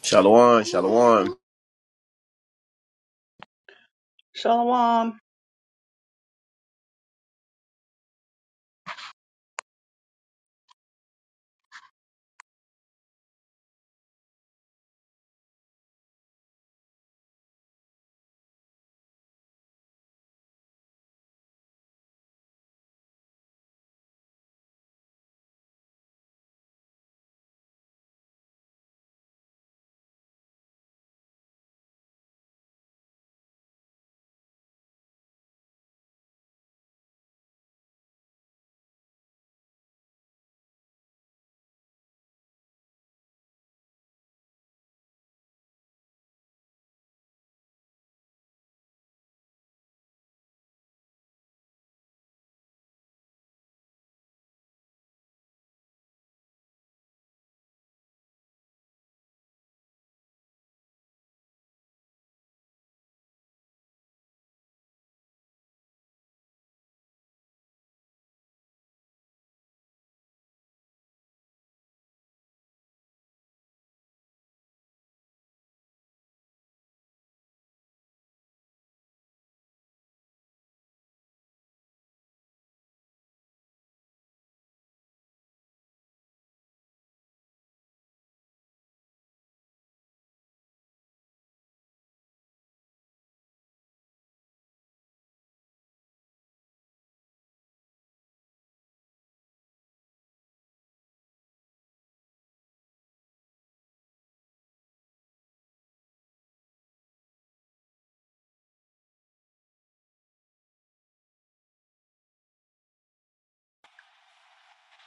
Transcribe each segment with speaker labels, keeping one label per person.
Speaker 1: Shalom, shalom.
Speaker 2: Shalom.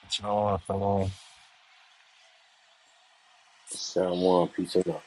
Speaker 3: Shalom, shalom,
Speaker 4: Someone peace and love.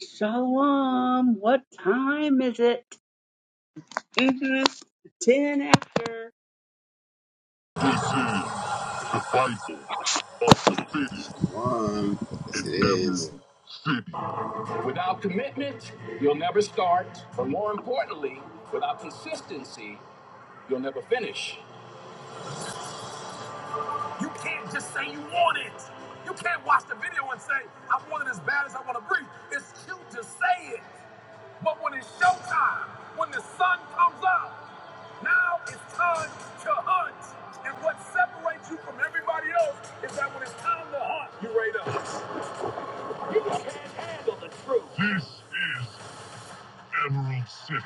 Speaker 2: Shalom. What time is it? Mhm. Ten after.
Speaker 4: survival of the fittest
Speaker 1: Shalom. Yes,
Speaker 4: in
Speaker 1: it is.
Speaker 4: Emerald. Without commitment, you'll never start. But more importantly, without consistency, you'll never finish. You can't just say you want it. You can't watch the video and say, I want it as bad as I want to breathe. It's cute to say it. But when it's showtime, when the sun comes up, now it's time to hunt. And what separates you from everybody else is that when it's time to hunt, you rate up. You can't handle the truth. This is Emerald City,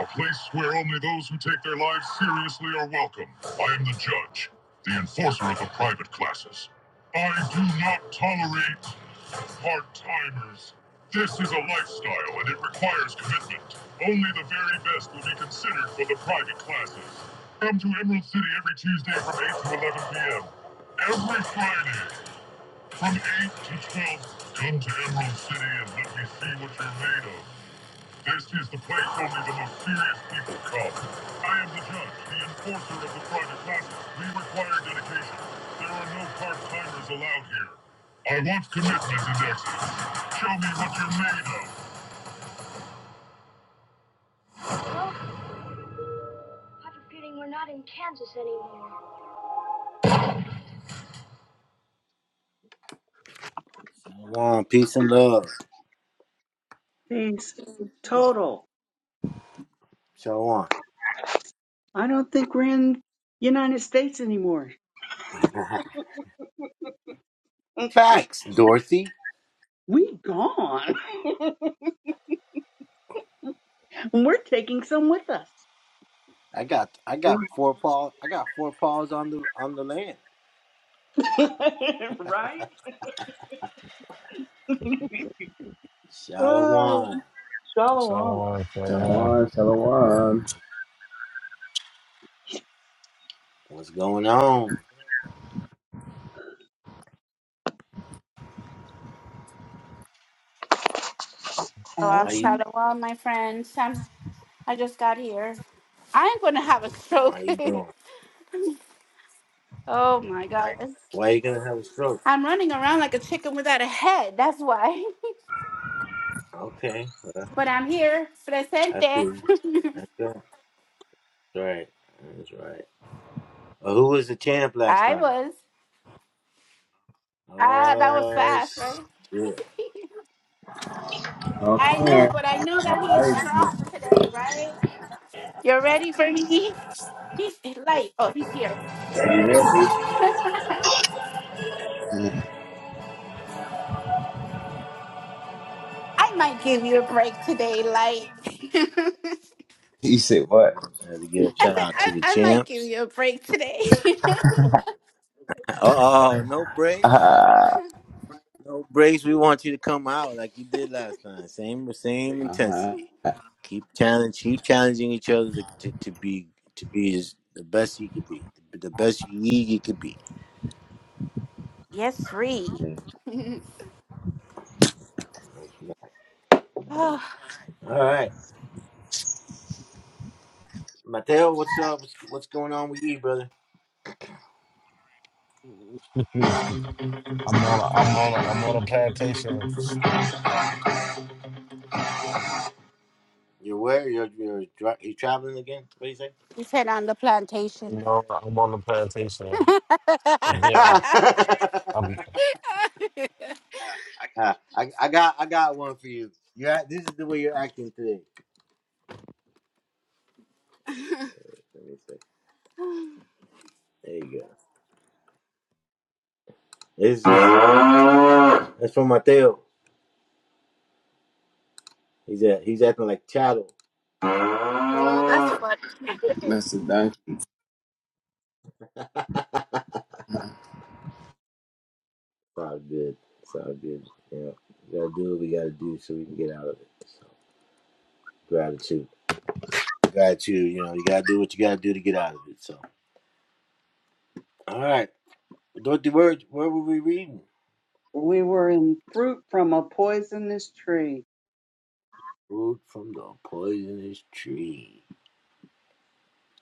Speaker 4: a place where only those who take their lives seriously are welcome. I am the judge, the enforcer of the private classes. I do not tolerate part timers. This is a lifestyle and it requires commitment. Only the very best will be considered for the private classes. Come to Emerald City every Tuesday from 8 to 11 p.m. Every Friday from 8 to 12, come to Emerald City and let me see what you're made of. This is the place only the most serious people come. I am the judge, the enforcer of the private classes. We require dedication. There are no part-timers allowed here. I want commitment and excellence. Show me what you're made of. Well, I have a feeling we're not in Kansas anymore. Come on, peace and love.
Speaker 2: Peace. Total.
Speaker 4: Show on.
Speaker 2: I don't think we're in United States anymore. Mm.
Speaker 4: Facts, Dorothy.
Speaker 2: We gone. We're taking some with us.
Speaker 4: I got I
Speaker 2: Mm.
Speaker 4: got four paws I got four paws on the on the land.
Speaker 2: right? Oh,
Speaker 4: Shalom.
Speaker 2: shalom.
Speaker 3: shalom, shalom.
Speaker 1: Shalom, shalom.
Speaker 4: What's going on?
Speaker 5: Oh, I'm
Speaker 4: How you
Speaker 2: Allison.
Speaker 5: sorry. Well, my friends, I'm, I just got here. I'm going to have a
Speaker 4: how
Speaker 5: stroke.
Speaker 4: you doing?
Speaker 5: oh my God.
Speaker 4: Why you gonna have a stroke?
Speaker 5: I'm running around like a chicken without a head. That's why.
Speaker 4: Okay. Well,
Speaker 5: but I'm here, presente.
Speaker 4: I feel you. I feel you. that's right. That's right. Well, who was the champ last
Speaker 5: I
Speaker 4: time?
Speaker 5: was. Ah, that was
Speaker 4: Oh
Speaker 5: fast, right?
Speaker 4: shit.
Speaker 5: I know,
Speaker 1: Okay.
Speaker 5: but I know
Speaker 1: All
Speaker 5: that
Speaker 1: right.
Speaker 5: he's
Speaker 1: ready,
Speaker 5: strong today, right? You're ready for me? He's light. Oh, he's here.
Speaker 1: Ready,
Speaker 5: I
Speaker 1: ready.
Speaker 5: might give you a break today, light. I
Speaker 1: He said what?
Speaker 4: I had to give a shout
Speaker 5: said,
Speaker 4: out to
Speaker 5: I,
Speaker 4: the
Speaker 5: I might give
Speaker 4: champs.
Speaker 5: you a break today.
Speaker 4: Oh, no break.
Speaker 1: Ah.
Speaker 4: No breaks. We want you to come out like you did last time. Same same
Speaker 1: Uh-huh.
Speaker 4: intensity. Keep challenge. Keep challenging each other to, to, to be to be as, the best you could be. The best you you could be.
Speaker 5: Yes, three. Oh,
Speaker 4: All right, Mateo. What's up? What's, what's going on with you, brother?
Speaker 3: I'm on, a, I'm on, a, I'm on a plantation.
Speaker 4: You're where? You're you're dri- you traveling again? What do you say?
Speaker 5: we said on the
Speaker 3: You
Speaker 5: plantation.
Speaker 3: know, I'm on a plantation, and yeah, I, I'm
Speaker 4: Ah, I I got I got one for you. You act- this is the way you're acting today. Let me see. There you go. This is, that's from Mateo. He's a, he's acting like chattel.
Speaker 5: Oh, that's funny.
Speaker 1: That's a donkey.
Speaker 4: It's all good. It's all good. Yeah. We gotta do what we gotta do so we can get out of it. So gratitude. Gratitude, you know, you gotta do what you gotta do to get out of it. So all right. Dorothy Word, where were we reading?
Speaker 2: We were in fruit from a poisonous tree.
Speaker 4: Fruit from the poisonous tree.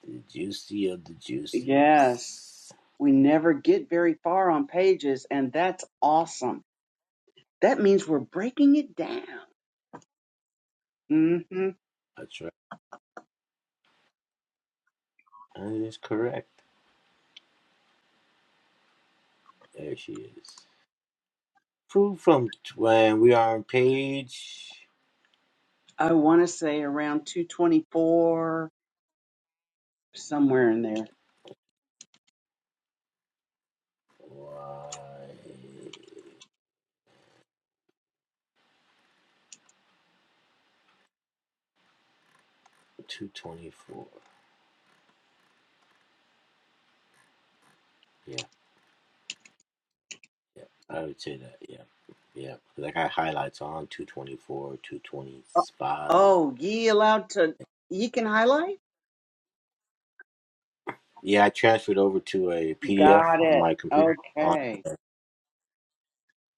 Speaker 4: The juicy of the
Speaker 2: Yes.
Speaker 4: juices.
Speaker 2: We never get very far on pages, and that's awesome. That means we're breaking it down. hmm
Speaker 4: That's right. That is correct. There she is. Fruit from when we are on page
Speaker 2: I want to say around 224, somewhere in there.
Speaker 4: why, 224. Yeah. Yeah, I would say that. Yeah, yeah. 'Cause I got highlights on 224,
Speaker 2: Oh,
Speaker 4: 225.
Speaker 2: oh, ye allowed to, ye can highlight?
Speaker 4: Yeah, I transferred over to a PDF
Speaker 2: Got
Speaker 4: on
Speaker 2: it.
Speaker 4: my computer. On
Speaker 2: Okay.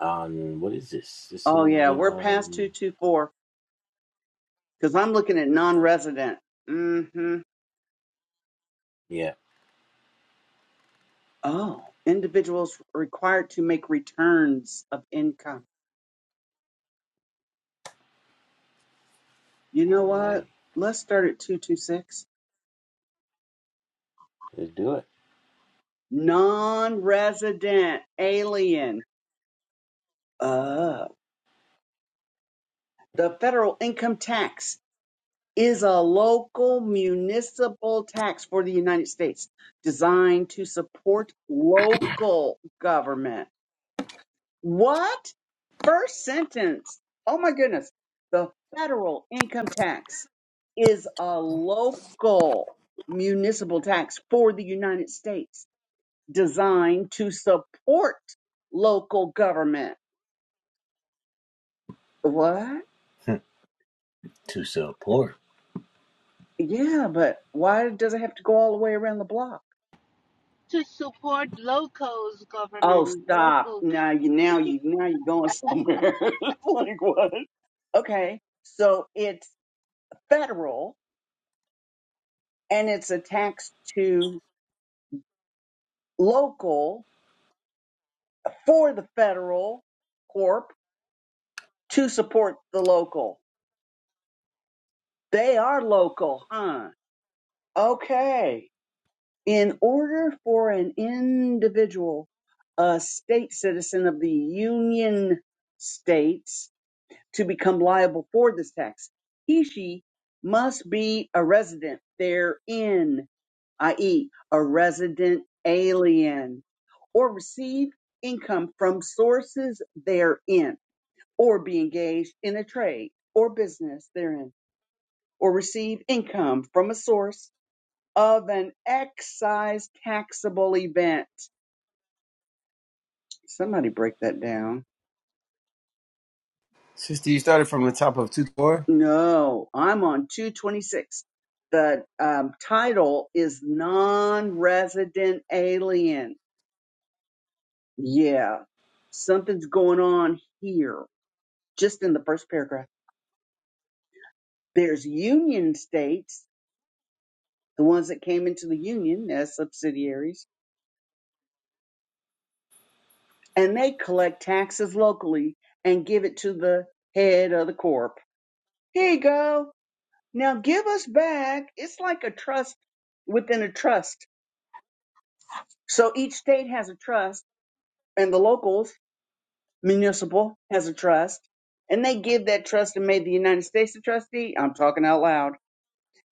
Speaker 4: on what is this? This
Speaker 2: Oh,
Speaker 4: is
Speaker 2: yeah, we're past
Speaker 4: um.
Speaker 2: 224 because I'm looking at non
Speaker 4: Yeah.
Speaker 2: resident. hmm.
Speaker 4: yeah.
Speaker 2: Oh, individuals required to make returns of income. You know
Speaker 4: All
Speaker 2: what?
Speaker 4: right.
Speaker 2: Let's start at 226.
Speaker 4: Let's do it.
Speaker 2: Non resident alien. Oh. The federal income tax is a local municipal tax for the United States designed to support local government. What? First sentence. Oh my goodness. The federal income tax is a local municipal tax for the United States designed to support local government. What?
Speaker 4: Hmm. to support
Speaker 2: Yeah, but why does it have to go all the way around the block?
Speaker 5: to support locals
Speaker 2: Oh,
Speaker 5: government,
Speaker 2: stop!
Speaker 5: local.
Speaker 2: Now you, now you, now you're going somewhere. like what? Okay, so it's federal and it's a tax to local for the federal corp to support the local. They are local, huh? Okay. In order for an individual, a state citizen of the Union States to become liable for this tax. He, she must be a resident therein, i.e., a resident alien, or receive income from sources therein, or be engaged in a trade or business therein, or receive income from a source of an excise taxable event. Somebody break that down
Speaker 1: Sister, you started from the top of 2-4?
Speaker 2: No, I'm on 226. The um, title is Non-Resident Alien. Yeah, something's going on here. Just in the first paragraph, there's Union states, the ones that came into the Union as subsidiaries, and they collect taxes locally and give it to the head of the corp. Here you go. Now give us back. It's like a trust within a trust. So each state has a trust and the locals municipal has a trust and they give that trust and made the united states a trustee i'm talking out loud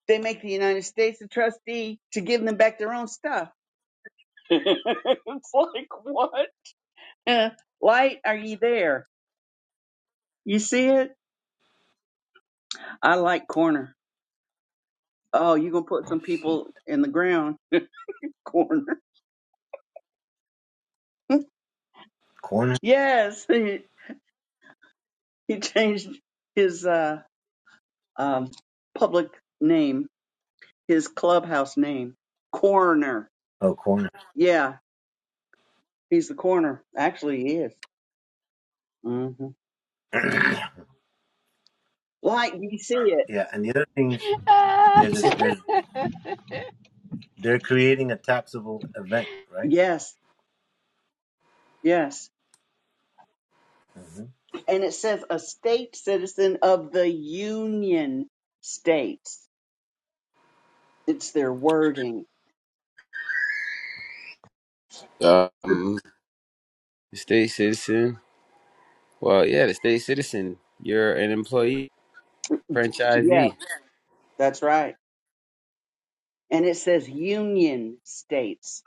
Speaker 2: they make the united states a trustee to give them back their own stuff it's like what light are you there you see it i like corner oh you gonna put some people in the ground corner
Speaker 4: corner.
Speaker 2: yes he, he changed his uh um public name his clubhouse name corner
Speaker 4: Oh, corner.
Speaker 2: yeah He's the corner. Actually, he is. hmm Like you see it.
Speaker 4: Yeah, and the other thing is
Speaker 5: Ah,
Speaker 4: there's a there's they're creating a taxable event, right?
Speaker 2: Yes, yes.
Speaker 4: hmm
Speaker 2: And it says a state citizen of the Union States. It's their wording.
Speaker 1: Um, state citizen. Well, yeah, the state citizen. You're an employee,
Speaker 2: Yeah,
Speaker 1: franchisee.
Speaker 2: that's right. And it says Union States,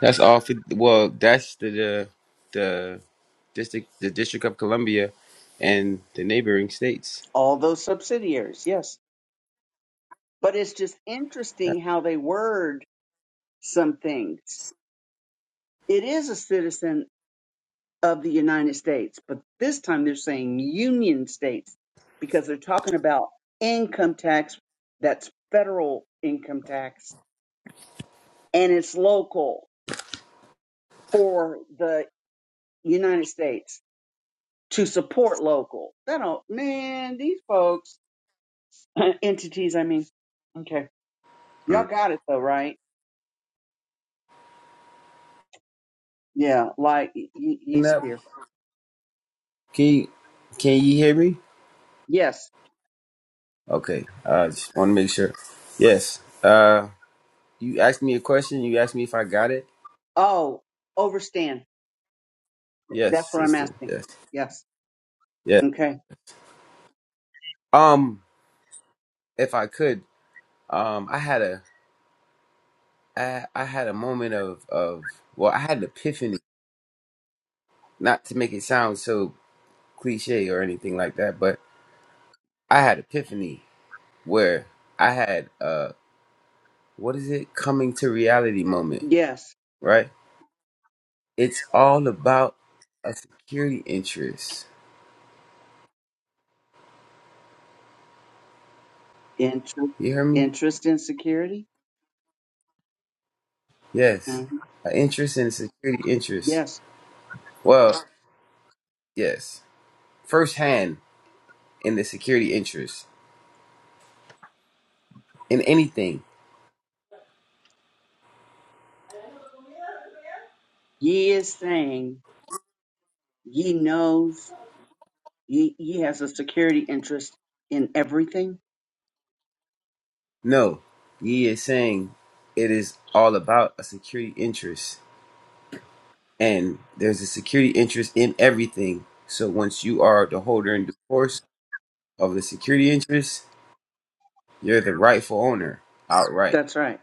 Speaker 1: That's all. For, well, that's the the the district the District of Columbia and the neighboring states.
Speaker 2: all those subsidiaries. Yes. But it's just interesting how they word some things. It is a citizen of the United States. But this time they're saying union states because they're talking about income tax that's federal income tax and it's local for the United States to support local. That don't, man, these folks, entities, I mean, okay. Y'all
Speaker 1: Mm.
Speaker 2: got it though, right? Yeah, like y- y- he's
Speaker 1: Now,
Speaker 2: here.
Speaker 1: Can you, can you hear me?
Speaker 2: Yes.
Speaker 1: Okay, I uh, just want to make sure. Yes. Uh, you asked me a question. You asked me if I got it.
Speaker 2: Oh, overstand.
Speaker 1: Yes,
Speaker 2: That's what I'm
Speaker 1: sister.
Speaker 2: asking.
Speaker 1: Yes.
Speaker 2: Yes.
Speaker 1: Yes.
Speaker 2: Okay.
Speaker 1: Um, if I could, um, I had a I I had a moment of of well, I had an epiphany. Not to make it sound so cliche or anything like that, but I had epiphany where I had uh what is it coming to reality moment,
Speaker 2: Yes.
Speaker 1: right? It's all about a security interest.
Speaker 2: Interest,
Speaker 1: You hear me?
Speaker 2: interest in security?
Speaker 1: Yes.
Speaker 2: Mhm.
Speaker 1: An interest in security interest.
Speaker 2: Yes.
Speaker 1: Well, yes. firsthand in the security interest. In anything.
Speaker 2: Ye is saying ye knows ye ye has a security interest in everything.
Speaker 1: No. He is saying it is all about a security interest. And there's a security interest in everything. So once you are the holder and the force of the security interest, You're the rightful owner. Outright.
Speaker 2: That's right.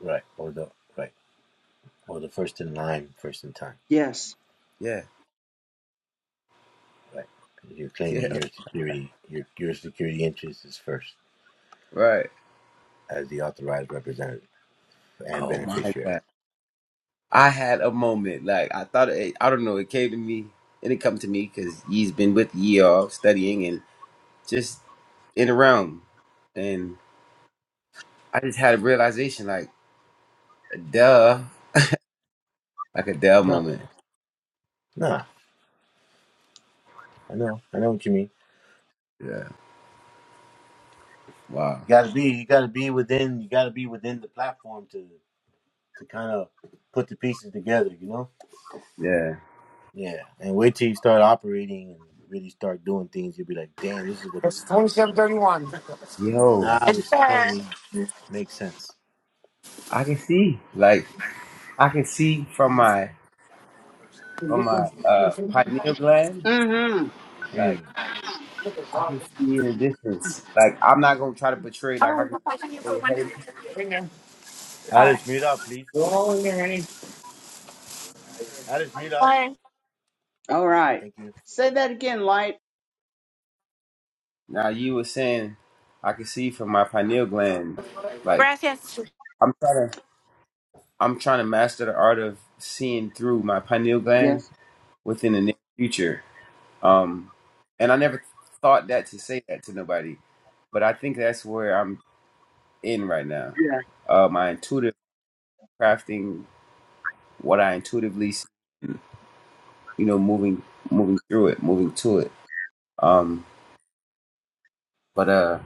Speaker 4: Right. Or the right. Or the first in line, first in time.
Speaker 2: Yes.
Speaker 1: Yeah.
Speaker 4: Right. You're claiming
Speaker 1: Yeah.
Speaker 4: your security, your, your security interest is first
Speaker 1: Right.
Speaker 4: as the authorized representative and
Speaker 1: Oh my
Speaker 4: beneficiary.
Speaker 1: God. I had a moment. Like I thought it, I don't know, it came to me It didn't come to me because he's been with ye all studying and just in the realm. And I just had a realization like duh. Like a duh
Speaker 4: No,
Speaker 1: moment.
Speaker 4: no, I know, I know what you mean.
Speaker 1: Yeah. Wow.
Speaker 4: You gotta be, you gotta be within, you gotta be within the platform to to kind of put the pieces together, you know?
Speaker 1: Yeah.
Speaker 4: Yeah, and wait till you start operating and really start doing things. You'll be like, damn, this is what.
Speaker 5: It's 2731.
Speaker 1: Yo.
Speaker 4: Nah,
Speaker 5: it's
Speaker 4: this
Speaker 5: fair.
Speaker 4: totally makes sense.
Speaker 1: I can see. Like I can see from my
Speaker 5: You
Speaker 1: from
Speaker 5: get one.
Speaker 1: my uh pineal gland.
Speaker 2: Mm-hmm.
Speaker 1: like.
Speaker 4: Mm.
Speaker 1: I can see in the difference. Like I'm not gonna try to portray like I
Speaker 5: Oh,
Speaker 1: can see
Speaker 5: I can you
Speaker 1: where
Speaker 5: put
Speaker 1: you're
Speaker 5: one down?
Speaker 1: headed.
Speaker 5: Bring them.
Speaker 4: Alice, mute up, please.
Speaker 5: They're all in there, honey.
Speaker 4: Alice, mute up.
Speaker 5: Fine.
Speaker 2: All right.
Speaker 4: Thank you.
Speaker 2: Say that again, light.
Speaker 1: Now you were saying I can see from my pineal gland. Like
Speaker 5: Gracias.
Speaker 1: I'm trying to I'm trying to master the art of seeing through my pineal gland
Speaker 2: Yes.
Speaker 1: within the near future. Um and I never thought that to say that to nobody. But I think that's where I'm in right now.
Speaker 2: Yeah.
Speaker 1: Uh my intuitive crafting what I intuitively see, you know, moving moving through it, moving to it. Um but uh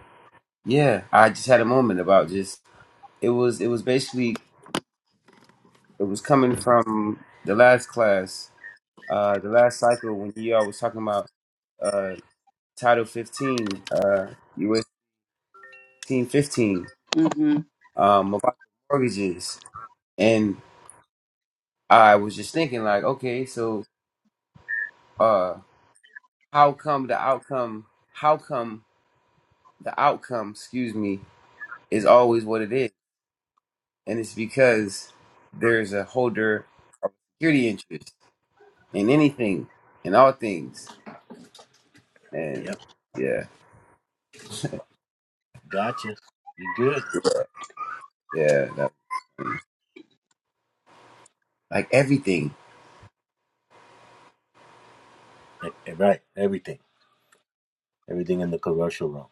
Speaker 1: Yeah, I just had a moment about just it was it was basically it was coming from the last class, uh, the last cycle when you all was talking about uh Title 15, uh US 1515,
Speaker 2: Mm-hmm.
Speaker 1: um about mortgages, and I was just thinking like, okay, so uh how come the outcome how come the outcome, excuse me, is always what it is, and it's because there's a holder of security interest in anything, in all things. And
Speaker 4: Yep,
Speaker 1: yeah,
Speaker 4: gotcha. You good?
Speaker 1: yeah, that, like everything.
Speaker 4: Eh, eh, Right, everything, everything in the commercial realm.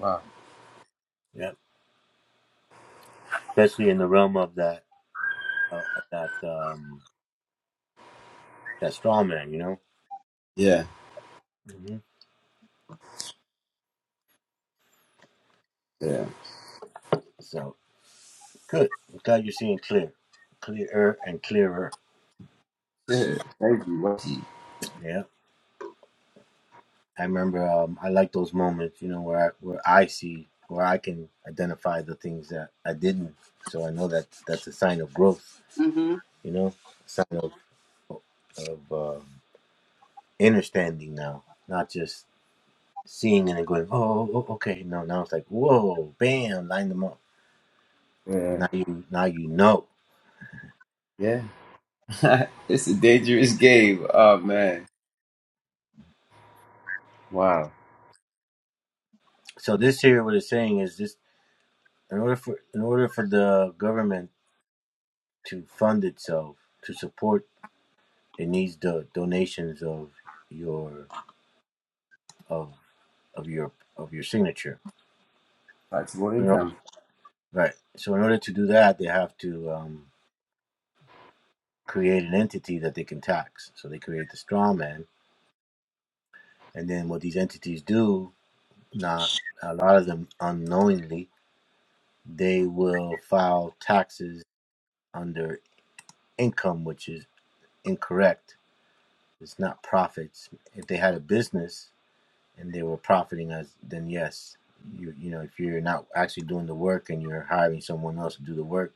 Speaker 1: Wow.
Speaker 4: Yeah, especially in the realm of that uh, of that um that straw man, you know.
Speaker 1: Yeah,
Speaker 4: hmm
Speaker 1: yeah.
Speaker 4: So good. I'm glad you're seeing clear, clearer and clearer.
Speaker 1: yeah. Thank you, Washi.
Speaker 4: Yeah, I remember. Um, I like those moments, you know, where I, where I see where I can identify the things that I didn't. So I know that that's a sign of growth,
Speaker 2: Mm-hmm.
Speaker 4: you know, sign of of um understanding now, not just seeing it and then going, oh, oh, oh, okay, no, now it's like, whoa, bam, line them up.
Speaker 1: Yeah,
Speaker 4: Now you, now you know.
Speaker 1: yeah. it's a dangerous game. Oh man. Wow.
Speaker 4: So this here, what it's saying is this: in order for, in order for the government to fund itself to support, it needs the donations of your, of, of your, of your signature.
Speaker 1: Taxable
Speaker 4: You know?
Speaker 1: income.
Speaker 4: Right. So in order to do that, they have to um, create an entity that they can tax. So they create the straw man, and then what these entities do, not a lot of them unknowingly they will file taxes under income, which is incorrect. It's not profits. If they had a business and they were profiting us, then yes, you you know if you're not actually doing the work and you're hiring someone else to do the work,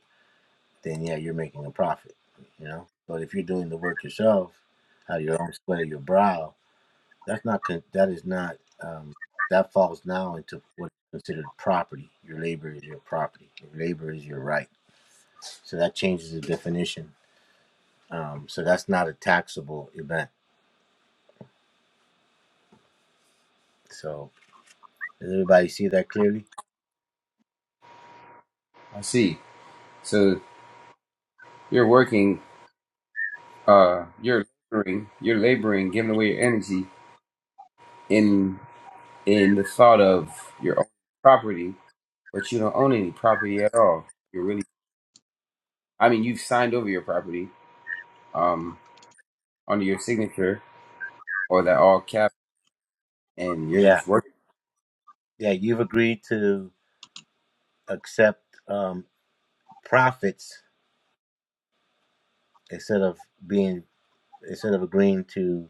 Speaker 4: then yeah, you're making a profit. You know, but if you're doing the work yourself, out of your own sweat of your brow, that's not con- that is not um, that falls now into what's considered property. Your labor is your property. Your labor is your right. So that changes the definition. Um, so that's not a taxable event. So does everybody see that clearly?
Speaker 1: I see. So you're working. Uh, you're laboring. You're laboring, giving away your energy in in the thought of your own property, but you don't own any property at all. You're really. I mean, you've signed over your property. Um. under your signature or that all cap and you're
Speaker 4: Yeah.
Speaker 1: just working.
Speaker 4: Yeah, you've agreed to accept um, profits instead of being instead of agreeing to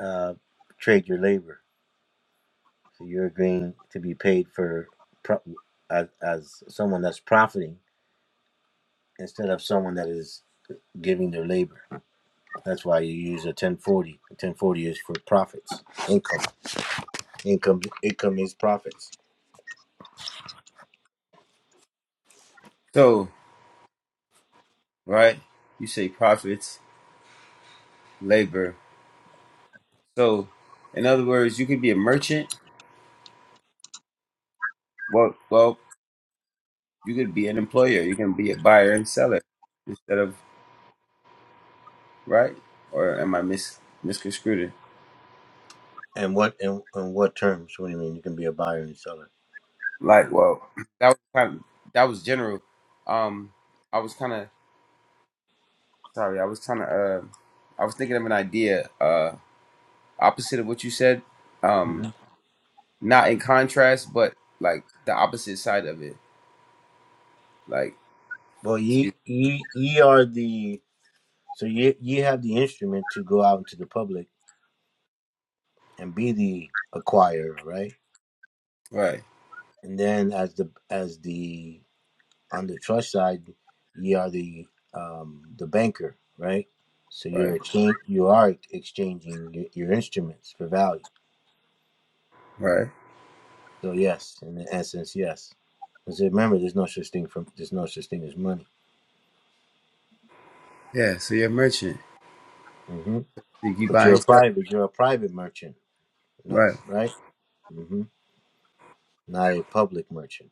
Speaker 4: uh, trade your labor. So you're agreeing to be paid for pro- as, as someone that's profiting instead of someone that is giving their labor. That's why you use a 1040. 1040 is for profits, income. Income, com- it commits profits.
Speaker 1: So, right, you say profits, labor. So, in other words, you could be a merchant. Well, well, you could be an employer. You can be a buyer and seller instead of right. Or am I mis misconstrued? it?
Speaker 4: And what and, and what terms? What do you mean? You can be a buyer and seller.
Speaker 1: Like, well, that was kind of, that was general. Um, I was kind of sorry. I was kind of uh, I was thinking of an idea uh opposite of what you said. Um.
Speaker 4: hmm
Speaker 1: not in contrast, but like the opposite side of it. Like,
Speaker 4: Well,
Speaker 1: excuse
Speaker 4: ye, ye ye are the so ye ye have the instrument to go out into the public and be the acquirer, right?
Speaker 1: right,
Speaker 4: And then as the as the on the trust side, ye are the um, the banker, right? So
Speaker 1: right,
Speaker 4: you're exchange you are exchanging your, your instruments for value.
Speaker 1: right.
Speaker 4: So yes, in essence, yes. Because remember, there's no such thing from there's no such thing as money.
Speaker 1: Yeah, so you're a merchant.
Speaker 4: hmm
Speaker 1: You keep
Speaker 4: But you're a
Speaker 1: buying stuff.
Speaker 4: private, you're a private merchant, not
Speaker 1: Right,
Speaker 4: right? hmm Not a public merchant.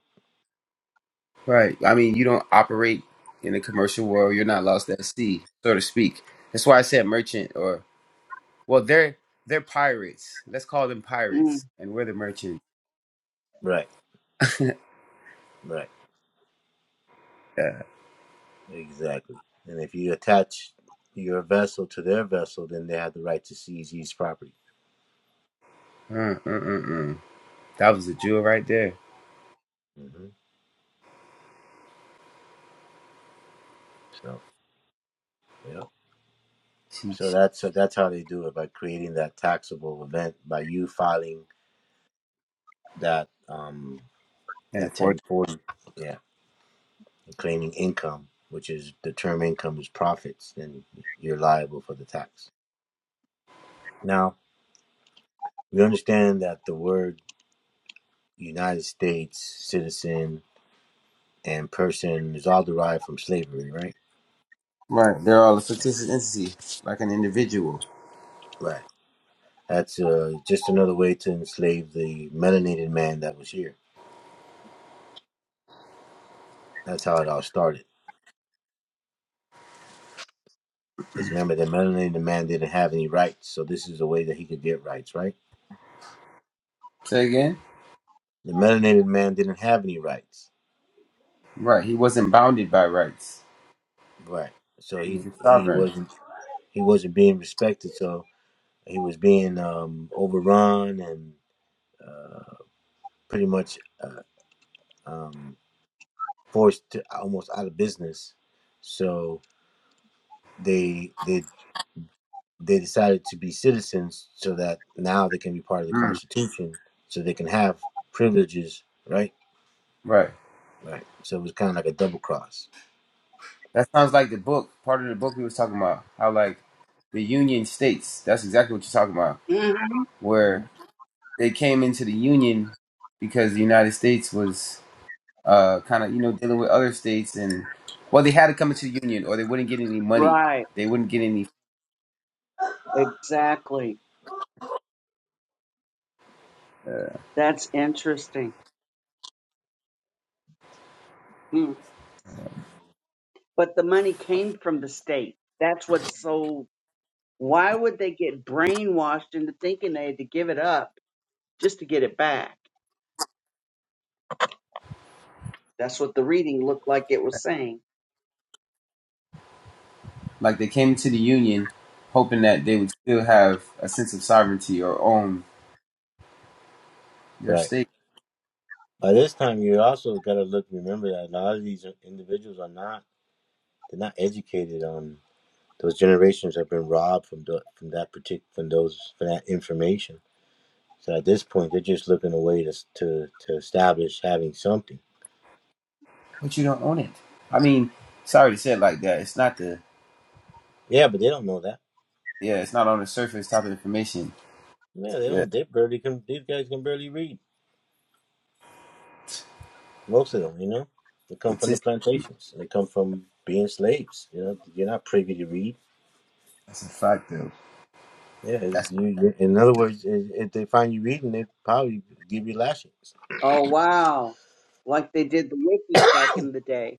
Speaker 1: right. I mean, you don't operate in the commercial world. You're not lost at sea, so to speak. That's why I said merchant, or well, they're they're pirates. Let's call them pirates,
Speaker 2: Mm-hmm.
Speaker 1: and we're the merchant.
Speaker 4: Right. Right.
Speaker 1: Yeah.
Speaker 4: Exactly. And if you attach your vessel to their vessel, then they have the right to seize each property.
Speaker 1: Uh, uh, uh, uh. That was a jewel right there.
Speaker 4: hmm So yeah. So
Speaker 1: Sheesh.
Speaker 4: that's so that's how they do it by creating that taxable event by you filing that um
Speaker 1: And
Speaker 4: that
Speaker 1: for
Speaker 4: ten forty. Yeah. claiming income, which is the term income is profits, then you're liable for the tax. Now, we understand that the word United States citizen and person is all derived from slavery, right?
Speaker 1: right, they're all a fictitious entity, like an individual.
Speaker 4: Right. That's uh, just another way to enslave the melanated man that was here. That's how it all started. Because remember, the melanated man didn't have any rights, so this is a way that he could get rights, right?
Speaker 1: Say again.
Speaker 4: The melanated man didn't have any rights,
Speaker 1: Right. He wasn't bounded by rights.
Speaker 4: right? So
Speaker 1: He was
Speaker 4: he
Speaker 1: a
Speaker 4: he
Speaker 1: sovereign.
Speaker 4: wasn't he wasn't being respected. So He was being um, overrun and pretty much uh, um, forced to almost out of business. So they they they decided to be citizens so that now they can be part of the
Speaker 1: Mm.
Speaker 4: Constitution, so they can have privileges, right?
Speaker 1: Right.
Speaker 4: Right. So it was kind of like a double cross.
Speaker 1: That sounds like the book, part of the book we was talking about, how like the Union States, that's exactly what you're talking about,
Speaker 2: mm-hmm.
Speaker 4: Mhm.
Speaker 1: where they came into the Union because the United States was uh, kind of, you know, dealing with other states and, well, they had to come into the Union or they wouldn't get any money.
Speaker 2: Right.
Speaker 1: They wouldn't get any,
Speaker 2: Exactly. That's interesting. Mm. But the money came from the state. That's what's so why would they get brainwashed into thinking they had to give it up? just to get it back. That's what the reading looked like it was saying.
Speaker 1: like they came into the Union hoping that they would still have a sense of sovereignty or own their
Speaker 4: Right.
Speaker 1: state.
Speaker 4: By this time, you also got to look, remember that a lot of these individuals are not, they're not educated on those generations have been robbed from the, from that particular, from those, from that information. So at this point, they're just looking a way to to to establish having something.
Speaker 1: But you don't own it. I mean, sorry to say it like that. It's not the
Speaker 4: Yeah, but they don't know that.
Speaker 1: yeah, it's not on the surface type of information.
Speaker 4: Yeah, they
Speaker 1: Yeah,
Speaker 4: don't. They barely can. These guys can barely read. Most of them, you know, they come from the
Speaker 1: statistics.
Speaker 4: plantations. They come from being slaves. You know, you're not privy to read.
Speaker 1: That's a fact though.
Speaker 4: Yeah,
Speaker 1: That's
Speaker 4: it's- you, you- in other words, i- if they find you reading, they probably give you lashings.
Speaker 2: Oh, wow. Like they did the wikis back in the day.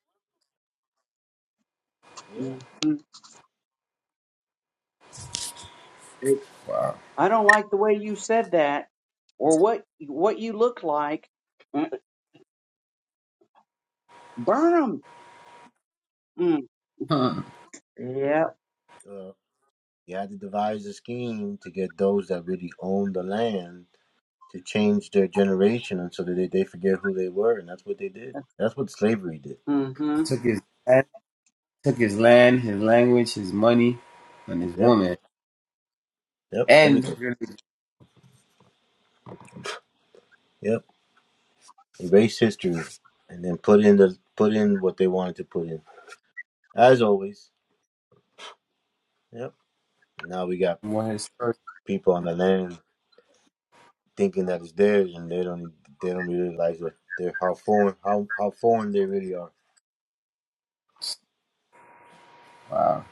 Speaker 4: Yeah,
Speaker 2: hmm
Speaker 1: wow.
Speaker 2: I don't like the way you said that or what what you look like. Mm, Burn them.
Speaker 1: Huh.
Speaker 2: Mm. Yep.
Speaker 4: uh, you had to devise a scheme to get those that really own the land to change their generation, and so that they, they forget who they were, and that's what they did. That's what slavery did.
Speaker 2: hmm
Speaker 1: Took his land, took his land, his language, his money, and his
Speaker 4: Yep,
Speaker 1: woman,
Speaker 4: yep,
Speaker 1: and
Speaker 4: everything.
Speaker 1: really
Speaker 4: Yep. Erase history and then put in the put in what they wanted to put in. As always. Yep. Now we got
Speaker 1: one of his first.
Speaker 4: people on the land thinking that it's theirs and they don't e, they don't really realize that they're how foreign how, how foreign they really are.
Speaker 1: Wow.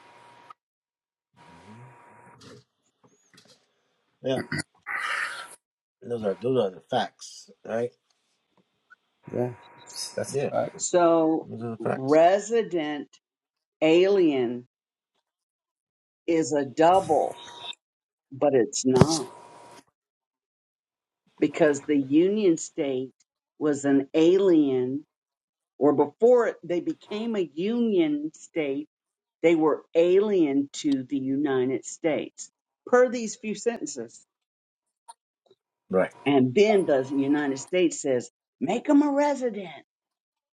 Speaker 4: Yeah. Those are those are the facts, right?
Speaker 1: Yeah, that's a
Speaker 4: Yeah.
Speaker 1: fact.
Speaker 2: So
Speaker 4: Those are the facts.
Speaker 2: resident alien is a double, but it's not because the Union State was an alien or before it- they became a union state, they were alien to the United States, per these few sentences.
Speaker 4: Right,
Speaker 2: And then the United States says, make them a resident.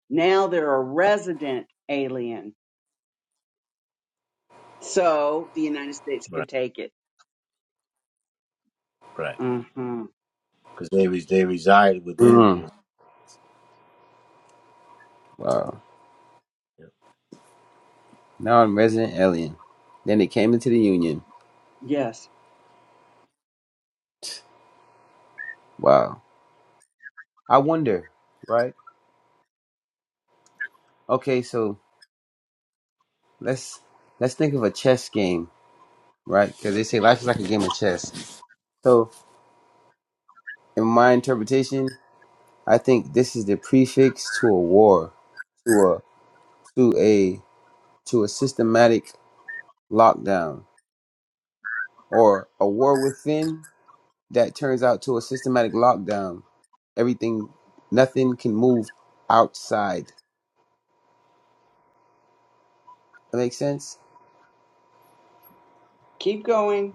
Speaker 2: Now they're a resident alien. So the United States could
Speaker 4: right,
Speaker 2: take it.
Speaker 4: right.
Speaker 2: Uh-huh.
Speaker 4: Because they res- they reside within
Speaker 1: Mm.
Speaker 4: the
Speaker 1: Wow. Now I'm resident alien. Then they came into the union.
Speaker 2: Yes.
Speaker 1: Wow. I wonder. Right. Okay. So let's let's think of a chess game right? Because they say life is like a game of chess. So, in my interpretation, I think this is the prefix to a war, to a to a to a systematic lockdown, or a war within that turns out to a systematic lockdown. Everything, nothing can move outside. That makes sense.
Speaker 2: Keep going.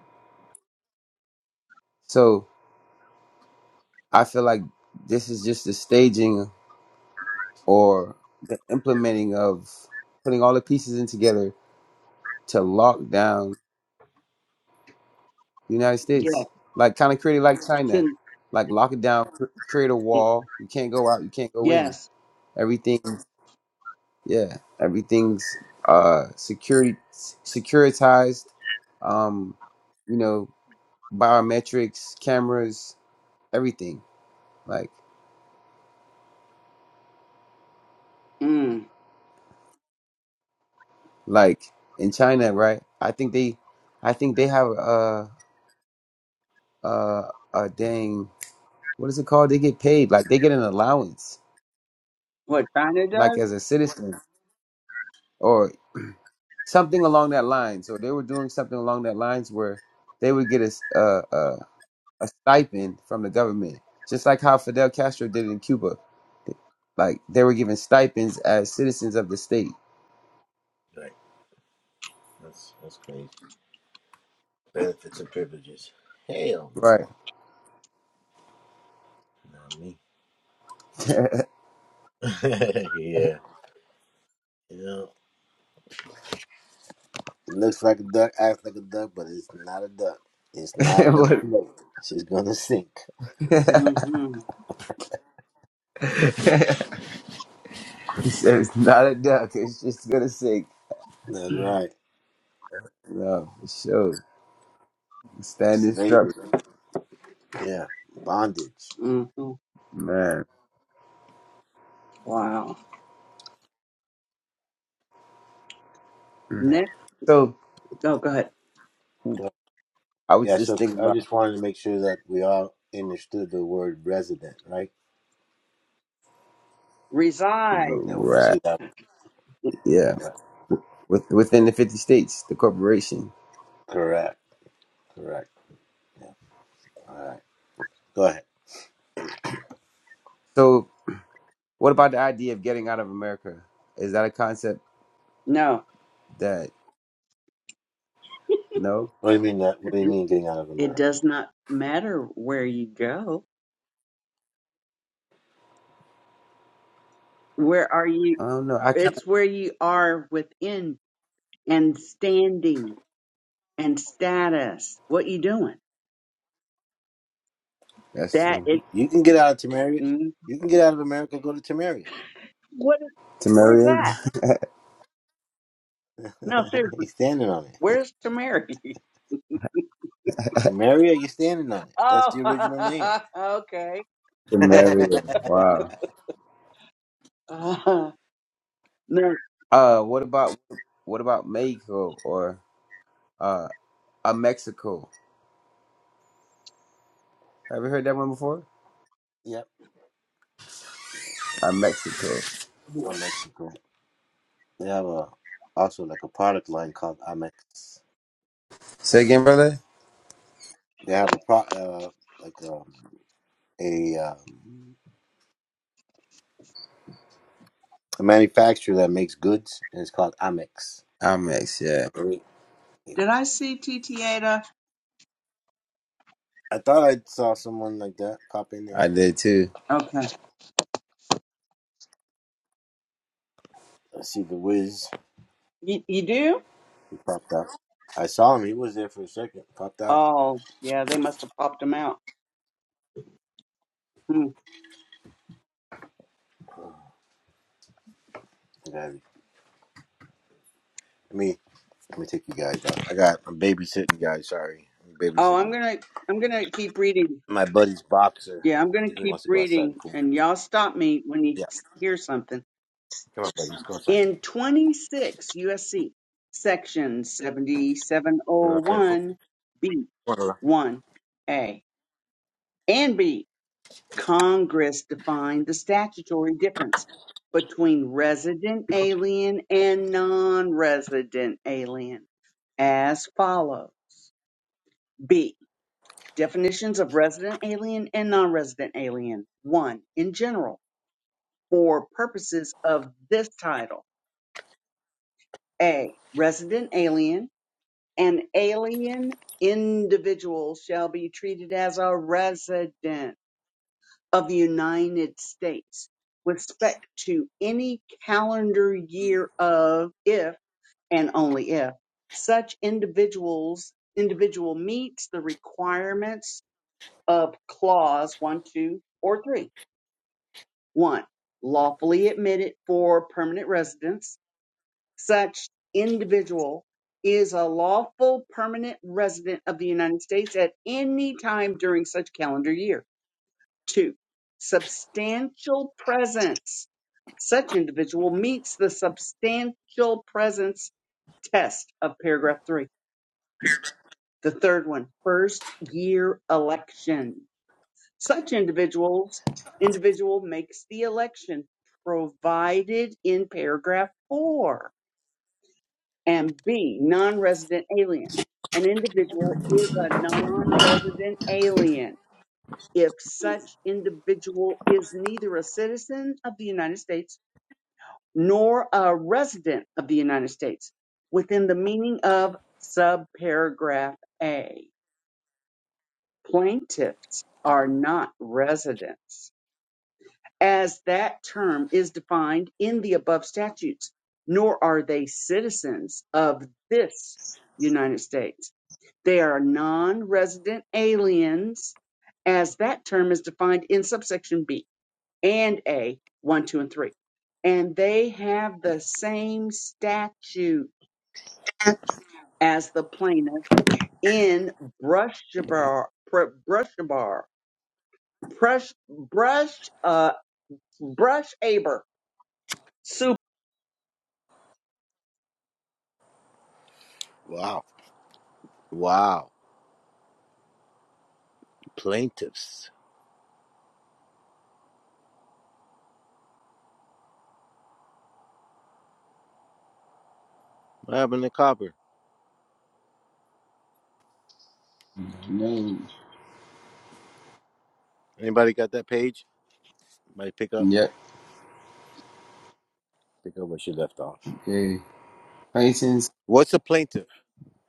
Speaker 1: So I feel like this is just the staging or the implementing of putting all the pieces in together to lock down. the United
Speaker 2: Yes.
Speaker 1: States. Like kind of created like China.
Speaker 2: Ten-
Speaker 1: Like lock it down, cr- create a wall. You can't go out, you can't go in.
Speaker 2: Yes.
Speaker 1: Everything, yeah, everything's uh security securitized. Um, you know, biometrics, cameras, everything. Like
Speaker 2: Mm.
Speaker 1: like in China, right? I think they I think they have a a a dang what is it called? They get paid like they get an allowance
Speaker 2: What China
Speaker 1: like
Speaker 2: does?
Speaker 1: as a citizen or something along that line. So they were doing something along that lines where they would get a s- a, a, a stipend from the government, just like how Fidel Castro did in Cuba. Like they were given stipends as citizens of the state.
Speaker 4: right. That's that's crazy. Benefits and privileges. Hell
Speaker 1: Right.
Speaker 4: no. Not me. yeah. Yeah. It looks like a duck, acts like a duck, but it's not a duck. It's not gonna
Speaker 1: What-
Speaker 4: float. She's gonna sink.
Speaker 1: he
Speaker 2: Mm-hmm.
Speaker 1: said it's not a duck. It's just gonna sink.
Speaker 4: That's right.
Speaker 1: No, for sure. Standing
Speaker 4: Slavery.
Speaker 1: structure,
Speaker 4: Yeah. Bondage.
Speaker 2: Mm-hmm.
Speaker 1: man.
Speaker 2: Wow.
Speaker 4: Yeah.
Speaker 2: Next.
Speaker 1: So
Speaker 2: Oh, go ahead.
Speaker 4: So-
Speaker 1: I was
Speaker 4: Yeah,
Speaker 1: just
Speaker 4: so
Speaker 1: thinking
Speaker 4: I
Speaker 1: about
Speaker 4: just wanted to make sure that we all understood the word resident, right?
Speaker 2: Reside.
Speaker 4: Now when you
Speaker 1: right.
Speaker 4: see that
Speaker 1: Yeah,
Speaker 4: right.
Speaker 1: with, within the fifty states, the corporation.
Speaker 4: correct, correct. All right. Go ahead.
Speaker 1: So What about the idea of getting out of America? Is that a concept
Speaker 2: No,
Speaker 1: that no?
Speaker 4: What do you mean that what do you
Speaker 2: it
Speaker 4: mean getting out of
Speaker 2: it
Speaker 4: America?
Speaker 2: does not matter where you go. Where are you?
Speaker 1: I don't know. I kind of
Speaker 2: It's where you are within and standing and status. What you doing?
Speaker 1: that's
Speaker 2: That
Speaker 1: true.
Speaker 2: it.
Speaker 4: You you can get out of Tamaria.
Speaker 2: Mm,
Speaker 4: You can get out of America, go to Tamaria.
Speaker 2: what? Where's
Speaker 1: Temerian,
Speaker 2: that? No, seriously.
Speaker 4: He's standing on it.
Speaker 2: Where's Tamari?
Speaker 4: Tamaria, you're standing on it. That's the original name.
Speaker 2: Oh, okay.
Speaker 1: Temerian. Wow.
Speaker 2: Uh, no.
Speaker 1: Uh, what about what about Mexico or uh a Mexico? Have you heard that one before?
Speaker 4: yep,
Speaker 1: A Mexico.
Speaker 4: Amex is great. They have a also like a product line called Amex.
Speaker 1: Say again, brother.
Speaker 4: They have a pro uh, like um, a um, a manufacturer that makes goods, and it's called Amex.
Speaker 1: A Mex. Yeah,
Speaker 4: They-
Speaker 2: Did I see TTATA?
Speaker 4: I thought I saw someone like that pop in there.
Speaker 1: I did too.
Speaker 2: Okay.
Speaker 4: I see the Wiz.
Speaker 2: You, you do?
Speaker 4: He popped out. I saw him. He was there for a second. Popped out.
Speaker 2: Oh, yeah. They must have popped him out. Hmm.
Speaker 4: I Let me let me take you guys out. I got I'm babysitting guys. Sorry, I'm
Speaker 2: Oh,
Speaker 4: babysitting
Speaker 2: I'm gonna I'm gonna keep reading.
Speaker 4: my buddy's boxer.
Speaker 2: Yeah, I'm
Speaker 4: I
Speaker 2: going to
Speaker 4: think he wants
Speaker 2: keep
Speaker 4: to go outside and
Speaker 2: reading,
Speaker 4: poop.
Speaker 2: and y'all stop me when
Speaker 4: Yeah.
Speaker 2: you s- hear something.
Speaker 4: Come on, baby. Let's go inside.
Speaker 2: In 26 USC, section
Speaker 4: You know what I'm saying?
Speaker 2: 7701B1A
Speaker 4: Come on, Lola.
Speaker 2: and B, Congress defined the statutory difference between resident alien and non resident alien as follows. B. Definitions of resident alien and non resident alien. 1. In general. for purposes of this title A. Resident alien and alien individual shall be treated as a resident of the United States with respect to any calendar year of if and only if such individuals individual meets the requirements of clause one, two, or three. One, lawfully admitted for permanent residence such individual is a lawful permanent resident of the United States at any time during such calendar year. Two, substantial presence. Such individual meets the substantial presence test of paragraph three. The third one, first year election. Such individuals, individual makes the election provided in paragraph four and B, non-resident alien. An individual is a non-resident alien if such individual is neither a citizen of the United States nor a resident of the United States within the meaning of subparagraph A. Plaintiffs are not residents as that term is defined in the above statutes, nor are they citizens of this United States They are non-resident aliens as that term is defined in subsection B and A, 1, 2, and 3. And they have the same statute as the plaintiff in Brushaber, Pr- Brushabar, Brush, Brush, uh, Brush Super.
Speaker 4: Wow. Wow. Plaintiffs. What happened to Copper?
Speaker 1: No.
Speaker 4: Anybody got that page? Might pick up.
Speaker 1: Yep.
Speaker 4: Pick up where she left off.
Speaker 1: Okay. Plaintiffs.
Speaker 4: What's a plaintiff?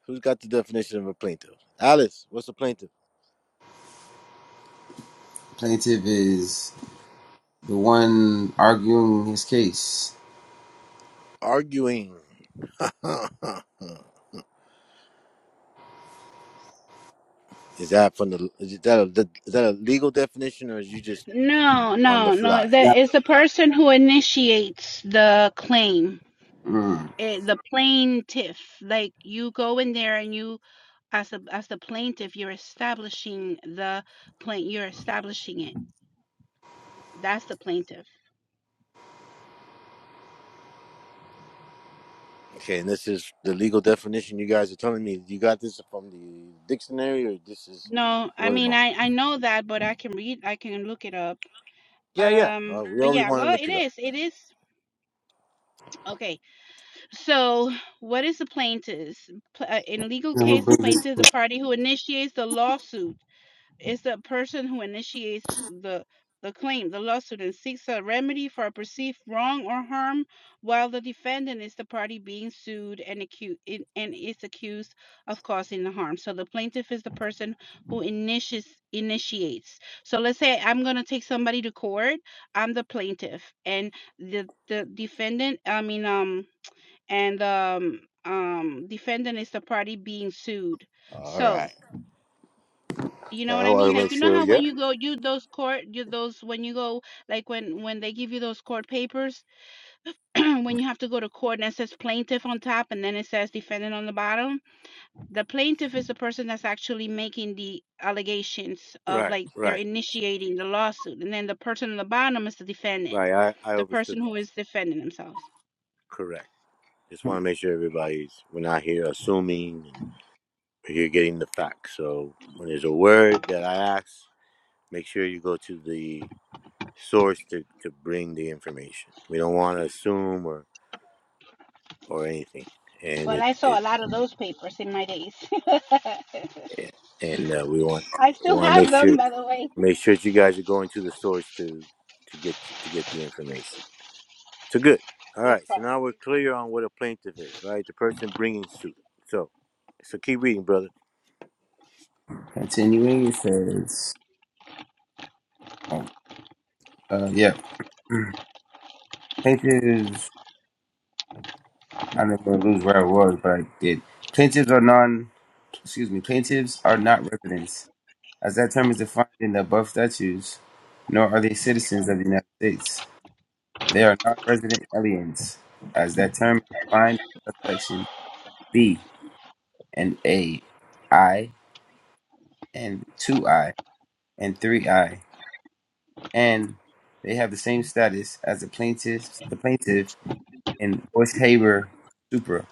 Speaker 4: Who's got the definition of a plaintiff? Alice, what's a plaintiff?
Speaker 1: plaintiff is the one arguing his case.
Speaker 4: Arguing. is that from the is that a, is that a legal definition or is you just
Speaker 5: No,
Speaker 4: on the
Speaker 5: no, no.
Speaker 4: fly?
Speaker 1: Yeah.
Speaker 5: The, it's the person who ate
Speaker 1: Mm.
Speaker 5: eh, the plaintiff. Like you go in there and you As a as the plaintiff, you're establishing the plaint you're establishing it. That's the plaintiff.
Speaker 4: Okay, and this is the legal definition you guys are telling me. You got this from the dictionary or this is
Speaker 5: No, I
Speaker 4: word of
Speaker 5: mean
Speaker 4: mouth?
Speaker 5: I I know that, but I can read. I can look it up.
Speaker 4: Yeah, yeah. Uh,
Speaker 5: Um.
Speaker 4: we
Speaker 5: uh,
Speaker 4: always
Speaker 5: Yeah.
Speaker 4: want to
Speaker 5: Well,
Speaker 4: look
Speaker 5: it
Speaker 4: it up.
Speaker 5: is. It is. Okay. So, what is the plaintiff? uh, In a legal case, the plaintiff is the party who initiates the lawsuit It's the person who initiates the, the the claim, the lawsuit, and seeks a remedy for a perceived wrong or harm, while the defendant is the party being sued and accused and is accused of causing the harm. So the plaintiff is the person who initiates initiates. So let's say I'm gonna take somebody to court. I'm the plaintiff, and the the defendant. I mean, um, and um, um, defendant is the party being sued.
Speaker 4: All
Speaker 5: So
Speaker 4: right.
Speaker 5: you know what
Speaker 4: I
Speaker 5: I
Speaker 4: want
Speaker 5: mean?
Speaker 4: to
Speaker 5: Like,
Speaker 4: make
Speaker 5: you know
Speaker 4: sure.
Speaker 5: how when
Speaker 4: Yeah.
Speaker 5: you go you those court you those when you go like when when they give you those court papers, when you have to go to court and it says plaintiff on top and then it says defendant on the bottom. The plaintiff is the person that's actually making the allegations of
Speaker 4: Right.
Speaker 5: like they're
Speaker 4: Right.
Speaker 5: initiating the lawsuit, and then the person on the bottom is the defendant,
Speaker 4: Right. I, I
Speaker 5: the person
Speaker 4: understood that.
Speaker 5: who is defending themselves.
Speaker 4: Correct. Just want to make sure everybody's, we're not here assuming, and we're here getting the facts. So when there's a word that I ask, make sure you go to the source to, to bring the information. We don't want to assume or, or anything. And
Speaker 5: Well,
Speaker 4: it,
Speaker 5: I saw
Speaker 4: it
Speaker 5: a lot of those papers in my days.
Speaker 4: and uh, we want,
Speaker 5: I
Speaker 4: we
Speaker 5: still
Speaker 4: want to
Speaker 5: have
Speaker 4: make
Speaker 5: them,
Speaker 4: sure,
Speaker 5: by the way.
Speaker 4: make sure that you guys are going to the source to, to get, to get the information. So good. All
Speaker 5: Yes.
Speaker 4: right. So now we're clear on what a plaintiff is, right? The person bringing suit. So, so keep reading, brother.
Speaker 1: Continuing, it says, uh, yeah, plaintiffs, I never lose where I was, but I did. Plaintiffs are non, excuse me, plaintiffs are not residents, as that term is defined in the above statutes, nor are they citizens of the United States. They are not resident aliens, as that term is defined in subsection B and A, I, and 2I, and 3I, and they have the same status as the plaintiffs, the plaintiff and Bush Haber Supra.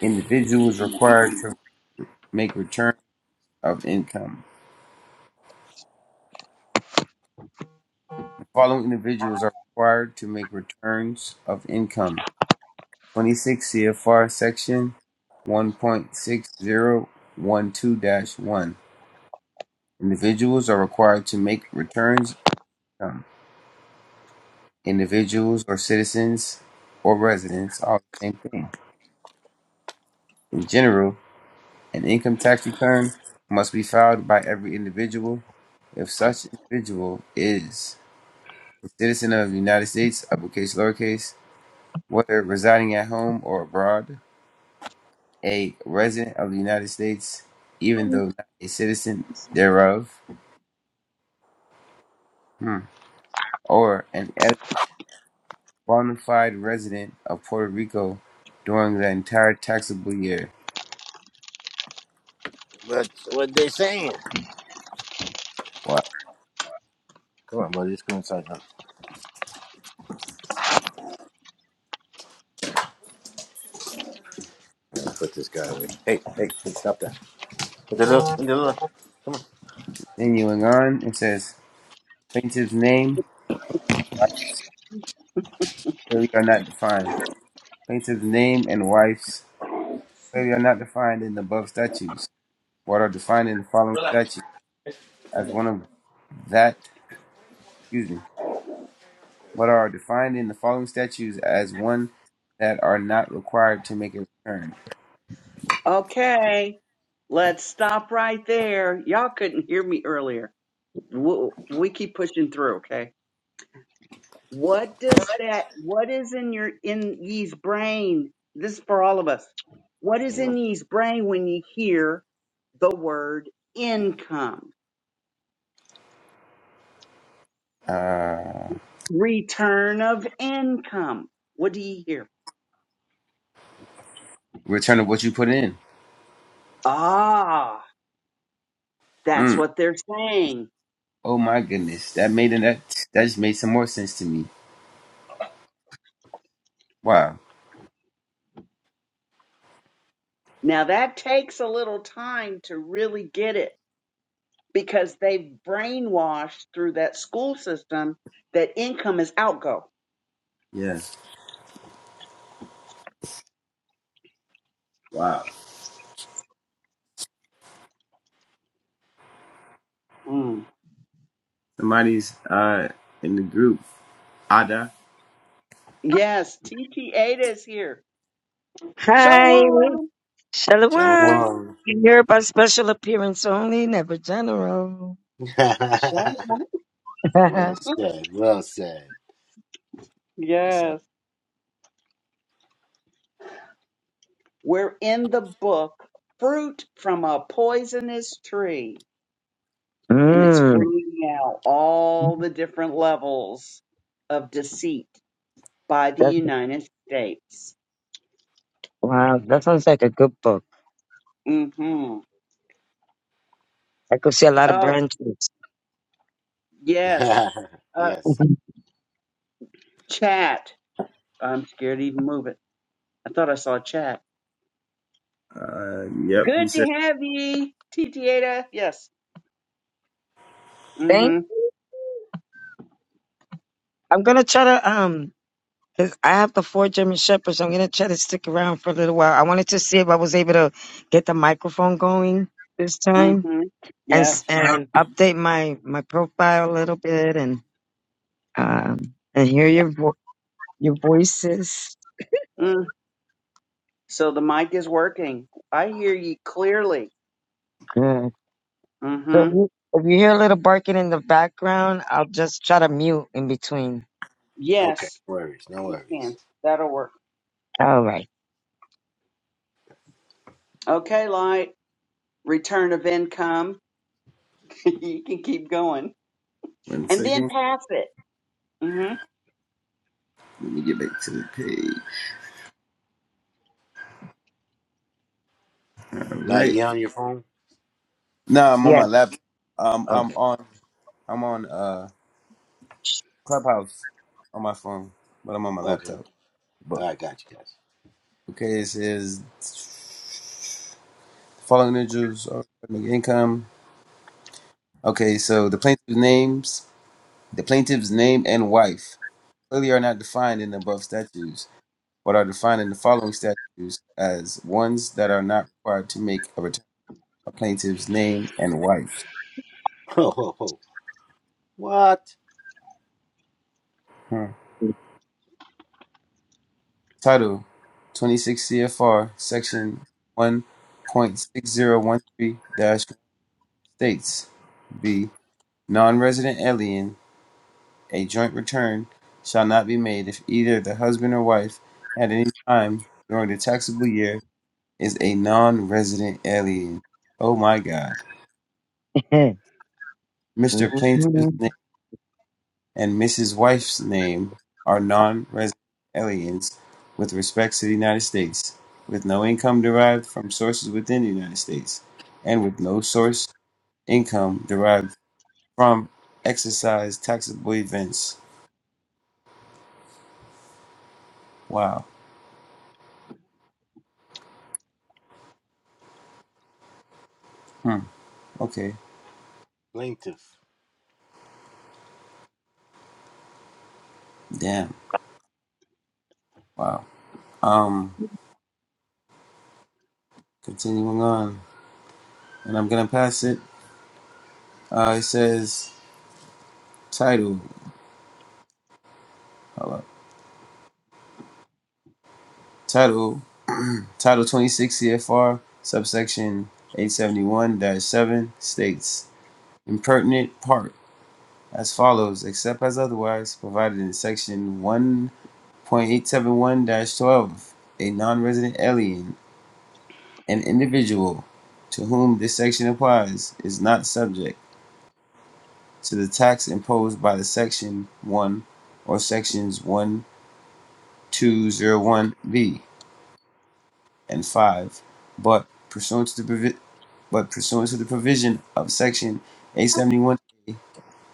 Speaker 1: Individuals required to make returns of income. The following individuals are required to make returns of income. 26 CFR Section 1.6012-1. dash one. Individuals are required to make returns of income. Individuals or citizens or residents are the same thing. In general, an income tax return must be filed by every individual if such individual is a citizen of the United States, uppercase, lowercase, whether residing at home or abroad, a resident of the United States, even though not a citizen thereof, hmm. or an el- bona fide resident of Puerto Rico during the entire taxable year.
Speaker 4: That's what they saying.
Speaker 1: Well,
Speaker 4: Come on, brother. Just go inside. Huh? Put this guy away. Hey, hey, hey, stop that. Put the look. Put the look.
Speaker 1: continuing on, it says plaintiff's name, wife clearly are not defined. Plaintiff's name and wife's clearly are not defined in the above statutes, but are defined in the following statute as one of that, excuse me, but are defined in the following statutes as one that are not required to make a return.
Speaker 2: Okay, let's stop right there. Y'all couldn't hear me earlier. We'll, we keep pushing through, okay? What does that, what is in your, in ye's brain? This is for all of us. What is in ye's brain when you hear the word income?
Speaker 1: Uh,
Speaker 2: Return of income. What do you hear?
Speaker 1: return of what you put in.
Speaker 2: Ah, that's
Speaker 1: Mm.
Speaker 2: what they're saying.
Speaker 1: Oh my goodness, that made an, that that just made some more sense to me. Wow.
Speaker 2: Now that takes a little time to really get it because they've brainwashed through that school system that income is outgo.
Speaker 1: Yeah. Wow.
Speaker 2: Mm.
Speaker 1: Somebody's uh in the group. Ada.
Speaker 2: Yes, TT Ada is here.
Speaker 6: Hi,
Speaker 2: Shalom.
Speaker 4: Don't
Speaker 6: Shalom.
Speaker 4: worry.
Speaker 6: You are by special appearance only, never general.
Speaker 2: Shut up.
Speaker 4: well
Speaker 6: mm,
Speaker 4: said. Well said. So,
Speaker 2: Yes. We're in the book, Fruit from a Poisonous Tree, and it's bringing out all the different levels of deceit by the
Speaker 6: that's,
Speaker 2: United States.
Speaker 6: wow, that sounds like a good book.
Speaker 2: Mm-hmm.
Speaker 6: I could see a lot of
Speaker 2: Oh,
Speaker 6: branches.
Speaker 2: yes. Uh,
Speaker 4: yes.
Speaker 2: chat. I'm scared to even move it. I thought I saw a chat.
Speaker 1: Uh, yep.
Speaker 2: Good
Speaker 1: He
Speaker 2: to
Speaker 1: said.
Speaker 2: have ye, Titiata. Yes.
Speaker 6: Thank.
Speaker 2: Mm-hmm.
Speaker 6: I'm gonna try to um, 'cause I have the four German shepherds. so I'm gonna try to stick around for a little while. I wanted to see if I was able to get the microphone going this time
Speaker 2: Mm-hmm.
Speaker 6: and
Speaker 2: Yes.
Speaker 6: s- and update my my profile a little bit and um and hear your vo- your voices.
Speaker 2: Mm. So the mic is working. I hear you clearly.
Speaker 6: So
Speaker 2: Mm-hmm.
Speaker 6: if you, if you hear a little barking in the background, I'll just try to mute in between.
Speaker 4: Okay.
Speaker 2: Yes,
Speaker 4: No worries. No
Speaker 2: you can.
Speaker 4: worries.
Speaker 2: That'll work.
Speaker 6: All right.
Speaker 2: Okay, light. Return of income. you can keep going.
Speaker 1: One
Speaker 2: And then
Speaker 1: second.
Speaker 2: pass it. Mm-hmm.
Speaker 1: Let me get back to the page. All
Speaker 4: Like
Speaker 1: right.
Speaker 4: you on your phone?
Speaker 1: No, I'm on my
Speaker 6: Yes.
Speaker 1: laptop. Um, I'm
Speaker 4: Okay.
Speaker 1: on. I'm on uh Clubhouse on my phone, but I'm on my
Speaker 4: Okay. All
Speaker 1: laptop.
Speaker 4: right. Got you guys.
Speaker 1: Okay, it says following individuals are make income. Okay, so the plaintiff's names, the plaintiff's name and wife clearly are not defined in the above statutes, but are defined in the following statutes as ones that are not required to make a return. A plaintiff's name and wife.
Speaker 4: Ho ho ho. What?
Speaker 1: Hmm. Title: 26 CFR Section 1.6013-1 states: B. Non-resident alien A joint return shall not be made if either the husband or wife at any time during the taxable year is a non-resident alien. Oh my God. Mr.
Speaker 6: Oh.
Speaker 1: Plaintiff's name and Mrs. Wife's name are non-resident aliens with respect to the United States, with no income derived from sources within the United States, and with no source income derived from exercise taxable events. Wow. Hmm. Okay.
Speaker 4: Plaintiff.
Speaker 1: Damn. Wow. Um Continuing on, and I'm gonna pass it. Uh, it says title, hold up. title, title 26 CFR subsection 871-7 states impertinent part as follows, except as otherwise provided in section 1.871-12. A non-resident alien, an individual to whom this section applies, is not subject to the tax imposed by the section 1 or sections 1. 201B and 5, but pursuant to the provi- but pursuant to the provision of section 871A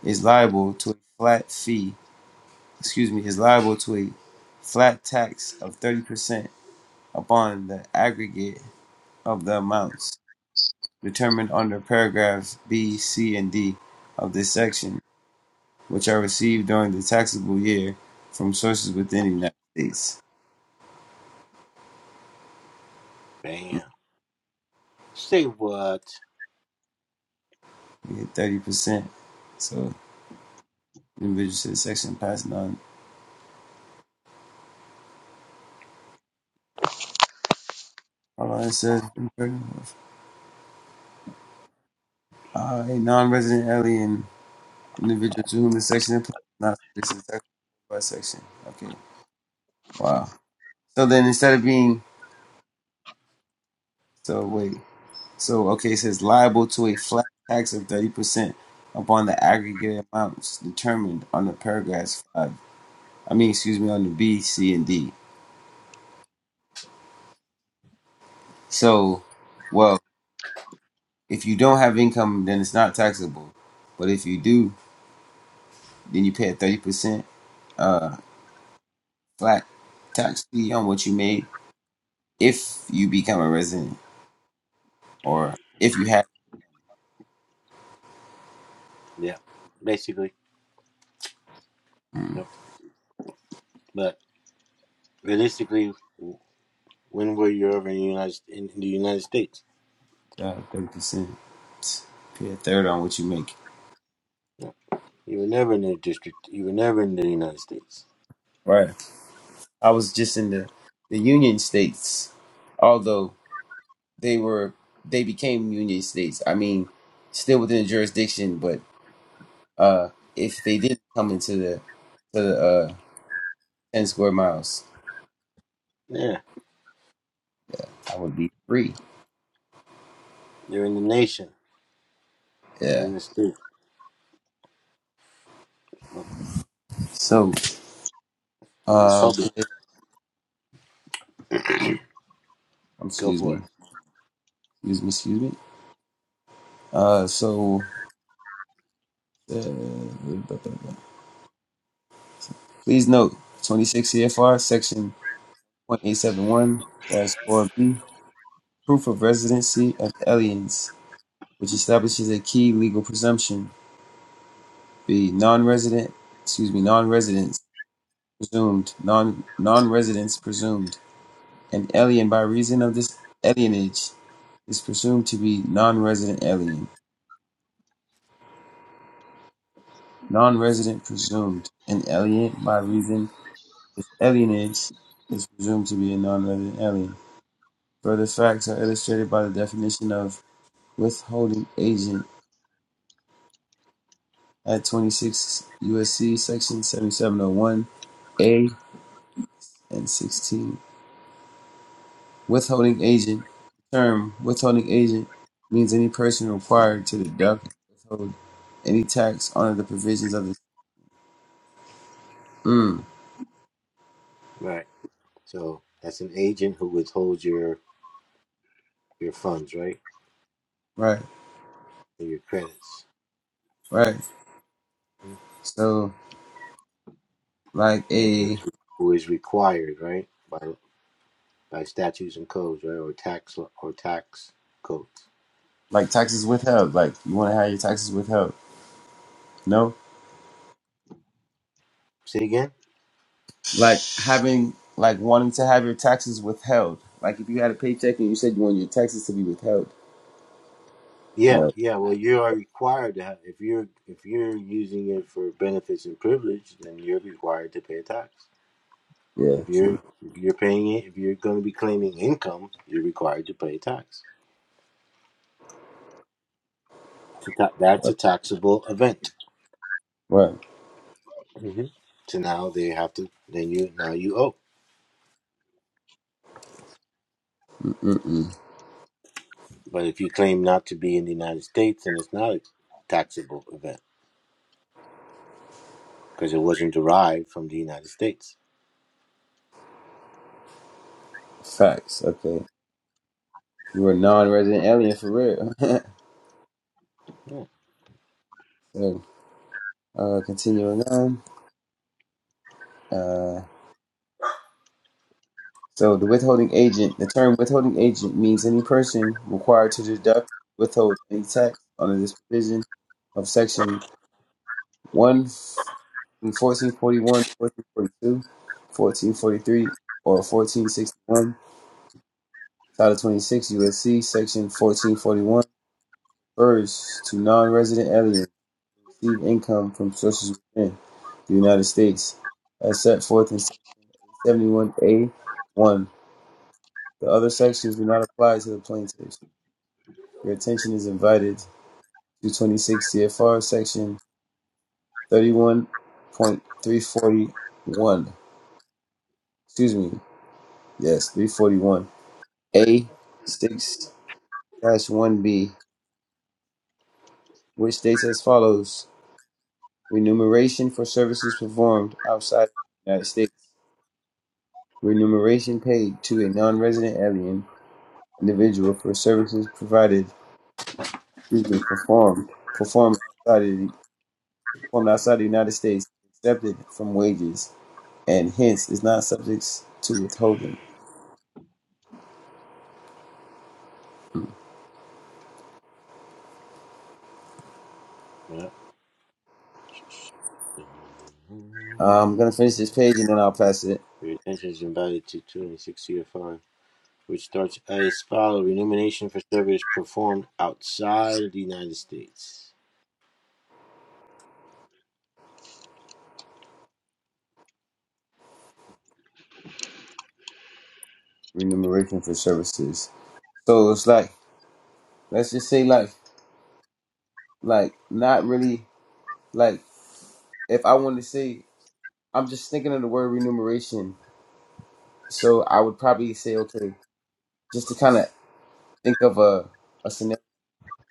Speaker 1: is liable to a flat fee, excuse me, is liable to a flat tax of 30% upon the aggregate of the amounts determined under paragraphs B, C, and D of this section, which are received during the taxable year from sources within the United States.
Speaker 4: Bam. Say what?
Speaker 1: We get 30%. so. The Individual says section passed non. Online says uh, a non-resident alien individual to whom the section applies is not subject to tax by section. Okay. Wow. So then instead of being so wait so okay it says liable to a flat tax of thirty percent upon the aggregate amounts determined on the paragraphs five. I mean excuse me on the B, C, and D. So well if you don't have income then it's not taxable, but if you do then you pay a thirty percent. Uh, flat tax fee on what you made if you become a resident or if you have
Speaker 4: Yeah, basically.
Speaker 1: mm,
Speaker 4: Yep. But realistically, w- when were you ever in the United in the United States?
Speaker 1: uh, thirty percent. Pay a third on what you make.
Speaker 4: You were never in the district. You were never in the United States.
Speaker 1: Right. I was just in the the union states, although they were they became union states. I mean, still within the jurisdiction, but uh, if they didn't come into the to the uh, ten square miles,
Speaker 4: Yeah,
Speaker 1: I would be free.
Speaker 4: you're in the nation, not
Speaker 1: Yeah.
Speaker 4: in the state. Look,
Speaker 1: So,
Speaker 4: the
Speaker 1: uh,
Speaker 4: republic.
Speaker 1: okay.
Speaker 4: Go
Speaker 1: excuse
Speaker 4: for
Speaker 1: me,
Speaker 4: it.
Speaker 1: excuse me, excuse me. Uh, so Uh, Please note 26 CFR section 1871 b proof of residency of aliens, which establishes a key legal presumption. B non-resident, excuse me, non-residents presumed, non non-residents presumed. An alien by reason of this alienage is presumed to be non-resident alien. Non-resident presumed. An alien by reason of this alienage is presumed to be a non-resident alien. Further facts are illustrated by the definition of withholding agent at 26 USC section 7701 A and 16. Withholding agent the term withholding agent means any person required to deduct or withhold any tax under the provisions of the mm,
Speaker 4: Right. So that's an agent who withholds your your funds, right,
Speaker 1: right
Speaker 4: and your credits,
Speaker 1: right
Speaker 4: Mhm.
Speaker 1: so like
Speaker 4: and
Speaker 1: a
Speaker 4: which- who is required, right, by by statutes and codes, right, or tax law- or tax codes.
Speaker 1: like taxes withheld like you want to have your taxes withheld no
Speaker 4: Say again.
Speaker 1: like having like wanting to have your taxes withheld. Like if you had a paycheck and you said you wanted your taxes to be withheld.
Speaker 4: Yeah,
Speaker 1: No.
Speaker 4: yeah. Well, you are required to have if you're if you're using it for benefits and privilege, then you're required to pay a tax.
Speaker 1: Yeah.
Speaker 4: If
Speaker 1: True.
Speaker 4: you're if you're paying it, if you're going to be claiming income, you're required to pay a tax. It's a ta- that's a taxable event.
Speaker 1: Right.
Speaker 4: hmm So now they have to. Then you now you owe.
Speaker 1: Mm-mm.
Speaker 4: But if you claim not to be in the United States, then it's not a taxable event because it wasn't derived from the United States.
Speaker 1: Facts. Okay. You were a non-resident alien for real.
Speaker 4: Yeah.
Speaker 1: so uh, continuing on. Uh, so the withholding agent. The term withholding agent means any person required to deduct, withhold any tax under this provision of section One in 1441, or 1461, Title 26 USC, Section 1441, refers to non-resident aliens who receive income from sources within the United States, as set forth in Section 71A 1. The other sections do not apply to the plaintiffs. Your attention is invited to 26 CFR Section 31.341. Excuse me. Yes, 341. A 6 dash 1B, which states as follows Remuneration for services performed outside of the United States. Remuneration paid to a non resident alien individual for services provided, proven, performed, performed outside, of the, performed outside the United States, accepted from wages, and hence is not subject to withholding.
Speaker 4: Yeah.
Speaker 1: I'm going to finish this page and then I'll pass it.
Speaker 4: Retention is invited to 260 CFR, which starts as follows: remuneration for service performed outside of the United States.
Speaker 1: Remuneration for services. So it's like, let's just say, like, like not really like if I want to say I'm just thinking of the word remuneration, so I would probably say okay, just to kind of think of a a scenario.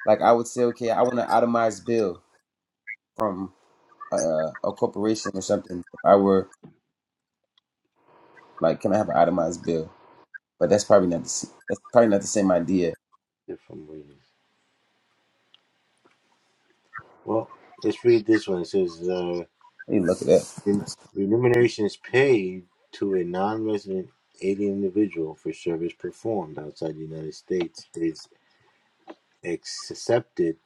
Speaker 1: Like I would say okay, I want an itemized bill from a, a corporation or something. If I were like, can I have an itemized bill? But that's probably not the s- that's probably not the same idea.
Speaker 4: If I'm reading, well, let's read this one. It says, uh,
Speaker 1: I need to look it up.
Speaker 4: "Ren- remuneration is paid to a non-resident alien individual for service performed outside the United States is accepted.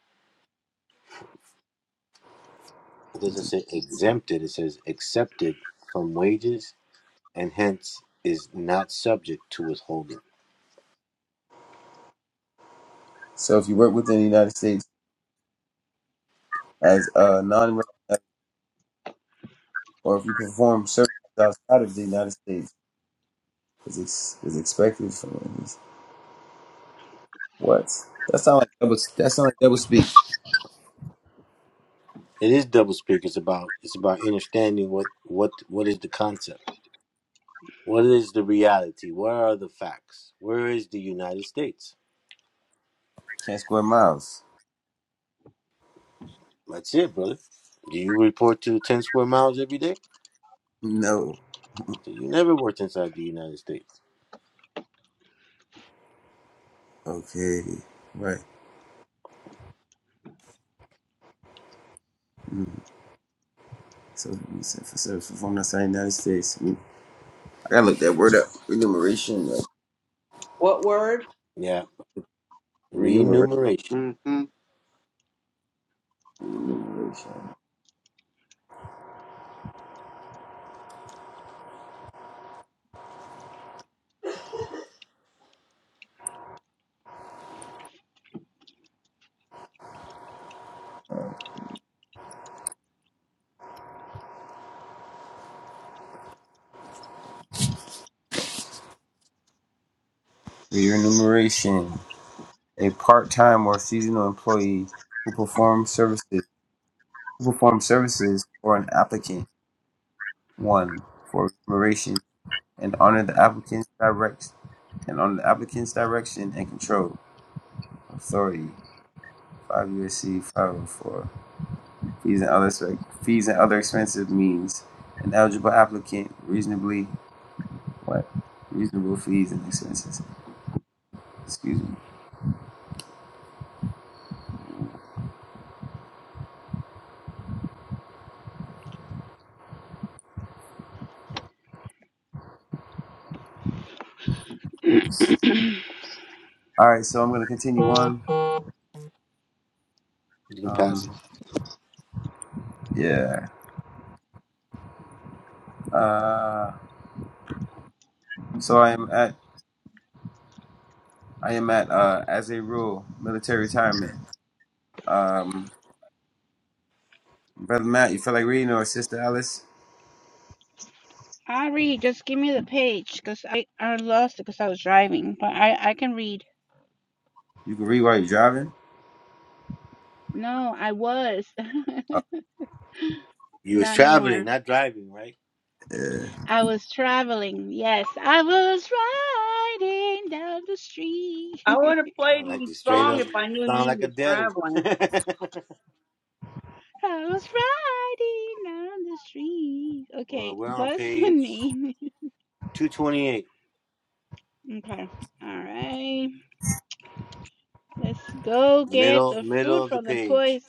Speaker 4: It doesn't say exempted. It says accepted from wages, and hence is not subject to withholding."
Speaker 1: So if you work within the United States as a non or if you perform services outside of the United States, is ex- is expected from it. What? That sound like double. That sound like double speak.
Speaker 4: It is double speak. It's about it's about understanding what what what is the concept, what is the reality, where are the facts, where is the United States?
Speaker 1: Ten square miles.
Speaker 4: That's it, brother. Do you report to ten square miles every day?
Speaker 1: No.
Speaker 4: So you never worked inside the United States.
Speaker 1: Okay. Right. Mm. So, so, so from the side United States, we, I gotta look that word up. Remuneration. uh,
Speaker 2: What word?
Speaker 4: Yeah,
Speaker 1: Renumeration.
Speaker 4: Renumeration.
Speaker 2: Mm-hmm.
Speaker 1: Renumeration. Remuneration. A part-time or seasonal employee who performs services who performs services for an applicant. One for remuneration and under the applicant's direct and under the applicant's direction and control authority. Five USC five oh four. Fees and other fees and other expenses means an eligible applicant reasonably what? Reasonable fees and expenses. Excuse me. All right, so I'm going to continue on.
Speaker 4: You can pass it.
Speaker 1: Um, yeah. Uh, so I am at I am at uh, as a rule military retirement. Um, brother Matt, you feel like reading or sister Alice?
Speaker 5: i read. Just give me the page because I, I lost it because I was driving, but I, I can read.
Speaker 1: You can read while you're driving.
Speaker 5: No, I was.
Speaker 1: Uh,
Speaker 4: You was
Speaker 5: Not no
Speaker 4: traveling,
Speaker 5: more.
Speaker 4: not driving, right?
Speaker 5: I was traveling. Yes, I was riding down the street.
Speaker 2: I would have played
Speaker 4: Sound like
Speaker 2: you
Speaker 4: you
Speaker 2: a
Speaker 4: straight
Speaker 2: song
Speaker 4: up.
Speaker 2: if I knew
Speaker 4: Sound
Speaker 2: you
Speaker 4: like a
Speaker 2: was
Speaker 4: debtor.
Speaker 2: traveling.
Speaker 5: I was riding down the street.
Speaker 4: well,
Speaker 5: Okay,
Speaker 4: we're on
Speaker 5: what's the
Speaker 4: page
Speaker 5: name?
Speaker 4: two twenty eight,
Speaker 5: Okay, all right. Let's go get
Speaker 4: middle
Speaker 5: the
Speaker 4: middle
Speaker 5: fruit
Speaker 4: of the
Speaker 5: from the
Speaker 4: page.
Speaker 5: place.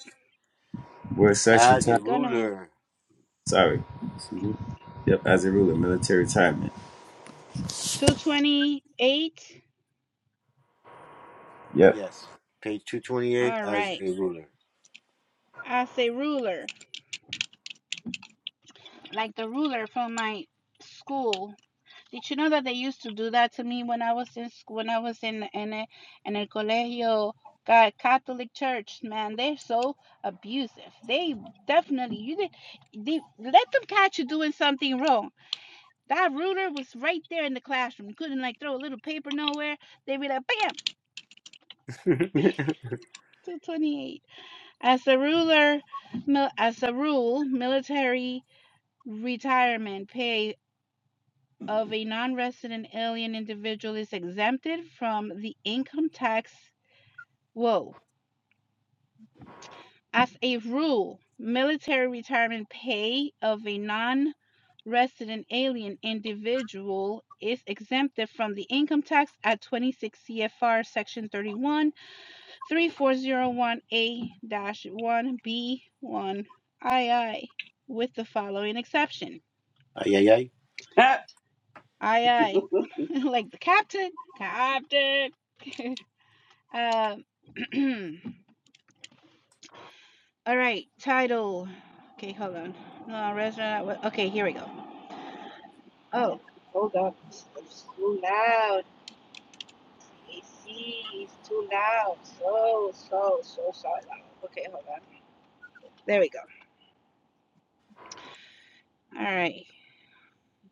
Speaker 1: we're such
Speaker 4: As a
Speaker 5: We're
Speaker 1: retirement.
Speaker 5: gonna
Speaker 4: ruler.
Speaker 1: Sorry. Excuse me. Yep, as a rule, military retirement.
Speaker 5: 228.
Speaker 1: Yep.
Speaker 4: Yes. Page 228
Speaker 5: All
Speaker 4: as
Speaker 5: right.
Speaker 4: a ruler.
Speaker 5: I say ruler. like the ruler from my school. Did you know that they used to do that to me when I was in school, when I was in in a, in el colegio God, Catholic Church, man, they're so abusive. They definitely you did they let them catch you doing something wrong. That ruler was right there in the classroom. You couldn't like throw a little paper nowhere. They'd be like, bam,
Speaker 4: ay,
Speaker 5: 228. As a ruler, no, as a rule, retirement pay of a non-resident alien individual is exempted from the income tax. Whoa. As a rule, military retirement pay of a non resident alien individual is exempted from the income tax at 26 CFR Section thirty-one three four zero one 3401A-1B1 II with the following exception.
Speaker 4: ay, ay.
Speaker 5: i i like the captain, captain. Uh, all right, title. Okay, hold on. No, restaurant. wa- Okay, here we go. Oh, hold on. It's, it's too loud. AC is too loud. So, so, so, so loud. Okay, hold on. There we go. All right,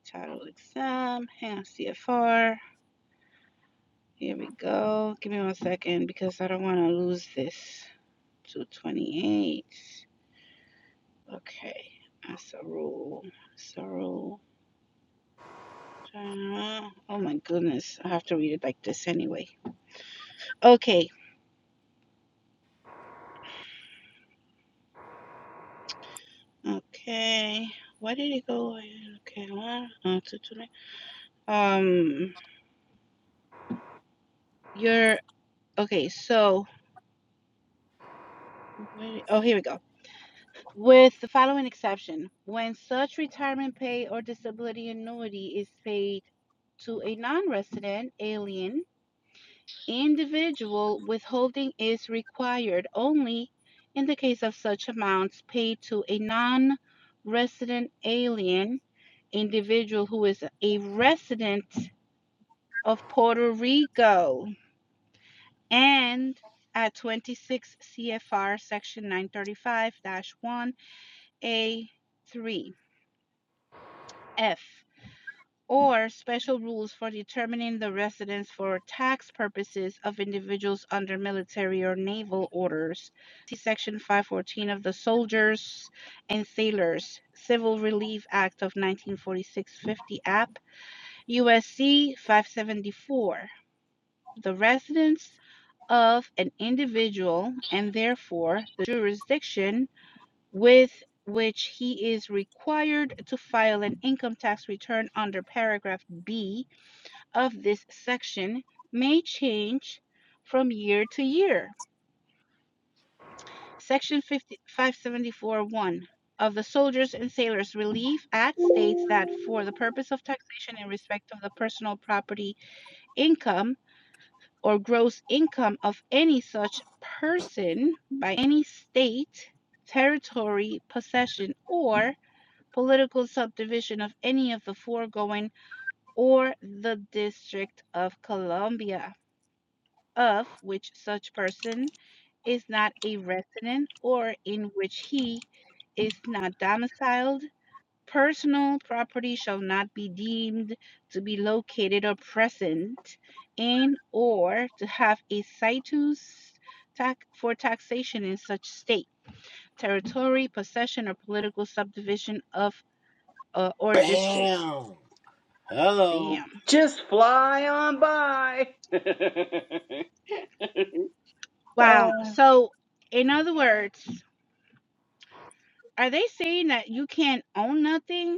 Speaker 5: title exam. Hang on, CFR. Here we go. Give me one second because I don't want to lose this. 228. Okay, that's a rule. That's a rule. Uh, oh my goodness. I have to read it like this anyway. Okay. Okay. Why did it go? like, Okay. Well, uh, to, to Um, you're okay. So, wait, oh, here we go. With the following exception when such retirement pay or disability annuity is paid to a non resident alien Individual withholding is required only in the case of such amounts paid to a non resident alien individual who is a resident of Puerto Rico and at 26 CFR section 935 1A3F. or special rules for determining the residence for tax purposes of individuals under military or naval orders. See Section 514 of the Soldiers and Sailors Civil Relief Act of 1946 50 App, USC 574. The residence of an individual and therefore the jurisdiction with which he is required to file an income tax return under paragraph B of this section may change from year to year. Section five seventy four one of the Soldiers and Sailors Relief Act states that for the purpose of taxation in respect of the personal property income or gross income of any such person by any state, territory, possession, or political subdivision of any of the foregoing or the District of Columbia of which such person is not a resident or in which he is not domiciled, personal property shall not be deemed to be located or present in or to have a situs tax for taxation in such state, territory, possession, or political subdivision of uh, or district.
Speaker 4: Bam! Hello.
Speaker 5: Damn.
Speaker 2: Just fly on by. Uh,
Speaker 5: Wow. So, in other words, are they saying that you can't own nothing?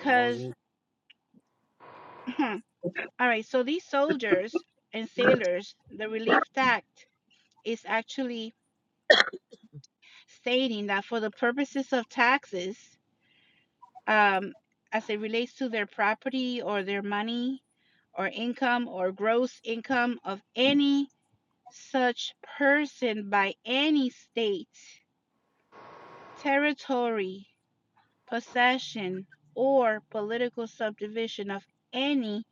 Speaker 4: No, you-
Speaker 5: all right so these soldiers and sailors the relief act is actually stating that for the purposes of taxes um, as it relates to their property or their money or income or gross income of any such person by any state territory possession, or political subdivision of any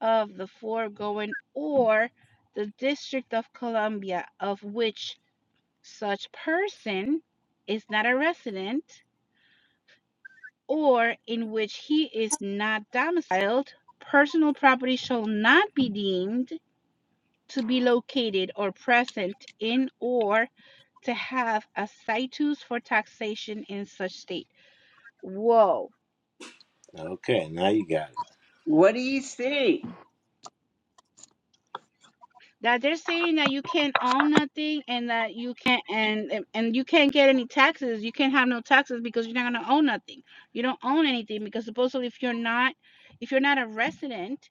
Speaker 5: of the foregoing or the District of Columbia of which such person is not a resident or in which he is not domiciled, personal property shall not be deemed to be located or present in or to have a situs for taxation in such state. Whoa
Speaker 4: okay, now you got it.
Speaker 2: what do you see?
Speaker 5: that they're saying that you can't own nothing and that you can't and and and you can't get any taxes you can't have no taxes because you're not going to own nothing you don't own anything because supposedly if you're not if you're not a resident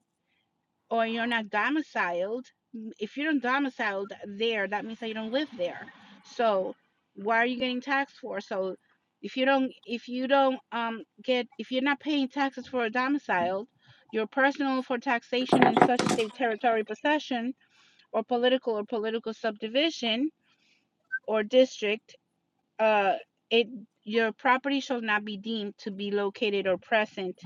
Speaker 5: or you're not domiciled m- if you don't domiciled there that means that you don't live there so why are you getting taxed for so if you don't if you don't um get if you're not paying taxes for a domiciled your personal for taxation in such state territory possession or political or political subdivision or district, uh, it your property shall not be deemed to be located or present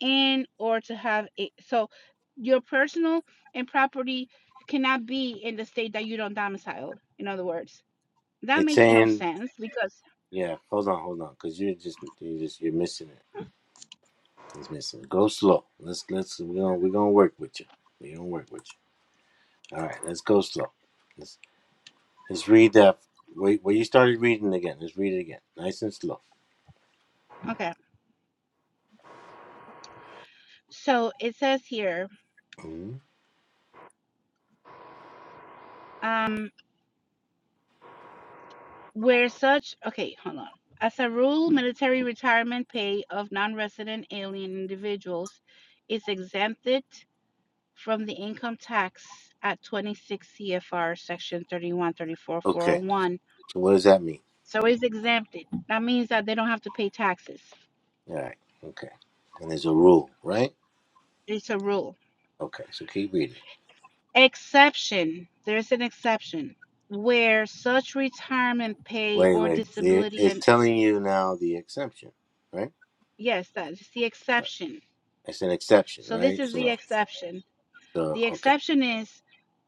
Speaker 5: in or to have a so your personal and property cannot be in the state that you don't domicile. In other words, that
Speaker 4: It's
Speaker 5: makes no
Speaker 4: saying,
Speaker 5: sense because
Speaker 4: yeah, hold on, hold on, because you're just, you're just, you're missing it. It's missing. it. Go slow. Let's, let's, we're going to we're gonna work with you. We're going to work with you. All right, let's go slow. Let's, let's read that. Wait, where you started reading again. Let's read it again. Nice and slow.
Speaker 5: okay, so it says here
Speaker 4: Mhm.
Speaker 5: um where such okay, hold on. As a rule, military retirement pay of non-resident alien individuals is exempted from the income tax at 26 CFR Section
Speaker 4: Okay,
Speaker 5: 3134401.
Speaker 4: so what does that mean?
Speaker 5: So it's exempted. That means that they don't have to pay taxes.
Speaker 4: All right, okay. And there's a rule, right?
Speaker 5: It's a rule.
Speaker 4: Okay, so keep reading.
Speaker 5: Exception there's an exception where such retirement pay
Speaker 4: Wait,
Speaker 5: or
Speaker 4: wait. There-
Speaker 5: disability,
Speaker 4: It's
Speaker 5: and
Speaker 4: telling you now the exemption, right?
Speaker 5: yes, that is the
Speaker 4: Uh,
Speaker 5: exception.
Speaker 4: It's an exception,
Speaker 5: So this
Speaker 4: right?
Speaker 5: is the
Speaker 4: So,
Speaker 5: exception.
Speaker 4: so
Speaker 5: The
Speaker 4: okay,
Speaker 5: exception is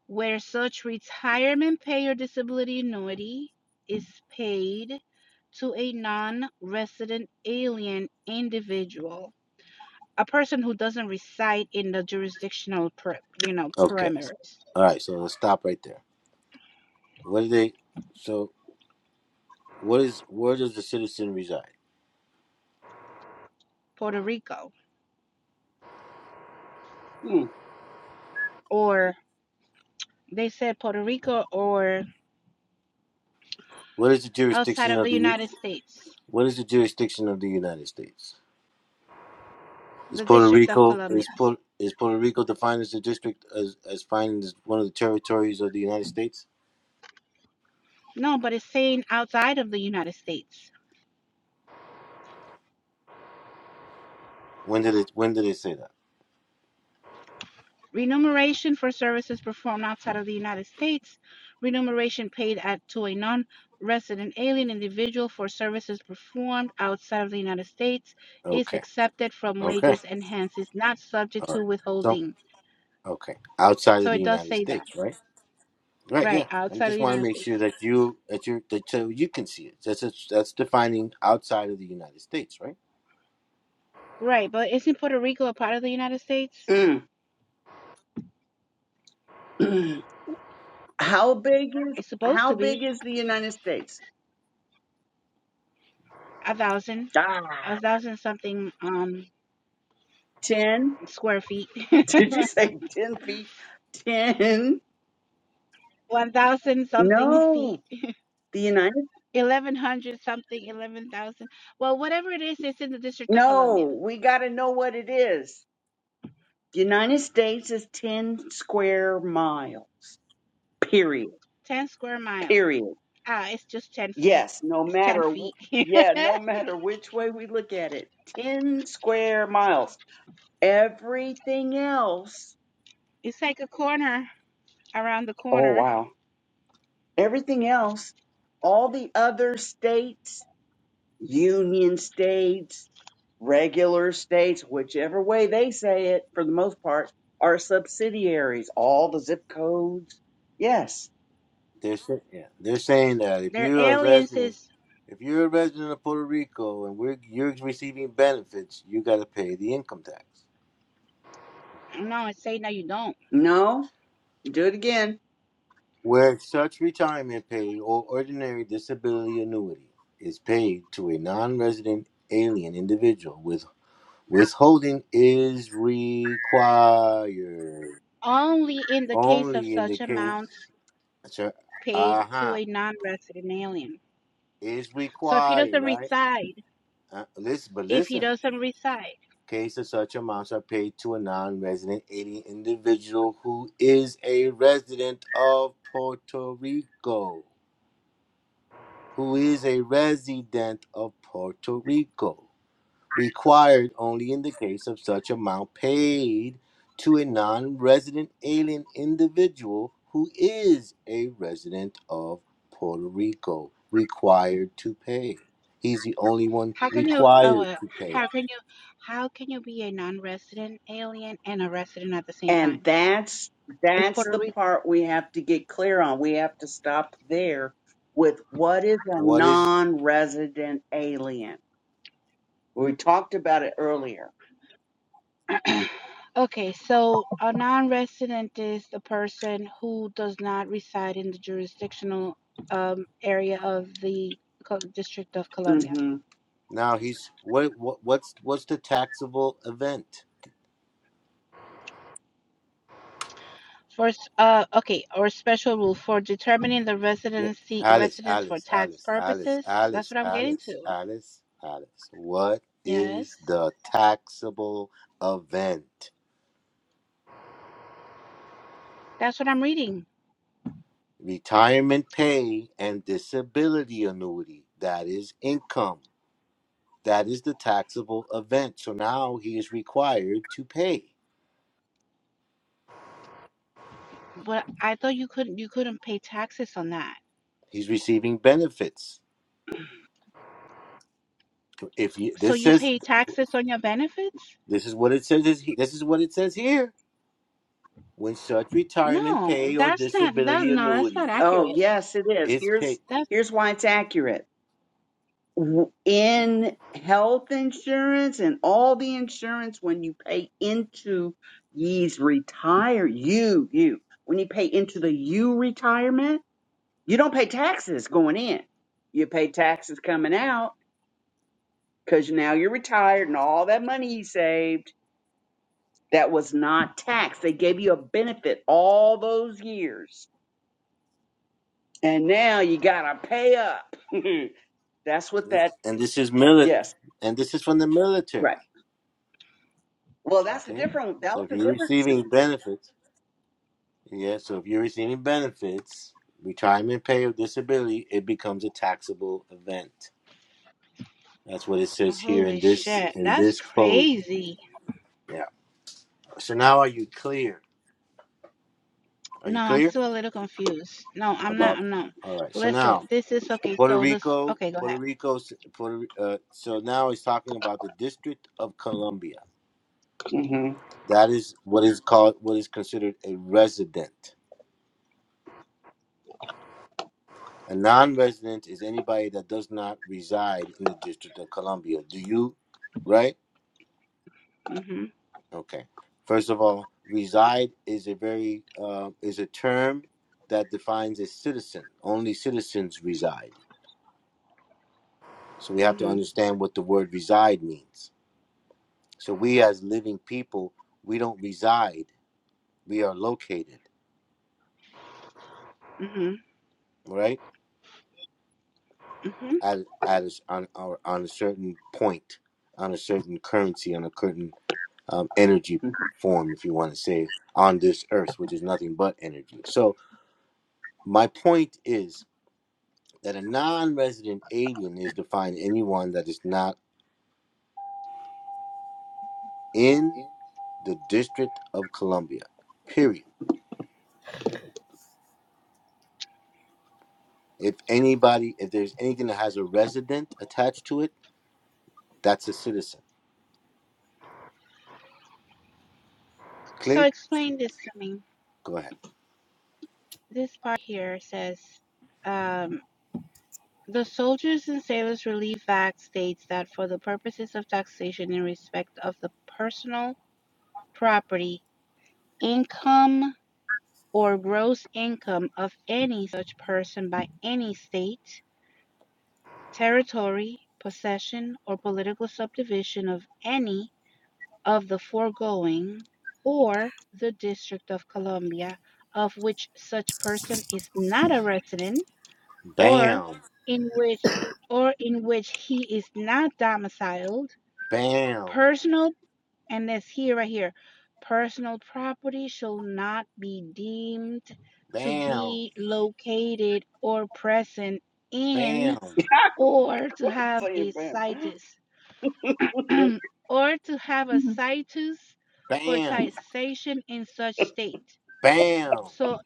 Speaker 5: where such retirement pay or disability annuity is paid to a non resident alien individual, a person who doesn't reside in the jurisdictional, per, you know,
Speaker 4: okay.
Speaker 5: parameters,
Speaker 4: All right. So let's stop right there. What do they? So, what is? Where does the citizen reside?
Speaker 5: Puerto Rico,
Speaker 2: Hmm.
Speaker 5: or they said Puerto Rico or
Speaker 4: What is the
Speaker 5: outside
Speaker 4: jurisdiction
Speaker 5: of
Speaker 4: of
Speaker 5: the
Speaker 4: the?
Speaker 5: United States,
Speaker 4: What is the jurisdiction of the United States? Is
Speaker 5: the
Speaker 4: Puerto
Speaker 5: District of
Speaker 4: Rico
Speaker 5: Columbia.
Speaker 4: is Puerto, is Puerto Rico defined as a district as as defined as one of the territories of the United States?
Speaker 5: No, but it's saying outside of the United States.
Speaker 4: When did it? When did it say that?
Speaker 5: Remuneration for services performed outside of the United States. Remuneration paid at, to a non resident alien individual for services performed outside of the United States is
Speaker 4: Okay.
Speaker 5: accepted from
Speaker 4: Okay.
Speaker 5: wages and hence is not subject
Speaker 4: All
Speaker 5: to
Speaker 4: right. so.
Speaker 5: withholding.
Speaker 4: Okay, outside
Speaker 5: So
Speaker 4: of the
Speaker 5: it does
Speaker 4: United
Speaker 5: say that.
Speaker 4: States, right? Right.
Speaker 5: Right,
Speaker 4: Yeah. I
Speaker 5: outside of the
Speaker 4: just want to
Speaker 5: United
Speaker 4: make sure
Speaker 5: States.
Speaker 4: that you that you that so you can see it. That's that's that's defining outside of the United States, right?
Speaker 5: Right, but isn't Puerto Rico a part of the United States?
Speaker 2: Mm. mm. how big is
Speaker 5: It's supposed
Speaker 2: how
Speaker 5: to be
Speaker 2: big is the United States?
Speaker 5: a thousand,
Speaker 2: Ah,
Speaker 5: a thousand something um
Speaker 2: ten.
Speaker 5: square feet,
Speaker 2: Did you say 10 feet? 10?
Speaker 5: one thousand something feet
Speaker 2: No. The United
Speaker 5: 1,100 something, 11,000. Well, whatever it is, it's in the District of Columbia.
Speaker 2: No, we got to know what it is. The United States is 10 square miles. Period.
Speaker 5: 10 square mile.
Speaker 2: Period.
Speaker 5: Ah, it's just 10 feet.
Speaker 2: Yes, no
Speaker 5: It's 10
Speaker 2: matter wh-
Speaker 5: feet.
Speaker 2: yeah, no matter which way we look at it. 10 square miles. Everything else.
Speaker 5: it's like a corner around the
Speaker 2: Oh
Speaker 5: corner.
Speaker 2: wow. Everything else, all the other states union states, regular states, whichever way they say it, for the most part, are subsidiaries. All the zip codes. Yes.
Speaker 4: They're sa- yeah. They're saying that if
Speaker 5: Their
Speaker 4: you're a
Speaker 5: aliens
Speaker 4: resident,
Speaker 5: is,
Speaker 4: if you're a resident of Puerto Rico and we're you're receiving benefits, you got to pay the income tax.
Speaker 5: no, it's say no, you don't.
Speaker 2: No. Do it again.
Speaker 4: Where such retirement pay or ordinary disability annuity is paid to a non-resident alien individual with Withholding is required.
Speaker 5: Only in the case of
Speaker 4: only in the
Speaker 5: such
Speaker 4: case
Speaker 5: amount
Speaker 4: so
Speaker 5: paid
Speaker 4: uh-huh
Speaker 5: non wrestling.
Speaker 4: is
Speaker 5: So if he
Speaker 4: required
Speaker 5: doesn't
Speaker 4: right
Speaker 5: reside,
Speaker 4: uh, listen but
Speaker 5: if he
Speaker 4: listen
Speaker 5: doesn't reside,
Speaker 4: case of such amounts are paid to a non-resident alien individual who is a resident of puerto rico who is a resident of puerto rico required only in the case of such amount paid to a non-resident alien individual who is a resident of Puerto Rico required to pay. He's the only one
Speaker 5: how can you, oh,
Speaker 4: required
Speaker 5: well,
Speaker 4: to pay.
Speaker 5: how can you, how can you be a non resident alien and a resident at the same
Speaker 2: And
Speaker 5: time?
Speaker 2: that's
Speaker 5: If
Speaker 2: that's
Speaker 5: Puerto
Speaker 2: the
Speaker 5: Rico
Speaker 2: part we have to get clear on. We have to stop there with what is a
Speaker 4: What is
Speaker 2: non-resident alien. We talked about it earlier.
Speaker 5: Okay, so a non-resident is the person who does not reside in the jurisdictional um, area of the Co- District of Columbia.
Speaker 2: hmm
Speaker 4: now he's what, what what's what's the taxable event?
Speaker 5: First, uh, okay, or special rule for determining the residency
Speaker 4: Alice,
Speaker 5: residence for
Speaker 4: Alice,
Speaker 5: tax
Speaker 4: Alice, Alice,
Speaker 5: purposes. That's
Speaker 4: Alice,
Speaker 5: what I'm getting
Speaker 4: Alice,
Speaker 5: to.
Speaker 4: Alice, Alice. What
Speaker 5: Yes,
Speaker 4: is the taxable event?
Speaker 5: that's what I'm reading.
Speaker 4: retirement pay and disability annuity that is income that is the taxable event so now he is required to pay
Speaker 5: But I thought you couldn't you couldn't pay taxes on that.
Speaker 4: he's receiving benefits if you
Speaker 5: So
Speaker 4: this
Speaker 5: you
Speaker 4: says
Speaker 5: pay taxes on your benefits?
Speaker 4: this is what it says is he- this is what it says here when such retirement
Speaker 5: No,
Speaker 4: pay or
Speaker 5: that's not that.
Speaker 4: disability
Speaker 5: No, that's
Speaker 4: annuity
Speaker 5: not
Speaker 2: Oh
Speaker 5: accurate.
Speaker 2: yes, it is.
Speaker 4: is paid
Speaker 2: Here's here's why it's accurate w- in health insurance and all the insurance when you pay into ye's retire you you when you pay into the you retirement you don't pay taxes going in you pay taxes coming out because now you're retired and all that money you saved that was not taxed they gave you a benefit all those years and now you gotta pay up that's what that
Speaker 4: and this is mili-
Speaker 2: yes
Speaker 4: and this is from the
Speaker 2: right
Speaker 4: military
Speaker 2: well that's a
Speaker 4: okay
Speaker 2: different that
Speaker 4: so
Speaker 2: was
Speaker 4: if
Speaker 2: a
Speaker 4: you're
Speaker 2: different
Speaker 4: receiving benefits Yeah, so if you're receiving benefits, retirement pay or disability, it becomes a taxable event. That's what it says here in
Speaker 5: Holy
Speaker 4: this
Speaker 5: shit,
Speaker 4: in
Speaker 5: that's
Speaker 4: this code.
Speaker 5: crazy.
Speaker 4: Yeah. So now are you clear? Are
Speaker 5: No,
Speaker 4: you
Speaker 5: I'm
Speaker 4: clear
Speaker 5: still a little confused. No, I'm not.
Speaker 4: about
Speaker 5: I'm not.
Speaker 4: All right. So
Speaker 5: Listen,
Speaker 4: now
Speaker 5: this is okay.
Speaker 4: Puerto
Speaker 5: So this,
Speaker 4: Rico,
Speaker 5: okay, go
Speaker 4: Puerto
Speaker 5: ahead.
Speaker 4: Rico, Puerto uh, so now it's talking about the District of Columbia.
Speaker 2: Mhm.
Speaker 4: That is what is called what is considered a resident. A non-resident is anybody that does not reside in the District of Columbia. Do you right?
Speaker 5: Mhm,
Speaker 4: Okay. First of all, reside is a very uh, is a term that defines a citizen. Only citizens reside. So we have to
Speaker 5: mhm,
Speaker 4: understand what the word reside means. So we as living people, we don't reside. We are located,
Speaker 5: mhm,
Speaker 4: right?
Speaker 5: mhm.
Speaker 4: At at a s on our on a certain point, on a certain currency, on a certain um, energy form, if you want to say, on this earth, which is nothing but energy. So my point is that a non-resident alien is defined anyone that is not in the District of Columbia. Period. If anybody, if there's anything that has a resident attached to it, that's a citizen.
Speaker 5: So
Speaker 4: Clear?
Speaker 5: explain this to me.
Speaker 4: Go ahead.
Speaker 5: This part here says, um, the soldiers and sailors relief act states that for the purposes of taxation in respect of the personal property, income or gross income of any such person by any state. Territory, possession, or political subdivision of any of the foregoing, or the District of Columbia of which such person is not a resident, or
Speaker 4: Bam,
Speaker 5: in which or in which he is not domiciled,
Speaker 4: bam,
Speaker 5: personal and this here right here, personal property shall not be deemed to
Speaker 4: bam,
Speaker 5: be located or present in
Speaker 4: bam,
Speaker 5: or to
Speaker 2: What's
Speaker 5: have
Speaker 2: saying,
Speaker 5: a
Speaker 2: Pam?
Speaker 5: situs or to have a citus for
Speaker 4: bam,
Speaker 5: taxation in such state.
Speaker 4: bam.
Speaker 5: So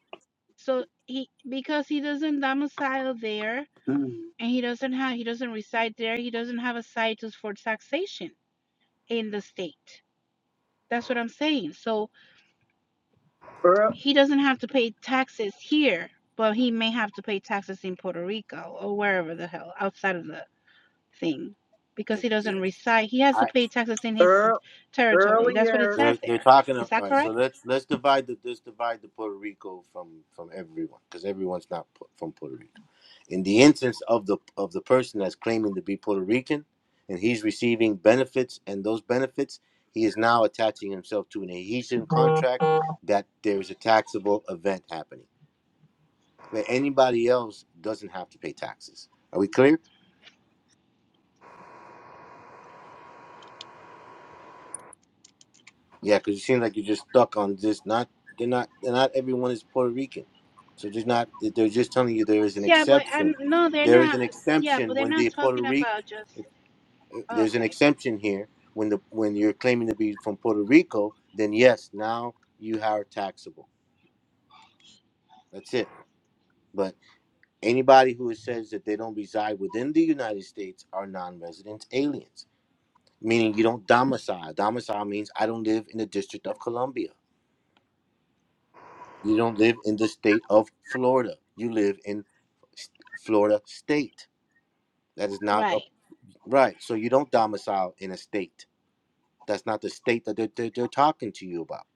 Speaker 5: so he because he doesn't domicile there
Speaker 2: Mhm.
Speaker 5: and he doesn't have he doesn't reside there, he doesn't have a citus for taxation in the state. That's what I'm saying. So
Speaker 2: Ear-
Speaker 5: he doesn't have to pay taxes here, but he may have to pay taxes in Puerto Rico or wherever the hell outside of the thing. Because
Speaker 4: If
Speaker 5: he
Speaker 4: yeah,
Speaker 5: doesn't reside, he has to
Speaker 4: I.
Speaker 5: pay taxes in his
Speaker 2: ear-
Speaker 5: territory. That's what it
Speaker 2: Earlier
Speaker 5: says
Speaker 4: They're, they're
Speaker 5: there.
Speaker 4: talking. All
Speaker 5: Is that
Speaker 4: right,
Speaker 5: correct?
Speaker 4: so let's let's divide the let's divide the Puerto Rico from from everyone because everyone's not pu- from Puerto Rico. In the instance of the of the person that's claiming to be Puerto Rican, and he's receiving benefits, and those benefits he is now attaching himself to an adhesion contract that there is a taxable event happening where anybody else doesn't have to pay taxes. Are we clear? Yeah, because it seems like you're just stuck on this. Not they're not they're not everyone is Puerto Rican, so there's not they're just telling you there is an
Speaker 5: Yeah, but I'm
Speaker 4: exception.
Speaker 5: no, they're
Speaker 4: There is an
Speaker 5: not. Yeah, but
Speaker 4: exemption
Speaker 5: they're
Speaker 4: when
Speaker 5: not
Speaker 4: the Puerto
Speaker 5: talking
Speaker 4: Rico.
Speaker 5: about just
Speaker 4: There's an
Speaker 5: okay,
Speaker 4: exemption here when the when you're claiming to be from Puerto Rico. Then yes, now you are taxable. That's it. But anybody who says that they don't reside within the United States are non-resident aliens, meaning you don't domicile. Domicile means I don't live in the District of Columbia. You don't live in the state of Florida. You live in s- Florida state. That is not a,
Speaker 5: right?
Speaker 4: right. So you don't domicile in a state. That's not the state that they're, they're, they're talking to you about.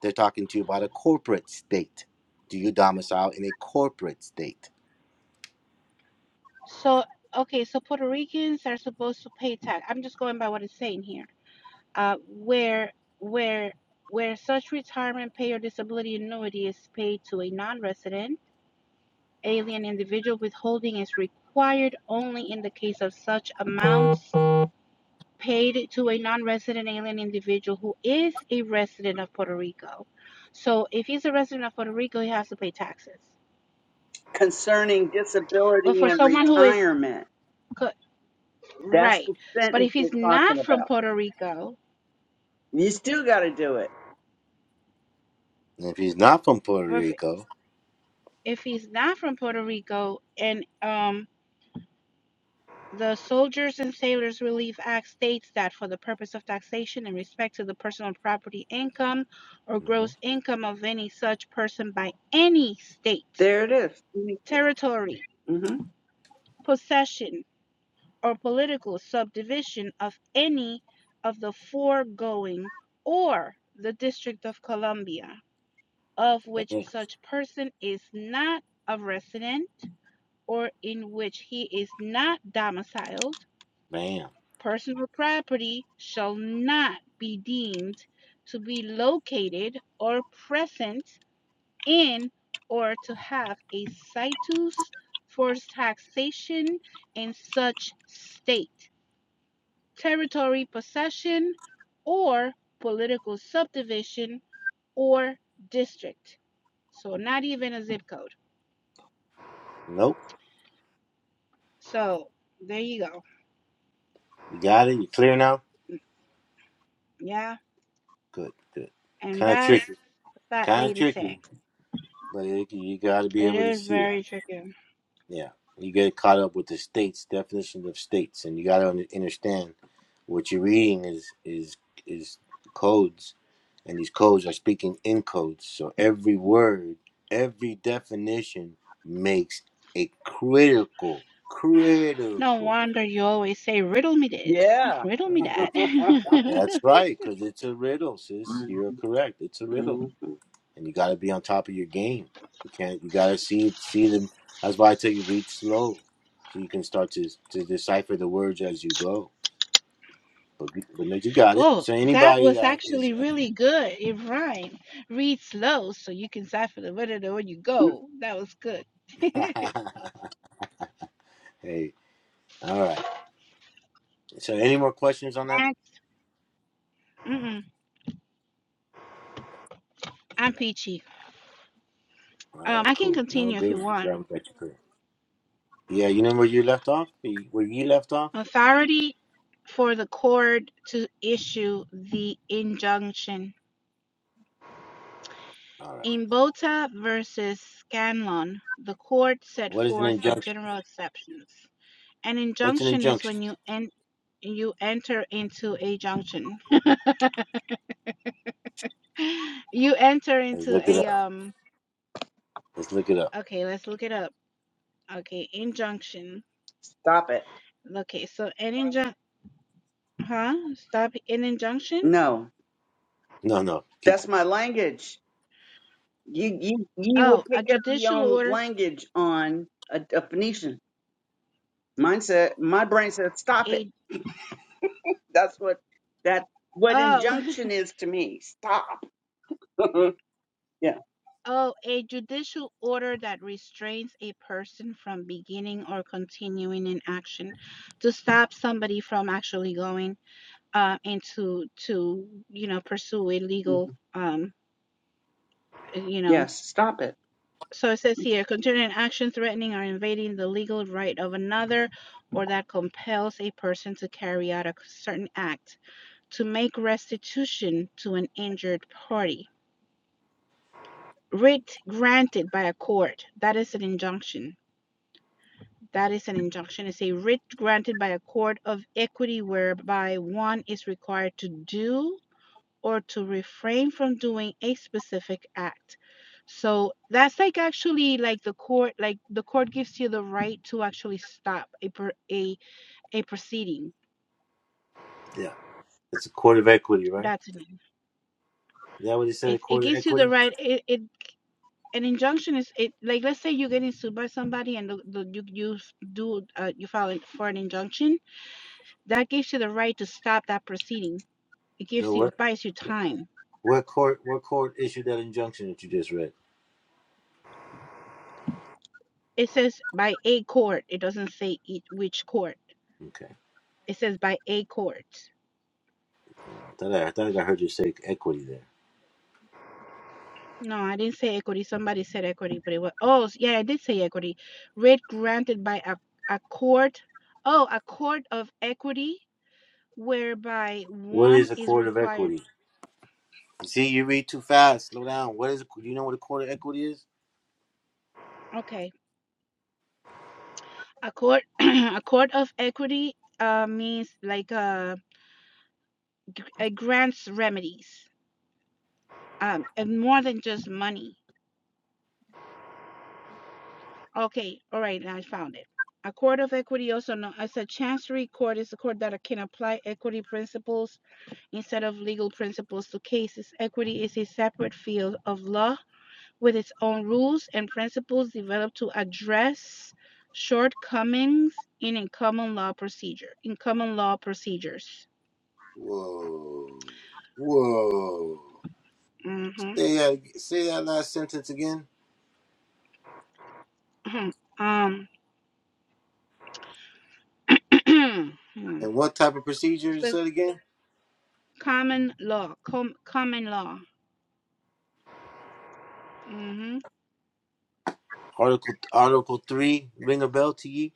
Speaker 4: They're talking to you about a corporate state. Do you domicile in a corporate state?
Speaker 5: So okay, so Puerto Ricans are supposed to pay tax. I'm just going by what it's saying here. Uh, where where where such retirement pay or disability annuity is paid to a non-resident alien individual, withholding is required only in the case of such amounts paid to a non-resident alien individual who is a resident of Puerto Rico. So if he's a resident of Puerto Rico, he has to pay taxes.
Speaker 2: concerning
Speaker 5: But
Speaker 2: disability
Speaker 5: for
Speaker 2: and
Speaker 5: someone who is
Speaker 2: retirement.
Speaker 5: co-
Speaker 2: That's
Speaker 5: right,
Speaker 2: the
Speaker 5: but
Speaker 2: sentence
Speaker 5: if
Speaker 2: we're
Speaker 5: he's
Speaker 2: talking
Speaker 5: not from
Speaker 2: about.
Speaker 5: Puerto Rico,
Speaker 2: You still got to do it.
Speaker 4: And if he's not from Puerto
Speaker 5: but if
Speaker 4: Rico,
Speaker 5: if he's not from Puerto Rico, and um, the Soldiers and Sailors Relief Act states that for the purpose of taxation in respect to the personal property income or
Speaker 4: mhm,
Speaker 5: gross income of any such person by any state,
Speaker 2: There it is.
Speaker 5: territory,
Speaker 2: Mhm.
Speaker 5: possession, or political subdivision of any of the foregoing or the District of Columbia, of which
Speaker 4: bam,
Speaker 5: such person is not a resident or in which he is not domiciled,
Speaker 4: bam.
Speaker 5: personal property shall not be deemed to be located or present in or to have a situs for taxation in such state territory possession, or political subdivision or district. So, not even a zip code.
Speaker 4: Nope.
Speaker 5: So, there you go.
Speaker 4: You got it. You clear now?
Speaker 5: Yeah.
Speaker 4: Good, good.
Speaker 5: And
Speaker 4: Kind of
Speaker 5: that's
Speaker 4: tricky.
Speaker 5: what that
Speaker 4: Kind of
Speaker 5: lady said.
Speaker 4: tricky, but it, you got to be
Speaker 5: It
Speaker 4: able to
Speaker 5: is
Speaker 4: see it.
Speaker 5: very tricky.
Speaker 4: Yeah, you get caught up with the states definitions of states, and you got to understand what you're reading is is is codes, and these codes are speaking in codes. So every word, every definition makes a critical,
Speaker 5: No
Speaker 4: critical.
Speaker 5: wonder you always say, riddle me this,
Speaker 2: Yeah.
Speaker 5: riddle me
Speaker 4: Right?
Speaker 5: that.
Speaker 4: That's, that's right, because it's a riddle, sis.
Speaker 2: Mhm.
Speaker 4: You're correct. It's a riddle.
Speaker 2: Mhm.
Speaker 4: and you got to be on top of your game. You can't. You got to see see them. That's why I tell you read slow, so you can start to to decipher the words as you go. But you- but no, you got it.
Speaker 5: oh,
Speaker 4: So
Speaker 5: that
Speaker 4: anybody
Speaker 5: was
Speaker 4: that
Speaker 5: actually
Speaker 4: is,
Speaker 5: really good. It rhymed. Read slow so you can cipher the riddle when you go. That was good.
Speaker 4: hey, all right. So any more questions on that?
Speaker 5: Mm-mm. I'm peachy.
Speaker 4: All
Speaker 5: Um,
Speaker 4: right,
Speaker 5: I can
Speaker 4: cool. No
Speaker 5: continue if
Speaker 4: good.
Speaker 5: you
Speaker 4: We
Speaker 5: want.
Speaker 4: Grab what you could. Yeah, you know where you left off. The- Where you left off.
Speaker 5: Authority for the court to issue the injunction.
Speaker 4: All right.
Speaker 5: In Bota versus Scanlon, the court set
Speaker 4: What is an
Speaker 5: forth the
Speaker 4: injunction?
Speaker 5: general exceptions. An
Speaker 4: What's an
Speaker 5: injunction is
Speaker 4: injunction?
Speaker 5: when you en- you enter into a junction. you enter
Speaker 4: Let's
Speaker 5: into
Speaker 4: look it
Speaker 5: a
Speaker 4: up.
Speaker 5: um.
Speaker 4: Let's look it up.
Speaker 5: Okay, let's look it up. Okay, injunction.
Speaker 2: Stop it.
Speaker 5: Okay, so an injunction. Huh? Stop. An injunction.
Speaker 2: No,
Speaker 4: No, no. Keep,
Speaker 2: that's my language. You you you will
Speaker 5: Oh,
Speaker 2: pick
Speaker 5: a
Speaker 2: up your
Speaker 5: judicial
Speaker 2: own
Speaker 5: order.
Speaker 2: language on a, a Phoenician mindset. My brain says stop it.
Speaker 5: A
Speaker 2: That's what that what
Speaker 5: Oh,
Speaker 2: injunction is to me. Stop. yeah.
Speaker 5: oh, a judicial order that restrains a person from beginning or continuing an action to stop somebody from actually going uh, and to to you know pursue a legal
Speaker 2: Mhm.
Speaker 5: um uh, you know.
Speaker 2: Yes, stop it.
Speaker 5: So it says here, continuing an action threatening or invading the legal right of another, or that compels a person to carry out a certain act to make restitution to an injured party. Writ granted by a court, that is an injunction That is an injunction. It's a writ granted by a court of equity whereby one is required to do or to refrain from doing a specific act. So that's like actually like the court, like the court gives you the right to actually stop a per, a a proceeding.
Speaker 4: yeah, it's a court of equity, right?
Speaker 5: That's it.
Speaker 4: Is that what they said
Speaker 5: It,
Speaker 4: at
Speaker 5: it
Speaker 4: court of
Speaker 5: gives you the
Speaker 4: equity?
Speaker 5: right. It, it an injunction is it like let's say you're getting sued by somebody and the, the, you you do uh, you file for an injunction that gives you the right to stop that proceeding It
Speaker 4: The
Speaker 5: gives you,
Speaker 4: what?
Speaker 5: it buys you time.
Speaker 4: What court? What court issued that injunction that you just read?
Speaker 5: It says by a court. It doesn't say it, which court.
Speaker 4: Okay,
Speaker 5: It says by a court.
Speaker 4: All right. thought I, I thought I heard you say equity there.
Speaker 5: No, I didn't say equity. Somebody said equity, but it was, oh, yeah, I did say equity. Writ granted by a, a court. Oh, a court of equity whereby
Speaker 4: What
Speaker 5: one
Speaker 4: is a
Speaker 5: is
Speaker 4: court of
Speaker 5: required.
Speaker 4: equity? See, you read too fast. Slow down. What is? Do you know what a court of equity is?
Speaker 5: Okay. A court, a court of equity uh, means like uh, g- uh, grants remedies um, and more than just money. Okay, all right, now I found it. A court of equity, also known as a chancery court, is a court that can apply equity principles instead of legal principles to cases. Equity is a separate field of law with its own rules and principles developed to address shortcomings in, common law procedure in common law procedures.
Speaker 4: Whoa, whoa.
Speaker 5: Mm-hmm.
Speaker 4: Say that. Say that last sentence again.
Speaker 5: mm-hmm. Um,
Speaker 4: And what type of procedure is said again?
Speaker 5: common law, com- common law. hmm
Speaker 4: Article Article three. Ring a bell to ye.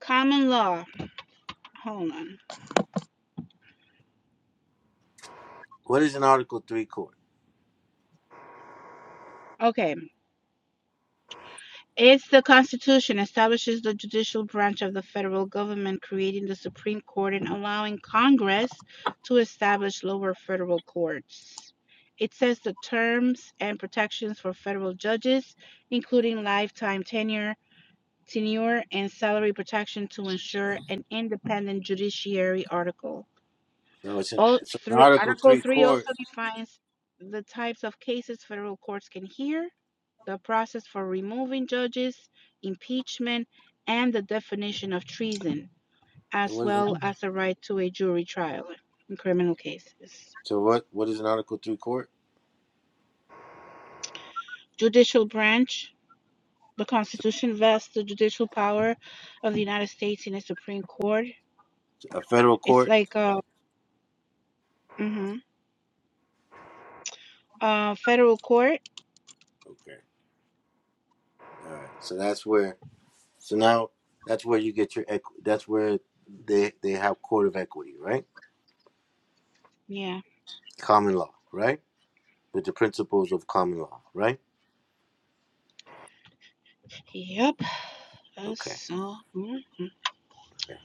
Speaker 5: Common law. Hold on.
Speaker 4: What is an Article three court?
Speaker 5: Okay, it's the Constitution establishes the judicial branch of the federal government, creating the Supreme Court and allowing Congress to establish lower federal courts. It sets the terms and protections for federal judges, including lifetime tenure, tenure and salary protection to ensure an independent judiciary article.
Speaker 4: So it's, a,
Speaker 5: All
Speaker 4: it's an
Speaker 5: three
Speaker 4: Article
Speaker 5: Article
Speaker 4: three
Speaker 5: 3
Speaker 4: court.
Speaker 5: also defines the types of cases federal courts can hear the process for removing judges, impeachment, and the definition of treason,
Speaker 4: So
Speaker 5: as
Speaker 4: what is it?
Speaker 5: well as the right to a jury trial in criminal cases.
Speaker 4: So what? What is an Article Three court?
Speaker 5: Judicial branch. The Constitution vests the judicial power of the United States in a Supreme Court.
Speaker 4: A federal
Speaker 5: It's
Speaker 4: court.
Speaker 5: like a hmm uh, federal court.
Speaker 4: Okay. All right. So that's where. So now that's where you get your. equ- That's where they they have court of equity, right?
Speaker 5: Yeah.
Speaker 4: Common law, right? With the principles of common law, right?
Speaker 5: Yep. That's
Speaker 4: Okay.
Speaker 5: so. mhm.
Speaker 4: Okay.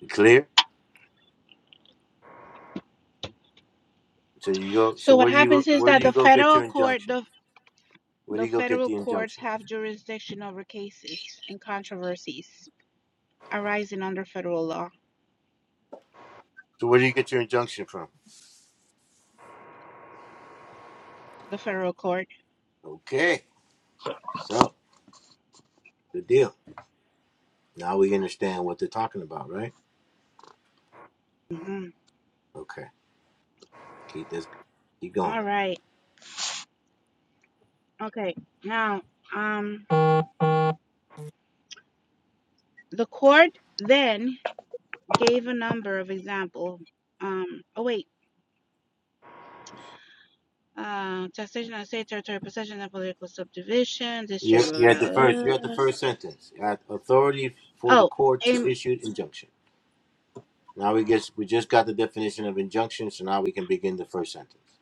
Speaker 4: You clear? So you go.
Speaker 5: So
Speaker 4: So
Speaker 5: what
Speaker 4: where do you go?
Speaker 5: happens is
Speaker 4: Where do
Speaker 5: that the
Speaker 4: you go get
Speaker 5: federal
Speaker 4: your
Speaker 5: court,
Speaker 4: injunction?
Speaker 5: the
Speaker 4: Where do
Speaker 5: The
Speaker 4: you go get
Speaker 5: federal
Speaker 4: the
Speaker 5: courts
Speaker 4: injunction?
Speaker 5: have jurisdiction over cases and controversies arising under federal law.
Speaker 4: So where do you get your injunction from?
Speaker 5: The federal court.
Speaker 4: Okay. So good deal. Now we understand what they're talking about, right?
Speaker 5: Mhm.
Speaker 4: Okay. Keep this. Keep going.
Speaker 5: All right. Okay. Now, um, the court then gave a number of examples. Um, oh wait. Uh, taxation of state territory, possession and political subdivision,
Speaker 4: You
Speaker 5: district. Blah,
Speaker 4: you had the
Speaker 5: blah,
Speaker 4: first.
Speaker 5: blah.
Speaker 4: You had the first sentence. You had authority for the
Speaker 5: Oh,
Speaker 4: court to
Speaker 5: um,
Speaker 4: issue an injunction. Now we guess we just got the definition of injunction, so now we can begin the first sentence.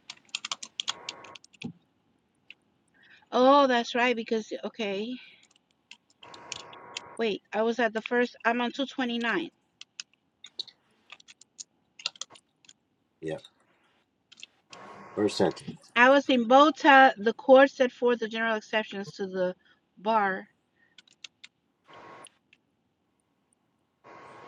Speaker 5: oh, that's right. Because okay, wait, I was at the first. I'm on two twenty nine.
Speaker 4: Yeah, first sentence.
Speaker 5: Alice in Bogota, the court set forth the general exceptions to the bar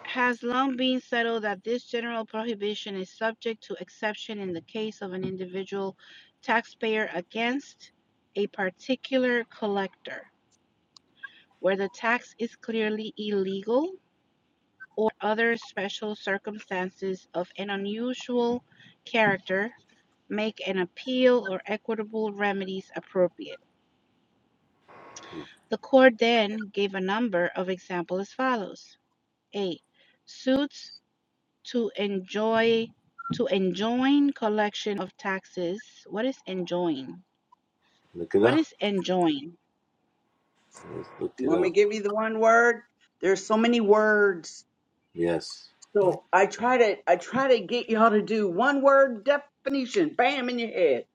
Speaker 5: has long been settled that this general prohibition is subject to exception in the case of an individual taxpayer against a particular collector, where the tax is clearly illegal or other special circumstances of an unusual character make an appeal or equitable remedies appropriate. The court then gave a number of examples as follows: A. Suits to enjoy to enjoin collection of taxes. What is enjoin?
Speaker 4: Look it
Speaker 5: What
Speaker 4: up.
Speaker 5: is enjoin?
Speaker 4: Let's look
Speaker 2: You
Speaker 4: it
Speaker 2: want me to
Speaker 4: up.
Speaker 2: give you the one word? There's so many words.
Speaker 4: Yes.
Speaker 2: So I try to I try to get y'all to do one word definition. Bam in your head.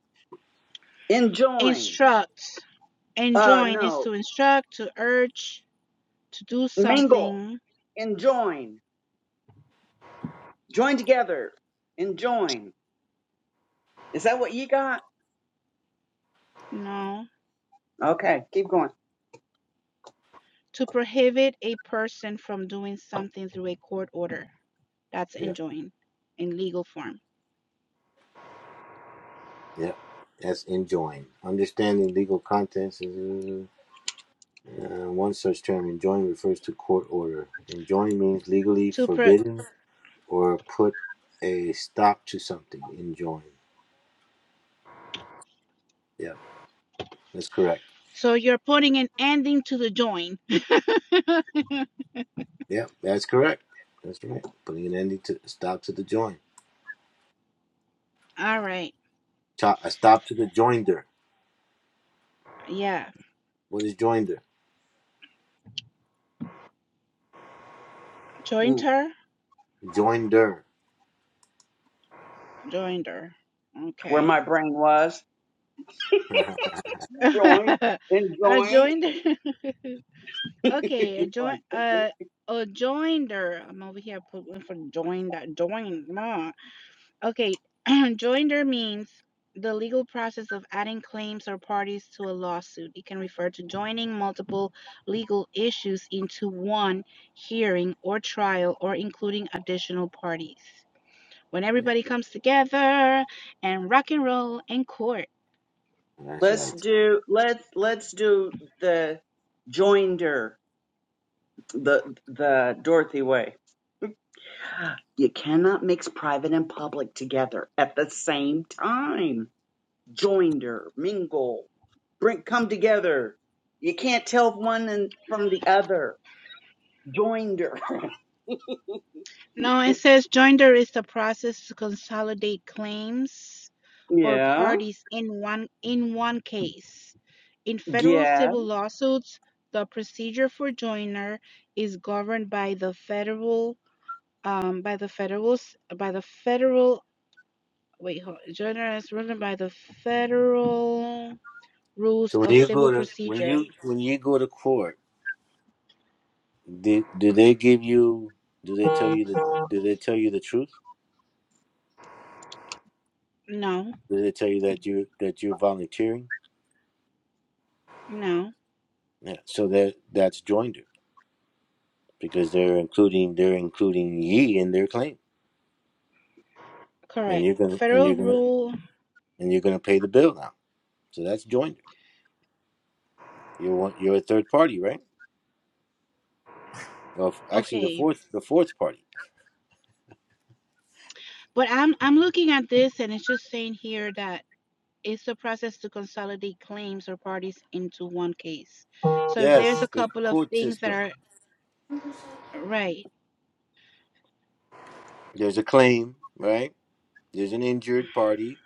Speaker 2: Enjoin.
Speaker 5: Instruct.
Speaker 2: Uh
Speaker 5: Enjoin is
Speaker 2: no.
Speaker 5: to instruct, to urge, to do
Speaker 2: Mingle.
Speaker 5: something.
Speaker 2: Enjoin. Join together. Enjoin. Is that what you got?
Speaker 5: No.
Speaker 2: Okay, keep going.
Speaker 5: To prohibit a person from doing something through a court order. That's
Speaker 4: Yep.
Speaker 5: enjoin in legal form.
Speaker 4: Yep. That's enjoin. Understanding legal contents. is- Uh, one such term, enjoin, refers to court order. Enjoin means legally
Speaker 5: To pro-
Speaker 4: forbidden or put a stop to something. Enjoin. Yep. That's correct.
Speaker 5: So you're putting an ending to the join.
Speaker 4: Yeah, that's correct. That's right. Putting an ending to stop to the join.
Speaker 5: All right.
Speaker 4: Chop a stop to the joinder.
Speaker 5: Yeah.
Speaker 4: What is joinder?
Speaker 5: Joined
Speaker 2: Mm,
Speaker 5: her.
Speaker 4: Joinder.
Speaker 2: Where
Speaker 5: Okay.
Speaker 2: my brain was. Join.
Speaker 5: I
Speaker 2: Enjoined.
Speaker 5: joined. okay. A join. Uh. A joinder. I'm over here. I Put one for join. That join. ma. Okay, joinder means the legal process of adding claims or parties to a lawsuit. It can refer to joining multiple legal issues into one hearing or trial or including additional parties. When
Speaker 4: Yeah,
Speaker 5: everybody comes together and rock and roll in court.
Speaker 4: that's
Speaker 2: Let's
Speaker 4: right.
Speaker 2: do let's let's do the joinder the the Dorothy way. You cannot mix private and public together at the same time. Joinder, mingle, bring come together. You can't tell one and from the other. Joinder.
Speaker 5: No, it says joinder is the process to consolidate claims or
Speaker 2: yeah.
Speaker 5: parties in one in one case. In federal
Speaker 2: Yeah.
Speaker 5: civil lawsuits, the procedure for joinder is governed by the federal um, by the federal s- by the federal wait hold, joinder is governed by the federal rules
Speaker 4: So when
Speaker 5: of
Speaker 4: you
Speaker 5: civil
Speaker 4: go to when
Speaker 5: procedure.
Speaker 4: you when you go to court, do, do they give you? Do they tell you the Do they tell you the truth?
Speaker 5: No,
Speaker 4: Do they tell you that you that you're volunteering?
Speaker 5: no,
Speaker 4: Yeah. So that that's joinder because they're including they're including ye in their claim, and
Speaker 5: correct.
Speaker 4: you're gonna and
Speaker 5: Federal
Speaker 4: you're gonna
Speaker 5: rule.
Speaker 4: and you're gonna pay the bill now. So that's joinder. You're one, you're a third party, right? of actually the
Speaker 5: Okay,
Speaker 4: fourth the fourth party.
Speaker 5: But I'm I'm looking at this and it's just saying here that it's a process to consolidate claims or parties into one case. So if there's a
Speaker 4: Yes, the
Speaker 5: couple of
Speaker 4: court
Speaker 5: things that
Speaker 4: system.
Speaker 5: are right.
Speaker 4: There's a claim, right? There's an injured party,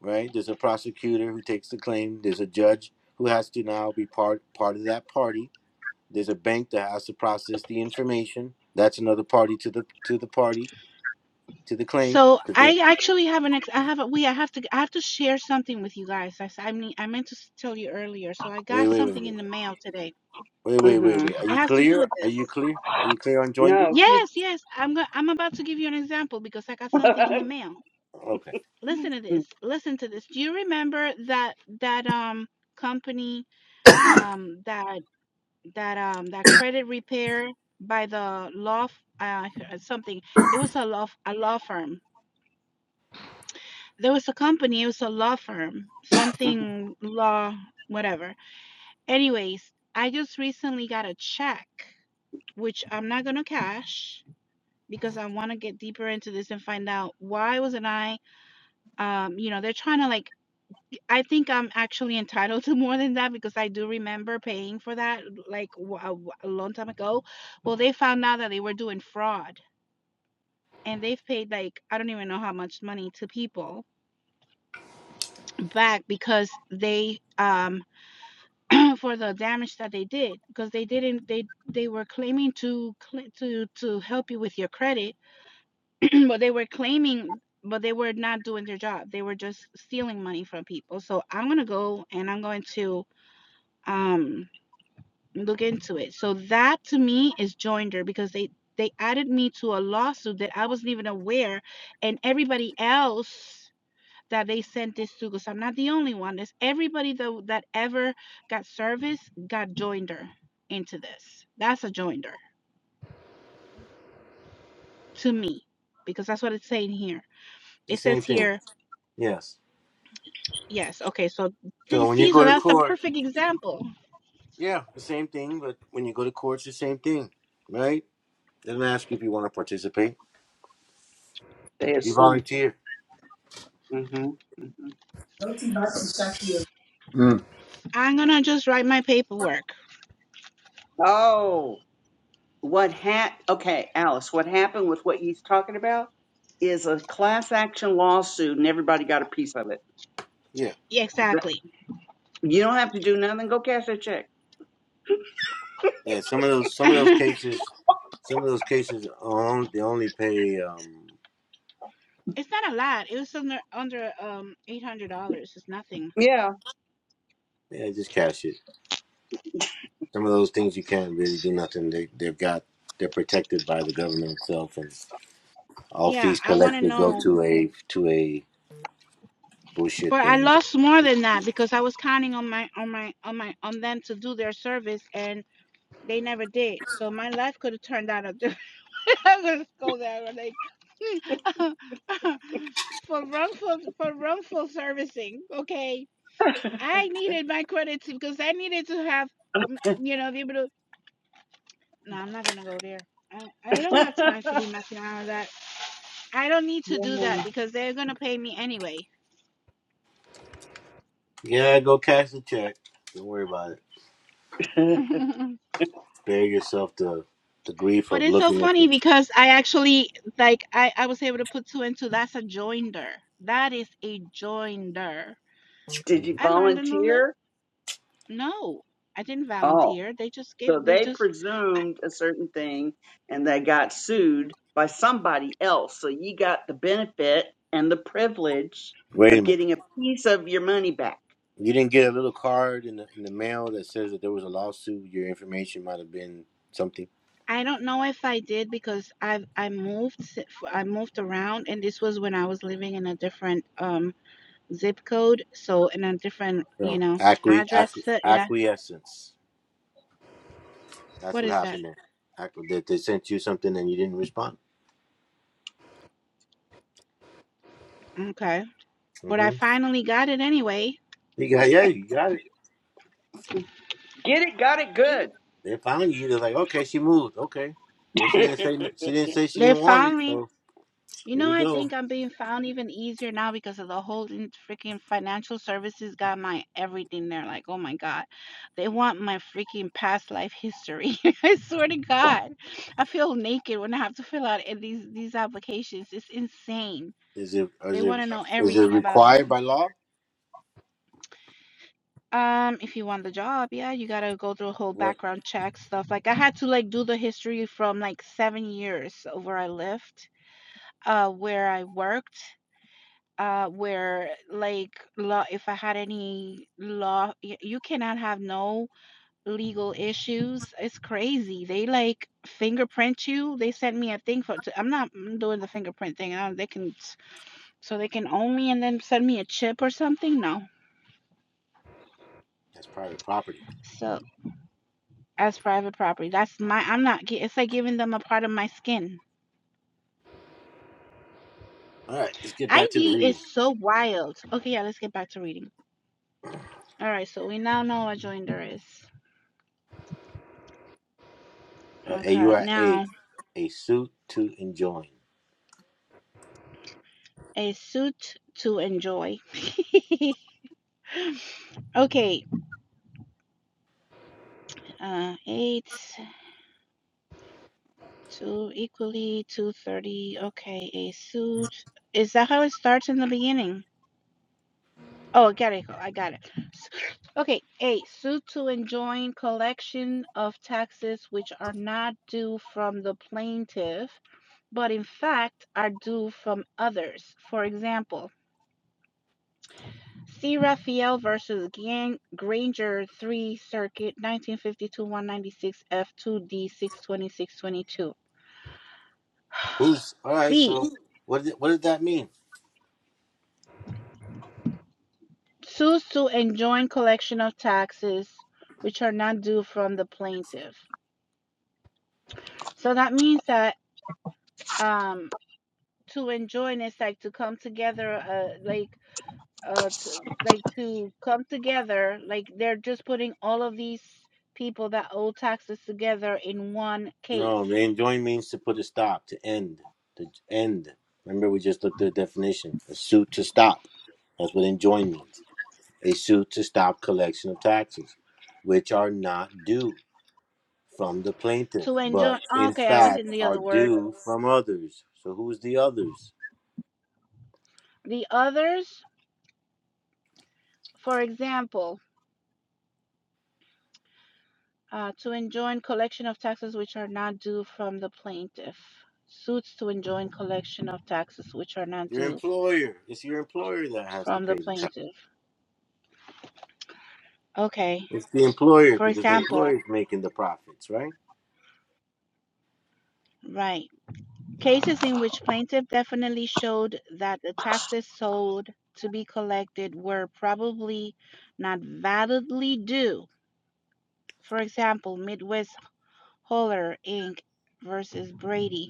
Speaker 4: right? There's a prosecutor who takes the claim. There's a judge who has to now be part part of that party. There's a bank that has to process the information. That's another party to the to the party to the claim.
Speaker 5: So
Speaker 4: 'Cause they-
Speaker 5: I actually have an ex I have a we I have to I have to share something with you guys. I s- I mean I meant to s- tell you earlier. So I
Speaker 4: wait,
Speaker 5: got
Speaker 4: wait, wait,
Speaker 5: something
Speaker 4: wait,
Speaker 5: in the mail today.
Speaker 4: wait, wait, wait,
Speaker 2: Mhm.
Speaker 4: wait. Are
Speaker 5: It
Speaker 4: you
Speaker 5: has to do with
Speaker 4: clear? Are you
Speaker 5: this.
Speaker 4: clear? Are you clear on joinder?
Speaker 2: No.
Speaker 5: Yes, yes. I'm going I'm about to give you an example because I got something in the mail.
Speaker 4: Okay,
Speaker 5: Listen to this. Listen to this. Do you remember that that um company um that that um that credit repair by the law f- uh, something it was a law f- a law firm there was a company it was a law firm something law whatever anyways i just recently got a check which i'm not going to cash because i want to get deeper into this and find out why wasn't i um you know they're trying to like I think I'm actually entitled to more than that because I do remember paying for that like w- a, w- a long time ago. Well, they found out that they were doing fraud and they've paid like I don't even know how much money to people back because they um for the damage that they did because they didn't they they were claiming to cl- to to help you with your credit but they were claiming but they were not doing their job. They were just stealing money from people. So I'm going to go and I'm going to um Look into it. So that to me is joinder because they they added me to a lawsuit that I wasn't even aware, and everybody else that they sent this to because I'm not the only one. There's everybody that that ever got service got joinder into this. That's a joinder to me because that's what it's saying here.
Speaker 4: the
Speaker 5: It
Speaker 4: same
Speaker 5: says
Speaker 4: thing.
Speaker 5: here.
Speaker 4: Yes.
Speaker 5: Yes, okay, so
Speaker 4: So
Speaker 5: th-
Speaker 4: when you
Speaker 5: see,
Speaker 4: go
Speaker 5: so
Speaker 4: to
Speaker 5: that's the
Speaker 4: court,
Speaker 5: perfect example.
Speaker 4: Yeah, the same thing, but when you go to court, it's the same thing, right? They don't ask you if you want to participate.
Speaker 2: they
Speaker 4: You
Speaker 2: assume.
Speaker 4: volunteer.
Speaker 2: Mhm. Mhm.
Speaker 1: Mm.
Speaker 5: I'm gonna just write my paperwork.
Speaker 2: Oh. what ha okay, Alice, what happened with what he's talking about is a class action lawsuit and everybody got a piece of it.
Speaker 4: Yeah,
Speaker 5: Yeah, exactly.
Speaker 2: You don't have to do nothing, go cash that check.
Speaker 4: yeah. Some of those, some of those cases, some of those cases, um, they only pay. Um,
Speaker 5: It's not a lot. It was under under um eight hundred dollars. It's nothing.
Speaker 2: Yeah.
Speaker 4: yeah, just cash it. Some of those things you can't really do nothing. They they've got they're protected by the government itself, and all
Speaker 5: Yeah,
Speaker 4: fees
Speaker 5: I want to
Speaker 4: collected go
Speaker 5: know,
Speaker 4: to a to a bullshit
Speaker 5: but I
Speaker 4: thing.
Speaker 5: lost more than that because I was counting on my on my on my on them to do their service and they never did. So my life could have turned out. A different. I'm gonna go there but, like for wrongful for wrongful servicing. Okay, I needed my credits because I needed to have mm, you know be able to. No, I'm not gonna go there. I, I don't have time to be messing around with that. I don't need to do that
Speaker 2: Yeah.
Speaker 5: because they're gonna pay me anyway.
Speaker 4: Yeah, go cash the check. Don't worry about it. Spare yourself the the grief
Speaker 5: But
Speaker 4: of
Speaker 5: it's so
Speaker 4: looking at
Speaker 5: funny
Speaker 4: the.
Speaker 5: because I actually like I, I was able to put two and two. That's a joinder. That is a joinder.
Speaker 2: Did you
Speaker 5: I learned a new lit.
Speaker 2: volunteer?
Speaker 5: No, I didn't
Speaker 2: Oh,
Speaker 5: volunteer. They just
Speaker 2: so
Speaker 5: gave. They
Speaker 2: they
Speaker 5: just.
Speaker 2: presumed a certain thing and they got sued by somebody else. So you got the benefit and the privilege
Speaker 4: Wait a
Speaker 2: of
Speaker 4: minute.
Speaker 2: getting a piece of your money back.
Speaker 4: You didn't get a little card in the in the mail that says that there was a lawsuit. Your information might have been something.
Speaker 5: I don't know if I did because I I moved s- f- I moved around and this was when I was living in a different um zip code, so in a different
Speaker 4: You
Speaker 5: you
Speaker 4: know,
Speaker 5: know
Speaker 4: acqui,
Speaker 5: address.
Speaker 4: acqui,
Speaker 5: set, And I
Speaker 4: acquiescence. That's
Speaker 5: what
Speaker 4: what
Speaker 5: is that?
Speaker 4: happened there. Acqu- That they sent you something and you didn't respond.
Speaker 5: Okay. But I
Speaker 4: hmm
Speaker 5: finally got it anyway.
Speaker 4: You got yeah, you got it.
Speaker 2: Get it, got it good.
Speaker 4: They found you. They're like, okay, she moved. Okay, well, she didn't say she didn't say she
Speaker 5: They
Speaker 4: didn't want it.
Speaker 5: found me.
Speaker 4: So
Speaker 5: You
Speaker 4: there
Speaker 5: know,
Speaker 4: you
Speaker 5: I
Speaker 4: go.
Speaker 5: think I'm being found even easier now because of the whole in- freaking financial services got my everything. They're like, oh my God, they want my freaking past life history. I swear to God, I feel naked when I have to fill out in these these applications. It's insane.
Speaker 4: Is it
Speaker 5: They
Speaker 4: is it
Speaker 5: want to know
Speaker 4: is it
Speaker 5: everything about
Speaker 4: required
Speaker 5: you.
Speaker 4: by law?
Speaker 5: Um, if you want the job, yeah, you gotta go through a whole
Speaker 4: What?
Speaker 5: background check stuff. Like I had to like do the history from like seven years of where I lived uh where I worked uh where like law if I had any law y- you cannot have no legal issues it's crazy they like fingerprint you they sent me a thing for to- I'm not mm, doing the fingerprint thing uh, they can so they can own me and then send me a chip or something no
Speaker 4: That's private property.
Speaker 5: so as private property that's my I'm not gi- it's like giving them a part of my skin
Speaker 4: All right, let's get back to the
Speaker 5: ID is
Speaker 4: reading.
Speaker 5: so wild okay yeah let's get back to reading all right so we now know what joinder is
Speaker 4: Uh, a U
Speaker 5: Okay,
Speaker 4: R A,
Speaker 5: now
Speaker 4: a suit to enjoin.
Speaker 5: a suit to enjoy. Okay, uh, eight, two equally, two thirty. Okay, a suit. Is that how it starts in the beginning? Oh, I got it. I got it. S- Okay, a suit to enjoin collection of taxes which are not due from the plaintiff, but in fact are due from others. For example, See Raphael versus Gan- Granger 3 Circuit 1952-196 F2D 62622.
Speaker 4: Who's all right?
Speaker 5: B.
Speaker 4: So what did what did that mean?
Speaker 5: Sues to enjoin collection of taxes which are not due from the plaintiff. So that means that um to enjoin is like to come together uh like uh to, like to come together like they're just putting all of these people that owe taxes together in one
Speaker 4: No,
Speaker 5: case
Speaker 4: man. Join means to put a stop, to end, to end. Remember, we just looked at the definition: a suit to stop. That's what enjoin means: a suit to stop collection of taxes, which are not due from the plaintiff,
Speaker 5: To enjoy
Speaker 4: but
Speaker 5: ah,
Speaker 4: in
Speaker 5: okay, I was in
Speaker 4: fact
Speaker 5: the
Speaker 4: are
Speaker 5: other word.
Speaker 4: due from others. So who's the others?
Speaker 5: The others, for example, uh, to enjoin collection of taxes which are not due from the plaintiff. Suits to enjoin collection of taxes which are not
Speaker 4: Your
Speaker 5: due
Speaker 4: employer. It's your employer that has to
Speaker 5: from the
Speaker 4: pay the tax.
Speaker 5: plaintiff. Okay.
Speaker 4: It's the employer
Speaker 5: For
Speaker 4: because the
Speaker 5: example,
Speaker 4: employer is making the profits, right?
Speaker 5: right.
Speaker 4: All right.
Speaker 5: Cases in which plaintiff definitely showed that the taxes sold to be collected were probably not validly due. For example, Midwest Holler Inc. versus Brady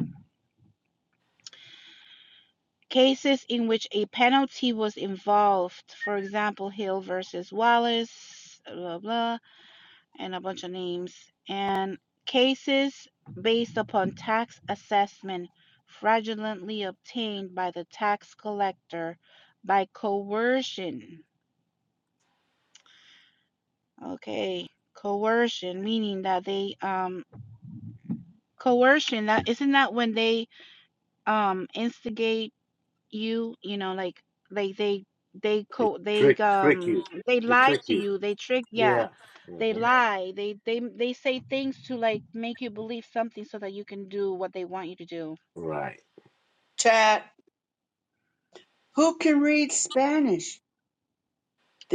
Speaker 5: Cases in which a penalty was involved, for example, Hill versus Wallace, blah, blah, and a bunch of names, and cases based upon tax assessment fraudulently obtained by the tax collector by coercion. Okay, coercion, meaning that they, um, coercion, that isn't that when they, um, instigate you you know, like like they they
Speaker 4: They
Speaker 5: co they
Speaker 4: trick trick
Speaker 5: um
Speaker 4: you.
Speaker 5: they
Speaker 4: They
Speaker 5: lie
Speaker 4: trick
Speaker 5: to
Speaker 4: you.
Speaker 5: you, they trick yeah,
Speaker 4: Yeah.
Speaker 5: they
Speaker 4: Mhm.
Speaker 5: lie. They they they say things to like make you believe something so that you can do what they want you to do.
Speaker 4: Right.
Speaker 2: Chat. Who can read Spanish?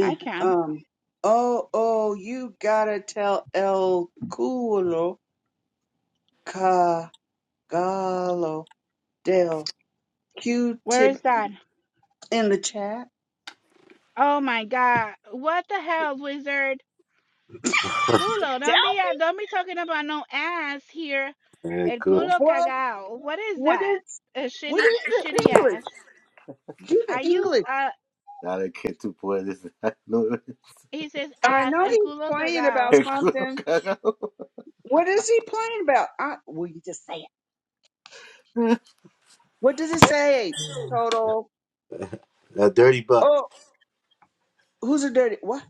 Speaker 5: I can.
Speaker 2: um, oh, oh, you gotta tell El Culo Cagalo del
Speaker 5: Where
Speaker 2: Q-tip
Speaker 5: is that?
Speaker 2: in the chat.
Speaker 5: Oh my god. What the hell, wizard? Culo,
Speaker 2: Tell
Speaker 5: don't be uh, don't be talking about no ass here.
Speaker 4: Very
Speaker 5: El
Speaker 4: good.
Speaker 5: culo
Speaker 2: what?
Speaker 5: cagao. What is
Speaker 2: What
Speaker 5: that?
Speaker 2: is?
Speaker 5: A
Speaker 2: What
Speaker 5: shitty
Speaker 2: is the
Speaker 5: shitty ass.
Speaker 2: English? Do
Speaker 5: Are
Speaker 2: the
Speaker 5: you
Speaker 2: English.
Speaker 5: uh
Speaker 4: Nada que tú puedes dar, no el
Speaker 5: he says
Speaker 2: I
Speaker 5: ass
Speaker 2: know
Speaker 5: el
Speaker 2: he's
Speaker 5: culo
Speaker 2: playing
Speaker 5: cagao.
Speaker 2: about
Speaker 4: club
Speaker 2: something.
Speaker 4: cagado.
Speaker 2: What is he playing about? I, well, you just say it. What does it say? Total.
Speaker 4: A dirty butt.
Speaker 2: Oh, who's a dirty? What?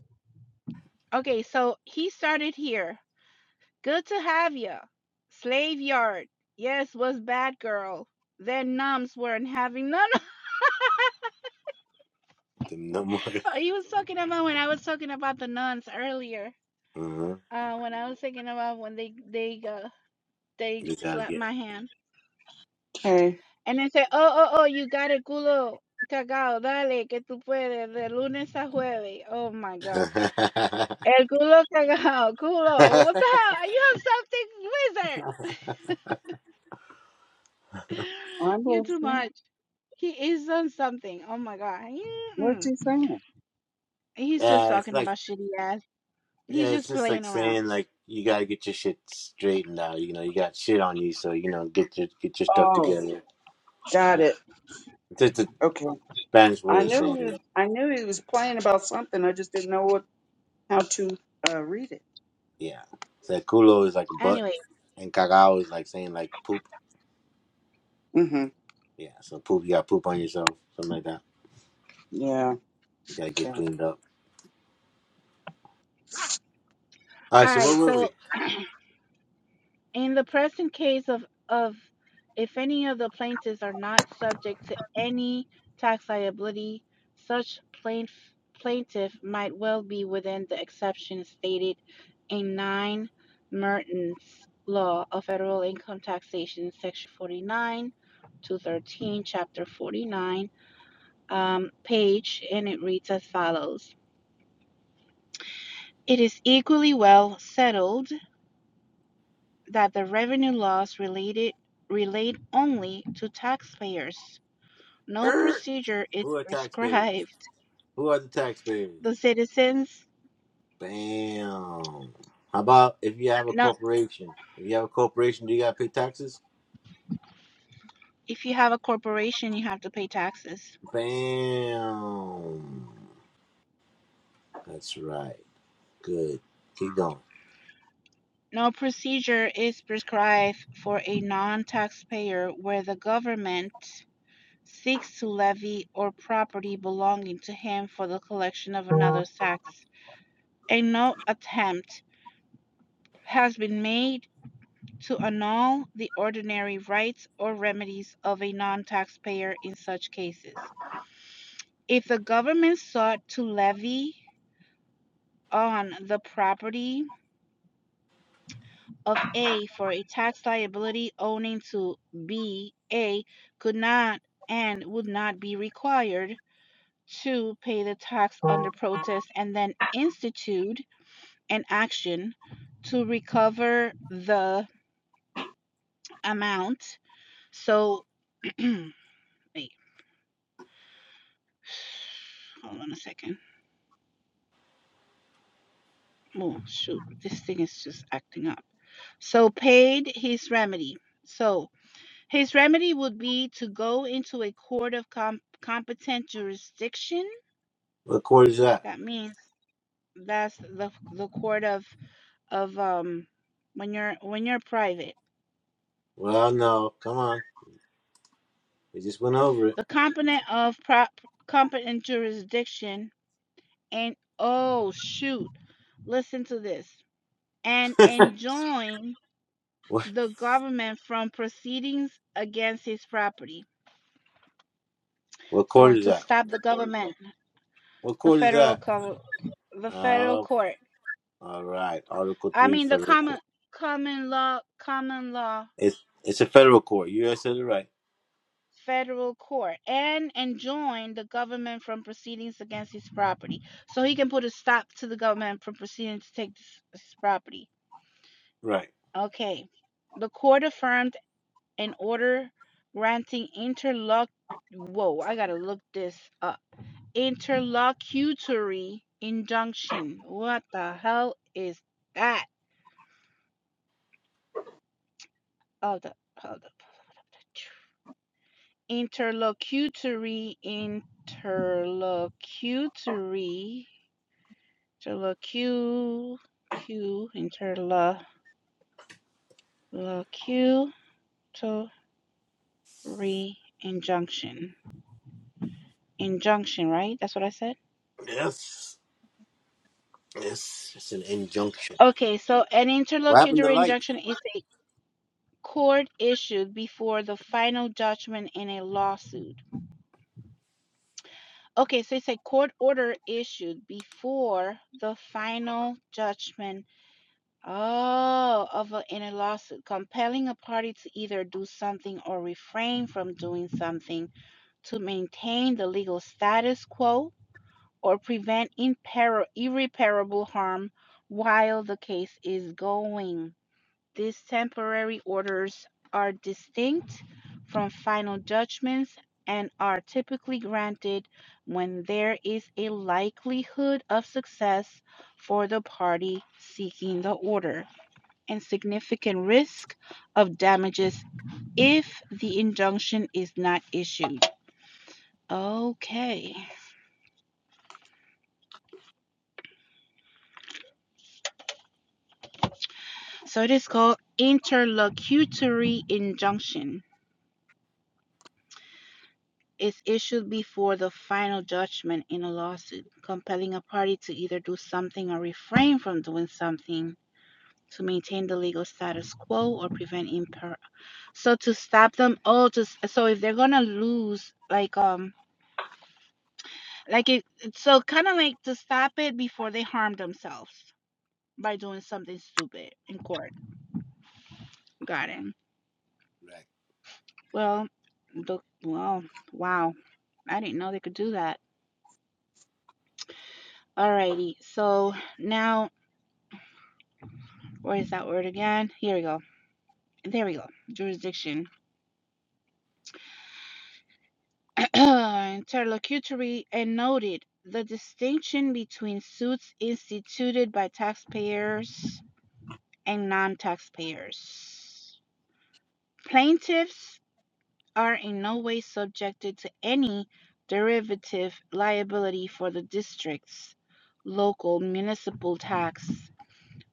Speaker 5: Okay, so he started here. Good to have ya. Slave yard. Yes, was bad girl. Then nuns weren't having none. of-
Speaker 4: No more.
Speaker 5: Oh, he was talking about when I was talking about the nuns earlier.
Speaker 4: Uh-huh.
Speaker 5: Uh, when I was thinking about when they they uh, they
Speaker 4: You gotta
Speaker 5: slapped
Speaker 4: get.
Speaker 5: my hand
Speaker 2: Okay,
Speaker 5: and they said, "Oh, oh, oh, you got a culo cagao, dale que tú puedes de lunes a jueves." Oh my god,
Speaker 4: yeah,
Speaker 5: el culo cagao, culo. What the hell? You have something, wizard.
Speaker 2: I'm
Speaker 5: You're too
Speaker 2: listening.
Speaker 5: much. He is on something. Oh my god.
Speaker 2: What's
Speaker 5: Mm-mm.
Speaker 2: he saying?
Speaker 5: He's just
Speaker 4: it's
Speaker 5: talking
Speaker 4: like
Speaker 5: about shitty ass. He's
Speaker 4: yeah, it's
Speaker 5: just
Speaker 4: just
Speaker 5: playing
Speaker 4: like
Speaker 5: around.
Speaker 4: saying like you gotta get your shit straightened out. You know, you got shit on you, so you know, get your get your stuff
Speaker 2: Oh.
Speaker 4: together.
Speaker 2: Got
Speaker 4: That's
Speaker 2: it.
Speaker 4: it's just a
Speaker 2: Okay.
Speaker 4: Spanish
Speaker 2: I
Speaker 4: way of
Speaker 2: knew
Speaker 4: saying it.
Speaker 2: I knew he was playing about something. I just didn't know what how to uh, read it.
Speaker 4: yeah. So culo is like butt,
Speaker 5: Anyway,
Speaker 4: and cagao is like saying like poop.
Speaker 2: Mm-hmm.
Speaker 4: Yeah, so poop. You got to poop on yourself, something like that.
Speaker 2: Yeah.
Speaker 4: You got to get
Speaker 2: Okay.
Speaker 4: cleaned up. All
Speaker 5: all
Speaker 4: right, so where
Speaker 5: right.
Speaker 4: were
Speaker 5: So,
Speaker 4: we?
Speaker 5: in the present case of of if any of the plaintiffs are not subject to any tax liability, such plaintiff plaintiff might well be within the exception stated in 9 Mertens Law of Federal Income Taxation, Section 49, 213, Chapter 49 um, page, and it reads as follows It is equally well settled that the revenue laws related relate only to taxpayers. No
Speaker 4: Er,
Speaker 5: procedure is
Speaker 4: Who are taxpayers?
Speaker 5: prescribed.
Speaker 4: Who are the taxpayers?
Speaker 5: The citizens,
Speaker 4: Bam. How about if you have a
Speaker 5: not
Speaker 4: corporation? If you have a corporation, do you got to pay taxes?
Speaker 5: if you have a corporation, you have to pay taxes.
Speaker 4: Bam. That's right. Good. Keep going.
Speaker 5: No procedure is prescribed for a non taxpayer where the government seeks to levy or property belonging to him for the collection of another's tax and no attempt has been made to annul the ordinary rights or remedies of a non taxpayer in such cases. If the government sought to levy on the property of A for a tax liability owing to B, A could not and would not be required to pay the tax under protest and then institute an action to recover the amount So, wait, hold on a second. Oh, shoot, this thing is just acting up. So, paid his remedy. So, his remedy would be to go into a court of com- competent jurisdiction.
Speaker 4: What quarter is that?
Speaker 5: That means that's the the court of of um when you're when you're private.
Speaker 4: Well, no. Come on. We just went over it.
Speaker 5: The competent of prop competent jurisdiction and oh shoot, listen to this and enjoin
Speaker 4: What,
Speaker 5: the government from proceedings against his property.
Speaker 4: what quarter
Speaker 5: So
Speaker 4: is
Speaker 5: to
Speaker 4: that?
Speaker 5: stop the government,
Speaker 4: What
Speaker 5: the
Speaker 4: quarter is
Speaker 5: federal
Speaker 4: that?
Speaker 5: com- the federal
Speaker 4: Oh,
Speaker 5: court.
Speaker 4: all right. Article
Speaker 5: I
Speaker 4: 3,
Speaker 5: mean the
Speaker 4: Federal Court.
Speaker 5: common common law common law
Speaker 4: It's it's a federal court. You guys said it right.
Speaker 5: federal court and enjoin the government from proceedings against his property. So he can put a stop to the government from proceeding to take this, this property.
Speaker 4: Right.
Speaker 5: Okay. The court affirmed an order granting interlock whoa, I gotta look this up. interlocutory injunction. What the hell is that? Hold up, hold up. Interlocutory, interlocutory, interlocu, q, interlocutory injunction. Injunction, right? That's what I said?
Speaker 4: Yes. Yes. It's an injunction.
Speaker 5: Okay, so an
Speaker 4: What happened to
Speaker 5: interlocutory
Speaker 4: light?
Speaker 5: injunction is a court issued before the final judgment in a lawsuit. Okay, so it's a court order issued before the final judgment oh, of a, in a lawsuit, compelling a party to either do something or refrain from doing something to maintain the legal status quo or prevent impar- irreparable harm while the case is going. These temporary orders are distinct from final judgments and are typically granted when there is a likelihood of success for the party seeking the order and significant risk of damages if the injunction is not issued. Okay, so it is called interlocutory injunction. is issued before the final judgment in a lawsuit, compelling a party to either do something or refrain from doing something to maintain the legal status quo or prevent imper so to stop them all just so if they're gonna lose like um like it so kind of like to stop it before they harm themselves by doing something stupid in court got it
Speaker 4: Right.
Speaker 5: well the well wow i didn't know they could do that alrighty so now Where's that word again? Here we go. There we go. Jurisdiction. Interlocutory and noted the distinction between suits instituted by taxpayers and non taxpayers. Plaintiffs are in no way subjected to any derivative liability for the district's local municipal tax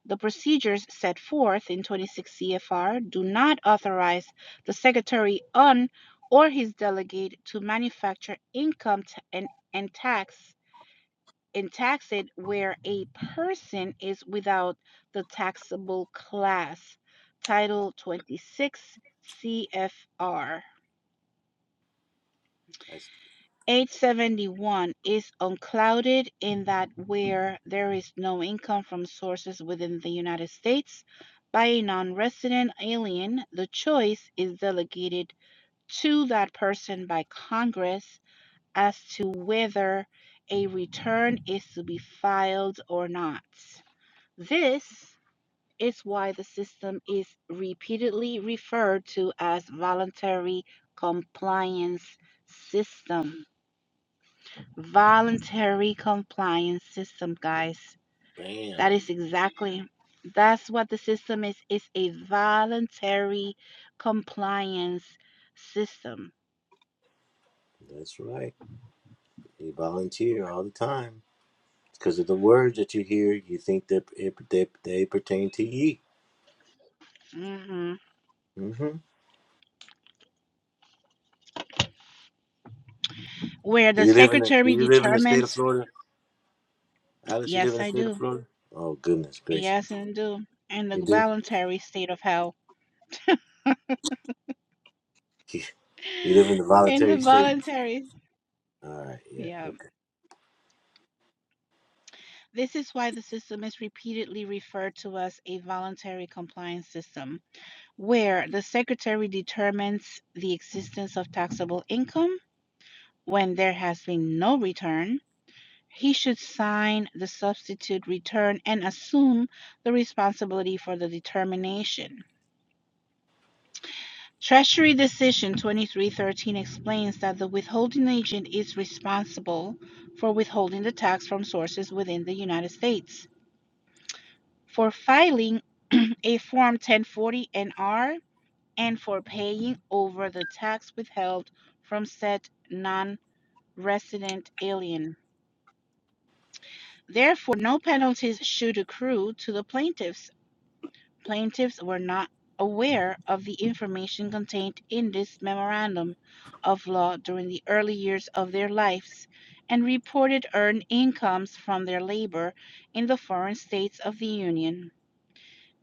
Speaker 5: The procedures set forth in 26 CFR do not authorize the Secretary on or his delegate to manufacture income ta- and, and tax and tax it where a person is without the taxable class. Title 26 CFR.
Speaker 4: That's
Speaker 5: 871 is unclouded in that where there is no income from sources within the United States by a non resident alien, the choice is delegated to that person by Congress as to whether a return is to be filed or not. This is why the system is repeatedly referred to as voluntary compliance system. Voluntary compliance system, guys. That
Speaker 4: bam.
Speaker 5: is exactly that's what the system is. It's a voluntary compliance system.
Speaker 4: That's right. You volunteer all the time because of the words that you hear. You think that it, they they pertain to ye.
Speaker 5: hmm
Speaker 4: Mm-hmm.
Speaker 5: Where
Speaker 4: Do
Speaker 5: the
Speaker 4: you live in the Do
Speaker 5: secretary
Speaker 4: you live in the state of
Speaker 5: determines,
Speaker 4: Florida, Alice? You live
Speaker 5: yes,
Speaker 4: in the
Speaker 5: I
Speaker 4: state of
Speaker 5: do.
Speaker 4: Florida? Oh goodness gracious!
Speaker 5: Yes, and do. In the
Speaker 4: You do.
Speaker 5: voluntary state of health.
Speaker 4: You, you live in the
Speaker 5: In the
Speaker 4: voluntary state.
Speaker 5: voluntary.
Speaker 4: All right. Yeah.
Speaker 5: Yeah.
Speaker 4: Okay.
Speaker 5: This is why the system is repeatedly referred to as a voluntary compliance system. where the secretary determines the existence of taxable income when there has been no return, he should sign the substitute return and assume the responsibility for the determination. Treasury Decision 2313 explains that the withholding agent is responsible for withholding the tax from sources within the United States. For filing a Form 1040 NR and for paying over the tax withheld from said non resident alien. Therefore, no penalties should accrue to the plaintiffs. Plaintiffs were not aware of the information contained in this memorandum of law during the early years of their lives and reported earned incomes from their labor in the foreign states of the Union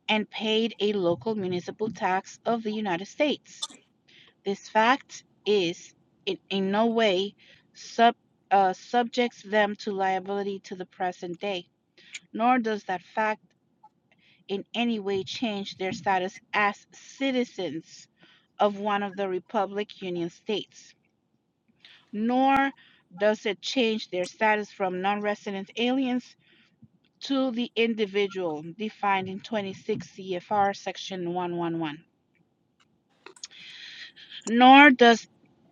Speaker 5: and paid a local municipal tax of the United States. This fact is, in, in no way, sub, uh, subjects them to liability to the present day, nor does that fact in any way change their status as citizens of one of the Republic Union states, nor does it change their status from non resident aliens to the individual defined in 26 CFR Section 111, nor does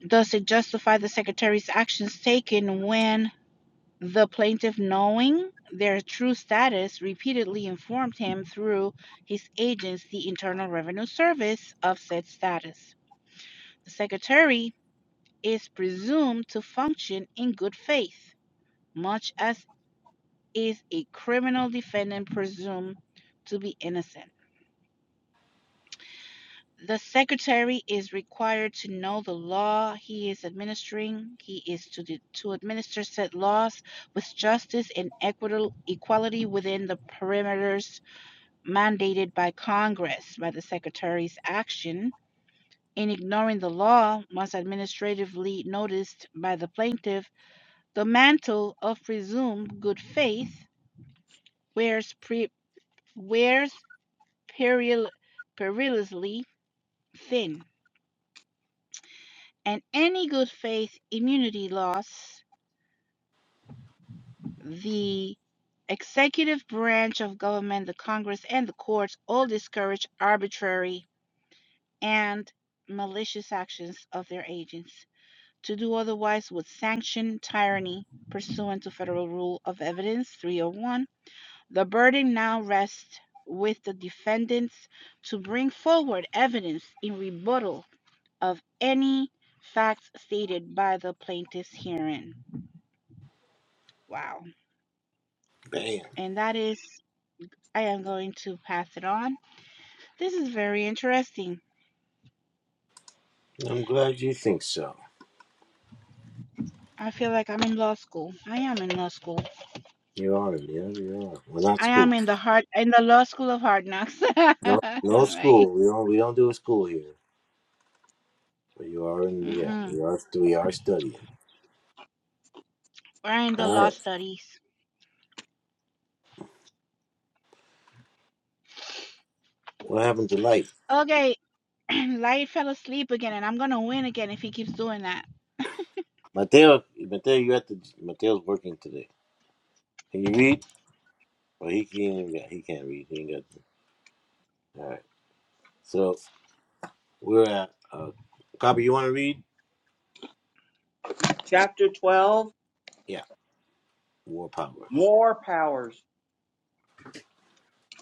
Speaker 5: does it justify the secretary's actions taken when The plaintiff, knowing their true status, repeatedly informed him through his agents, the Internal Revenue Service, of said status. The Secretary is presumed to function in good faith, much as is a criminal defendant presumed to be innocent. The Secretary is required to know the law he is administering. He is to, de- to administer said laws with justice and equity equality within the parameters. mandated by Congress by the Secretary's action in ignoring the law once administratively noticed by the plaintiff, the mantle of presumed good faith wears, pre- wears peril- perilously thin, and any good faith immunity loss the executive branch of government, the Congress, and the courts all discourage arbitrary and malicious actions of their agents. To do otherwise would sanction tyranny pursuant to Federal Rule of Evidence 301. The burden now rests with the defendants to bring forward evidence in rebuttal of any facts stated by the plaintiffs herein. Wow.
Speaker 4: Bam.
Speaker 5: And that is, I am going to pass it on. This is very interesting.
Speaker 4: I'm glad you think so.
Speaker 5: I feel like I'm in law school. I am in law school.
Speaker 4: You are, yeah, you are. Well, not
Speaker 5: I am
Speaker 4: school.
Speaker 5: in the heart in the law school of hard knocks.
Speaker 4: No, no
Speaker 5: right?
Speaker 4: school. We don't. We don't do a school here. But you are in. Yeah,
Speaker 5: Mm-mm.
Speaker 4: we are. We are studying.
Speaker 5: We're in the
Speaker 4: All
Speaker 5: law
Speaker 4: right.
Speaker 5: studies.
Speaker 4: What happened to light?
Speaker 5: Okay, Light fell asleep again, and I'm gonna win again if he keeps doing that.
Speaker 4: Mateo, Mateo, you have to. Mateo's working today. Can you read? Well, he can't. Even got, he can't read. He ain't got. The, all right. So we're at. Uh, copy. You want to read?
Speaker 2: Chapter 12
Speaker 4: Yeah. War powers.
Speaker 2: War Powers.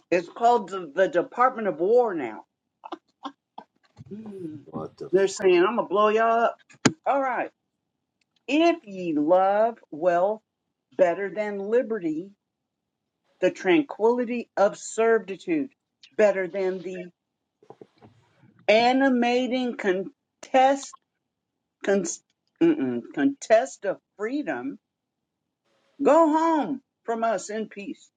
Speaker 2: It's called the, the Department of War now. Mm.
Speaker 4: What the?
Speaker 2: They're
Speaker 4: F-
Speaker 2: saying, I'm going to blow y'all up. All right. If ye love wealth better than liberty, the tranquility of servitude better than the animating contest Con- mm-mm. contest of freedom, go home from us in peace.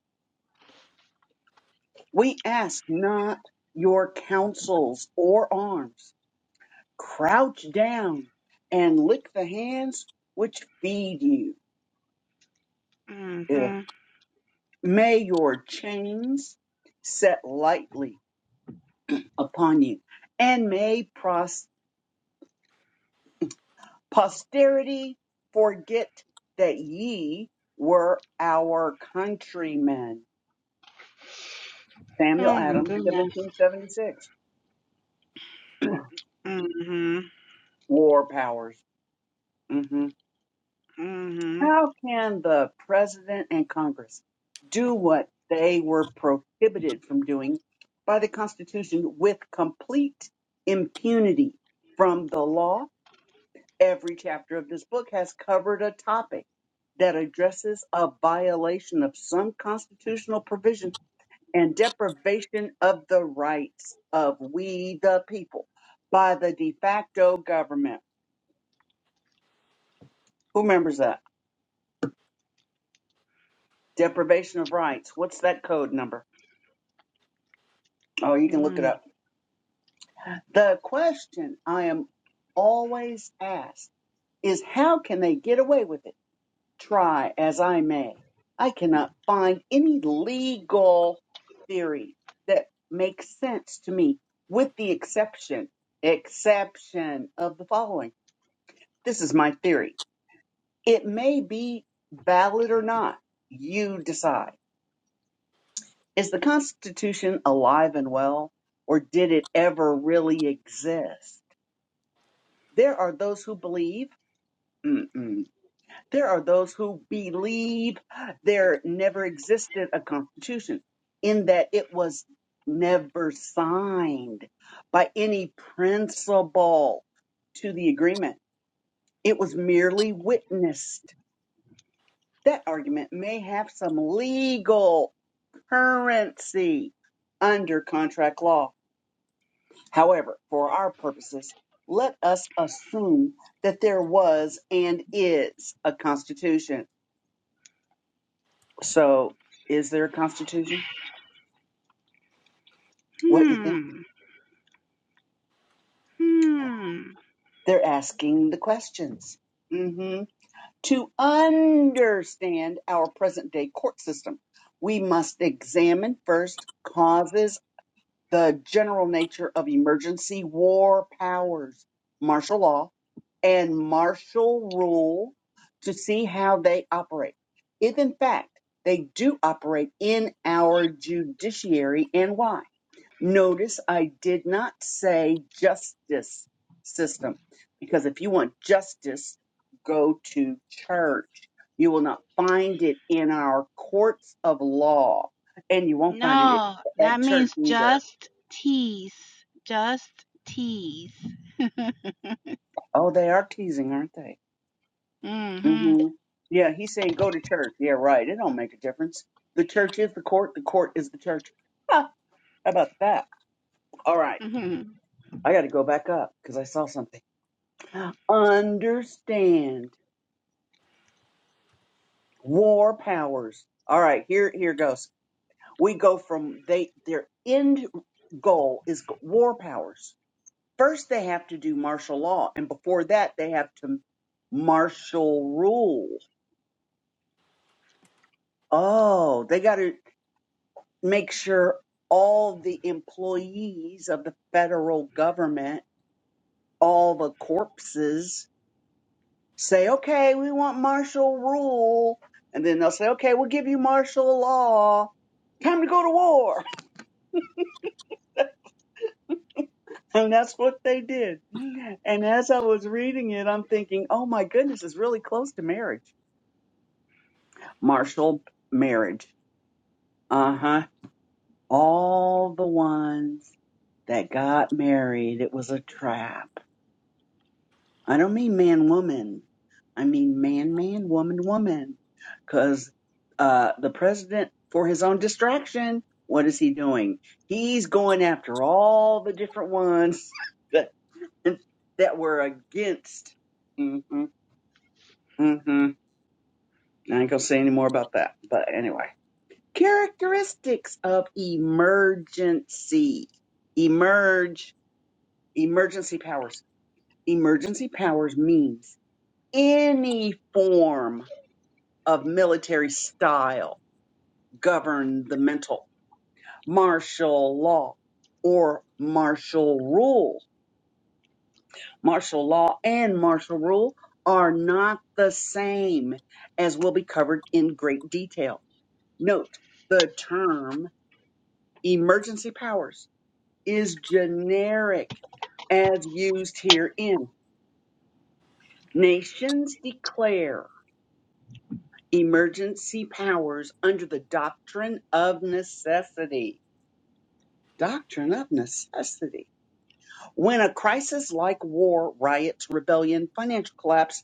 Speaker 2: We ask not your counsels or arms. Crouch down and lick the hands which feed you. Eh,
Speaker 5: Mm-hmm.
Speaker 2: May your chains set lightly upon you, and may pros- posterity forget that ye were our countrymen. Samuel
Speaker 5: Oh my
Speaker 2: Adams,
Speaker 5: goodness.
Speaker 2: 1776.
Speaker 5: Mm-hmm.
Speaker 2: War powers. hmm
Speaker 5: Mm-hmm.
Speaker 2: How can the president and Congress do what they were prohibited from doing by the Constitution with complete impunity from the law? Every chapter of this book has covered a topic that addresses a violation of some constitutional provision and deprivation of the rights of we the people by the de facto government Who remembers that? Deprivation of rights. What's that code number? Oh, you can look it
Speaker 5: Mm-hmm.
Speaker 2: up. The question I am always asked is how can they get away with it? Try as I may. I cannot find any legal theory that makes sense to me with the exception, exception of the following. This is my theory. It may be valid or not. You decide Is the Constitution alive and well, or did it ever really exist? There are those who believe. Mm-mm. There are those who believe there never existed a Constitution, in that it was never signed by any principal to the agreement. It was merely witnessed. That argument may have some legal currency under contract law However, for our purposes, let us assume that there was and is a constitution. So, is there a constitution? What you think?
Speaker 5: Hmm. Hmm.
Speaker 2: They're asking the questions. hmm To understand our present day court system, we must examine first causes the general nature of emergency war powers, martial law, and martial rule to see how they operate. If in fact they do operate in our judiciary and why. Notice I did not say justice system because if you want justice, go to church. You will not find it in our courts of law and you won't find it
Speaker 5: No,
Speaker 2: at
Speaker 5: that
Speaker 2: church
Speaker 5: means
Speaker 2: either.
Speaker 5: just tease. Just tease.
Speaker 2: Oh, they are teasing, aren't they?
Speaker 5: Mm-hmm.
Speaker 2: hmm Yeah, he's saying go to church. Yeah, right. It don't make a difference. The church is the court. The court is the church. Huh, how about that? All right.
Speaker 5: Mm-hmm.
Speaker 2: I got to go back up because I saw something. Understand war powers. All right, here here goes. We go from they their end goal is g- war powers. First, they have to do martial law, and before that, they have to martial rule. Oh, they got to. make sure all the employees of the federal government, all the corpses say, okay, we want martial rule. And then they'll say, okay, we'll give you martial law. Time to go to war. And that's what they did. And as I was reading it, I'm thinking, oh my goodness, it's really close to marriage. Martial marriage. Uh huh. All the ones that got married, it was a trap I don't mean man woman. I mean man man woman woman. Because uh, the president, for his own distraction, what is he doing? He's going after all the different ones that that were against. hmm hmm I ain't gonna say any more about that. But anyway, characteristics of emergency. Emerge. Emergency powers. Emergency powers means any form of military style govern the mental. Martial law or martial rule. Martial law and martial rule are not the same, as will be covered in great detail. Note the term emergency powers is generic as used herein. Nations declare emergency powers under the doctrine of necessity doctrine of necessity. When a crisis like war, riots, rebellion, financial collapse,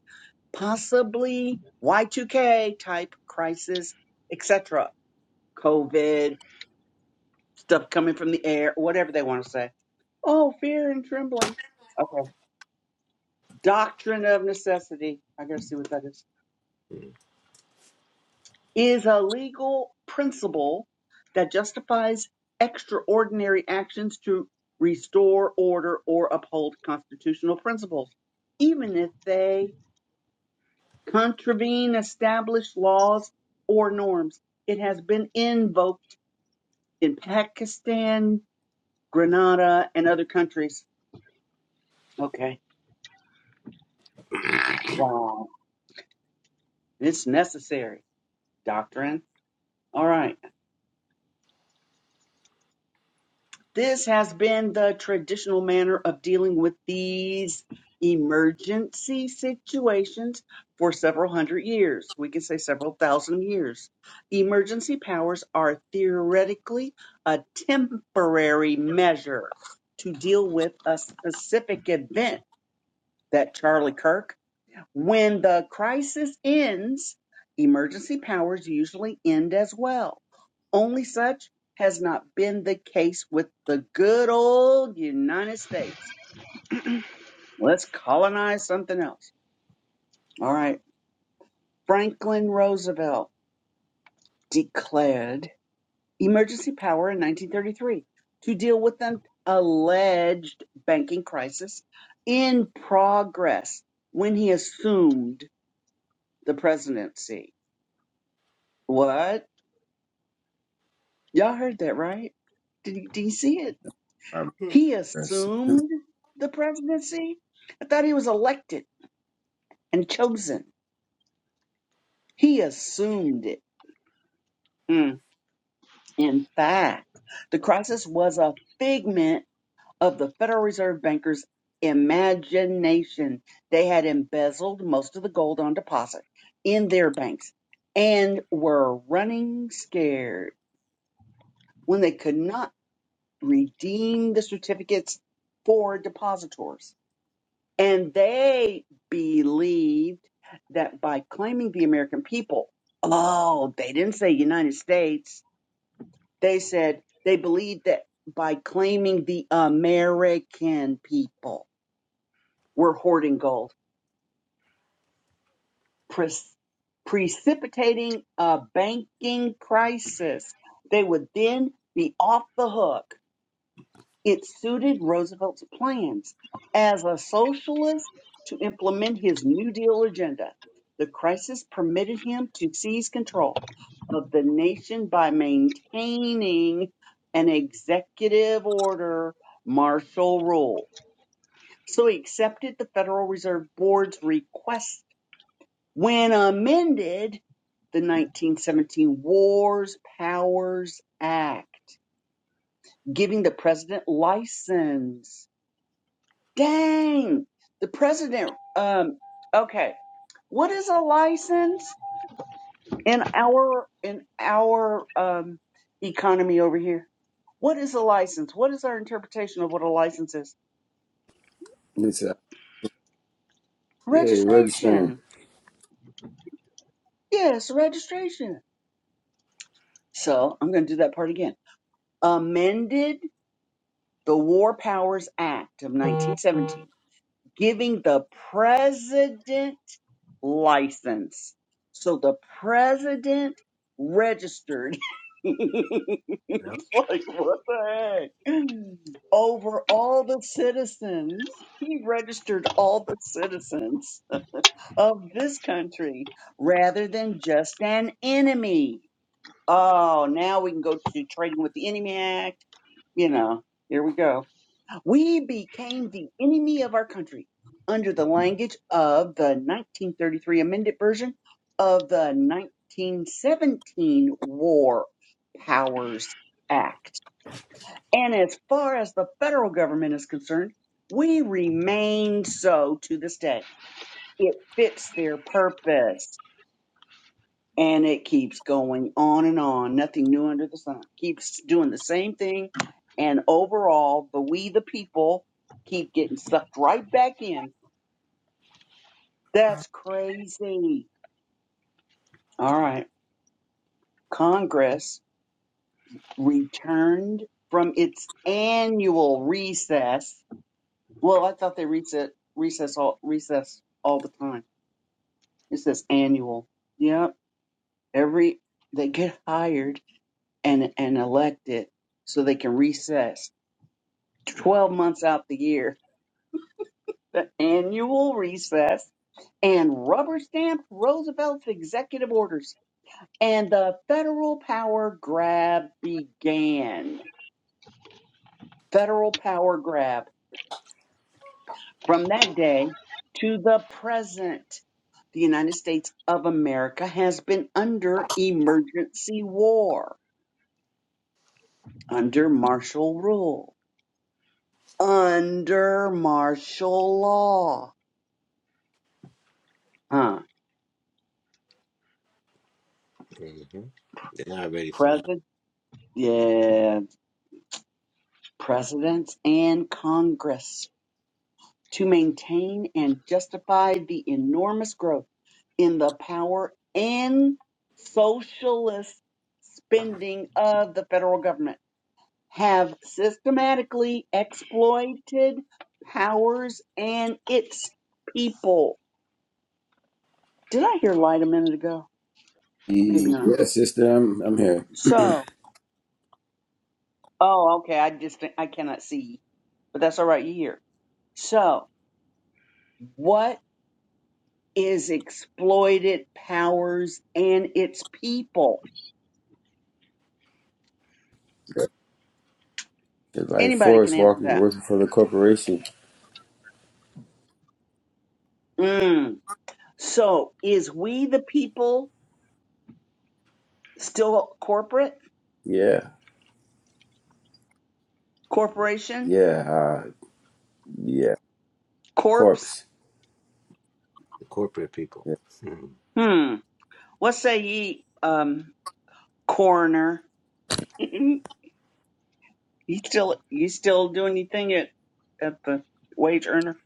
Speaker 2: possibly Y2K type crisis, etc., COVID, stuff coming from the air, whatever they want to say. Oh, fear and trembling. Okay. Doctrine of necessity. I got to see what that is. is a legal principle that justifies extraordinary actions to restore order or uphold constitutional principles, even if they contravene established laws or norms. It has been invoked in Pakistan, Grenada, and other countries. Okay. Wow. It's necessary. Doctrine. All right. This has been the traditional manner of dealing with these emergency situations for several hundred years. We can say several thousand years. Emergency powers are theoretically a temporary measure to deal with a specific event that Charlie Kirk when the crisis ends, emergency powers usually end as well. Only such has not been the case with the good old United States. Let's colonize something else. All right. Franklin Roosevelt declared emergency power in 1933 to deal with an alleged banking crisis in progress when he assumed the presidency. What? Y'all heard that, right? Did you, did you see it?
Speaker 1: All right,
Speaker 2: He
Speaker 1: Yes.
Speaker 2: assumed the presidency. I thought he was elected and chosen. He assumed it. Mm. In fact, the crisis was a figment of the Federal Reserve bankers' imagination. They had embezzled most of the gold on deposit in their banks and were running scared when they could not redeem the certificates for depositors And they believed that by claiming the American people, oh, they didn't say United States. They said they believed that by claiming the American people, we're hoarding gold, pres- precipitating a banking crisis. They would then be off the hook It suited Roosevelt's plans as a socialist to implement his New Deal agenda. The crisis permitted him to seize control of the nation by maintaining an executive order martial rule. So he accepted the Federal Reserve Board's request. When amended, the 1917 Wars Powers Act, giving the president license Dang, the president. Um, okay, what is a license in our in our um, economy over here? What is a license? What is our interpretation of what a license is?
Speaker 1: It's uh, yeah, you're registering.
Speaker 2: Registration. Yes, registration. So I'm going to do that part again. Amended the War Powers Act of 1917, giving the president license. So the president registered. it's like, what the heck? Over all the citizens. He registered all the citizens of this country rather than just an enemy. Oh, now we can go to Trading with the Enemy Act. You know, here we go. We became the enemy of our country under the language of the 1933 amended version of the 1917 War Powers Act. And as far as the federal government is concerned, we remain so to this day. It fits their purpose and it keeps going on and on. Nothing new under the sun. Keeps doing the same thing. And overall, the we the people keep getting sucked right back in. That's crazy. All right. Congress returned from its annual recess. Well, I thought they reset recess all recess all the time. It says annual. Yep. Every they get hired and and elected so they can recess 12 months out the year, the annual recess, and rubber stamped Roosevelt's executive orders. And the federal power grab began. Federal power grab from that day to the present. The United States of America has been under emergency war, under martial rule, under martial law. Huh.
Speaker 4: hmm They're not ready for that.
Speaker 2: President? Yeah. Presidents and Congress to maintain and justify the enormous growth in the power and socialist spending of the federal government have systematically exploited powers and its people. Did I hear light a minute ago? Maybe
Speaker 1: E-
Speaker 2: not.
Speaker 1: Yes, sister, I'm I'm here.
Speaker 2: So, oh, okay. I just, I cannot see, but that's all right. You hear. So, what is exploited powers and its people.
Speaker 1: It's like
Speaker 2: Anybody can
Speaker 1: Forrest
Speaker 2: answer
Speaker 1: Walker
Speaker 2: that.
Speaker 1: working for the corporation.
Speaker 2: Mm. So, is we the people still corporate,
Speaker 1: Yeah,
Speaker 2: corporation,
Speaker 1: yeah, uh, yeah.
Speaker 2: corpse?
Speaker 1: Corpse.
Speaker 4: The corporate people.
Speaker 1: Yeah.
Speaker 4: Mhm.
Speaker 2: Hmm. What say ye, um, coroner? you still you still doing your thing at at the wage earner?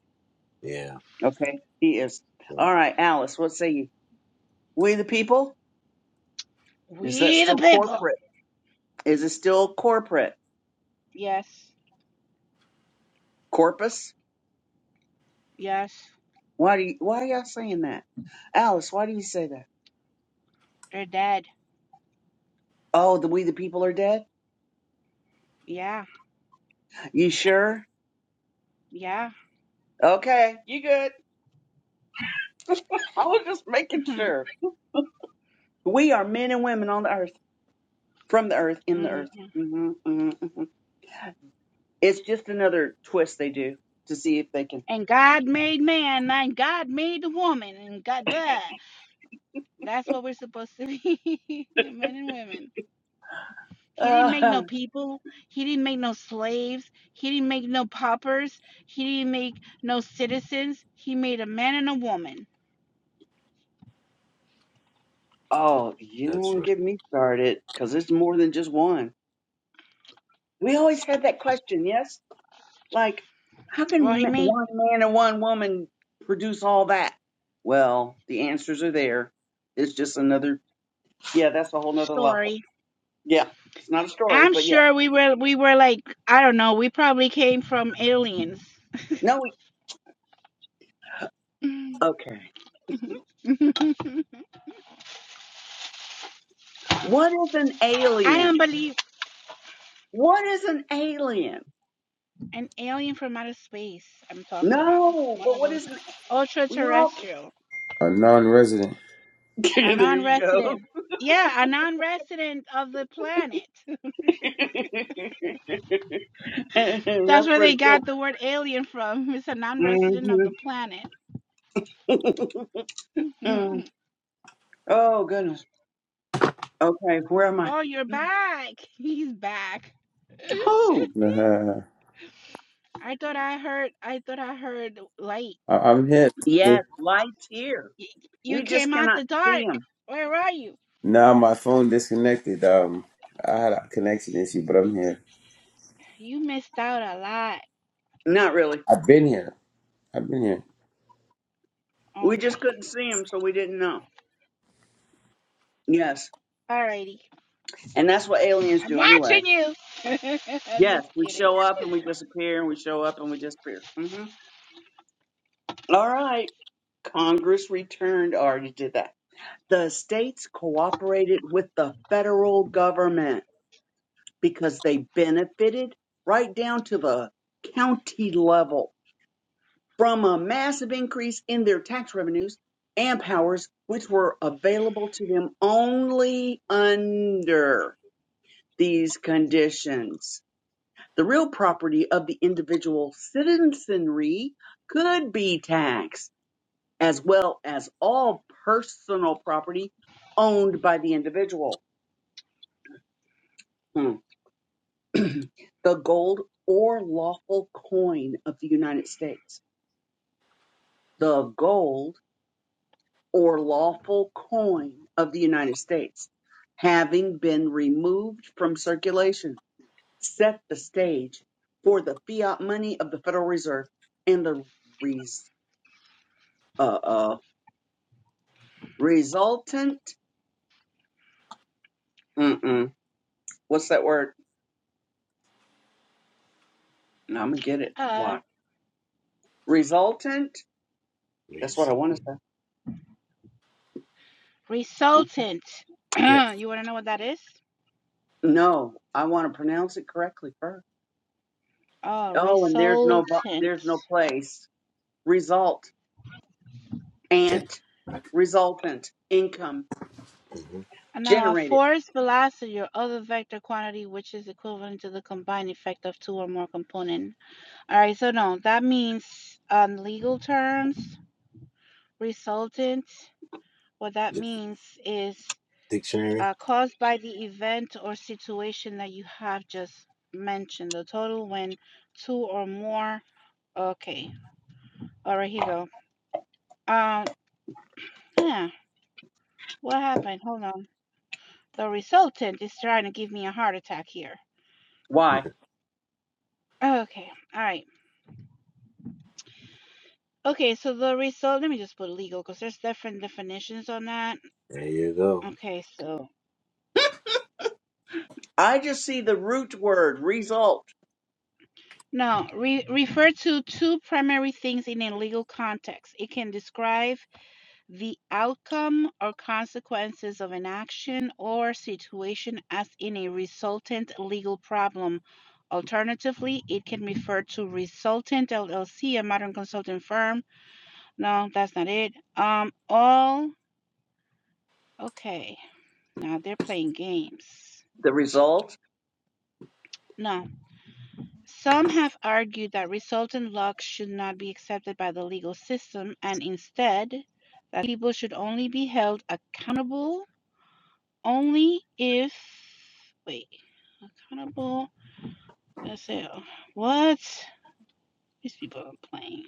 Speaker 4: Yeah.
Speaker 2: Okay, he is.
Speaker 4: So
Speaker 2: All right, Alice. What say you? We the people? Is that
Speaker 5: We the
Speaker 2: still
Speaker 5: people.
Speaker 2: corporate? Is it still corporate?
Speaker 5: Yes.
Speaker 2: Corpus?
Speaker 5: Yes.
Speaker 2: Why do you, why y'all saying that? Alice, why do you say that?
Speaker 5: They're dead.
Speaker 2: Oh, the we the people are dead?
Speaker 5: Yeah.
Speaker 2: You sure?
Speaker 5: Yeah.
Speaker 2: Okay, you good. I was just making
Speaker 5: Mm-hmm.
Speaker 2: sure. We are men and women on the earth, from the earth, in the
Speaker 5: Mm-hmm.
Speaker 2: earth. hmm hmm hmm It's just another twist they do to see if they can.
Speaker 5: and God made man, and God made the woman, and God, blah. that's what we're supposed to be, men and women. He didn't make
Speaker 2: Uh,
Speaker 5: no people. He didn't make no slaves. He didn't make no paupers. He didn't make no citizens. He made a man and a woman.
Speaker 2: oh, you
Speaker 4: that's
Speaker 2: don't
Speaker 4: right.
Speaker 2: get me started because it's more than just one. We always had that question, yes? Like, how
Speaker 5: Well,
Speaker 2: can
Speaker 5: he
Speaker 2: ma-
Speaker 5: made
Speaker 2: one man and one woman produce all that? Well, the answers are there. It's just another, yeah, that's a whole nother level.
Speaker 5: story.
Speaker 2: Yeah, it's not a story,
Speaker 5: I'm
Speaker 2: but yeah.
Speaker 5: sure we were we were like I don't know. We probably came from aliens.
Speaker 2: No, we, okay.
Speaker 5: I
Speaker 2: What is an
Speaker 5: don't
Speaker 2: alien?
Speaker 5: believe.
Speaker 2: What is an alien?
Speaker 5: An alien from outer space, I'm talking about.
Speaker 2: No,
Speaker 5: One
Speaker 2: but
Speaker 5: of
Speaker 2: what
Speaker 5: those
Speaker 2: is an,
Speaker 5: ultra
Speaker 2: we all,
Speaker 5: terrestrial,
Speaker 1: A non-resident.
Speaker 5: a
Speaker 2: there
Speaker 5: non
Speaker 2: you go.
Speaker 5: resident. Yeah, a non rest of the planet.
Speaker 2: that's
Speaker 5: That's where
Speaker 2: pretty
Speaker 5: they
Speaker 2: cool.
Speaker 5: got the word alien from. It's a non resident of
Speaker 2: hmm
Speaker 5: the planet.
Speaker 2: Oh goodness. Okay, where am I?
Speaker 5: oh, you're back. He's back.
Speaker 2: Who?
Speaker 1: Nah,
Speaker 5: I thought I heard, I thought I heard light.
Speaker 1: I- I'm here.
Speaker 2: Yes,
Speaker 1: sister.
Speaker 2: lights here.
Speaker 5: Y- you
Speaker 2: We just
Speaker 5: came out
Speaker 2: cannot
Speaker 5: the dark.
Speaker 2: see them.
Speaker 5: Where are you?
Speaker 1: Now my phone disconnected. Um, I had a connection issue, but I'm here.
Speaker 5: You missed out a lot.
Speaker 2: Not really.
Speaker 1: I've been here. I've been here.
Speaker 2: We
Speaker 5: Okay.
Speaker 2: just couldn't see them, so we didn't know. Yes.
Speaker 5: Alrighty.
Speaker 2: And that's what aliens
Speaker 5: I'm
Speaker 2: do anyway.
Speaker 5: watching you. I'm
Speaker 2: Yes,
Speaker 5: just
Speaker 2: we
Speaker 5: kidding.
Speaker 2: show up and we disappear, and we show up and we disappear. hmm All right. Congress returned. I already did that. The states cooperated with the federal government because they benefited right down to the county level from a massive increase in their tax revenues and powers, which were available to them only under these conditions. The real property of the individual citizenry could be taxed, as well as all personal property owned by the individual. the gold or lawful coin of the United States. The gold or lawful coin of the United States, having been removed from circulation, set the stage for the fiat money of the Federal Reserve and the res- uh, uh, resultant. Mm-mm, what's that word? No, I'm gonna get it.
Speaker 5: Uh,
Speaker 2: Why? Resultant.
Speaker 4: We
Speaker 2: That's what
Speaker 4: just-
Speaker 2: I want to say. Mm-hmm.
Speaker 5: resultant. you
Speaker 4: Yeah.
Speaker 5: want to know what that is?
Speaker 2: No, I want to pronounce it correctly first.
Speaker 5: Oh,
Speaker 2: Oh, and there's no vo-
Speaker 5: resultant.
Speaker 2: there's no place. Result
Speaker 4: 10
Speaker 2: ant resultant income
Speaker 4: hmm
Speaker 5: Uh, Now, a
Speaker 2: generated
Speaker 5: force velocity or other vector quantity which is equivalent to the combined effect of two or more components. All right, so no, that means on legal terms, resultant, what that means is
Speaker 4: dictionary.
Speaker 5: uh, caused by the event or situation that you have just mentioned, the total when two or more. Okay, all right, here you go. Um, yeah. What happened? Hold on. The resultant is trying to give me a heart attack here.
Speaker 2: Why?
Speaker 5: Okay. All right. Okay, so the result, let me just put legal because there's different definitions on that.
Speaker 4: There you go.
Speaker 5: Okay, so
Speaker 2: I just see the root word, result.
Speaker 5: now re- refer to two primary things in a legal context. It can describe the outcome or consequences of an action or situation as in a resultant legal problem. Alternatively, it can refer to Resultant LLC, a modern consulting firm No, that's not it. Um, all okay. Now they're playing games.
Speaker 2: The result,
Speaker 5: No. Some have argued that resultant luck should not be accepted by the legal system and instead that people should only be held accountable only if wait, accountable. Let's see. What? These people are playing.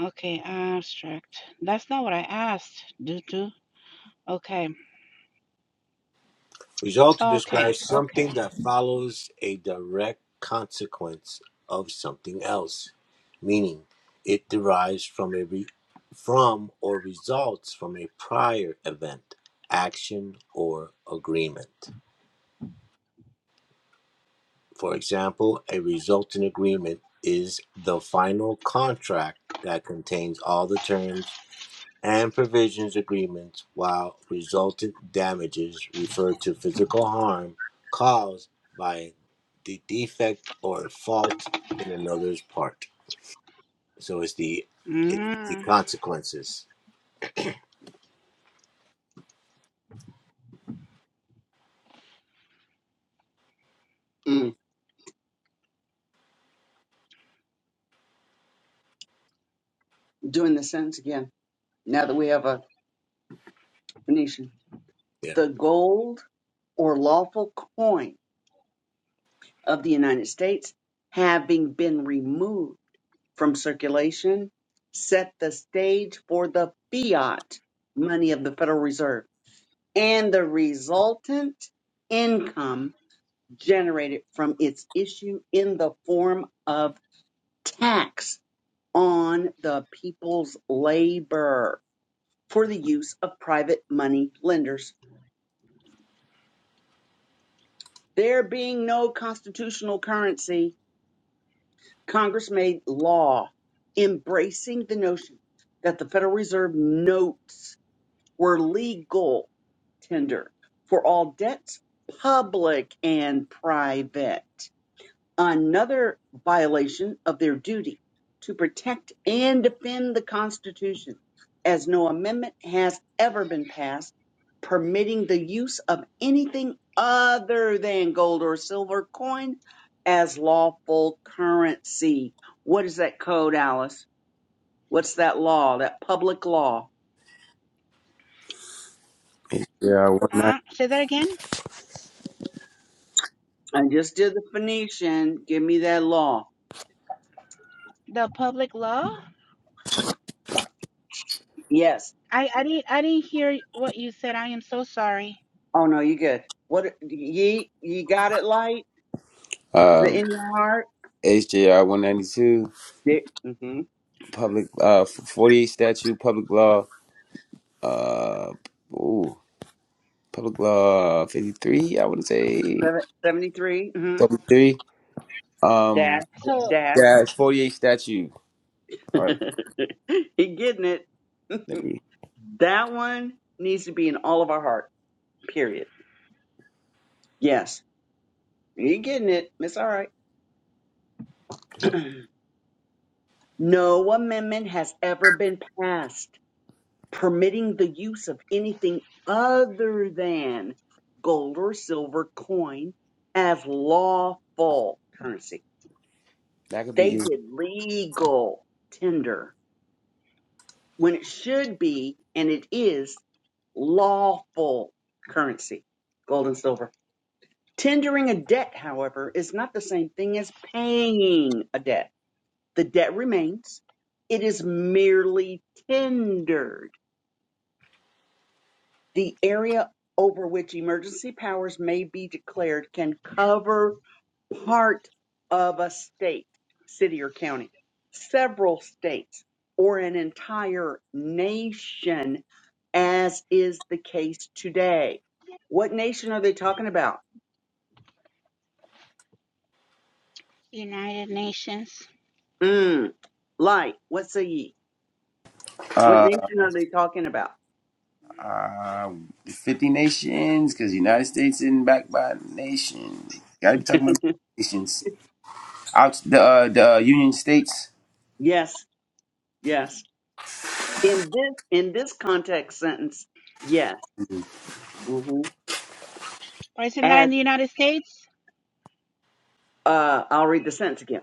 Speaker 5: Okay, abstract. That's not what I asked, Dutu. Okay.
Speaker 4: Result
Speaker 5: Okay.
Speaker 4: describes
Speaker 5: Okay.
Speaker 4: something that follows a direct consequence of something else, meaning it derives from a re- from or results from a prior event, action, or agreement. For example, a resultant agreement is the final contract that contains all the terms and provisions agreements, while resultant damages refer to physical harm caused by the defect or fault in another's part. So it's the it's
Speaker 5: Mhm.
Speaker 4: the consequences.
Speaker 2: mm, doing the sentence again, now that we have a Phoenician,
Speaker 4: Yep.
Speaker 2: the gold or lawful coin of the United States having been removed from circulation set the stage for the fiat money of the Federal Reserve and the resultant income generated from its issue in the form of tax on the people's labor for the use of private money lenders. There being no constitutional currency, Congress made law embracing the notion that the Federal Reserve notes were legal tender for all debts, public and private. another violation of their duty to protect and defend the Constitution, as no amendment has ever been passed permitting the use of anything other than gold or silver coin as lawful currency. What is that code, Alice? What's that law, that public law?
Speaker 1: Yeah, one
Speaker 5: Uh,
Speaker 1: ninety.
Speaker 5: say that again.
Speaker 2: I just did the Phoenician. Give me that law.
Speaker 5: The public law?
Speaker 2: Yes.
Speaker 5: I, I didn't I didn't hear what you said. I am so sorry.
Speaker 2: Oh no, you good. What ye you got it light? Is it
Speaker 1: Um,
Speaker 2: in your heart?
Speaker 1: HJR 192,
Speaker 2: There, mm-hmm.
Speaker 1: public, uh, 48 statute, public law, uh, ooh, Public Law 53, I would say
Speaker 2: Seven, 73 mm-hmm.
Speaker 1: 73.
Speaker 2: dash
Speaker 1: Um,
Speaker 5: So
Speaker 2: dash.
Speaker 1: yeah, it's 48 statute. All right,
Speaker 2: he getting it.
Speaker 1: let me.
Speaker 2: That one needs to be in all of our heart. Period. Yes. He getting it. It's all right.
Speaker 4: yep.
Speaker 2: no amendment has ever been passed permitting the use of anything other than gold or silver coin as lawful currency.
Speaker 1: That could be
Speaker 2: They
Speaker 1: you.
Speaker 2: did legal tender when it should be, and it is, lawful currency, gold and silver. Tendering a debt, however, is not the same thing as paying a debt. The debt remains. It is merely tendered. The area over which emergency powers may be declared can cover part of a state, city or county, several states, or an entire nation, as is the case today. What nation are they talking about?
Speaker 5: United Nations.
Speaker 2: Mm, light, what say ye? What
Speaker 1: Uh,
Speaker 2: nation are they talking about?
Speaker 1: uh, 50 nations, because United States isn't backed by nations. Gotta be talking about nations. Out the uh, the uh, Union States.
Speaker 2: Yes, yes. In this in this context sentence, yes.
Speaker 1: Mhm.
Speaker 2: Mhm.
Speaker 5: Or is it not
Speaker 2: As
Speaker 5: in the United States?
Speaker 2: uh, I'll read the sentence again.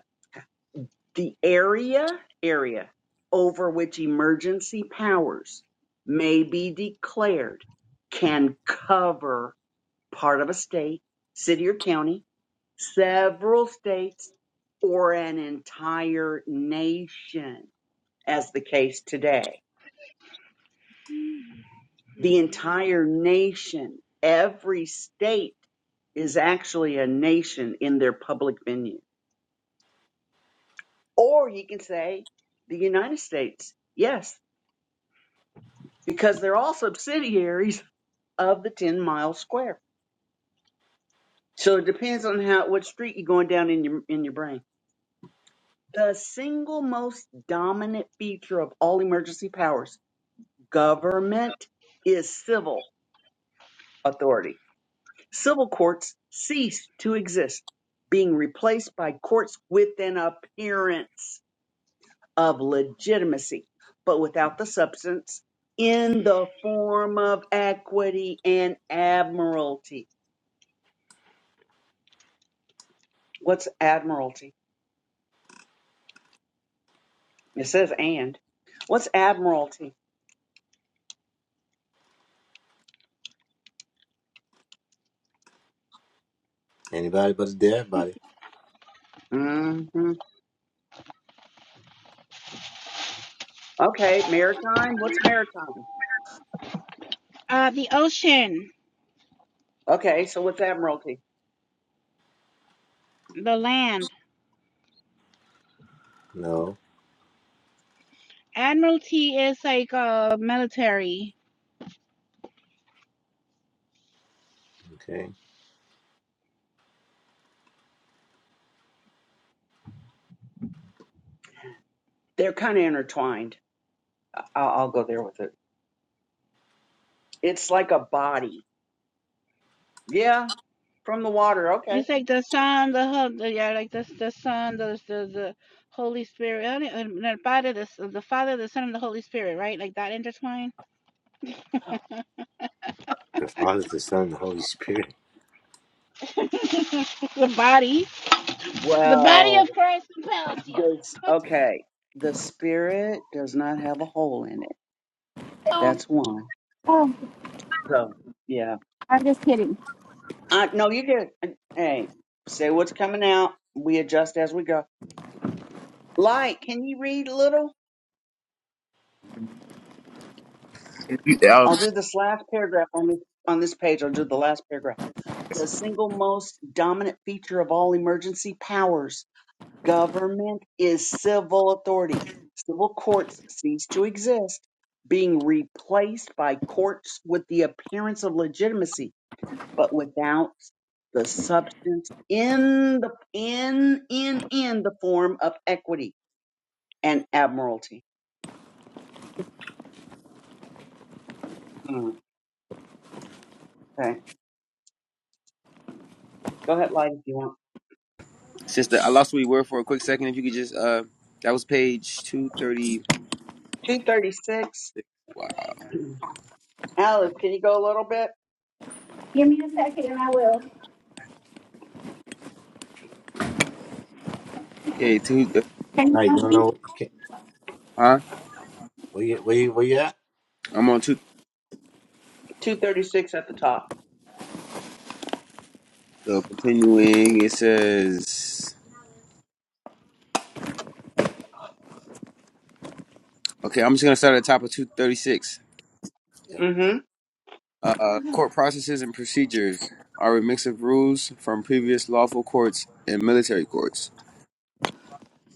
Speaker 2: the area area over which emergency powers may be declared can cover part of a state, city or county, several states, or an entire nation, as the case today. The entire nation, every state is actually a nation in their public venue. Or you can say the United States. Yes, because they're all subsidiaries of the 10 mile square. So it depends on how what street you're going down in your in your brain. The single most dominant feature of all emergency powers, government is civil authority. Civil courts cease to exist, being replaced by courts with an appearance of legitimacy, but without the substance in the form of equity and admiralty What's admiralty? It says and. What's admiralty?
Speaker 4: Anybody but the body?
Speaker 2: hmm Okay, maritime. What's maritime?
Speaker 5: Uh, the ocean,
Speaker 2: Okay, so what's admiralty?
Speaker 5: the land.
Speaker 4: No.
Speaker 5: Admiralty is like uh military.
Speaker 4: Okay.
Speaker 2: They're kind of intertwined. I- will I'll go there with it. It's like a body. Yeah, from the water. Okay.
Speaker 5: It's like the sun, the hub, the, yeah, like the the sun, the the, the Holy Spirit, uh, and the Father, the, S- the Father, the Son, and the Holy Spirit, right? Like that intertwined.
Speaker 4: The Father, the Son, and the Holy Spirit.
Speaker 5: the body, the body
Speaker 2: Well,
Speaker 5: of Christ compels you.
Speaker 2: this, okay. The spirit does not have a hole in it. That's one. So yeah.
Speaker 5: I'm just kidding.
Speaker 2: Uh, no, you get. Hey, say what's coming out. We adjust as we go. Light, can you read a little? I'll do this last paragraph on this on this page. I'll do the last paragraph. The single most dominant feature of all emergency powers government is civil authority. Civil courts cease to exist, being replaced by courts with the appearance of legitimacy, but without the substance in the in in in the form of equity and admiralty. Hmm, Okay, go ahead, light if you want.
Speaker 1: Sister, I lost where you were for a quick second. If you could just uh, that was page 230.
Speaker 2: Two thirty six.
Speaker 1: Wow.
Speaker 2: Alice, can you go a little bit?
Speaker 5: Give me a second and I will.
Speaker 1: Okay, two. uh,
Speaker 5: Hey,
Speaker 4: Right. You don't
Speaker 5: Sophie.
Speaker 4: know. You can't.
Speaker 1: Huh?
Speaker 4: Where you where you, where you at?
Speaker 1: I'm on two.
Speaker 4: Okay.
Speaker 2: 236 at the top.
Speaker 1: So continuing, it says. Okay, I'm just gonna start at the top of 236.
Speaker 4: Yep.
Speaker 2: Mm
Speaker 1: Uh, court processes and procedures are a mix of rules from previous lawful courts and military courts.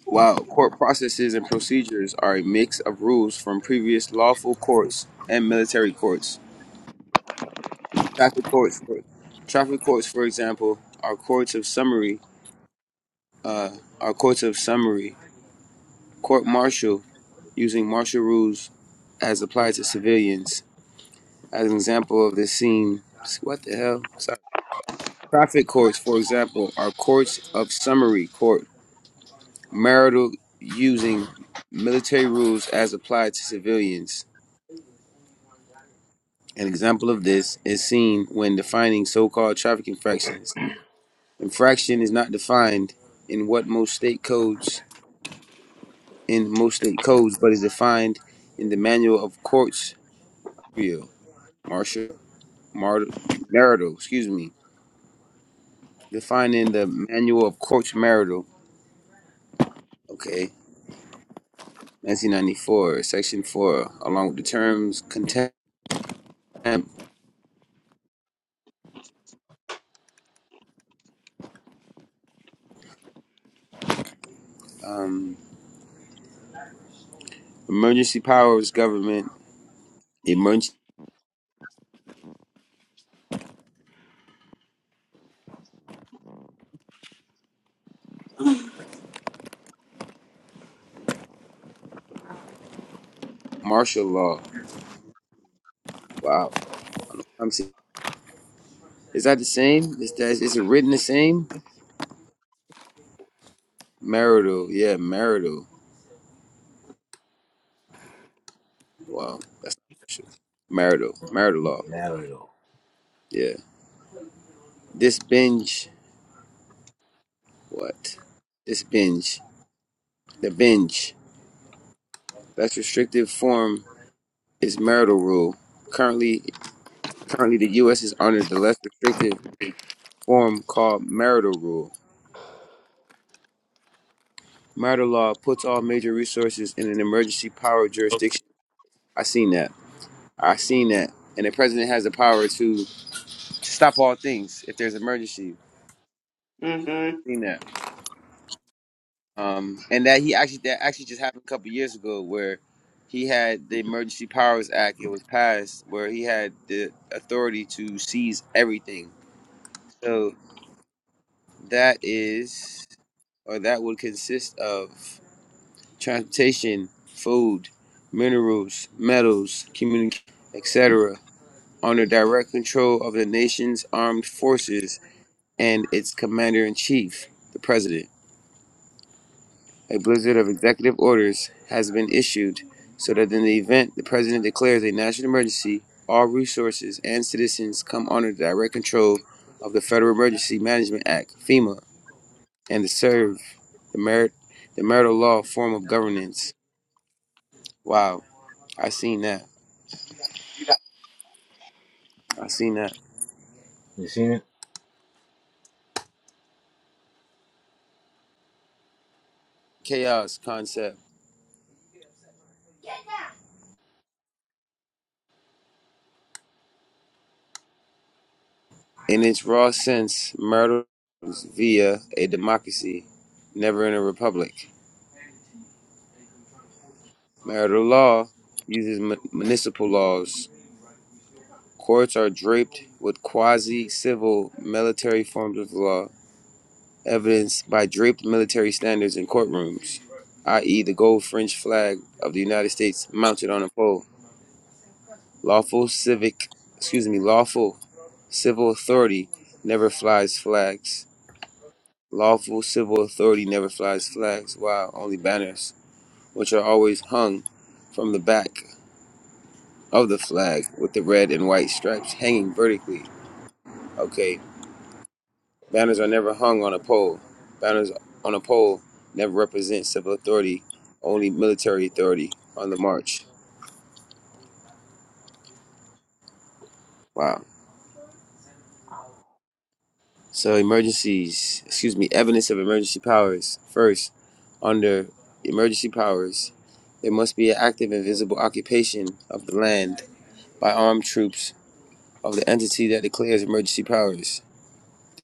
Speaker 1: Wow, court processes and procedures are a mix of rules from previous lawful courts and military courts. Traffic courts, for, traffic courts, for example, are courts of summary. Uh, are courts of summary. Court martial using martial rules as applied to civilians. As an example of this scene, what the hell? Sorry. Traffic courts, for example, are courts of summary court, marital using military rules as applied to civilians. An example of this is seen when defining so called traffic infractions. Infraction is not defined in what most state codes in most state codes, but is defined in the manual of courts real martial marital, marital excuse me. Defined in the manual of courts marital. Okay. 1994, Section 4, along with the terms contempt, um, emergency powers government, emergency martial law. Wow. I'm seeing, is that the same? Is that is it written the same? Marital, yeah, marital. Wow, that's not martial. marital, marital law.
Speaker 4: Marital.
Speaker 1: Yeah, this binge, what? This binge, the binge. That's restrictive form is marital rule. Currently, currently the U.S. is under the less restrictive form called marital rule. Marital law puts all major resources in an emergency power of jurisdiction. I seen that. I seen that. And the president has the power to stop all things if there's emergency.
Speaker 2: hmm. Mm hmm.
Speaker 1: Seen that. Um, and that he actually that actually just happened a couple years ago where he had the Emergency Powers Act. It was passed where he had the authority to seize everything. So that is, or that would consist of. transportation, food, minerals, metals, communication, etc., under direct control of the nation's armed forces and its commander in chief, the president. A blizzard of executive orders has been issued so that in the event the president declares a national emergency, all resources and citizens come under direct control of the Federal Emergency Management Act, FEMA, and the SERV, the, merit, the marital law form of governance. Wow, I seen that. I seen that.
Speaker 4: You seen it?
Speaker 1: Chaos concept. In its raw sense, marital is via a democracy, never in a republic. Marital law uses mu- municipal laws. Courts are draped with quasi civil military forms of law, evidenced by draped military standards in courtrooms, i.e., the gold French flag of the United States mounted on a pole. Lawful civic, excuse me, lawful civil authority never flies flags. Lawful civil authority never flies flags, wow, only banners, which are always hung from the back of the flag with the red and white stripes hanging vertically. Okay, banners are never hung on a pole. Banners on a pole never represent civil authority, only military authority on the march. Wow. So, emergencies, excuse me, evidence of emergency powers. First, under emergency powers, there must be an active and visible occupation of the land by armed troops of the entity that declares emergency powers,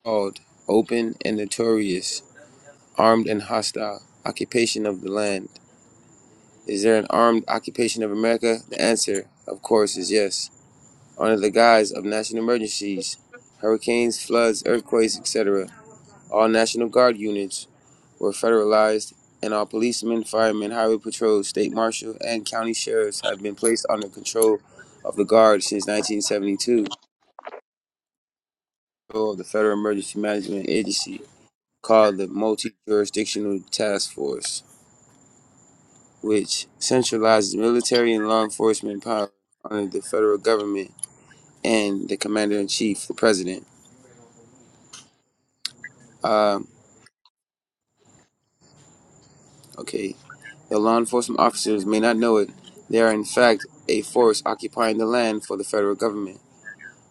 Speaker 1: called open and notorious, armed and hostile, occupation of the land. Is there an armed occupation of America? The answer, of course, is yes. Under the guise of national emergencies, hurricanes, floods, earthquakes, etc., all National Guard units were federalized, and all policemen, firemen, highway patrols, state marshal, and county sheriffs have been placed under control of the Guard since 1972, of the Federal Emergency Management Agency. called the Multi Jurisdictional Task Force, which centralizes military and law enforcement power under the federal government and the commander in chief, the president. Um, okay, the law enforcement officers may not know it. They are, in fact, a force occupying the land for the federal government.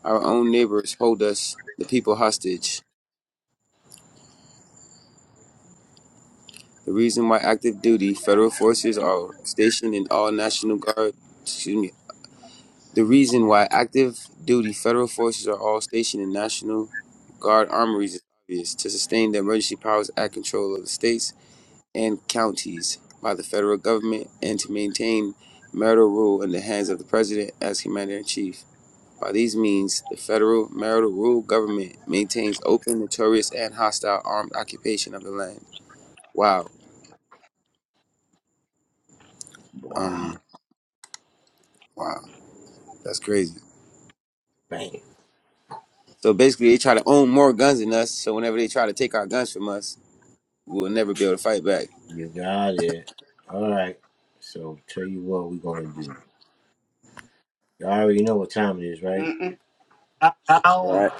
Speaker 1: Our own neighbors hold us, the people, hostage. The reason why active duty federal forces are stationed in all National Guard Excuse me. The reason why active duty federal forces are all stationed in National Guard armories is obvious to sustain the Emergency Powers Act control of the states and counties by the federal government and to maintain marital rule in the hands of the president as commander in chief. By these means, the federal marital rule government maintains open, notorious, and hostile armed occupation of the land. Wow.
Speaker 4: Wow.
Speaker 1: Um, wow. That's crazy.
Speaker 4: Bang.
Speaker 1: So basically, they try to own more guns than us. So whenever they try to take our guns from us, We'll never be able to fight back.
Speaker 4: You got it. All right. So tell you what we're gonna do. You already know what time it is, right?
Speaker 2: Mm mm.
Speaker 4: Now,
Speaker 1: Right.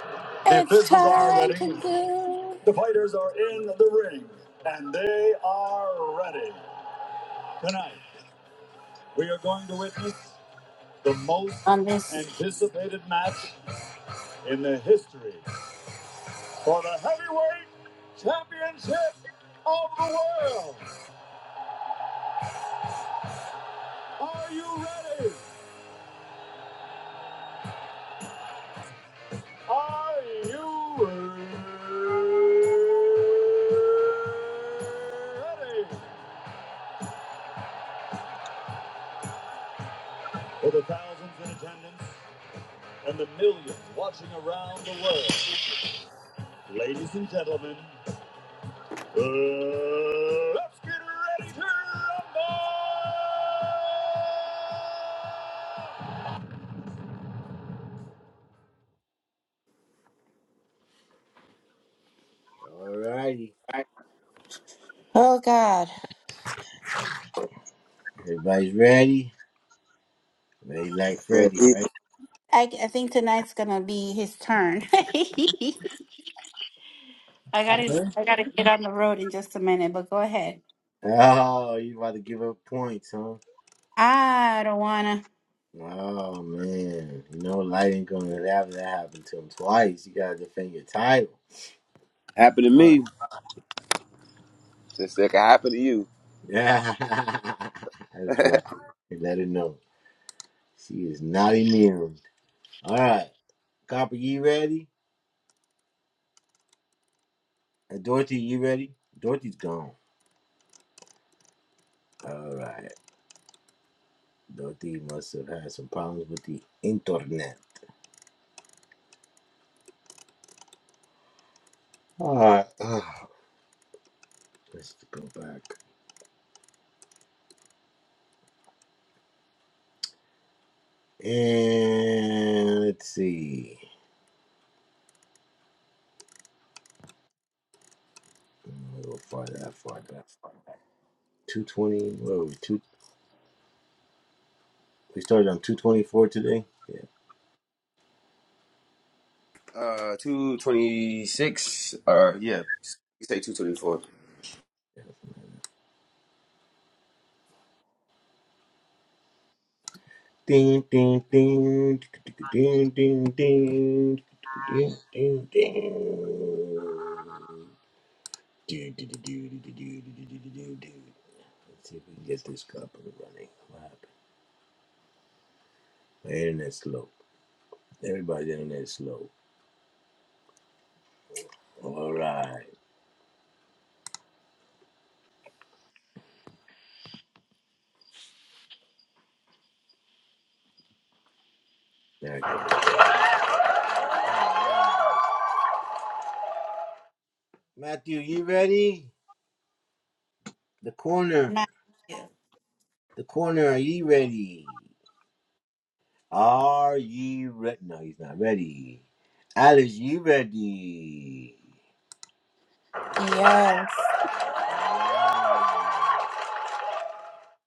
Speaker 4: the
Speaker 5: It's
Speaker 4: officials are
Speaker 5: time
Speaker 4: ready.
Speaker 5: to do
Speaker 4: The fighters are in the ring, and they are ready. Tonight, we are going to witness the most
Speaker 5: on this.
Speaker 4: anticipated match in the history for the heavyweight championship of the world. Are you ready? Are you ready? For the thousands in attendance and the millions watching around the world, ladies and gentlemen, let's get ready to rumble! All righty.
Speaker 5: Oh God,
Speaker 4: Everybody's ready? Ready like
Speaker 1: Yeah,
Speaker 4: Freddy,
Speaker 1: he-
Speaker 4: right?
Speaker 5: I, I think tonight's gonna be his turn. I gotta
Speaker 4: Huh?
Speaker 5: I gotta get on the road in just a minute, but go ahead.
Speaker 4: Oh, you about to give up points, huh?
Speaker 5: I don't wanna
Speaker 4: Oh, man. You know, Light ain't going to have that happen to him twice. You got to defend your title.
Speaker 1: Happened to
Speaker 4: All
Speaker 1: me. Just like it happened to you.
Speaker 4: Yeah, that's right. And let her know she is not immune. All right, Copper, you ready? Uh, Dorothy, you ready? Dorothy's gone. All right, Dorothy must have had some problems with the internet. All right, let's go back and let's see. A go far that far back. Two twenty. Whoa, two. We started on two twenty four today.
Speaker 1: Uh, 226, or yeah, you say 224.
Speaker 4: Ding ding ding ding ding ding ding ding ding. Do do do do do do do do do do do. Let's see if we can get this copper running. What happened? My internet's slow. Everybody's internet is slow. All right. There I go. Matthew, you ready? The corner.
Speaker 5: not you.
Speaker 4: The corner, are you ready? Are you ready? No, he's not ready. Alice, you ready?
Speaker 5: Yes,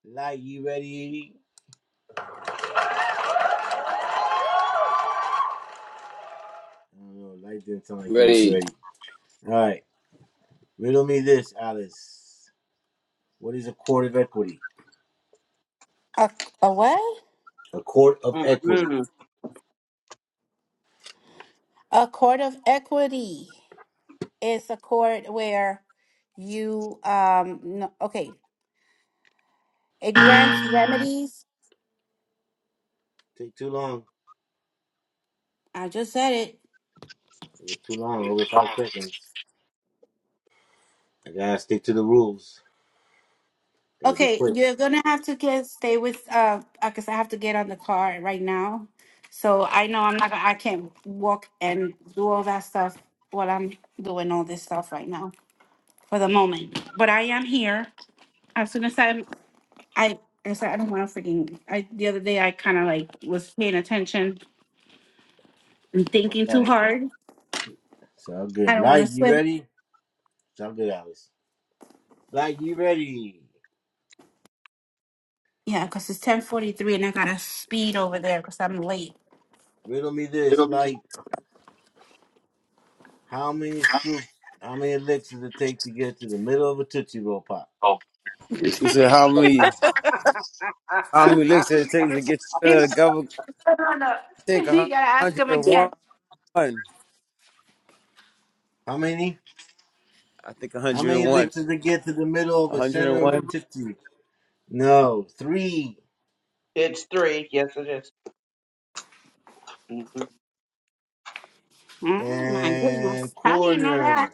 Speaker 4: Light, you ready? I don't know. Like didn't sound like he was
Speaker 1: Ready.
Speaker 4: ready. All right. Riddle me this, Alice. What is a quart of equity?
Speaker 5: a, a what?
Speaker 4: A quart of equity.
Speaker 2: Mm
Speaker 5: A court of equity is a court where you um no, okay it grants remedies.
Speaker 4: Take too long.
Speaker 5: I just said it
Speaker 4: It too long. Over five seconds. I gotta stick to the rules. Gotta be
Speaker 5: Okay,
Speaker 4: quick.
Speaker 5: you're gonna have to get stay with uh because I have to get on the car right now. So I know I'm not gonna I can't walk and do all that stuff while I'm doing all this stuff right now for the moment. But I am here. As soon as I'm I I said I don't wanna freaking I the other day I kinda like was paying attention and
Speaker 4: All
Speaker 5: thinking too
Speaker 4: right.
Speaker 5: hard.
Speaker 4: Sound
Speaker 5: I
Speaker 4: good.
Speaker 5: don't wanna
Speaker 4: Light, you
Speaker 5: swim.
Speaker 4: ready? Sound good, Alice. Light, you ready?
Speaker 5: Yeah, because it's ten forty three and I gotta speed over there because I'm late.
Speaker 4: Riddle me this. Light. How many scoops? How many licks does it take to get to the middle of a tootsie roll pop?
Speaker 1: You said, how many, how many
Speaker 2: mm.
Speaker 1: licks did it take to get rid
Speaker 5: you
Speaker 1: of the government? I think
Speaker 5: gotta ask him again.
Speaker 1: 101. I
Speaker 4: How many?
Speaker 1: think
Speaker 4: How many
Speaker 1: 101.
Speaker 4: licks does it get to the middle of
Speaker 1: A
Speaker 4: a center of a
Speaker 1: 101.
Speaker 4: tifty? No, three
Speaker 2: it's three. Yes, it is. Mhm.
Speaker 5: Oh my goodness.
Speaker 4: and
Speaker 5: How do you know
Speaker 4: corner.
Speaker 5: that?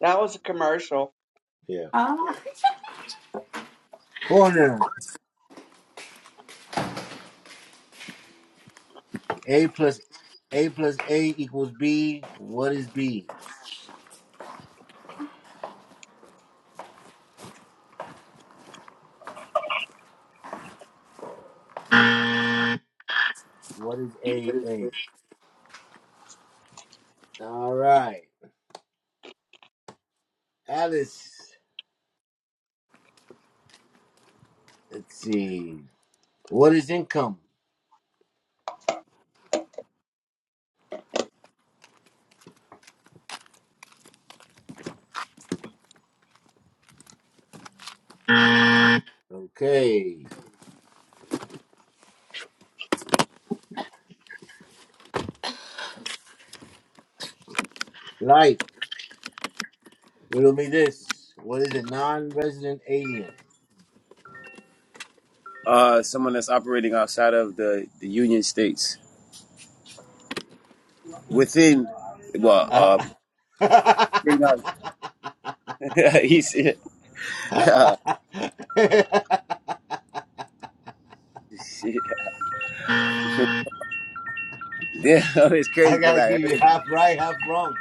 Speaker 2: That was a commercial.
Speaker 4: Yeah,
Speaker 5: Oh.
Speaker 4: corner. A plus A plus A equals B. What is B? What is A A?
Speaker 5: to
Speaker 4: All right, Alice. Let's see. What is income? Okay, life. Riddle me this. What is a non-resident alien?
Speaker 1: Uh, someone that's operating outside of the, the Union States. Within, well,
Speaker 4: Uh,
Speaker 1: uh, bring up, he said, yeah. shit. Yeah, it's
Speaker 4: I
Speaker 1: crazy because
Speaker 4: gotta
Speaker 1: I.
Speaker 4: give you half right, half wrong.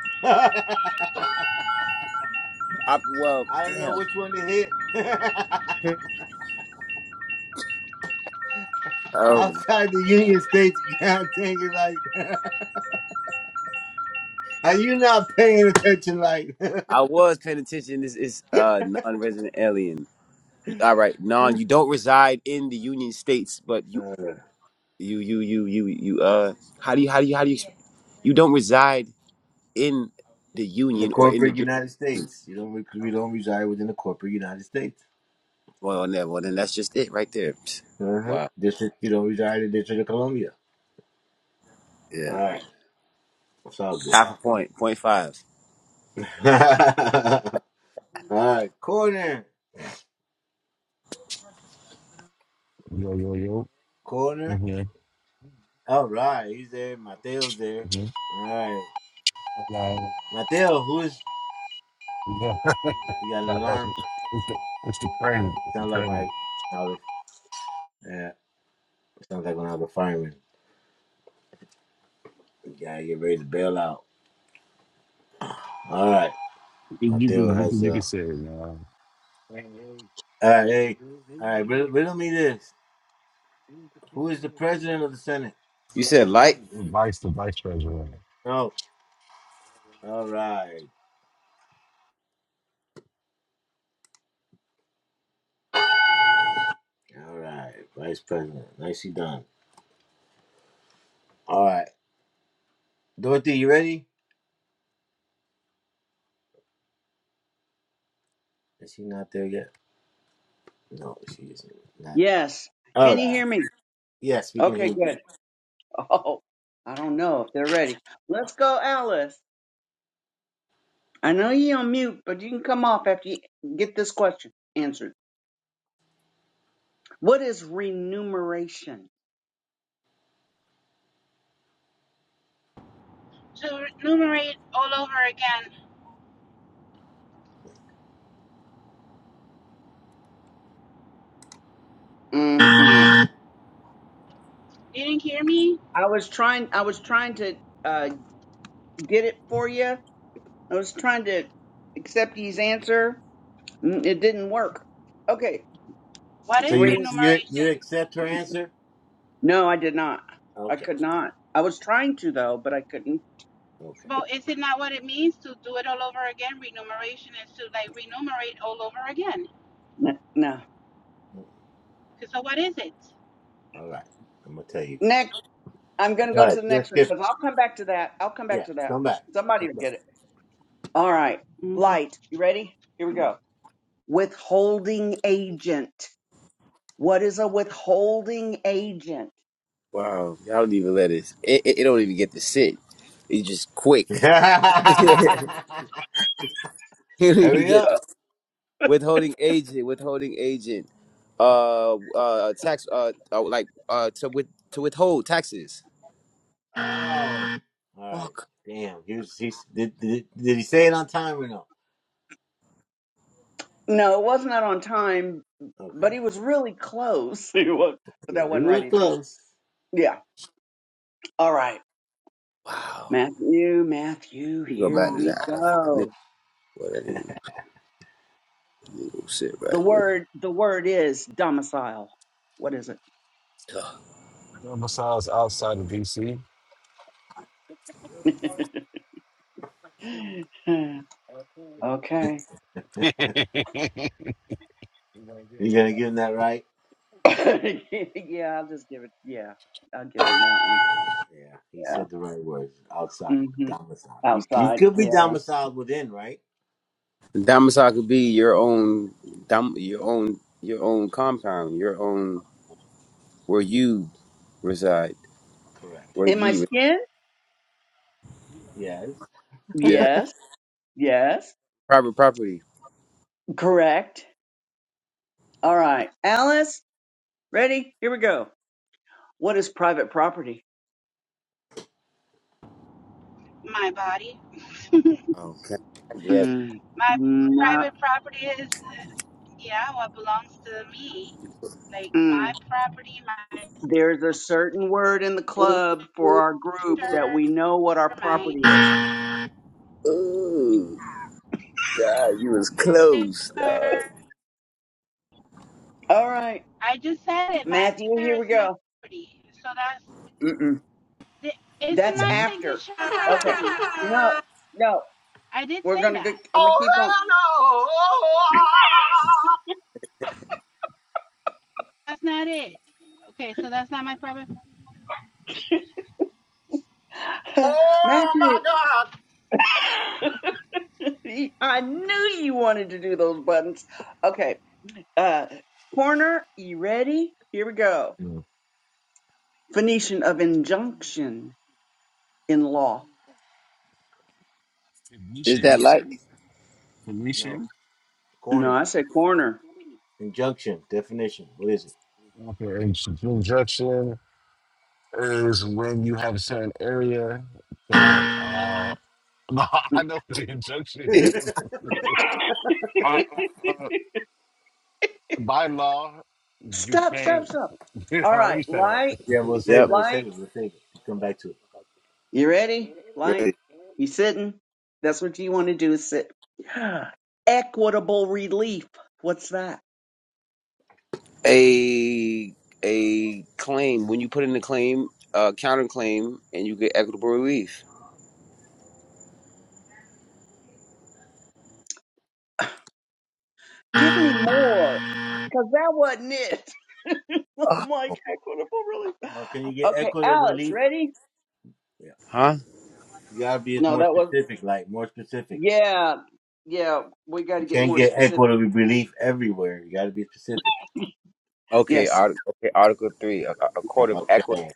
Speaker 1: I well,
Speaker 4: I don't know
Speaker 1: damn.
Speaker 4: which one to hit.
Speaker 1: Um,
Speaker 4: Outside the Union States, God dang it, like, are you not paying attention? Like,
Speaker 1: I was paying attention. This is uh non-resident alien. All right, non. You don't reside in the Union States, but you,
Speaker 4: Uh,
Speaker 1: you, you, you, you, you. Uh, how do you, how do you, how do you? You don't reside in the
Speaker 4: the
Speaker 1: Union or in the.
Speaker 4: corporate
Speaker 1: jur-
Speaker 4: United States, you don't, we don't reside within the corporate United States.
Speaker 1: Well, then, well, then that's just it right there. Psst.
Speaker 4: Uh-huh.
Speaker 1: Wow.
Speaker 4: District, you don't reside in District of Columbia. All
Speaker 1: Yeah.
Speaker 4: right, it's all good.
Speaker 1: Half a point. Point five.
Speaker 4: all right, corner,
Speaker 3: yo, yo, yo.
Speaker 4: corner.
Speaker 3: Mhm,
Speaker 4: All right, he's there. Mateo's there.
Speaker 3: mhm.
Speaker 4: All right,
Speaker 3: Like,
Speaker 4: Mateo, who is?
Speaker 3: yeah,
Speaker 4: You got an
Speaker 3: like, it's
Speaker 4: alarm?
Speaker 3: the, it's the crazy, it's the
Speaker 4: Sounds like
Speaker 3: crazy.
Speaker 4: my I was yeah, sounds like when I was a fireman. Yeah, get ready to bail out. All right.
Speaker 3: You you
Speaker 4: Mateo
Speaker 3: can, you
Speaker 4: has
Speaker 3: can, you
Speaker 4: a.
Speaker 3: can say it, man.
Speaker 4: all right, hey. All right, riddle, riddle me this. Who is the president of the Senate?
Speaker 1: You said light.
Speaker 3: Vice the vice president.
Speaker 4: Oh, all right. All right. Vice president. Nicely done. All right. Dorothy, you ready? Is she not there yet? No, she isn't. Not.
Speaker 2: Yes.
Speaker 4: All
Speaker 2: Can you
Speaker 4: right.
Speaker 2: hear me?
Speaker 4: Yes, we can
Speaker 2: Okay,
Speaker 4: hear you.
Speaker 2: good. Oh, I don't know if they're ready. Let's go, Alice. I know you're on mute, but you can come off after you get this question answered. What is remuneration?
Speaker 5: remunerate all over again.
Speaker 2: Mm-mm.
Speaker 5: Didn't hear me?
Speaker 2: I was trying. I was trying to uh, get it for you, I was trying to accept his answer. Mm, It didn't work. Okay.
Speaker 5: What
Speaker 4: So
Speaker 5: is
Speaker 2: Re.
Speaker 4: you you you
Speaker 5: remuneration?
Speaker 4: accept her answer?
Speaker 2: No, I did not. I
Speaker 4: Okay.
Speaker 2: could not. I was trying to though, but I couldn't.
Speaker 4: Okay.
Speaker 5: But is it not what it means to do it all over again? Remuneration is to like remunerate all over again.
Speaker 2: N- No.
Speaker 5: 'Cause So what is it?
Speaker 4: All right. I'm gonna tell you.
Speaker 2: Next, I'm gonna
Speaker 4: All
Speaker 2: go
Speaker 4: right.
Speaker 2: to the next
Speaker 4: Just
Speaker 2: one
Speaker 4: get.
Speaker 2: because I'll come back to that. I'll come back
Speaker 4: Yeah,
Speaker 2: to that.
Speaker 4: come back.
Speaker 2: Somebody
Speaker 4: Come
Speaker 2: will
Speaker 4: back.
Speaker 2: get it. All right.
Speaker 5: Mhm.
Speaker 2: Light. You ready? Here we go. Withholding agent. What is a withholding agent?
Speaker 1: Wow. Y'all don't even let it. It, it, it don't even get to sit. It's just quick. you don't even
Speaker 4: Hurry
Speaker 1: get
Speaker 4: up.
Speaker 1: withholding agent, withholding agent, uh, uh, tax, uh, uh like uh, to with to withhold taxes.
Speaker 4: All right.
Speaker 1: Fuck.
Speaker 4: Damn. He was, he's, did, did, did he say it on time or no?
Speaker 2: No, it wasn't that on time,
Speaker 4: Okay.
Speaker 2: but he was really close. He was, but
Speaker 4: He,
Speaker 2: that
Speaker 4: he
Speaker 2: wasn't
Speaker 4: was
Speaker 2: right either.
Speaker 4: close.
Speaker 2: Yeah. All right.
Speaker 1: Wow.
Speaker 2: Matthew, Matthew,
Speaker 1: We go
Speaker 2: here
Speaker 1: back to
Speaker 2: we
Speaker 1: that. I knew-
Speaker 2: go.
Speaker 1: Boy, that ain't, ain't gonna sit
Speaker 2: The
Speaker 1: right with.
Speaker 2: word, the word is domicile. What is
Speaker 3: And Besides, outside of DC.
Speaker 2: it?
Speaker 3: hmm
Speaker 2: okay.
Speaker 4: You going to give him that right?
Speaker 2: yeah, I'll just give it. Yeah, I'll give him that one.
Speaker 4: Yeah. He
Speaker 2: Yeah.
Speaker 4: said the right words outside.
Speaker 2: hmm
Speaker 4: Domicile. You, you
Speaker 2: Outside.
Speaker 4: could be
Speaker 2: Yeah.
Speaker 4: domiciled within, right?
Speaker 1: Domicile could be your own, dom, your own, your own compound, your own where you reside,
Speaker 4: Correct.
Speaker 1: where
Speaker 2: In my
Speaker 1: ye. re-
Speaker 2: skin?
Speaker 4: Yes.
Speaker 1: Yeah,
Speaker 2: Yes. Yes.
Speaker 1: private property.
Speaker 2: Correct. All right. Alice, ready? Here we go. What is private property?
Speaker 5: My body,
Speaker 1: Okay. I get.
Speaker 2: Mm,
Speaker 5: my
Speaker 2: no,
Speaker 5: private property is, is yeah, what belongs to me. Like
Speaker 2: mm.
Speaker 5: my property, my
Speaker 2: There's a certain word in the club for our group that
Speaker 5: shirt,
Speaker 2: we know what our
Speaker 5: my
Speaker 2: property is.
Speaker 1: Ooh, God, you was
Speaker 5: my
Speaker 1: close. Dog.
Speaker 5: signature.
Speaker 2: All right,
Speaker 5: I just had it. My
Speaker 2: Matthew,
Speaker 5: signature
Speaker 2: here
Speaker 5: is
Speaker 2: we
Speaker 5: my
Speaker 2: go.
Speaker 5: property. So that's
Speaker 2: Mm-mm.
Speaker 5: the, isn't
Speaker 2: That's
Speaker 5: my
Speaker 2: after.
Speaker 5: signature
Speaker 2: Okay.
Speaker 5: property?
Speaker 2: No, no,
Speaker 5: I did
Speaker 2: we're
Speaker 5: say
Speaker 2: gonna go.
Speaker 5: that.
Speaker 2: I'm gonna
Speaker 4: Oh,
Speaker 2: keep
Speaker 4: hell no.
Speaker 5: That's not it. Okay, so that's not my problem.
Speaker 2: going.
Speaker 4: Oh, my
Speaker 2: Matthew,
Speaker 4: God.
Speaker 2: I knew you wanted to do those buttons. Okay. Uh, corner, you ready? Here we go.
Speaker 3: Yeah.
Speaker 2: Phoenician of injunction in law.
Speaker 3: Can we
Speaker 1: Is
Speaker 3: share?
Speaker 1: that
Speaker 3: You
Speaker 1: like?
Speaker 3: said? Can we share?
Speaker 4: No.
Speaker 2: No,
Speaker 4: Corner.
Speaker 2: I said corner.
Speaker 4: Injunction. Definition. What is it?
Speaker 3: Okay, and injection is when you have a certain area that uh no,
Speaker 2: Mm,
Speaker 3: I know what the injunction is. Uh, uh, uh, by law, you
Speaker 2: Stop, stop,
Speaker 3: can't.
Speaker 2: stop. All
Speaker 3: Uh, let
Speaker 2: right,
Speaker 3: me shut up.
Speaker 2: light.
Speaker 4: Yeah, we'll save
Speaker 1: Yep.
Speaker 4: it. We'll
Speaker 2: Light,
Speaker 4: save it. We'll save it. Come back to it.
Speaker 2: you ready? Light,
Speaker 1: Great.
Speaker 2: you sitting? That's what you want to do is sit. Equitable relief. What's that?
Speaker 1: A a claim when you put in a claim, uh, counterclaim, and you get equitable relief.
Speaker 2: Give me more, because that wasn't it. I'm like, equitable relief.
Speaker 4: Well, can you get
Speaker 2: Okay,
Speaker 4: equitable
Speaker 2: Alex,
Speaker 4: relief?
Speaker 2: ready?
Speaker 4: Yeah.
Speaker 1: Huh?
Speaker 4: You gotta be
Speaker 2: No,
Speaker 4: more
Speaker 2: that was,
Speaker 4: specific, like more specific.
Speaker 2: yeah, yeah, we got to
Speaker 4: You
Speaker 2: get
Speaker 4: can't
Speaker 2: more
Speaker 4: get
Speaker 2: specific.
Speaker 4: equitable relief everywhere. You gotta be specific.
Speaker 1: Okay.
Speaker 2: Yes.
Speaker 1: Art- okay. Article three. A, a court of equity.
Speaker 4: Okay.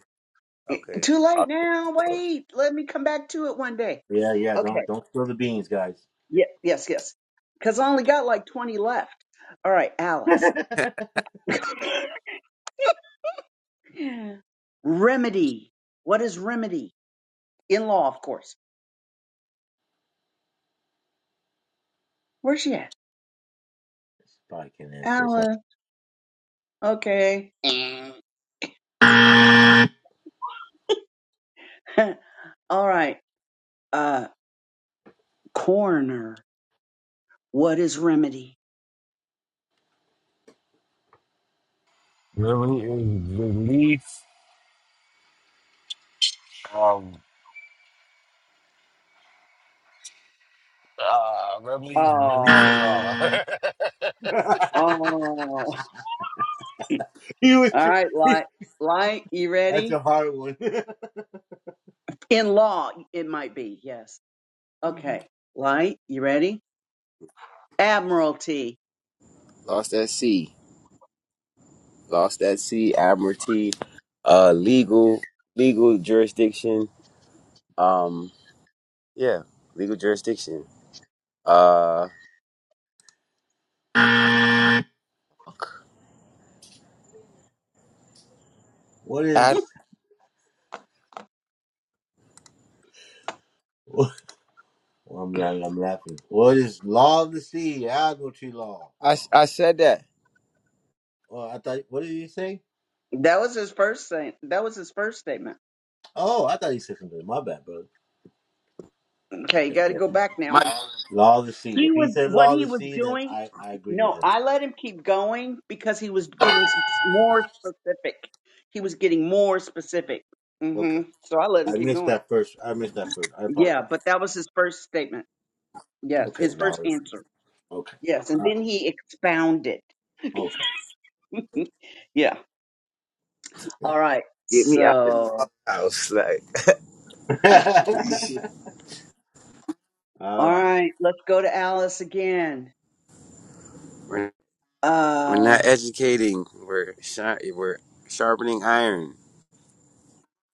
Speaker 2: Eh,
Speaker 1: Okay.
Speaker 2: Too late
Speaker 1: Ar-
Speaker 2: now. Wait, let me come back to it one day.
Speaker 4: Yeah, yeah.
Speaker 2: Okay.
Speaker 4: Don't don't spill the beans, guys.
Speaker 2: Yeah, yes, yes. Because I only got like 20 left. All right, Alice. Yeah. Remedy. What is remedy? In law, of course. Where's she at?
Speaker 4: Probably can't answer. It's okay.
Speaker 2: Alan. Okay. All right. Uh, coroner. What is remedy?
Speaker 3: Reveille is release. Um, uh, Reveille is releasing
Speaker 2: Oh,
Speaker 3: law. oh
Speaker 2: oh. All
Speaker 4: You was tr-
Speaker 2: right, light, light. You
Speaker 4: That's
Speaker 2: ready?
Speaker 4: a hard one.
Speaker 2: In law, it might be. Yes. Okay. Light. You ready? Admiralty.
Speaker 1: Lost at sea. Lost at sea. Admiralty. Uh, legal legal jurisdiction. Um. Yeah. Legal jurisdiction. Uh.
Speaker 4: what
Speaker 1: I
Speaker 4: is? Well, I'm, la- I'm laughing. What is law of the sea? Admiralty law.
Speaker 1: I, I said that.
Speaker 4: Oh, I thought. What did he say?
Speaker 2: That was his first thing. That was his first statement.
Speaker 4: Oh, I thought he said something. My bad, brother.
Speaker 2: Okay, you
Speaker 4: Okay,
Speaker 2: got to
Speaker 4: yeah.
Speaker 2: go back
Speaker 1: My,
Speaker 2: now.
Speaker 4: Law of the sea.
Speaker 2: He
Speaker 4: If he
Speaker 2: was
Speaker 4: said
Speaker 2: what
Speaker 4: law of
Speaker 2: he
Speaker 4: the
Speaker 2: was
Speaker 4: sea, then
Speaker 2: doing.
Speaker 4: I I agree with
Speaker 2: No,
Speaker 4: him.
Speaker 2: I let him keep going because he was getting s- more specific. He was getting more specific.
Speaker 4: Okay.
Speaker 2: hmm So I let him
Speaker 4: I
Speaker 2: keep
Speaker 4: missed
Speaker 2: going.
Speaker 4: that first. I missed that first. I
Speaker 2: Yeah,
Speaker 4: apologize.
Speaker 2: but that was his first statement. Yes,
Speaker 4: Okay,
Speaker 2: his first
Speaker 4: Lowry.
Speaker 2: answer.
Speaker 4: Okay.
Speaker 2: Yes, and
Speaker 4: All right.
Speaker 2: then he expounded.
Speaker 4: Okay.
Speaker 2: yeah. All
Speaker 4: Yeah.
Speaker 2: right.
Speaker 1: get me out of the
Speaker 2: So,
Speaker 1: house,
Speaker 2: all
Speaker 1: like.
Speaker 4: All right.
Speaker 2: right, let's go to Alice again.
Speaker 1: We're
Speaker 2: Uh,
Speaker 1: not educating. We're shar We're sharpening iron.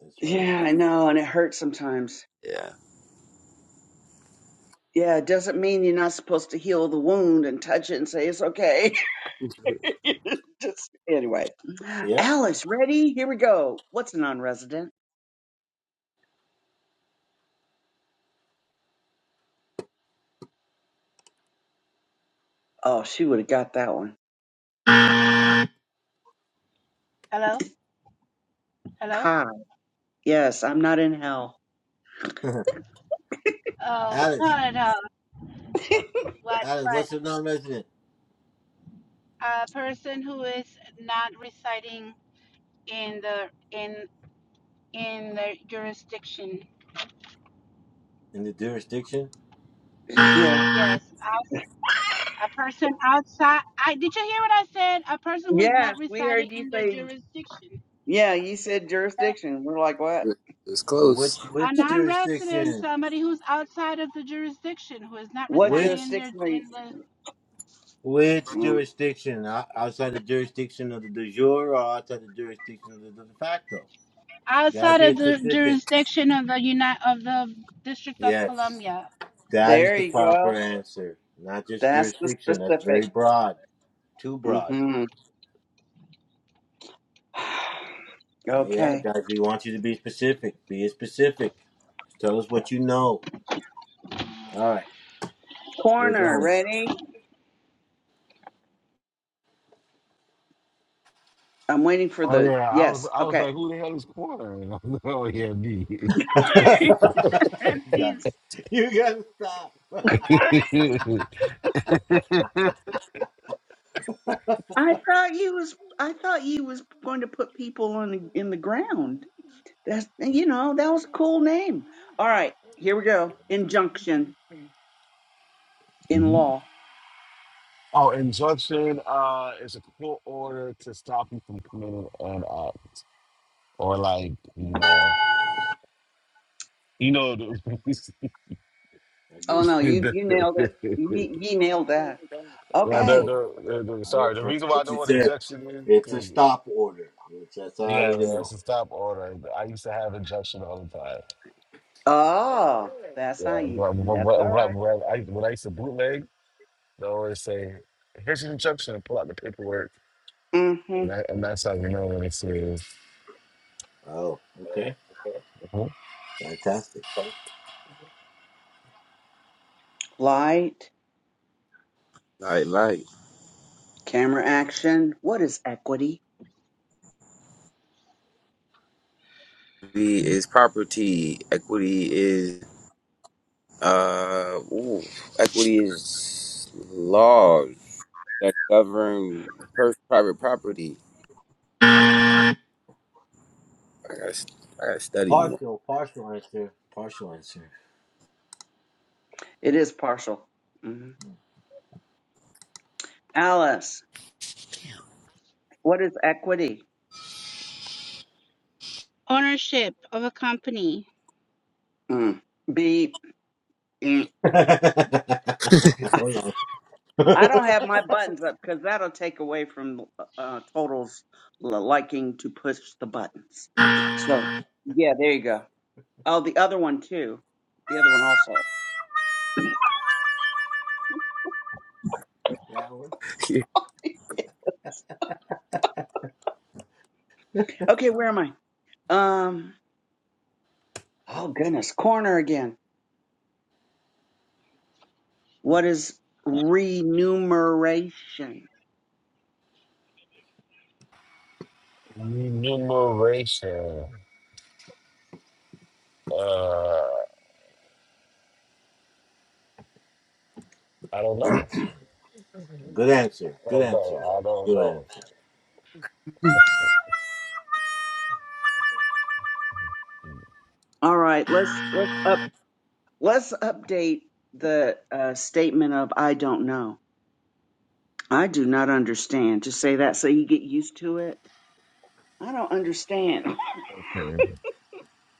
Speaker 4: That's right.
Speaker 2: yeah, I know, and it hurts sometimes.
Speaker 1: Yeah,
Speaker 2: Yeah, it doesn't mean you're not supposed to heal the wound and touch it and say it's okay. Just anyway.
Speaker 4: Yep.
Speaker 2: Alice, ready? Here we go. What's a non-resident? Oh, she would have got that one.
Speaker 5: Hello, hello.
Speaker 2: Hi. Yes, I'm not in hell.
Speaker 5: Oh no,
Speaker 4: Alice.
Speaker 5: no, no. What?
Speaker 4: Alice,
Speaker 5: But
Speaker 4: what's a non-resident
Speaker 5: a person who is not residing in the in in the jurisdiction.
Speaker 4: in the jurisdiction?
Speaker 2: Yeah.
Speaker 5: Yes, outs- a person outside. I did you hear what I said? A person who is
Speaker 2: Yes,
Speaker 5: not
Speaker 2: we
Speaker 5: residing
Speaker 2: heard you
Speaker 5: in their
Speaker 2: say.
Speaker 5: jurisdiction.
Speaker 2: Yeah, you said jurisdiction. We're like, what?
Speaker 1: it was
Speaker 4: But which
Speaker 1: close.
Speaker 5: a
Speaker 4: which
Speaker 5: non-resident is
Speaker 4: jurisdiction?
Speaker 5: somebody who's outside of the jurisdiction who is not
Speaker 2: What
Speaker 5: residing
Speaker 4: Which
Speaker 5: in their
Speaker 2: jurisdiction are you?
Speaker 5: in the
Speaker 4: which
Speaker 2: Mm,
Speaker 4: jurisdiction? O- Outside the jurisdiction of the de jure or outside the jurisdiction of the de facto? You gotta
Speaker 5: outside
Speaker 4: be
Speaker 5: of the
Speaker 4: specific.
Speaker 5: jurisdiction of the unit of the district of
Speaker 4: Yes.
Speaker 5: columbia
Speaker 4: That is
Speaker 2: There
Speaker 4: the
Speaker 2: you
Speaker 4: proper
Speaker 2: go.
Speaker 4: answer. Not just
Speaker 2: That's the
Speaker 4: jurisdiction. That's
Speaker 2: specific.
Speaker 4: very broad. Too broad.
Speaker 2: hmm
Speaker 4: Uh, yeah,
Speaker 2: Okay.
Speaker 4: guys, we want you to be specific. Be specific. Tell us what you know. All right, we're
Speaker 2: Corner,
Speaker 4: done.
Speaker 2: ready? I'm waiting for the
Speaker 3: yeah, I was
Speaker 2: yes.
Speaker 3: I was
Speaker 2: Okay.
Speaker 3: like, who the hell is corner? oh yeah,
Speaker 4: you
Speaker 2: Jeez.
Speaker 4: got to You got to stop.
Speaker 3: me.
Speaker 2: I thought you was I thought you was going to put people on the, in the ground. That's you know that was a cool name. All right, here we go. Injunction in law.
Speaker 3: Oh, injunction uh, is a court order to stop you from committing an act, or like you know, you know. The, the,
Speaker 4: I
Speaker 2: Oh
Speaker 4: give it
Speaker 2: no,
Speaker 4: a
Speaker 3: yeah,
Speaker 2: you you nailed it. You,
Speaker 3: the,
Speaker 2: you nailed that.
Speaker 3: the,
Speaker 4: stop
Speaker 2: Okay.
Speaker 4: order.
Speaker 3: the, the-
Speaker 4: I
Speaker 3: sorry, the
Speaker 4: understand
Speaker 3: reason why I
Speaker 4: what
Speaker 3: know
Speaker 4: you
Speaker 3: what
Speaker 4: said.
Speaker 3: injunction is,
Speaker 4: It's a
Speaker 3: 'cause-
Speaker 4: stop order. It's, that's all I
Speaker 3: yeah,
Speaker 4: need to
Speaker 3: yeah, it's
Speaker 4: know.
Speaker 3: a stop order. I used to have injunction all the time.
Speaker 2: Oh, that's
Speaker 3: Yeah,
Speaker 2: how you.
Speaker 3: when, when,
Speaker 2: That's
Speaker 3: when,
Speaker 2: all
Speaker 3: when,
Speaker 2: right.
Speaker 3: when I, when I used to bootleg, they always say, "Here's your injunction," and pull out the paperwork,
Speaker 2: Mm-hmm.
Speaker 3: and, that, and that's how you know when it's serious.
Speaker 4: Oh, okay.
Speaker 3: Mhm.
Speaker 4: Fantastic.
Speaker 2: Light,
Speaker 1: Like, like,
Speaker 2: camera action. What is equity?
Speaker 1: equity is property. Equity is uh, ooh, equity is laws that govern per- private property. I gotta, st- I gotta study more.
Speaker 4: Partial, partial answer. Partial answer.
Speaker 2: It is partial. hmm Alice, what is equity?
Speaker 5: ownership of a company
Speaker 2: Mm. Beep. Mm.
Speaker 4: Hold on.
Speaker 2: I don't have my buttons up because that'll take away from uh, Total's l- liking to push the buttons. So, yeah, there you go. Oh, the other one too. The other one also.
Speaker 4: That one.
Speaker 2: Okay, where am I? Um. Oh goodness, corner again. What is remuneration?
Speaker 3: Enumeration. I don't know.
Speaker 4: Good answer.
Speaker 3: I
Speaker 4: Good
Speaker 3: don't
Speaker 4: answer.
Speaker 3: know. I don't
Speaker 4: Good
Speaker 3: know.
Speaker 4: answer.
Speaker 2: All right, let's let's up let's update the uh, statement of I don't know. I do not understand. Just say that so you get used to it. I don't understand.
Speaker 3: Okay.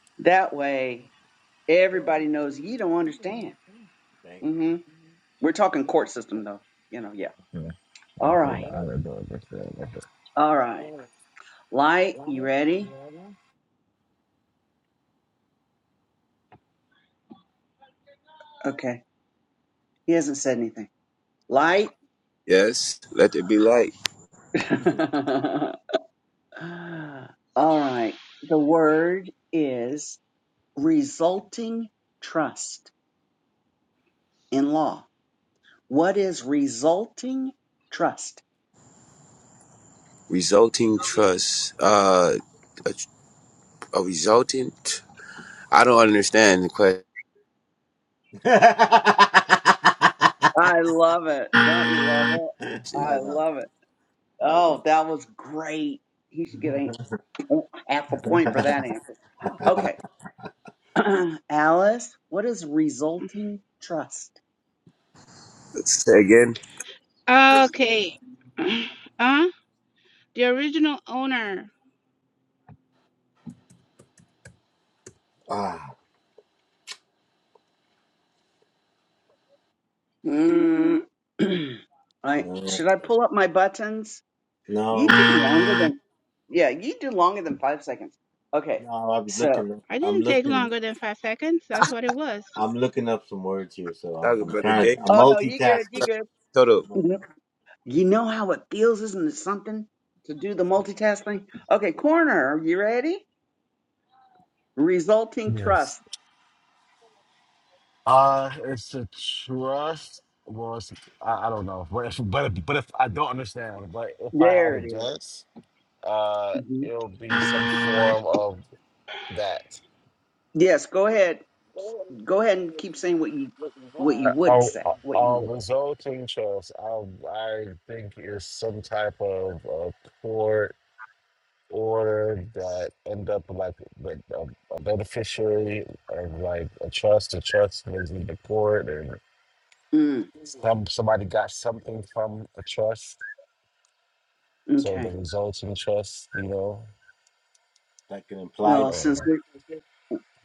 Speaker 2: that way Everybody knows you don't understand.
Speaker 4: Thank
Speaker 2: hmm We're talking court system though. You know, yeah.
Speaker 3: Yeah.
Speaker 2: All
Speaker 3: I'll say
Speaker 2: right.
Speaker 3: that.
Speaker 2: All right. Light, you ready? Okay. He hasn't said anything. Light.
Speaker 1: yes, let there be light.
Speaker 2: All right. The word is resulting trust in law. What is resulting trust?
Speaker 1: Resulting trust. Uh, a, a resultant. I don't understand the question.
Speaker 4: you. I
Speaker 2: I love it. Don't you love it? I
Speaker 4: know.
Speaker 2: love it.
Speaker 4: I
Speaker 2: Oh,
Speaker 4: know.
Speaker 2: that was great. He should get a. Half a point for that answer. Okay. Alice, what is resulting trust?
Speaker 1: Say again.
Speaker 5: okay uh the original owner
Speaker 4: Ah,
Speaker 2: Mm, I
Speaker 4: no,
Speaker 2: should I pull up my buttons?
Speaker 4: no,
Speaker 2: You do longer than yeah, you do longer than five seconds. Okay.
Speaker 4: no. I'll be
Speaker 2: So
Speaker 4: looking.
Speaker 5: i
Speaker 4: I'm
Speaker 5: didn't take
Speaker 4: looking.
Speaker 5: longer than five seconds that's what it was
Speaker 4: I'm looking up some words here, so I-
Speaker 1: Talking
Speaker 4: I'm
Speaker 1: about the
Speaker 4: trying.
Speaker 1: day.
Speaker 4: I'm
Speaker 2: oh no, you good, you
Speaker 4: multitasking.
Speaker 2: good.
Speaker 1: Shut up.
Speaker 4: I'm
Speaker 2: Mhm. You know how it feels, isn't it something? To do the multitasking? Okay, corner, you ready? Resulting
Speaker 3: Yes.
Speaker 2: trust.
Speaker 3: Uh, it's a trust. Well, it's, I, I don't know. But if, but if, but if I don't understand, but if I had
Speaker 2: There
Speaker 3: a
Speaker 2: it is.
Speaker 3: guess, uh,
Speaker 2: Mhm.
Speaker 3: it'll be some form of that.
Speaker 2: Yes, go ahead. Go ahead and keep saying what you what
Speaker 3: Uh,
Speaker 2: you would
Speaker 3: I'll,
Speaker 2: say. What you
Speaker 3: I'll
Speaker 2: would.
Speaker 3: resulting trust. I I think is some type of uh, court. or that end up like with a, a beneficiary of like a trust. A trust was in the court, and
Speaker 2: Mm,
Speaker 3: some somebody got something from a trust. So the
Speaker 2: okay.
Speaker 3: resulting trust, you know,
Speaker 4: like an
Speaker 2: Well,
Speaker 4: implied. tr-
Speaker 2: since
Speaker 3: um,
Speaker 2: we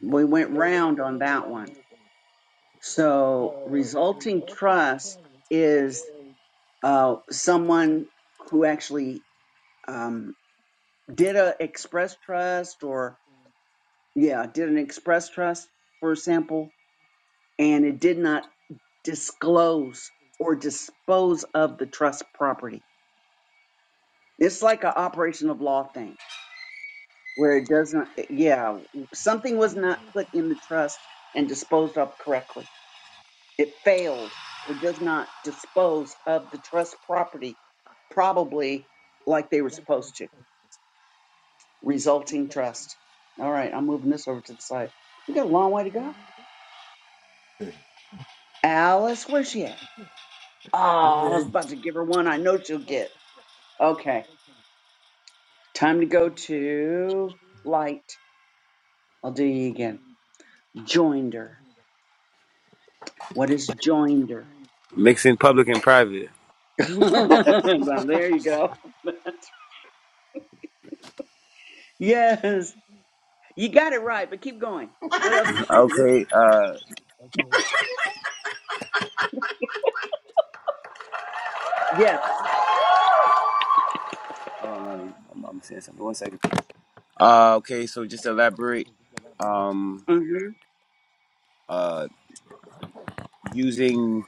Speaker 2: we went round on that one, so resulting trust is uh, someone who actually um, did a express trust or yeah did an express trust for example, and it did not disclose or dispose of the trust property. It's like an operation of law thing where it doesn't, yeah, something was not put in the trust and disposed of correctly. It failed or does not dispose of the trust property, probably like they were supposed to, resulting trust. All right, I'm moving this over to the side. We got a long way to go. Alice, where's she at? Oh, I
Speaker 4: Okay.
Speaker 2: was about to give her one I know she'll get. Okay, time to go to light. I'll do you again. Joinder. What is joinder?
Speaker 1: Mixing public and private.
Speaker 2: Well, there you go. yes, you got it right, but keep going. What else do you think? Of this?
Speaker 1: Okay. Uh,
Speaker 2: Yes.
Speaker 1: hold on, Lonnie. I'm, I'm saying something. One second. Uh, okay. So just to elaborate. Um,
Speaker 2: Mm-hmm.
Speaker 1: uh, using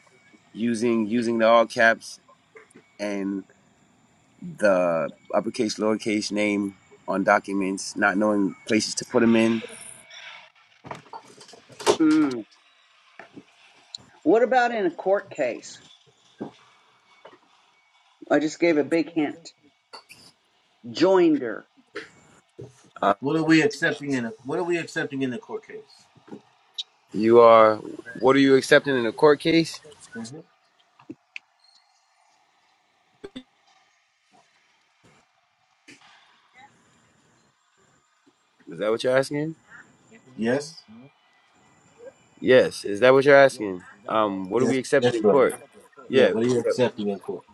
Speaker 1: using using the all caps and the uppercase lowercase name on documents, not knowing places to put them in.
Speaker 2: Mm. What about in a court case? I just gave a big hint. Joinder.
Speaker 1: Uh,
Speaker 4: what are we accepting in? A, what are we accepting in the court case?
Speaker 1: you are. What are you accepting in a court case?
Speaker 4: hmm
Speaker 1: Is that what you're asking?
Speaker 4: Yes.
Speaker 1: Yes. Is that what you're asking? Um, what are we
Speaker 4: Yes.
Speaker 1: accepting
Speaker 4: Yes,
Speaker 1: in
Speaker 4: brother.
Speaker 1: court?
Speaker 4: Yeah.
Speaker 1: Yeah.
Speaker 4: What are you
Speaker 1: yeah.
Speaker 4: accepting in court?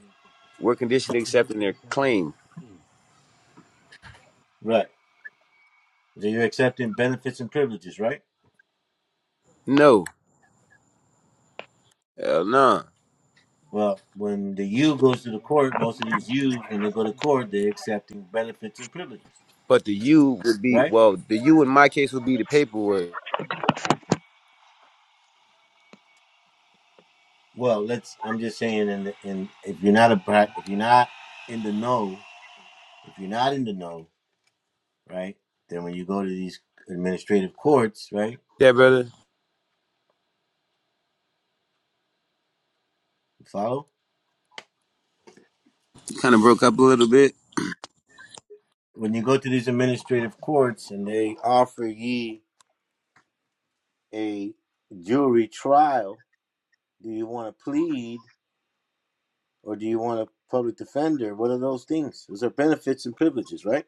Speaker 1: We're conditionally accepting their claim.
Speaker 4: Right. So you're accepting benefits and privileges, right?
Speaker 1: No, hell no.
Speaker 4: Well, when the U goes to the court, most of these U's, when they go to court, they're accepting benefits and privileges,
Speaker 1: But the you would be
Speaker 4: right?
Speaker 1: well. The you in my case would be the paperwork.
Speaker 4: Well, let's. I'm just saying, and in, in, if you're not a pra- if you're not in the know, if you're not in the know, right, then when you go to these administrative courts, right,
Speaker 1: Yeah, brother.
Speaker 4: you follow.
Speaker 1: You kind of broke up a little bit.
Speaker 4: When you go to these administrative courts and they offer ye a jury trial, do you want to plead or do you want a public defender? What are those things? Those are benefits and privileges, right?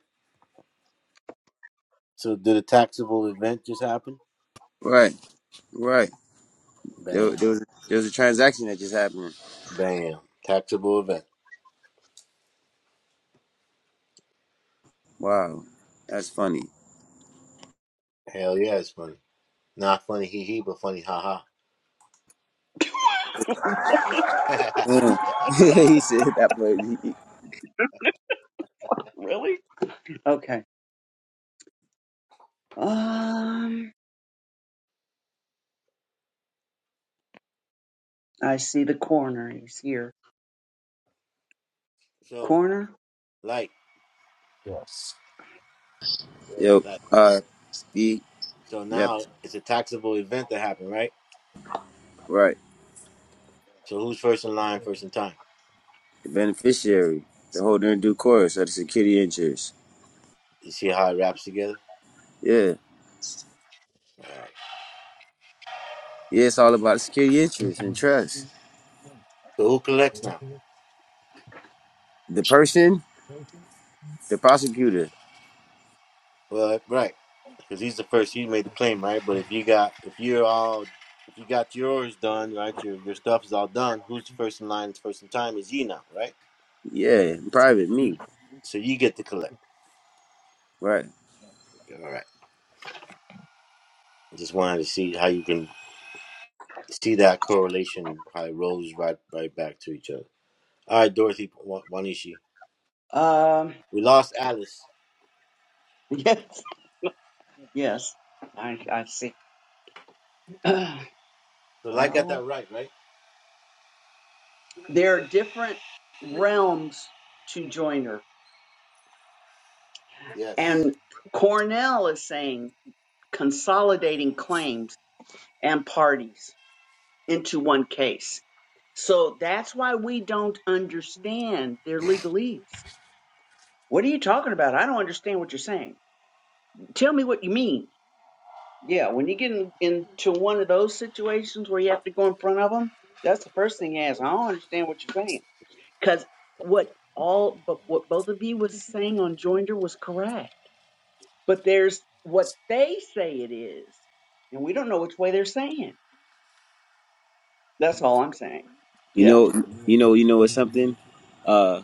Speaker 4: So did a taxable event just happen?
Speaker 1: Right, right. There,
Speaker 4: Bam,
Speaker 1: there was there was a transaction that just happened.
Speaker 4: bam, taxable event.
Speaker 1: Wow, that's funny.
Speaker 4: Hell yeah, it's funny. Not funny hee hee, but funny ha ha.
Speaker 1: Yeah. he said that. But he,
Speaker 2: Really? Okay. Um, I see the corner. He's here.
Speaker 4: So
Speaker 2: Corner.
Speaker 4: like,
Speaker 3: yes,
Speaker 1: yep.
Speaker 4: like,
Speaker 1: Uh, he,
Speaker 4: so
Speaker 1: yep.
Speaker 4: now it's a taxable event that happened, right?
Speaker 1: Right.
Speaker 4: So who's first in line, first in time?
Speaker 1: The beneficiary, the holder in due course of the security interest.
Speaker 4: You see how it wraps together?
Speaker 1: Yeah.
Speaker 4: All right.
Speaker 1: Yeah, it's all about security interest and trust.
Speaker 4: So who collects now?
Speaker 1: The person, the prosecutor.
Speaker 4: Well, right, because he's the first. He made the claim, right? But if you got, if you're all, if you got yours done, right? Your your stuff is all done. Who's the first in line, first in time? Is you now, right?
Speaker 1: Yeah, private me.
Speaker 4: So you get to collect.
Speaker 1: Right.
Speaker 4: All right. Just wanted to see how you can see that correlation, how it rolls right right back to each other. All right, Dorothy Wa- Wanishi.
Speaker 2: Um.
Speaker 4: We lost Alice,
Speaker 2: Yes. Yes. I I see.
Speaker 4: so I got
Speaker 2: well,
Speaker 4: that right, right?
Speaker 2: there are different realms to joiner,
Speaker 4: Yes.
Speaker 2: and Cornell is saying. consolidating claims and parties into one case. So that's why we don't understand their legalese. What are you talking about? I don't understand what you're saying. Tell me what you mean. Yeah, when you get in, into one of those situations where you have to go in front of them, that's the first thing he asks. I don't understand what you're saying. Because what all, but what both of you was saying on Joinder was correct. But there's what they say it is, and we don't know which way they're saying. That's all I'm saying.
Speaker 1: You
Speaker 2: Yeah.
Speaker 4: hmm
Speaker 1: know, you know, you know, it's something uh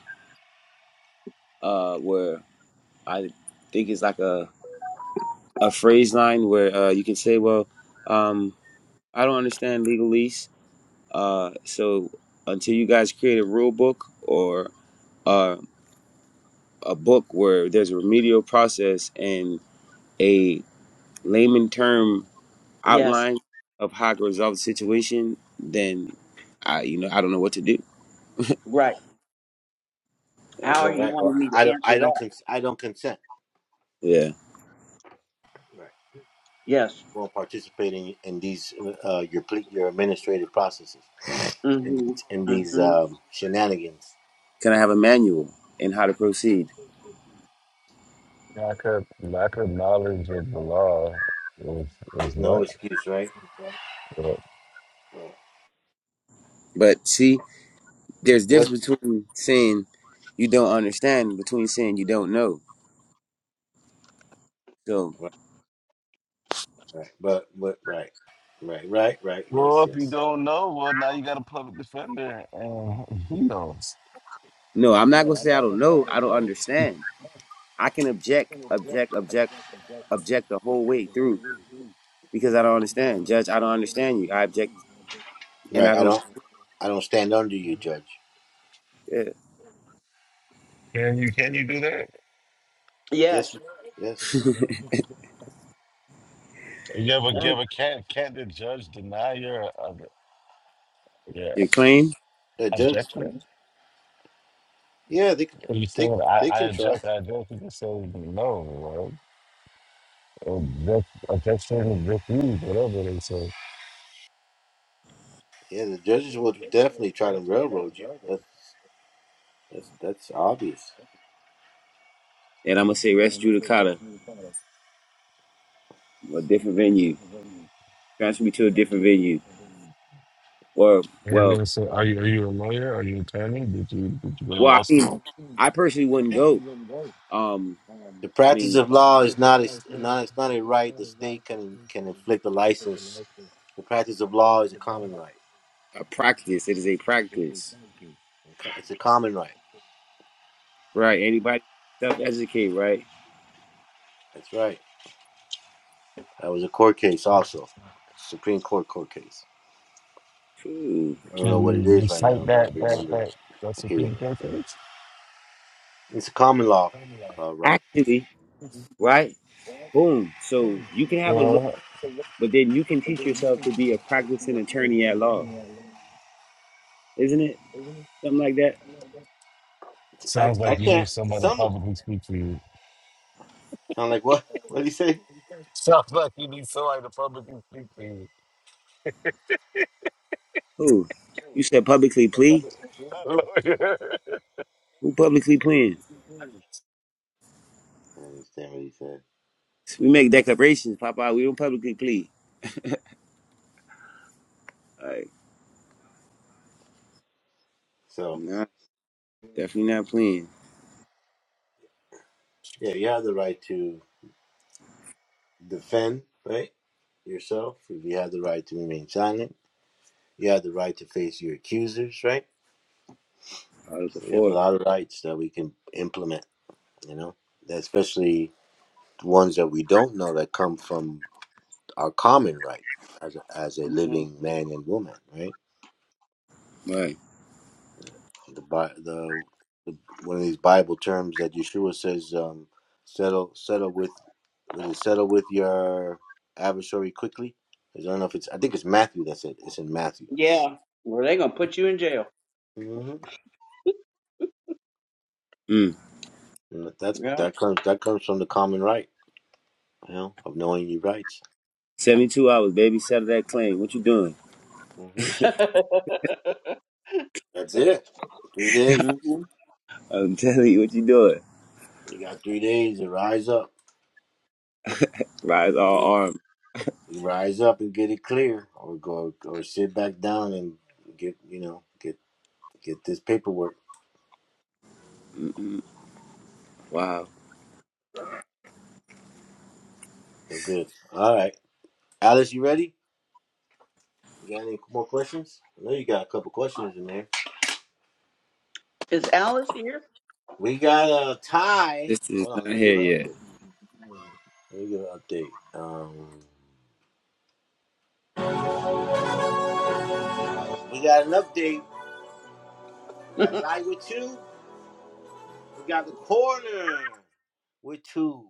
Speaker 1: uh where I think it's like a a phrase line where uh you can say, well, um I don't understand legalese. Uh so until you guys create a rule book or uh a book where there's a remedial process and a layman term
Speaker 2: Yes.
Speaker 1: outline of how to resolve the situation, then I you know, I don't know what to do.
Speaker 2: Right. How are
Speaker 4: All
Speaker 2: you
Speaker 4: right.
Speaker 2: wanting
Speaker 4: Or
Speaker 2: me
Speaker 4: I
Speaker 2: to
Speaker 4: don't.
Speaker 2: answer
Speaker 4: I don't.
Speaker 2: that?
Speaker 4: Cons- I don't consent.
Speaker 1: Yeah.
Speaker 4: Right.
Speaker 2: Yes.
Speaker 4: Won't participate in, in these uh, your ple- your administrative processes, in
Speaker 2: Mm-hmm.
Speaker 4: these, in these
Speaker 2: Mm-hmm.
Speaker 4: um, shenanigans.
Speaker 1: Can I have a manual and how to proceed?
Speaker 3: lack of lack of knowledge of the law is is
Speaker 4: There's no
Speaker 3: what.
Speaker 4: excuse, right?
Speaker 3: But-
Speaker 4: Right.
Speaker 1: But see, there's a
Speaker 4: What?
Speaker 1: difference between saying you don't understand and between saying you don't know. So
Speaker 4: Right. Right. But but right. Right. Right. Right. Yes.
Speaker 3: well, if you
Speaker 4: Yes.
Speaker 3: don't know, well, now you got a public defender, and he knows.
Speaker 1: no, I'm not gonna say I don't know. I don't understand. I can object, object, object, object the whole way through because I don't understand. Judge, I don't understand you. I object and
Speaker 4: Right.
Speaker 1: I
Speaker 4: I
Speaker 1: don't
Speaker 4: don't. I don't stand under you, Judge.
Speaker 1: yeah.
Speaker 3: Can you can you do
Speaker 4: Yes.
Speaker 2: Yes.
Speaker 4: Yes.
Speaker 3: that? You ever give a can't can't the judge deny your uh, your
Speaker 1: your claim.
Speaker 4: The judge.
Speaker 3: objection?
Speaker 4: Yeah. They. can-
Speaker 3: What you
Speaker 4: They.
Speaker 3: saying? I
Speaker 4: They
Speaker 3: I
Speaker 4: can try.
Speaker 3: object. I object. You can say no. Right? Object, objection, refuse, whatever they say.
Speaker 4: Yeah. The judges will definitely try to railroad you. That's. That's. That's obvious.
Speaker 1: And I'm gonna say rest judicata, a different venue. Transfer me to a different venue. Or
Speaker 3: And
Speaker 1: well,
Speaker 3: they say, are you are you a lawyer? Are you an attorney? Did you did you go to
Speaker 1: well, I
Speaker 3: law
Speaker 1: mean,
Speaker 3: school?
Speaker 1: I personally wouldn't go. Um,
Speaker 4: The
Speaker 1: I mean,
Speaker 4: practice of law is not a not it's not a right the state can can inflict a license. The practice of law is a common right.
Speaker 1: a practice. It is a practice,
Speaker 4: It's a common right.
Speaker 1: right? Anybody self-educate, right?
Speaker 4: That's right. That was a court case also, Supreme Court court case.
Speaker 1: True.
Speaker 4: I don't
Speaker 3: Can
Speaker 4: know what it
Speaker 3: you
Speaker 4: is right
Speaker 3: recite
Speaker 4: now, but I
Speaker 3: that that
Speaker 4: remember
Speaker 3: that that Supreme
Speaker 4: hearing it.
Speaker 3: Court case?
Speaker 4: It's a common law, uh, right?
Speaker 1: Actually, right? Boom. So you can have a look,
Speaker 3: Well,
Speaker 1: but then you can teach yourself to be a practicing attorney at law, isn't it? Something like that.
Speaker 4: I
Speaker 3: sounds
Speaker 4: I
Speaker 3: like you need
Speaker 4: can't.
Speaker 3: somebody to
Speaker 4: Some
Speaker 3: publicly speak for you.
Speaker 4: sound like what? What did he say?
Speaker 3: Sounds like you need somebody to publicly speak for you.
Speaker 1: Who? You said publicly plea.
Speaker 3: Hallelujah.
Speaker 1: Who publicly pleading?
Speaker 4: I don't understand what he said.
Speaker 1: We make declarations, Papa. We don't publicly plead. Like,
Speaker 4: So
Speaker 1: nah, definitely not pleading.
Speaker 4: yeah, you have the right to defend, right? Yourself. You have the right to remain silent. You have the right to face your accusers, right?
Speaker 1: Article
Speaker 4: So we have a
Speaker 1: four.
Speaker 4: lot of rights that we can implement. You know, especially the ones that we don't know that come from our common right as a, as a
Speaker 2: Mm-hmm.
Speaker 4: living man and woman, right?
Speaker 1: All Right.
Speaker 4: the Bi- the, the one of these Bible terms that Yeshua says um, settle settle with was it settle with your adversary quickly? 'Cause I don't know if it's I think it's Matthew that's it. It's in Matthew.
Speaker 2: Yeah. Well, they're gonna put you in jail.
Speaker 4: hmm
Speaker 1: Mm.
Speaker 4: That's
Speaker 2: Yeah.
Speaker 4: that comes that comes from the common right, you know, of knowing your rights.
Speaker 1: Seventy-two hours, baby. Settle that claim. What you doing?
Speaker 4: hmm That's it. Three days.
Speaker 2: mm-hmm.
Speaker 1: I'm telling you, what you doing?
Speaker 4: You got three days to rise up.
Speaker 1: Rise all arms.
Speaker 4: You rise up and get it clear, or go or sit back down and get you know get get this paperwork.
Speaker 1: Wow.
Speaker 4: So good. All right. Alice, you ready? You got any more questions? I know you got a couple questions in there.
Speaker 2: Is Alice here?
Speaker 4: We got a tie.
Speaker 1: This is
Speaker 4: Hold on,
Speaker 1: not
Speaker 4: let me
Speaker 1: here
Speaker 4: give an
Speaker 1: yet.
Speaker 4: update. Let me give an update. Um, we got an update. We got live with two. We got the corner with two,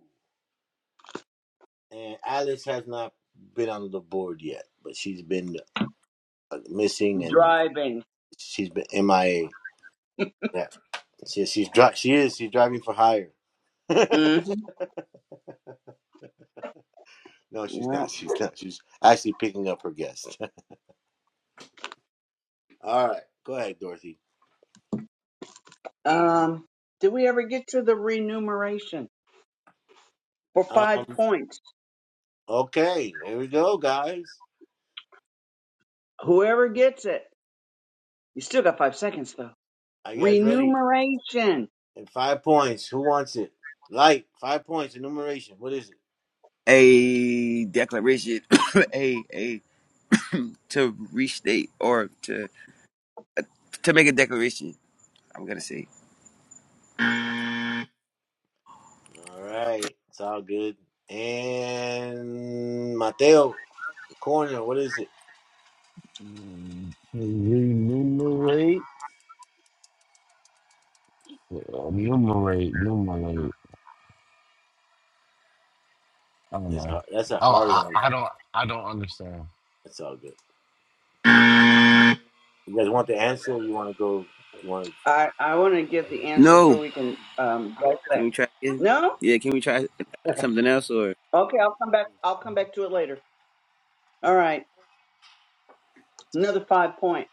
Speaker 4: and Alice has not been on the board yet, but she's been uh, missing and
Speaker 2: Driving.
Speaker 4: she's been MIA. Yeah, she, she's dri- She is. She's driving for hire. no,
Speaker 2: Mm-hmm.
Speaker 4: she's
Speaker 2: Yeah.
Speaker 4: not. She's not. She's actually picking up her guest. All right, go ahead, Dorothy.
Speaker 2: Um. Did we ever get to the remuneration for
Speaker 4: Uh,
Speaker 2: five points?
Speaker 4: okay, here we go, guys.
Speaker 2: Whoever gets it, you still got five seconds though.
Speaker 4: Are you guys ready?
Speaker 2: Remuneration.
Speaker 4: And five points. Who wants it? Light. Five points. Enumeration. What is it?
Speaker 1: a declaration, a a to restate or to to make a declaration. I'm gonna say
Speaker 4: All right. It's all good. And Mateo Corner. What is it?
Speaker 3: Renumerate, Uh, numerate, numerate. I don't
Speaker 4: It's
Speaker 3: know.
Speaker 4: hard. That's a
Speaker 3: Oh,
Speaker 4: hard
Speaker 3: I,
Speaker 4: one.
Speaker 3: I don't, I don't understand.
Speaker 4: That's all good. You guys want the answer? Or you want to go? You want to?
Speaker 2: I I want to give the answer so
Speaker 1: no.
Speaker 2: we can um
Speaker 1: Can
Speaker 2: dissect.
Speaker 1: we try again?
Speaker 2: No?
Speaker 1: Yeah, can we try something else or
Speaker 2: Okay, I'll come back. I'll come back to it later. All right. Another five point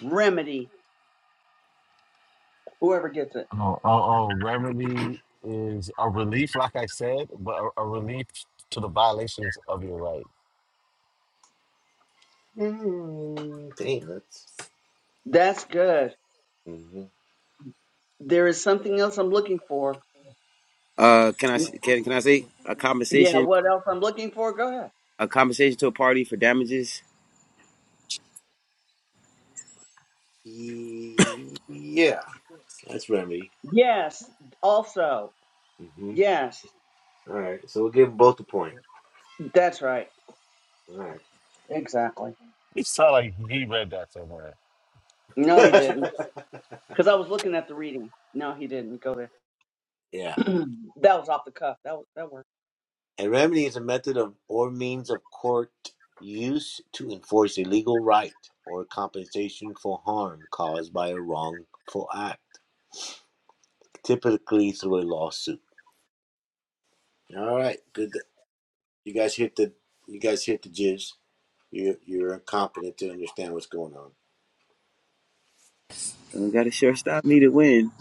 Speaker 2: remedy. Whoever gets it,
Speaker 3: Oh, oh, oh, remedy is a relief, like I said, but a, a relief to the violations of your right.
Speaker 4: Mm, dang, that's.
Speaker 2: that's good.
Speaker 4: hmm
Speaker 2: There is something else I'm looking for.
Speaker 1: uh? Can I s- can can I say a
Speaker 2: Yeah.
Speaker 1: compensation
Speaker 2: What else I'm looking for? Go ahead.
Speaker 1: a compensation to a party for damages?
Speaker 4: Yeah, that's remedy.
Speaker 2: Yes. Also.
Speaker 4: hmm
Speaker 2: Yes.
Speaker 4: All right. So we'll give them both a point.
Speaker 2: That's right.
Speaker 4: All
Speaker 2: Exactly.
Speaker 3: It sounds like he read that somewhere.
Speaker 2: No, he
Speaker 4: right.
Speaker 2: didn't. Because I was looking at the reading. No, he didn't. Go there.
Speaker 4: yeah.
Speaker 2: that was off the cuff. That was, that worked.
Speaker 4: A remedy is a method of or means of court use to enforce a legal right or compensation for harm caused by a wrongful act, typically through a lawsuit. All right, good. You guys hit the you guys hit the jizz. You're you're competent to understand what's going on.
Speaker 1: Uh, got to sure stop me to win.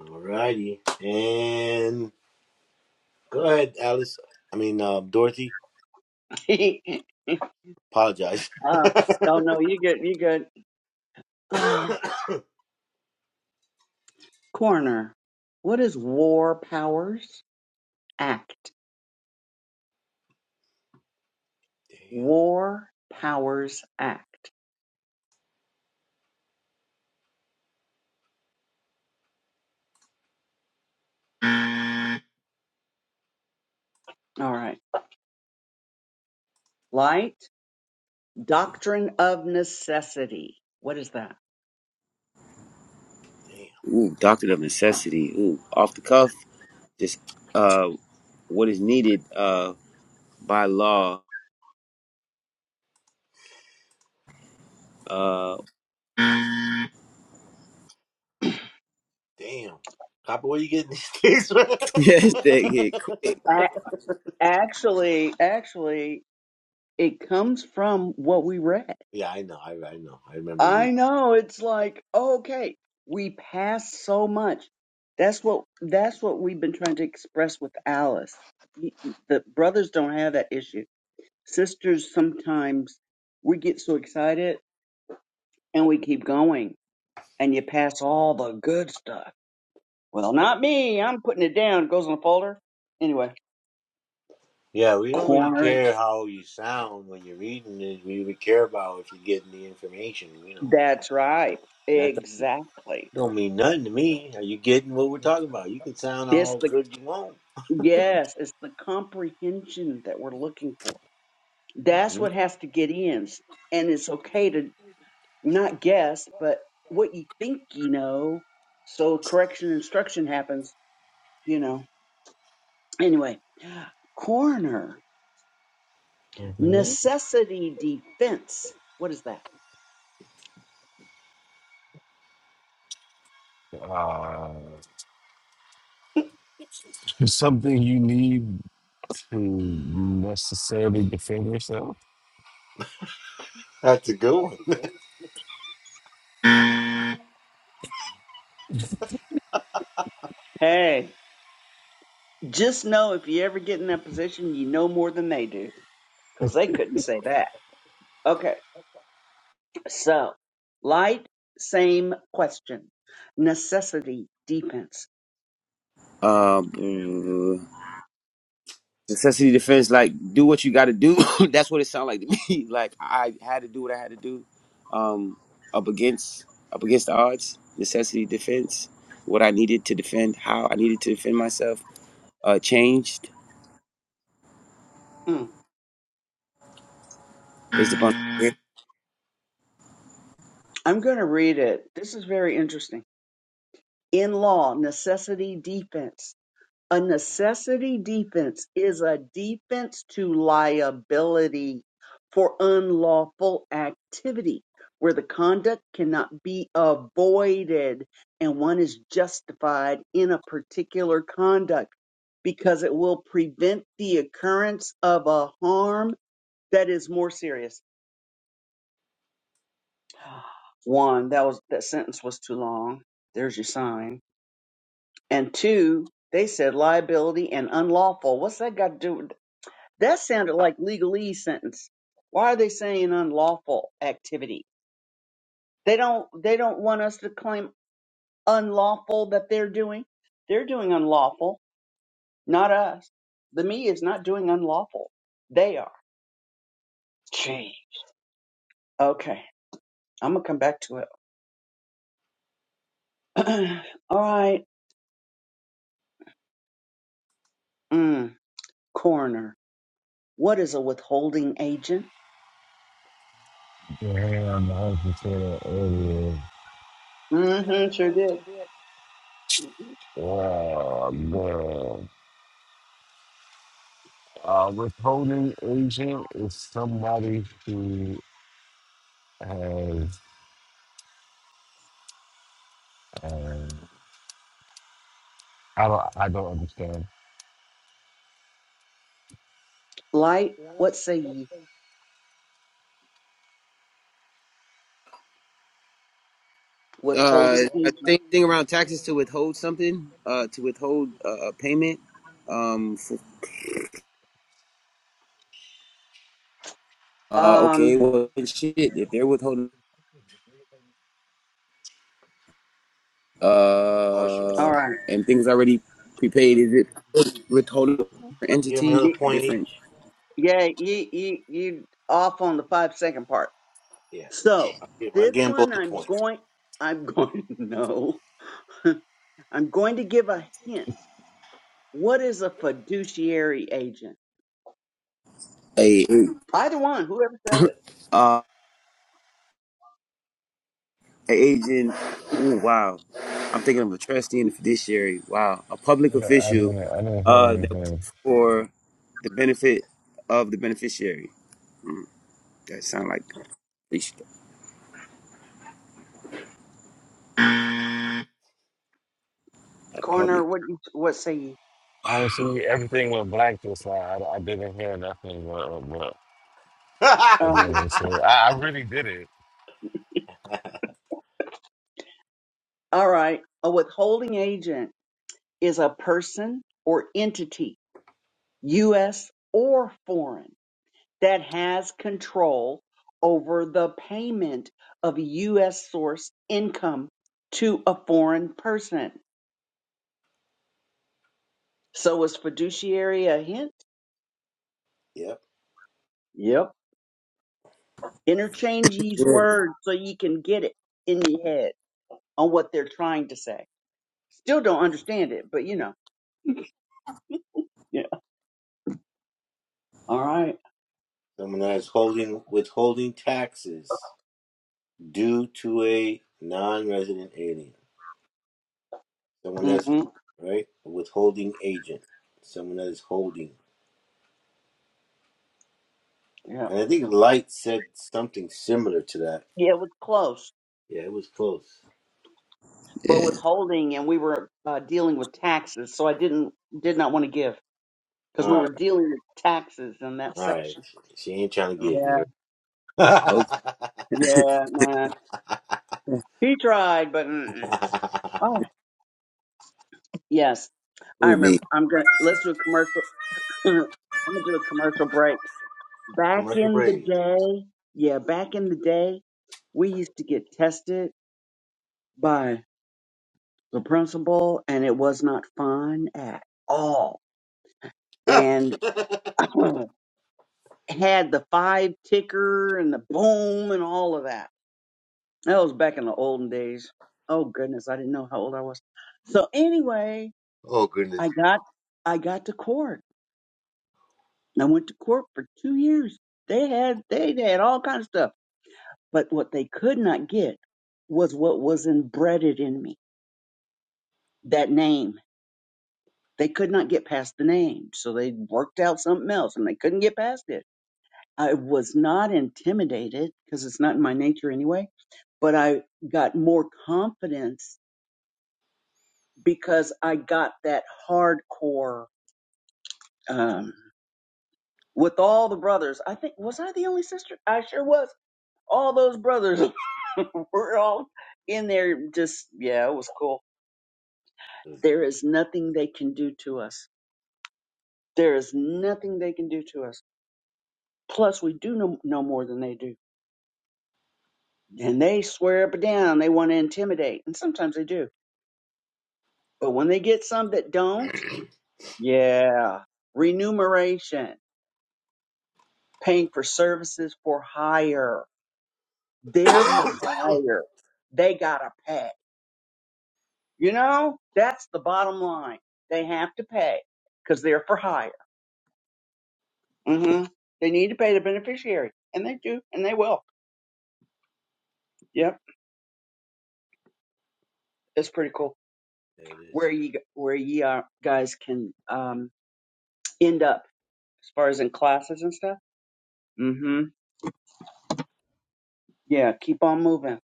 Speaker 4: All righty, and go ahead, Alice. I mean, um, Dorothy. Apologize.
Speaker 2: um, oh no, you good. You good. Uh,
Speaker 4: damn,
Speaker 2: Coroner, what is War Powers Act? War Powers Act. All right. Light, Doctrine of Necessity. What is that?
Speaker 1: Ooh, doctrine of necessity. Ooh, off the cuff. Just uh, what is needed uh by law. Uh,
Speaker 4: damn. Damn. Copper, where you getting these things from?
Speaker 1: yes,
Speaker 2: I, actually, actually, it comes from what we read.
Speaker 4: yeah, I know. I, I know. I remember reading.
Speaker 2: I know it's like, okay, we pass so much. That's what that's what we've been trying to express with Alice. The brothers don't have that issue Sisters, sometimes we get so excited and we keep going and you pass all the good stuff. Well, not me. I'm putting it down. It goes in a folder. Anyway,
Speaker 4: Yeah, we don't really
Speaker 2: corn.
Speaker 4: care how you sound when you're reading it. We would care about if you're getting the information, you know.
Speaker 2: That's right.
Speaker 4: That don't
Speaker 2: Exactly.
Speaker 4: don't mean nothing to me. Are you getting what we're talking about? You can sound
Speaker 2: It's
Speaker 4: all
Speaker 2: the,
Speaker 4: good you want.
Speaker 2: yes, it's the comprehension that we're looking for. That's
Speaker 4: hmm
Speaker 2: what has to get in. And it's okay to not guess, but what you think you know. So correction instruction happens, you know. Anyway, coroner,
Speaker 3: hmm
Speaker 2: necessity defense. What is that?
Speaker 3: Uh, something you need to necessarily defend yourself.
Speaker 4: That's a good one.
Speaker 2: Hey, just know if you ever get in that position, you know more than they do because they couldn't say that. Okay, so light, same question. Necessity defense.
Speaker 1: Um, necessity defense, like do what you got to do. That's what it sounded like to me. Like I had to do what I had to do. Um, up against up against the odds. Necessity defense. What I needed to defend, how I needed to defend myself, uh, changed
Speaker 2: Mm,
Speaker 1: based upon.
Speaker 2: I'm going to read it. This is very interesting. In law, necessity defense A necessity defense is a defense to liability for unlawful activity where the conduct cannot be avoided and one is justified in a particular conduct because it will prevent the occurrence of a harm that is more serious. One, that was that sentence was too long. There's your sign. And two, they said liability and unlawful. What's that got to do? That sounded like legalese sentence. Why are they saying unlawful activity? They don't they don't want us to claim unlawful that they're doing. They're doing unlawful, not us. The me is not doing unlawful. They are. Gee. Okay. I'm gonna come back to it. All right. Mm, coroner. What is a withholding agent?
Speaker 3: Damn, I was just saying that earlier.
Speaker 2: Mm-hmm, sure did.
Speaker 3: Oh, man. Uh, withholding agent is somebody who has. Um, I don't. I don't understand.
Speaker 2: Light, what say ye?
Speaker 1: Uh,
Speaker 2: Withholding agent.
Speaker 1: same thing around taxes to withhold something, uh, to withhold uh, a payment. Um, for, uh, okay,
Speaker 2: Um,
Speaker 1: well, shit. If they're withholding
Speaker 4: Partial.
Speaker 1: Uh,
Speaker 2: all right.
Speaker 1: and things already prepaid. Is it with whole
Speaker 4: We'll give him
Speaker 1: entity,
Speaker 4: another
Speaker 1: a
Speaker 4: point
Speaker 1: different
Speaker 4: each.
Speaker 2: Yeah, you you you off on the five second part.
Speaker 4: Yeah.
Speaker 2: So
Speaker 4: I'll give, I'll
Speaker 2: this
Speaker 4: give him
Speaker 2: one
Speaker 4: both the
Speaker 2: I'm
Speaker 4: points.
Speaker 2: going I'm going no. I'm going to give a hint. What is a fiduciary agent?
Speaker 1: a
Speaker 2: Either one, whoever says it.
Speaker 1: uh a agent? Ooh, wow, I'm thinking of a trustee and a fiduciary. Wow, a public
Speaker 3: I don't. I
Speaker 1: official
Speaker 3: didn't, I didn't hear
Speaker 1: uh that
Speaker 3: anything.
Speaker 1: works for the benefit of the beneficiary. That sound like a public.
Speaker 2: Coroner, what you- what say you?
Speaker 3: Honestly, everything went blank this time. I, I didn't hear nothing. But, but,
Speaker 2: Um,
Speaker 3: but then, so I, I really did it.
Speaker 2: all right. A withholding agent is a person or entity, US or foreign. that has control over the payment of U.S. source income to a foreign person. So is fiduciary a hint?
Speaker 4: yep.
Speaker 2: Yep. Interchange these
Speaker 1: Yeah.
Speaker 2: words so you can get it in your head on what they're trying to say. Still don't understand it, but you know. Yeah. All right.
Speaker 4: Someone that's holding withholding taxes. due to a non-resident alien, someone that's
Speaker 2: hmm
Speaker 4: right a withholding agent, someone that is holding.
Speaker 2: Yeah.
Speaker 4: And I think Light said something similar to that.
Speaker 2: Yeah, it was close,
Speaker 4: Yeah, it was close.
Speaker 1: Yeah.
Speaker 2: but withholding, and we were uh, dealing with taxes, so I didn't did not want to give because we
Speaker 4: All right,
Speaker 2: were dealing with taxes in that
Speaker 4: all right.
Speaker 2: section.
Speaker 4: She ain't trying to give you her
Speaker 1: Okay.
Speaker 2: Yeah, nah. He tried, but mm-mm. oh yes, I
Speaker 1: Ooh, me.
Speaker 2: remember. I'm gonna let's do a commercial. I'm gonna do a commercial break. Back
Speaker 4: commercial
Speaker 2: in the
Speaker 4: break.
Speaker 2: day, yeah, back in the day, we used to get tested by the principal, and it was not fun at all. And had the five ticker and the boom and all of that. That was back in the olden days. Oh goodness, I didn't know how old I was. So anyway,
Speaker 4: Oh goodness,
Speaker 2: I got I got to court. I went to court for two years. They had they had all kinds of stuff. But what they could not get was what was embedded in me. That name. They could not get past the name. So they worked out something else and they couldn't get past it. I was not intimidated because it's not in my nature anyway, but I got more confidence because I got that hardcore um with all the brothers. I think was I the only sister? I sure was all those brothers were all in there just yeah it was cool there is nothing they can do to us there is nothing they can do to us plus we do know, know more than they do and they swear up and down they want to intimidate and sometimes they do but when they get some that don't yeah remuneration paying for services for hire they're for
Speaker 1: Mm-mm.
Speaker 2: hire they gotta pay You know, that's the bottom line. They have to pay because they're for hire. hmm They need to pay the beneficiary, and they do, and they will. Yep, it's pretty cool
Speaker 4: there it is.
Speaker 2: where you where you uh, guys can um, end up as far as in classes and stuff. hmm Yeah, keep on moving.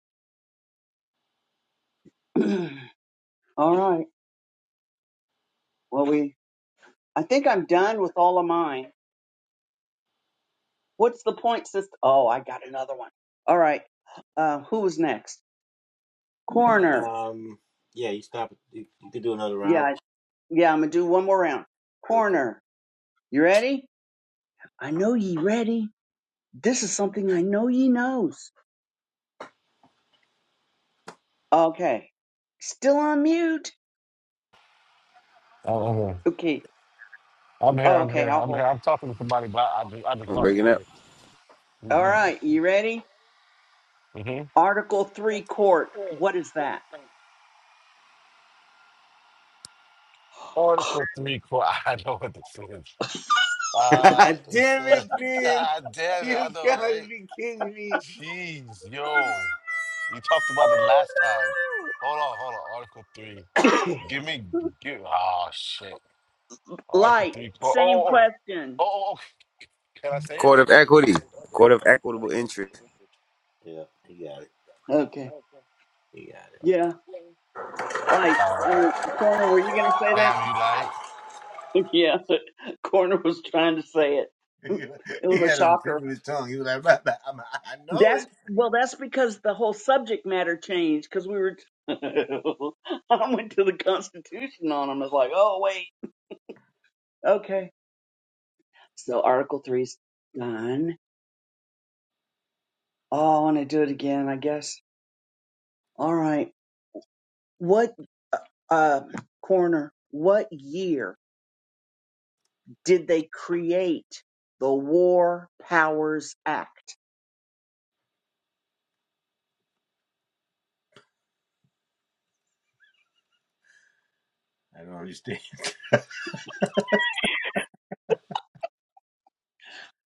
Speaker 2: all right. Well, we I think I'm done with all of mine. What's the point system? Oh, I got another one. All right. Uh, who was next? Corner.
Speaker 4: Um, yeah, you stop. You, you could do another
Speaker 2: Yeah,
Speaker 4: round.
Speaker 2: Yeah, I'm gonna do one more round.
Speaker 4: Okay.
Speaker 2: Corner. You ready? I know ye ready. This is something I know ye knows. Okay. Still on mute.
Speaker 3: I'm
Speaker 2: Okay.
Speaker 3: I'm here.
Speaker 2: Oh,
Speaker 3: I'm here. I'm
Speaker 2: okay,
Speaker 3: here.
Speaker 2: I'll
Speaker 3: I'm
Speaker 2: hold.
Speaker 3: here. I'm talking to somebody, but I just, I just
Speaker 1: I'm
Speaker 3: walked
Speaker 1: breaking up.
Speaker 3: away.
Speaker 2: All
Speaker 3: Mm-hmm.
Speaker 2: right, you ready?
Speaker 3: Mm-hmm.
Speaker 2: Article three court. What is that?
Speaker 3: Oh, this for three quarters. I know what this is. Uh, it's
Speaker 4: Damn
Speaker 3: uh,
Speaker 4: it, man!
Speaker 3: God damn it, I
Speaker 4: You
Speaker 3: know,
Speaker 4: gotta
Speaker 3: right?
Speaker 4: be kidding me.
Speaker 3: Jeez, yo, we talked about it last time.
Speaker 2: Oh
Speaker 3: Hold on, hold on. Article three.
Speaker 2: no.
Speaker 3: Give me, give. Oh shit. Article
Speaker 2: Light.
Speaker 3: three. Oh, oh,
Speaker 2: Same
Speaker 3: oh, oh, oh.
Speaker 2: question.
Speaker 3: oh, okay. Can I say it?
Speaker 1: Court of equity. Court of equitable interest.
Speaker 4: Yeah, he got it.
Speaker 2: Okay.
Speaker 4: He got it.
Speaker 2: Yeah. Light.
Speaker 3: Uh,
Speaker 2: I mean, corner. Were you gonna say that?
Speaker 3: damn, you lied.
Speaker 2: yeah. Corner was trying to say it. It was a shocker. That's well, that's because the whole subject matter changed because we were. I went to the Constitution on them. It's like, oh wait, okay. So Article Three's done. Oh, I want to do it again. I guess. All right. What uh, corner? What year did they create the War Powers Act?
Speaker 4: I don't understand.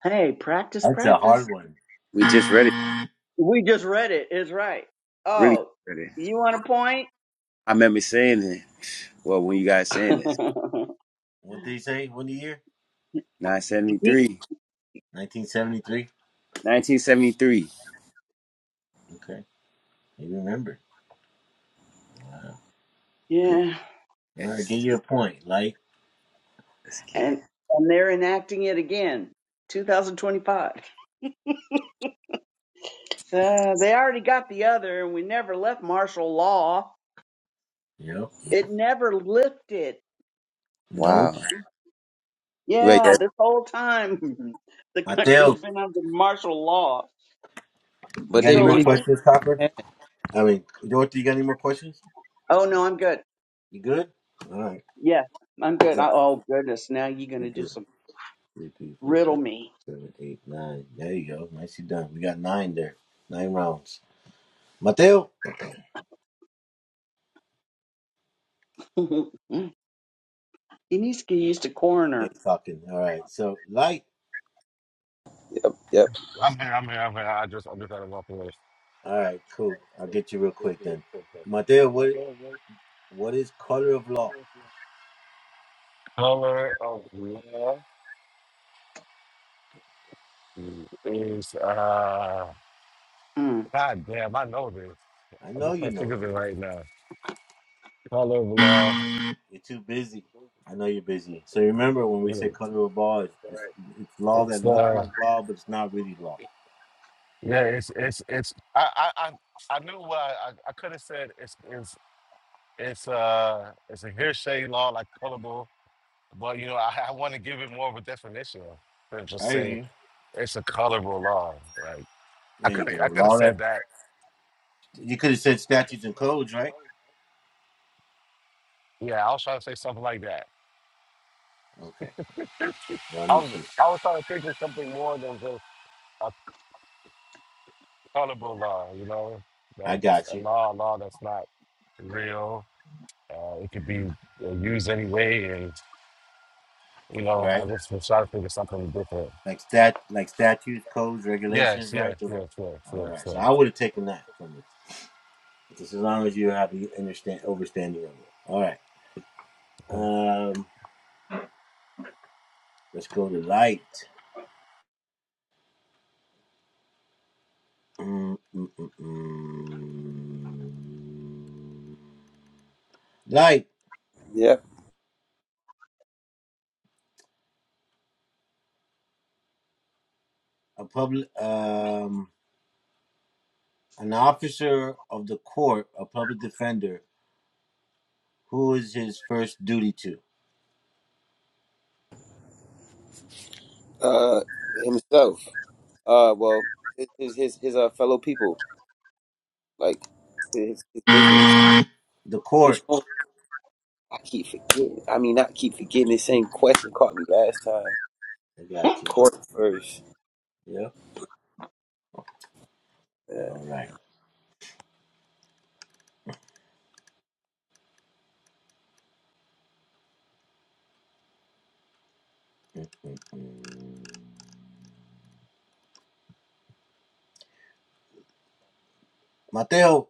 Speaker 2: Hey, practice,
Speaker 4: That's a
Speaker 2: practice.
Speaker 4: hard one.
Speaker 1: We just read it.
Speaker 2: We just read it. It's right.
Speaker 4: Yeah.
Speaker 1: Really
Speaker 2: Oh,
Speaker 1: read it.
Speaker 2: you want a
Speaker 1: I remember saying it. Well, when you guys saying this,
Speaker 2: point?
Speaker 4: What did he say? What year?
Speaker 2: he
Speaker 1: 973,
Speaker 4: 1973.
Speaker 1: 1973.
Speaker 4: Okay. You remember. Good.
Speaker 2: Yeah,
Speaker 4: All right. Give
Speaker 1: Yes,
Speaker 4: you a point. Like,
Speaker 1: let's get it.
Speaker 2: and and they're enacting it again, 2025. So they already got the other, and we never left martial law.
Speaker 4: yep.
Speaker 2: It never lifted.
Speaker 4: Nope.
Speaker 1: Wow. Wait,
Speaker 2: Yeah,
Speaker 1: yes.
Speaker 2: this whole time the
Speaker 4: Mateo,
Speaker 2: country's been under martial law.
Speaker 4: you
Speaker 1: but
Speaker 4: got
Speaker 1: they
Speaker 4: any
Speaker 2: So it
Speaker 4: more
Speaker 2: was.
Speaker 1: really go.
Speaker 2: e,
Speaker 4: questions, Copper?
Speaker 1: ham.
Speaker 4: I mean, Dorothy, you got any more questions?
Speaker 2: Oh no, I'm good.
Speaker 4: You good? All right.
Speaker 2: Yeah, I'm good.
Speaker 4: Yeah.
Speaker 2: I, oh goodness, now you're
Speaker 4: You're
Speaker 2: gonna do
Speaker 4: good.
Speaker 2: some
Speaker 4: Three, three, four, five,
Speaker 2: riddle me.
Speaker 4: seven, eight, nine. There you go. Nicely done. We got nine there. Nine rounds. Mateo?
Speaker 2: Iniski used to
Speaker 4: Hey,
Speaker 2: coroner.
Speaker 4: talking. All right. So, light.
Speaker 1: Yep, yep,
Speaker 3: I'm here. I'm here. I'm here. I just, I'm just had to walk away.
Speaker 4: All right. Cool. I'll get you real quick then. Mateo, what what is color of law?
Speaker 3: Color of love is uh.
Speaker 2: Mm.
Speaker 3: God damn, I know this.
Speaker 4: I
Speaker 3: I
Speaker 4: know
Speaker 3: just
Speaker 4: you
Speaker 3: can't think
Speaker 4: know
Speaker 3: of it
Speaker 4: this.
Speaker 3: right now. Paul law.
Speaker 4: You're too busy. I know you're busy. So remember when we say
Speaker 3: mm,
Speaker 4: color of law, it's, it's it's law
Speaker 3: It's
Speaker 4: that looks
Speaker 3: uh,
Speaker 4: like law, but it's not really law.
Speaker 3: yeah, it's it's it's. I I I, I knew what I, I I could have said. It's it's it's uh it's a hearsay law like colorable, but you know I, I want to give it more of a definition than just
Speaker 4: I hear
Speaker 3: say
Speaker 4: you.
Speaker 3: it's a colorable law. Like I
Speaker 4: There you go.
Speaker 3: could I could have
Speaker 4: Law
Speaker 3: said
Speaker 4: that
Speaker 3: that.
Speaker 4: you could have said
Speaker 3: Uh,
Speaker 4: statutes and codes, right?
Speaker 3: Yeah, I was trying to say something like that.
Speaker 4: Okay. Well, I
Speaker 3: I
Speaker 4: need
Speaker 3: was
Speaker 4: you.
Speaker 3: I was trying to think of something more than just. a Colorable law, you know, like
Speaker 4: I
Speaker 3: it's
Speaker 4: got
Speaker 3: a
Speaker 4: you.
Speaker 3: law, a law that's not real. Uh, it could be uh, used anyway, and you know, I
Speaker 4: Right?
Speaker 3: just was trying to think of something different.
Speaker 4: Like stat, like statutes, codes,
Speaker 3: Yes,
Speaker 4: regulations,
Speaker 3: yes,
Speaker 4: right? Those are,
Speaker 3: yes, yes,
Speaker 4: all
Speaker 3: yes,
Speaker 4: right. So
Speaker 3: yes.
Speaker 4: I would have taken that from you, just as long as you have the understand overstanding of it. All right.
Speaker 3: Mhm.
Speaker 4: Um, let's go to light. Mm, mm, mm, mm. like
Speaker 1: yep.
Speaker 4: a public um, an officer of the court, a public defender, who is his first duty to?
Speaker 1: Uh, himself. Uh, well, his his his, his uh, fellow people, like his, his business.
Speaker 4: The
Speaker 1: Which
Speaker 4: court.
Speaker 1: one? I keep forgetting. I mean, not keep forgetting. The same question caught me last time.
Speaker 4: I got you.
Speaker 1: Court first.
Speaker 4: Yep. All right. Mhm. Mateo,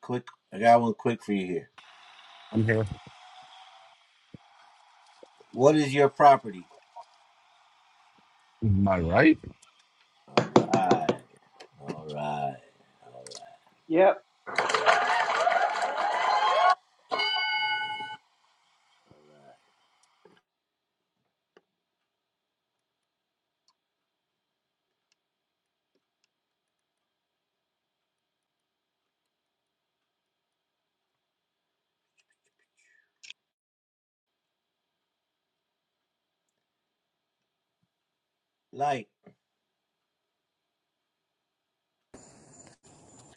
Speaker 4: quick. I got one quick for you here.
Speaker 3: I'm here.
Speaker 4: What is your property?
Speaker 3: Am I right?
Speaker 4: All right. All right.
Speaker 2: Yep.
Speaker 4: Like,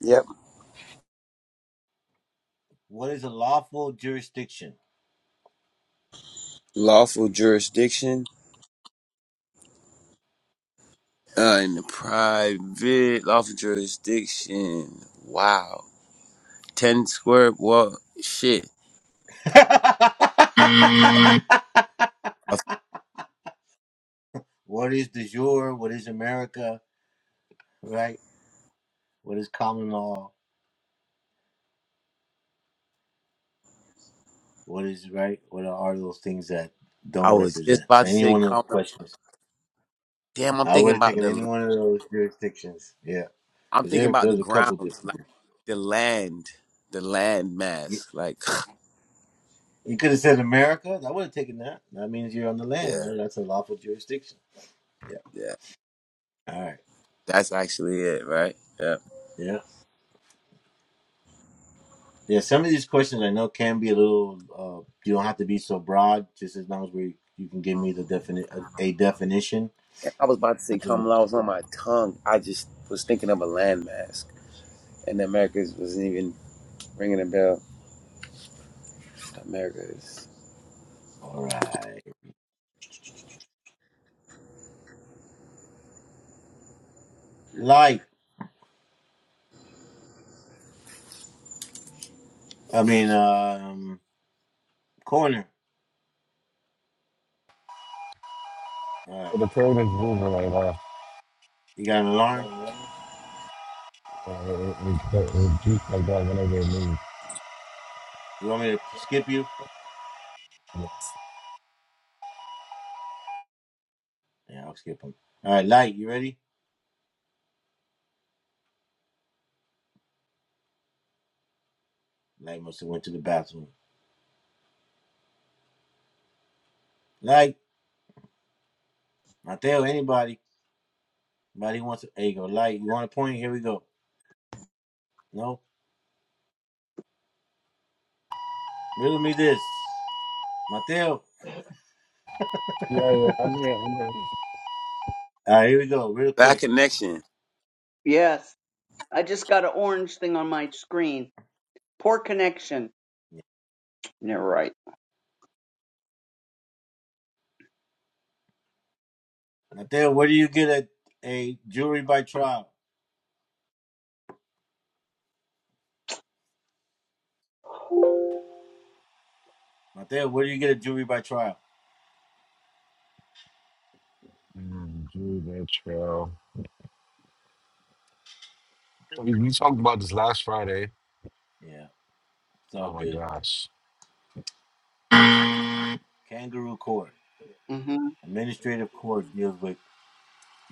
Speaker 1: Yep.
Speaker 4: what is a lawful jurisdiction?
Speaker 1: Lawful jurisdiction Uh, in the private lawful jurisdiction. Wow. 10 square. Well, shit. I
Speaker 4: what is the jure? What is America? Right? What is common law? What is right? What are those things that
Speaker 1: I
Speaker 4: don't
Speaker 1: was
Speaker 4: represent?
Speaker 1: just about
Speaker 4: So
Speaker 1: to
Speaker 4: any
Speaker 1: say,
Speaker 4: one of those
Speaker 1: common.
Speaker 4: questions,
Speaker 1: Damn, I'm
Speaker 4: I
Speaker 1: thinking
Speaker 4: would have
Speaker 1: about
Speaker 4: taken any
Speaker 1: the,
Speaker 4: one of those jurisdictions. Yeah,
Speaker 1: I'm
Speaker 4: because
Speaker 1: thinking
Speaker 4: there,
Speaker 1: about the
Speaker 4: there's a couple
Speaker 1: grounds,
Speaker 4: different.
Speaker 1: like the land, the land
Speaker 4: You,
Speaker 1: mass. Like,
Speaker 4: you could have said America. I would have taken that. That means you're on the land.
Speaker 1: yeah,
Speaker 4: Right? That's a lawful jurisdiction. Yeah.
Speaker 1: yeah.
Speaker 4: All right.
Speaker 1: That's actually it, right? Yeah.
Speaker 4: Yeah. Yeah. Some of these questions I know can be a little. Uh, you don't have to be so broad. Just as long as we, you can give me the definite a, a definition.
Speaker 1: I was about to say common law was on my tongue. I just was thinking of a land mask. And America's wasn't even ringing a bell. America's.
Speaker 4: All right. Light. I mean, um, corner. All right.
Speaker 3: Oh, The curve is moving right now.
Speaker 4: You got an alarm?
Speaker 3: Uh, it, it, it, it juice like that whenever it moves.
Speaker 4: You want me to skip you?
Speaker 3: Yes.
Speaker 4: Yeah, I'll skip him. All right, Light, you ready? Light must have went to the bathroom. Light, Mateo, anybody? Anybody wants to? There you go, Light. You want a point? Here we go. No, riddle me this, Mateo.
Speaker 3: Yeah, yeah, I'm here, I'm here.
Speaker 4: All right, here we go, real
Speaker 1: That
Speaker 4: quick.
Speaker 1: connection.
Speaker 2: Yes. I just got an orange thing on my screen. Poor connection. You're right.
Speaker 4: Mateo, where do you get a a jury by trial? Mateo, where do you get a jury by trial?
Speaker 3: Mm, Judah Trail. We, we talked about this last Friday.
Speaker 4: Yeah, it's all
Speaker 3: Oh my
Speaker 4: good.
Speaker 3: gosh.
Speaker 4: Kangaroo court,
Speaker 2: hmm
Speaker 4: administrative court deals with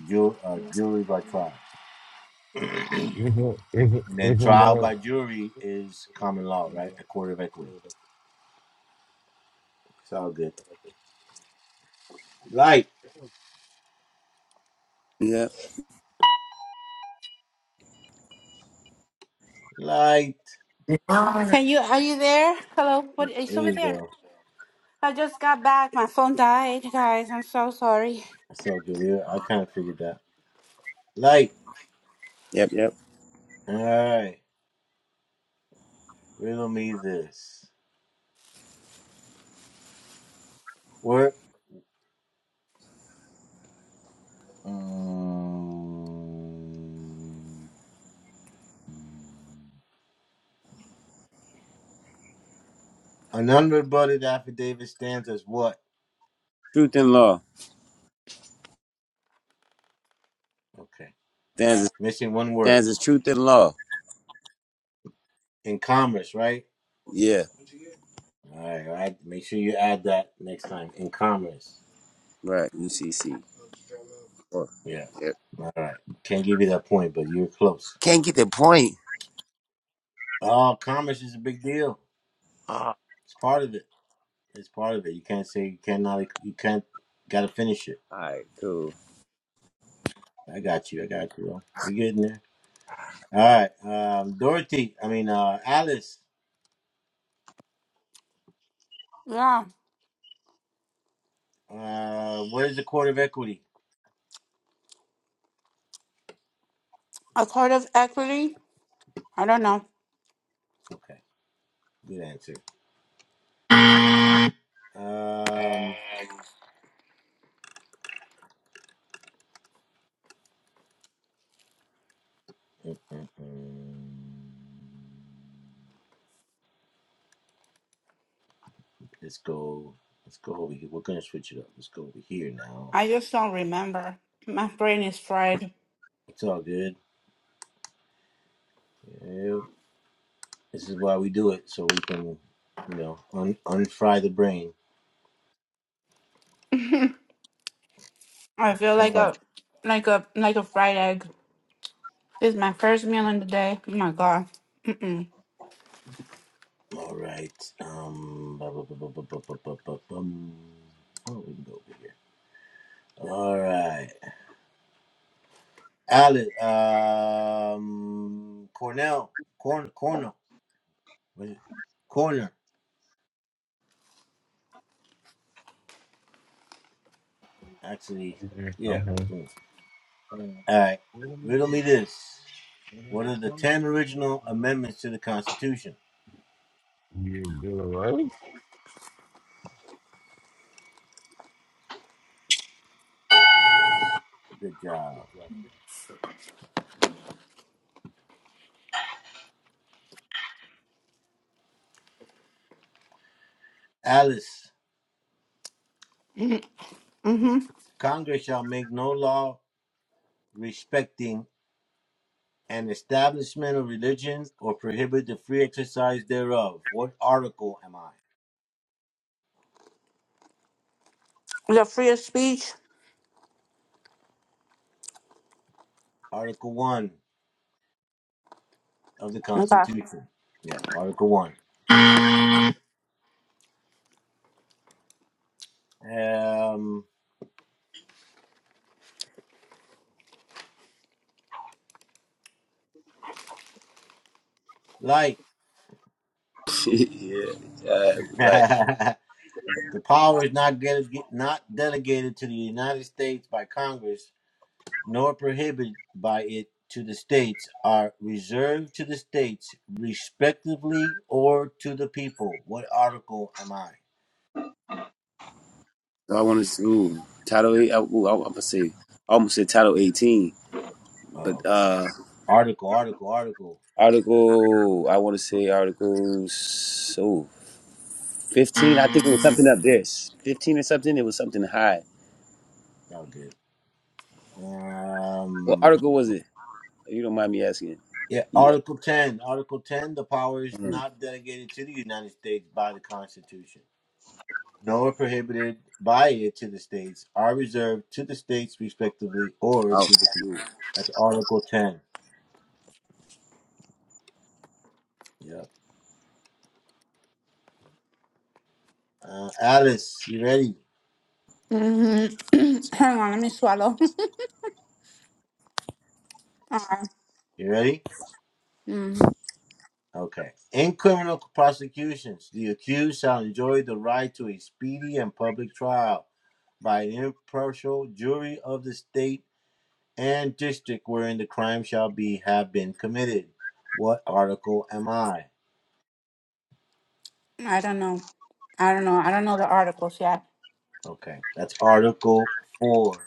Speaker 4: ju- uh, jury by trial,
Speaker 3: Isn't, isn't,
Speaker 4: and then
Speaker 3: isn't
Speaker 4: trial
Speaker 3: there?
Speaker 4: by jury is common law, right? A court of equity. It's all good. Light,
Speaker 1: Yep,
Speaker 4: light.
Speaker 5: Can you are you there? Hello, what are you
Speaker 4: There
Speaker 5: still
Speaker 4: you
Speaker 5: there?
Speaker 4: go.
Speaker 5: I just got back. My phone died, guys. I'm so sorry.
Speaker 4: It's all good. Yeah, I kind of figured that. Light.
Speaker 1: yep, yep.
Speaker 4: All right. Riddle me this. Work. Um, an unrebutted affidavit stands as what?
Speaker 1: Truth and Law.
Speaker 4: Okay.
Speaker 1: Stands
Speaker 4: Missing one word.
Speaker 1: stands Truth and Law.
Speaker 4: In commerce, right?
Speaker 1: Yeah,
Speaker 4: All right. all right. Make sure you add that next time. In commerce.
Speaker 1: right. UCC. Oh,
Speaker 4: Yeah.
Speaker 1: yeah.
Speaker 4: All right. Can't give you that point, but you're close.
Speaker 1: Can't get the point.
Speaker 4: Oh, commerce is a big deal.
Speaker 1: Ah,
Speaker 4: It's part of it. It's part of it. You can't say you cannot. You can't. Got to finish it.
Speaker 1: all right, cool.
Speaker 4: I got you. I got you. Bro. We getting there. All right. Um, Dorothy. I mean, uh, Alice.
Speaker 5: Yeah,
Speaker 4: Uh, what is the court of equity?
Speaker 5: a court of equity. I don't know.
Speaker 4: Okay. Good answer. Um, mm-mm. let's go. Let's go over here. We're gonna switch it up. Let's go over here now.
Speaker 5: I just don't remember. My brain is fried.
Speaker 4: It's all good. Yeah. This is why we do it, so we can, you know, un unfry the brain.
Speaker 5: I feel
Speaker 4: All
Speaker 5: like
Speaker 4: right.
Speaker 5: a like a like a fried egg. This is my first meal in the day. Oh my god. Mm-mm.
Speaker 4: All right. Um. bu- bu- bu- bu- bu- bu- bu- bu- bum. Oh, we can go over here. All right. Alice. Um. Cornell. Corn. corner, What is it? Corner. Actually.
Speaker 3: Okay, I'm
Speaker 4: Yeah. we're
Speaker 3: here.
Speaker 4: good. All right. Riddle me this. What are the ten original amendments to the Constitution?
Speaker 3: You do it right?
Speaker 4: Good job, Alice. Congress shall make no law respecting An establishment of religion, or prohibit the free exercise thereof. What article am I?
Speaker 5: The free of speech.
Speaker 4: Article 1 of the
Speaker 5: Okay.
Speaker 4: Constitution. Yeah, Article 1. Um, like,
Speaker 1: yeah, uh, like
Speaker 4: the power is not, delega- not delegated to the United States by Congress, nor prohibited by it to the states, are reserved to the states respectively or to the people. What article am I?
Speaker 1: so I want to ooh, title eight. I, ooh, I, am gonna say I almost said title eighteen,
Speaker 4: Oh,
Speaker 1: but
Speaker 4: okay.
Speaker 1: uh,
Speaker 4: Article, article, article.
Speaker 1: article I want to say articles so fifteen. I think it was something up there. Fifteen or something. It was something high.
Speaker 4: Sound good.
Speaker 1: What
Speaker 4: Um,
Speaker 1: article was it? If you don't mind me asking.
Speaker 4: yeah,
Speaker 1: Yeah.
Speaker 4: Article 10. Article 10, the power is
Speaker 1: Mm.
Speaker 4: not delegated to the United States by the Constitution, nor prohibited by it to the states, are reserved to the states respectively or
Speaker 1: Oh.
Speaker 4: to the
Speaker 1: cool.
Speaker 4: people. That's Article 10. Yeah. Uh, Alice, you ready?
Speaker 5: hmm Hang on, let me swallow. uh,
Speaker 4: You ready?
Speaker 5: mm,
Speaker 4: Okay. In criminal prosecutions, the accused shall enjoy the right to a speedy and public trial by an impartial jury of the state and district wherein the crime shall be have been committed. What article am I?
Speaker 5: I don't know. I don't know. I don't know the articles yet.
Speaker 4: Okay, that's Article 4.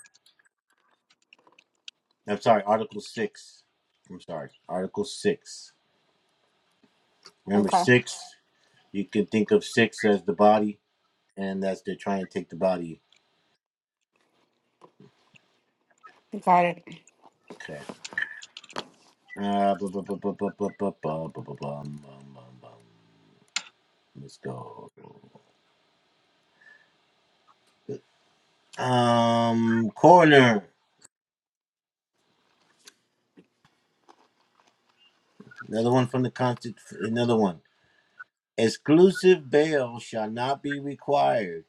Speaker 4: I'm sorry, Article 6. I'm sorry, Article 6. Remember,
Speaker 5: Okay,
Speaker 4: 6, you can think of 6 as the body, and that's they're trying to take the body.
Speaker 5: got it.
Speaker 4: Okay. Uh, bu- bu- bu- bu- bu- bu- bu- bu- bu- bu- bum, bum, bum, bum. Let's go. Um, coroner. Another one from the constant. Another one. Exclusive bail shall not be required,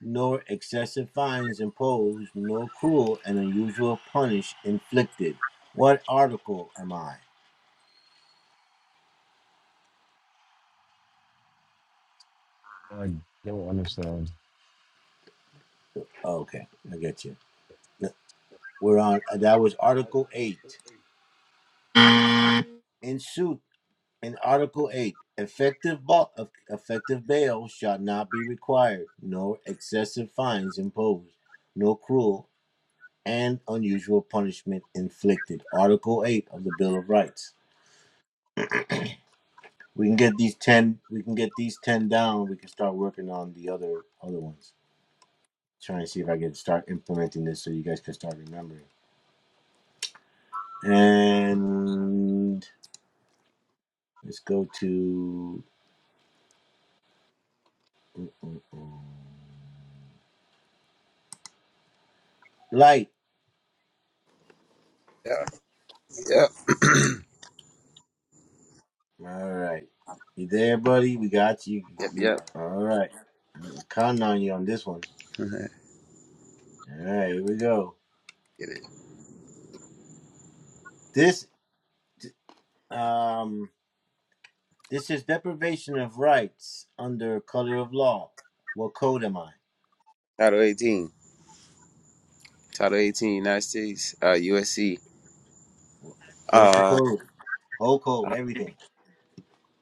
Speaker 4: nor excessive fines imposed, nor cruel and unusual punish inflicted. What article am I?
Speaker 3: I don't understand.
Speaker 4: Oh, Okay, I get you. We're on. uh, That was Article Eight. In suit, in Article Eight, effective ba- effective bail shall not be required, nor excessive fines imposed, nor cruel and unusual punishment inflicted. Article Eight of the Bill of Rights. We can get these ten. We can get these ten down. We can start working on the other other ones. Trying to see if I can start implementing this so you guys can start remembering. And let's go to light.
Speaker 1: Yep. Yep.
Speaker 4: All right, you there, buddy? We got you.
Speaker 1: Yep.
Speaker 4: You
Speaker 1: Yep.
Speaker 4: all right? I'm counting on you on this one.
Speaker 1: Get
Speaker 4: All right, here we go.
Speaker 1: it.
Speaker 4: This um this is deprivation of rights under color of law. What code am I?
Speaker 1: Title 18. Title 18, United States, uh, USC.
Speaker 4: Finish the
Speaker 1: Uh,
Speaker 4: code, whole code, everything.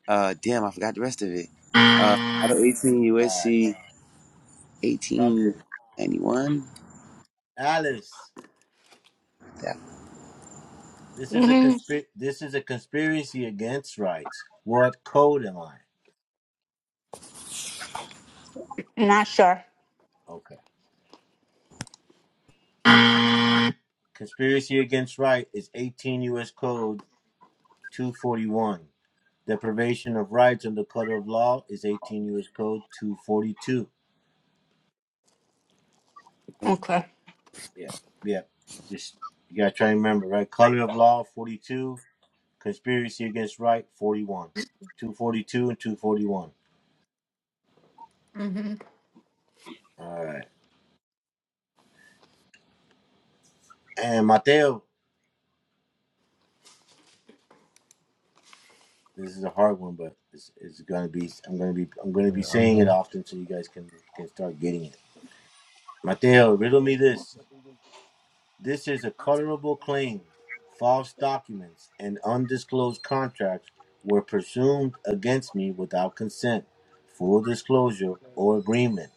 Speaker 1: uh, damn, I forgot the rest of it. Uh, Title 18,
Speaker 4: All right,
Speaker 1: USC,
Speaker 4: it's all good.
Speaker 1: 1891.
Speaker 4: Alice,
Speaker 1: Yeah,
Speaker 4: this is a
Speaker 5: hmm
Speaker 4: consp- this is a conspiracy against rights. What code am I?
Speaker 5: Not sure.
Speaker 4: Okay. Conspiracy against right is 18 U.S. Code 241. Deprivation of rights under code of law is 18 U.S. Code 242.
Speaker 5: Okay.
Speaker 4: Yeah, yeah. Just you gotta try and remember, right? Color of law 42. Conspiracy against right 41. 242 and 241.
Speaker 5: hmm
Speaker 4: All right. And Mateo. This is a hard one, but it's, it's gonna be. I'm gonna be. I'm gonna be
Speaker 3: Okay, I'm
Speaker 4: saying it
Speaker 3: here.
Speaker 4: often, so you guys can can start getting it. Mateo, riddle me this. This is a colorable claim. False documents and undisclosed contracts were presumed against me without consent, full disclosure, or agreement.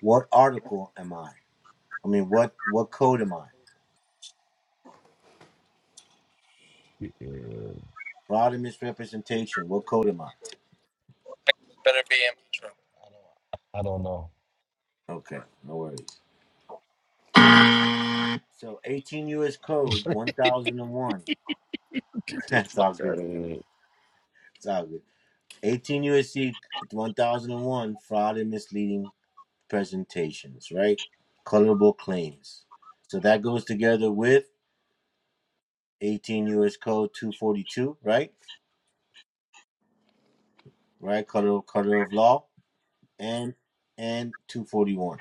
Speaker 4: What article am I? I mean, what what code am I?
Speaker 3: Uh,
Speaker 4: Fraud and misrepresentation. What code am I?
Speaker 3: I don't know.
Speaker 4: Okay, no worries. So, 18 U.S. Code 1001. That's all good. It's all good. 18 USC 1001, fraud and misleading presentations, right? Colorable claims. So that goes together with 18 US Code 242, right? Right, color color of law and and 241.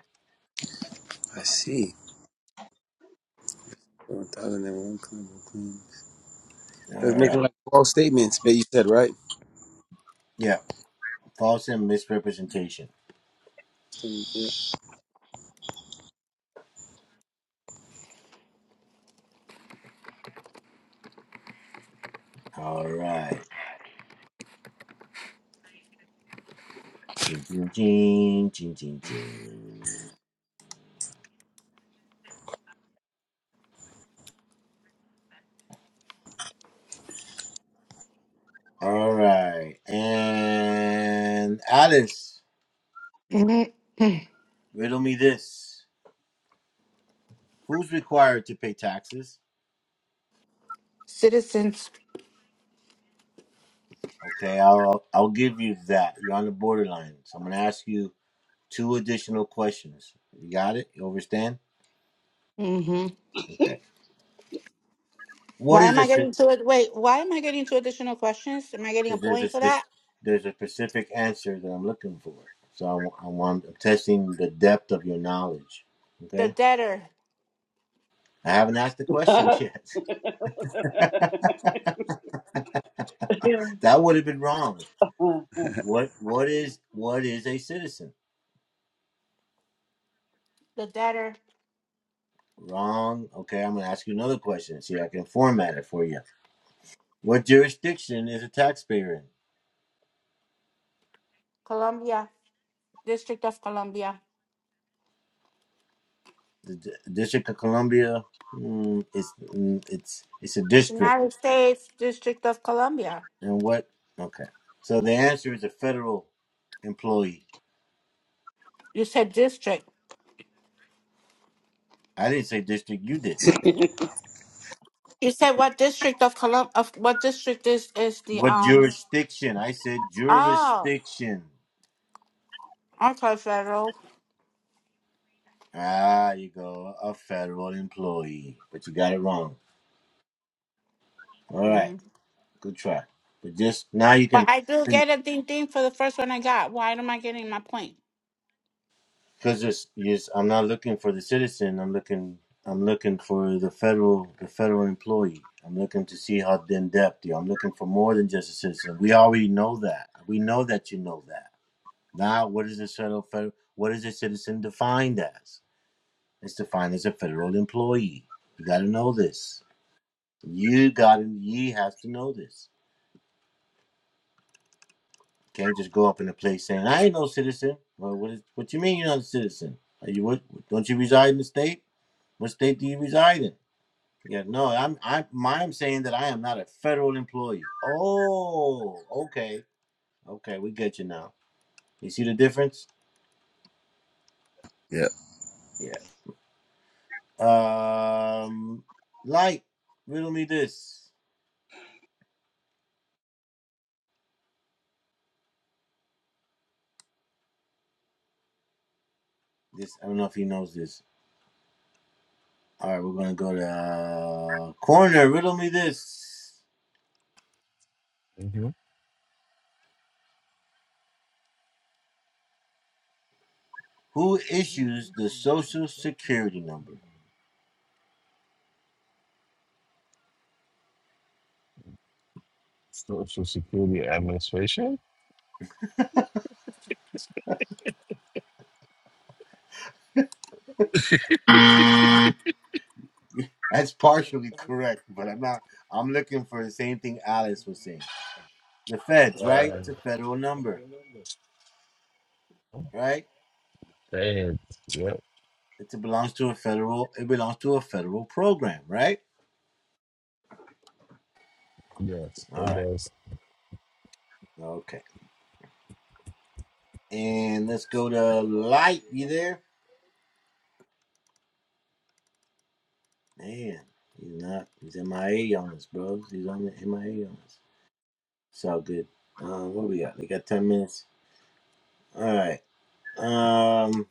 Speaker 1: I see. 1001 claim, claim. of claims.
Speaker 4: All
Speaker 1: It was
Speaker 4: right.
Speaker 1: making like false statements, but you said, right?
Speaker 4: Yeah, false and misrepresentation.
Speaker 1: Yeah.
Speaker 4: All right. Ching, ching, ching, ching, ching, ching. All right. And Alice,
Speaker 5: hmm
Speaker 4: riddle me this. Who's required to pay taxes?
Speaker 5: Citizens.
Speaker 4: Okay, I'll I'll give you that. You're on the borderline. So I'm gonna ask you two additional questions. You got it? You understand?
Speaker 5: Mm-hmm.
Speaker 4: Okay. What
Speaker 5: Why
Speaker 4: is
Speaker 5: am I
Speaker 4: this?
Speaker 5: getting
Speaker 4: Because
Speaker 5: two? ad- Wait, why am I getting two additional questions? Am I getting a
Speaker 4: there's a
Speaker 5: point for that?
Speaker 4: spec- there's a specific answer that I'm looking for. So I'm, I'm, I'm testing the depth of your knowledge.
Speaker 5: The
Speaker 4: Okay.
Speaker 5: debtor,
Speaker 4: I haven't asked the question yet. that would have been wrong. What what is what is a citizen?
Speaker 5: the debtor,
Speaker 4: Wrong. Okay, I'm going to ask you another question. See, I can format it for you. What jurisdiction is a taxpayer in?
Speaker 5: Columbia, District of Columbia,
Speaker 4: The D- District of Columbia. Mm, it's mm, it's it's a district.
Speaker 5: United States District of Columbia.
Speaker 4: And what? Okay. So the answer is a federal employee.
Speaker 5: You said district.
Speaker 4: I didn't say district. You did.
Speaker 5: You said what district of Colum of what district is is the
Speaker 4: What
Speaker 5: um?
Speaker 4: jurisdiction? I said
Speaker 5: Oh,
Speaker 4: jurisdiction.
Speaker 5: okay, federal.
Speaker 4: Ah, you go. A federal employee. But you got it wrong. All right.
Speaker 5: hmm
Speaker 4: Good try. But just now you
Speaker 5: But
Speaker 4: can.
Speaker 5: I do get a ding ding for the first one I got. Why am I getting my point?
Speaker 4: because it's yes, I'm not looking for the citizen. I'm looking. I'm looking for the federal, the federal employee. I'm looking to see how in depth you. I'm looking for more than just a citizen. We already know that. We know that you know that. Now, what is the federal? federal what is a citizen defined as? It's defined as a federal employee. You got to know this. You got to. You have to know this. You Can't just go up in a place saying, "I ain't no citizen." Well, what is? What you mean you're not a citizen? Are you what? Don't you reside in the state? What state do you reside in? Yeah, no, I'm I am I'm saying that I am not a federal employee. Oh, okay. Okay, we get you now. You see the difference?
Speaker 1: yeah.
Speaker 4: Yeah. Um light, riddle me this. This I don't know if he knows this. All right, we're gonna go to uh, corner, riddle me this.
Speaker 3: hmm
Speaker 4: Who issues the social security number?
Speaker 3: Social Security Administration?
Speaker 4: That's partially correct, but I'm not I'm looking for the same thing Alice was saying. The feds, right?
Speaker 3: Uh,
Speaker 4: It's a federal number, right?
Speaker 3: Dad. Yep.
Speaker 4: It belongs to a federal. It belongs to a federal program, right?
Speaker 3: Yes,
Speaker 4: All
Speaker 3: it
Speaker 4: right.
Speaker 3: does.
Speaker 4: Okay. And let's go to Light. You there? Man, he's not. He's MIA on us, bros. He's on the MIA on us. It's all good. Uh, what we got? We got ten minutes. All right. Um.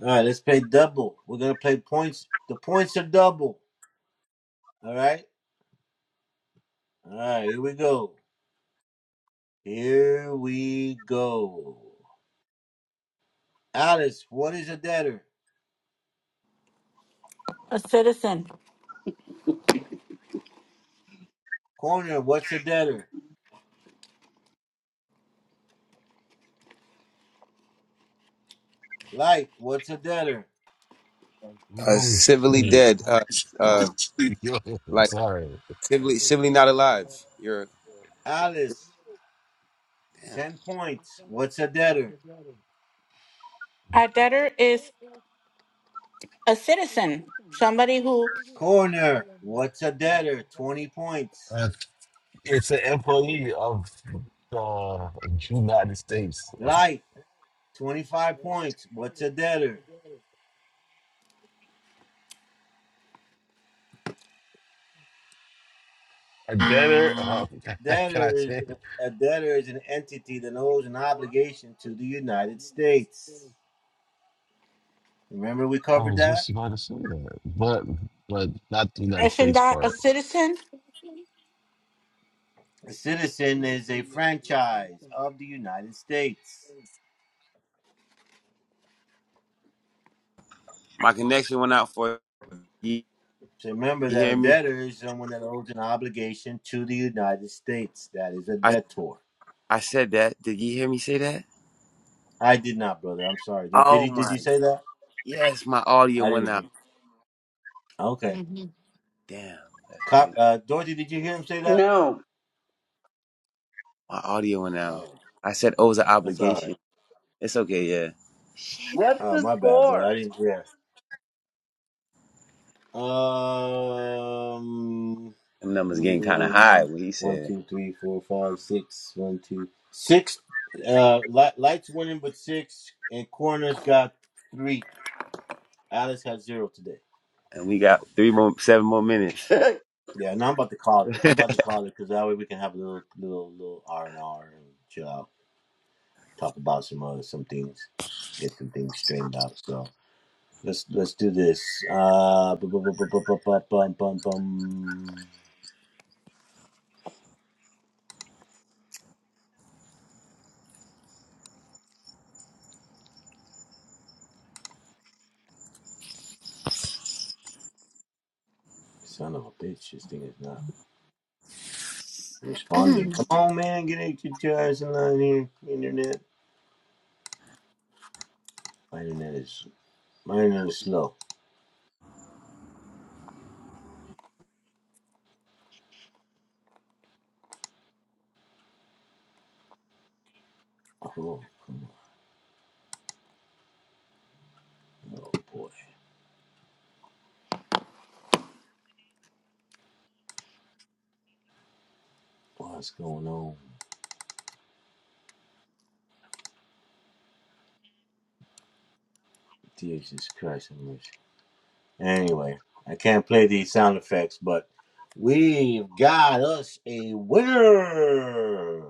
Speaker 4: All right. Let's play double. We're gonna play points. The points are double. All right. All right. Here we go. Here we go. Alice, what is a debtor?
Speaker 5: A citizen.
Speaker 4: Corner, what's a debtor? Light, what's a debtor?
Speaker 1: Uh,
Speaker 3: Holy
Speaker 1: civilly
Speaker 3: shit.
Speaker 1: dead. Uh, uh,
Speaker 3: Yo,
Speaker 1: like
Speaker 3: sorry.
Speaker 1: civilly, civilly not alive. You're,
Speaker 4: Alice,
Speaker 1: damn.
Speaker 4: 10 points. What's a debtor?
Speaker 5: A debtor is a citizen. Somebody who
Speaker 4: Corner, what's a debtor? 20 points.
Speaker 3: Uh, it's an employee of the United States.
Speaker 4: Light, 25 points. What's a debtor?
Speaker 3: I better. Oh,
Speaker 4: A
Speaker 3: can I
Speaker 4: debtor is
Speaker 3: say it?
Speaker 4: a debtor is an entity that owes an obligation to the United States. Remember we
Speaker 3: I
Speaker 4: covered
Speaker 3: was
Speaker 4: that?
Speaker 3: just about to say that, but but not the United
Speaker 5: isn't
Speaker 3: States
Speaker 5: that a
Speaker 3: part.
Speaker 5: citizen?
Speaker 4: A citizen is a franchise of the United States.
Speaker 1: My connection went out for you.
Speaker 4: So remember
Speaker 1: You
Speaker 4: that a
Speaker 1: hear me?
Speaker 4: debtor is someone that owes an obligation to the United States. That is a
Speaker 1: I,
Speaker 4: debtor.
Speaker 1: I said that. Did you hear me say that?
Speaker 4: I did not, brother. I'm sorry. Did, did
Speaker 1: Oh
Speaker 4: he? Did
Speaker 1: my.
Speaker 4: you say that?
Speaker 1: Yes, my audio
Speaker 4: I
Speaker 1: went
Speaker 4: didn't
Speaker 1: out.
Speaker 4: hear. Okay.
Speaker 5: Mhm.
Speaker 1: Damn, that's
Speaker 4: Cop,
Speaker 1: crazy.
Speaker 4: uh, Dorothy, did you hear him say that?
Speaker 2: no.
Speaker 1: My audio went out.
Speaker 4: Oh,
Speaker 1: I said, "Oh, it was an
Speaker 4: that's all right.
Speaker 1: obligation." It's okay. Yeah,
Speaker 2: What's
Speaker 4: Oh,
Speaker 2: the
Speaker 4: my bad, brother.
Speaker 2: score?
Speaker 4: I didn't hear. Um,
Speaker 1: them numbers getting kind of
Speaker 4: mm,
Speaker 1: high when he
Speaker 4: one,
Speaker 1: said, it.
Speaker 4: two, three, four, five, six. One, two, six. Uh, li- lights winning, but six, and corners got three. Alice had zero today.
Speaker 1: and we got three more, seven more minutes.
Speaker 4: Yeah, and I'm about to call it. I'm about to call it because that way we can have a little, little, little R and R and chill out, talk about some other some things, get some things straightened out. So let's let's do this. Uh, bu- bu- bu- bu- bu- bu- bu- bum- bum- bum. son of a bitch, this thing is not responding. Come on, man, get it, get your ass in line here. Internet, my internet is my internet is slow. Oh, come on, oh boy, what's going on? Jesus Christ, i mercy. Anyway, I can't play these sound effects, but we've got us a winner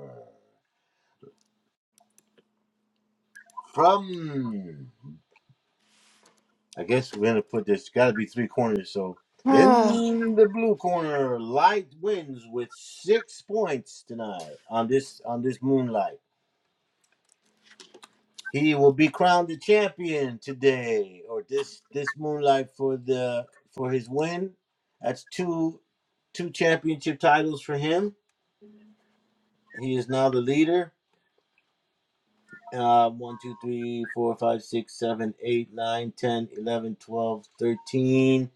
Speaker 4: from. I guess we're gonna put this. Got to be three corners. So
Speaker 5: Oh,
Speaker 4: in the blue corner, Light wins with six points tonight on this on this Moonlight. He will be crowned the champion today, or this this Moonlight for the for his win. That's two two championship titles for him He is now the leader. Uh, one, 2, 3, 4, 5, 6, 7, 8, 9, 10, 11, 12, 13.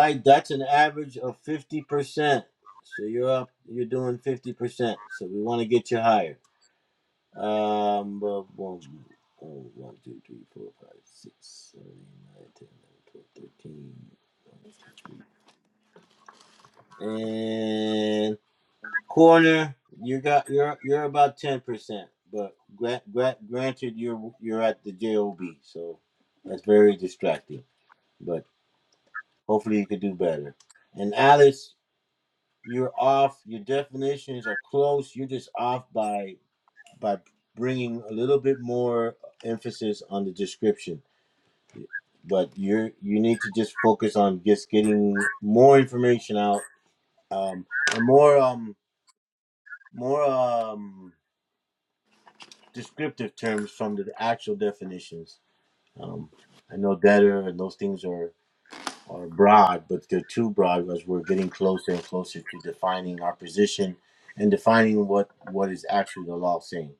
Speaker 4: Like that's an average of 50%. So you're up, you're doing 50%. So we want to get you higher. Um, but one, oh, one, two, three, four, five, six, seven, eight, nine, 10, eleven, twelve, thirteen. one, two, three. And Corner, you got you're you're about ten percent, but gra- gra- granted you're you're at the job, so that's very distracting. But hopefully you could do better. And Alice, you're off. Your definitions are close. You're just off by by bringing a little bit more emphasis on the description. But you're you need to just focus on just getting more information out, um, and more um more um descriptive terms from the actual definitions. Um, I know debtor and those things are, are broad, but they're too broad as we're getting closer and closer to defining our position and defining what, what is actually the law saying.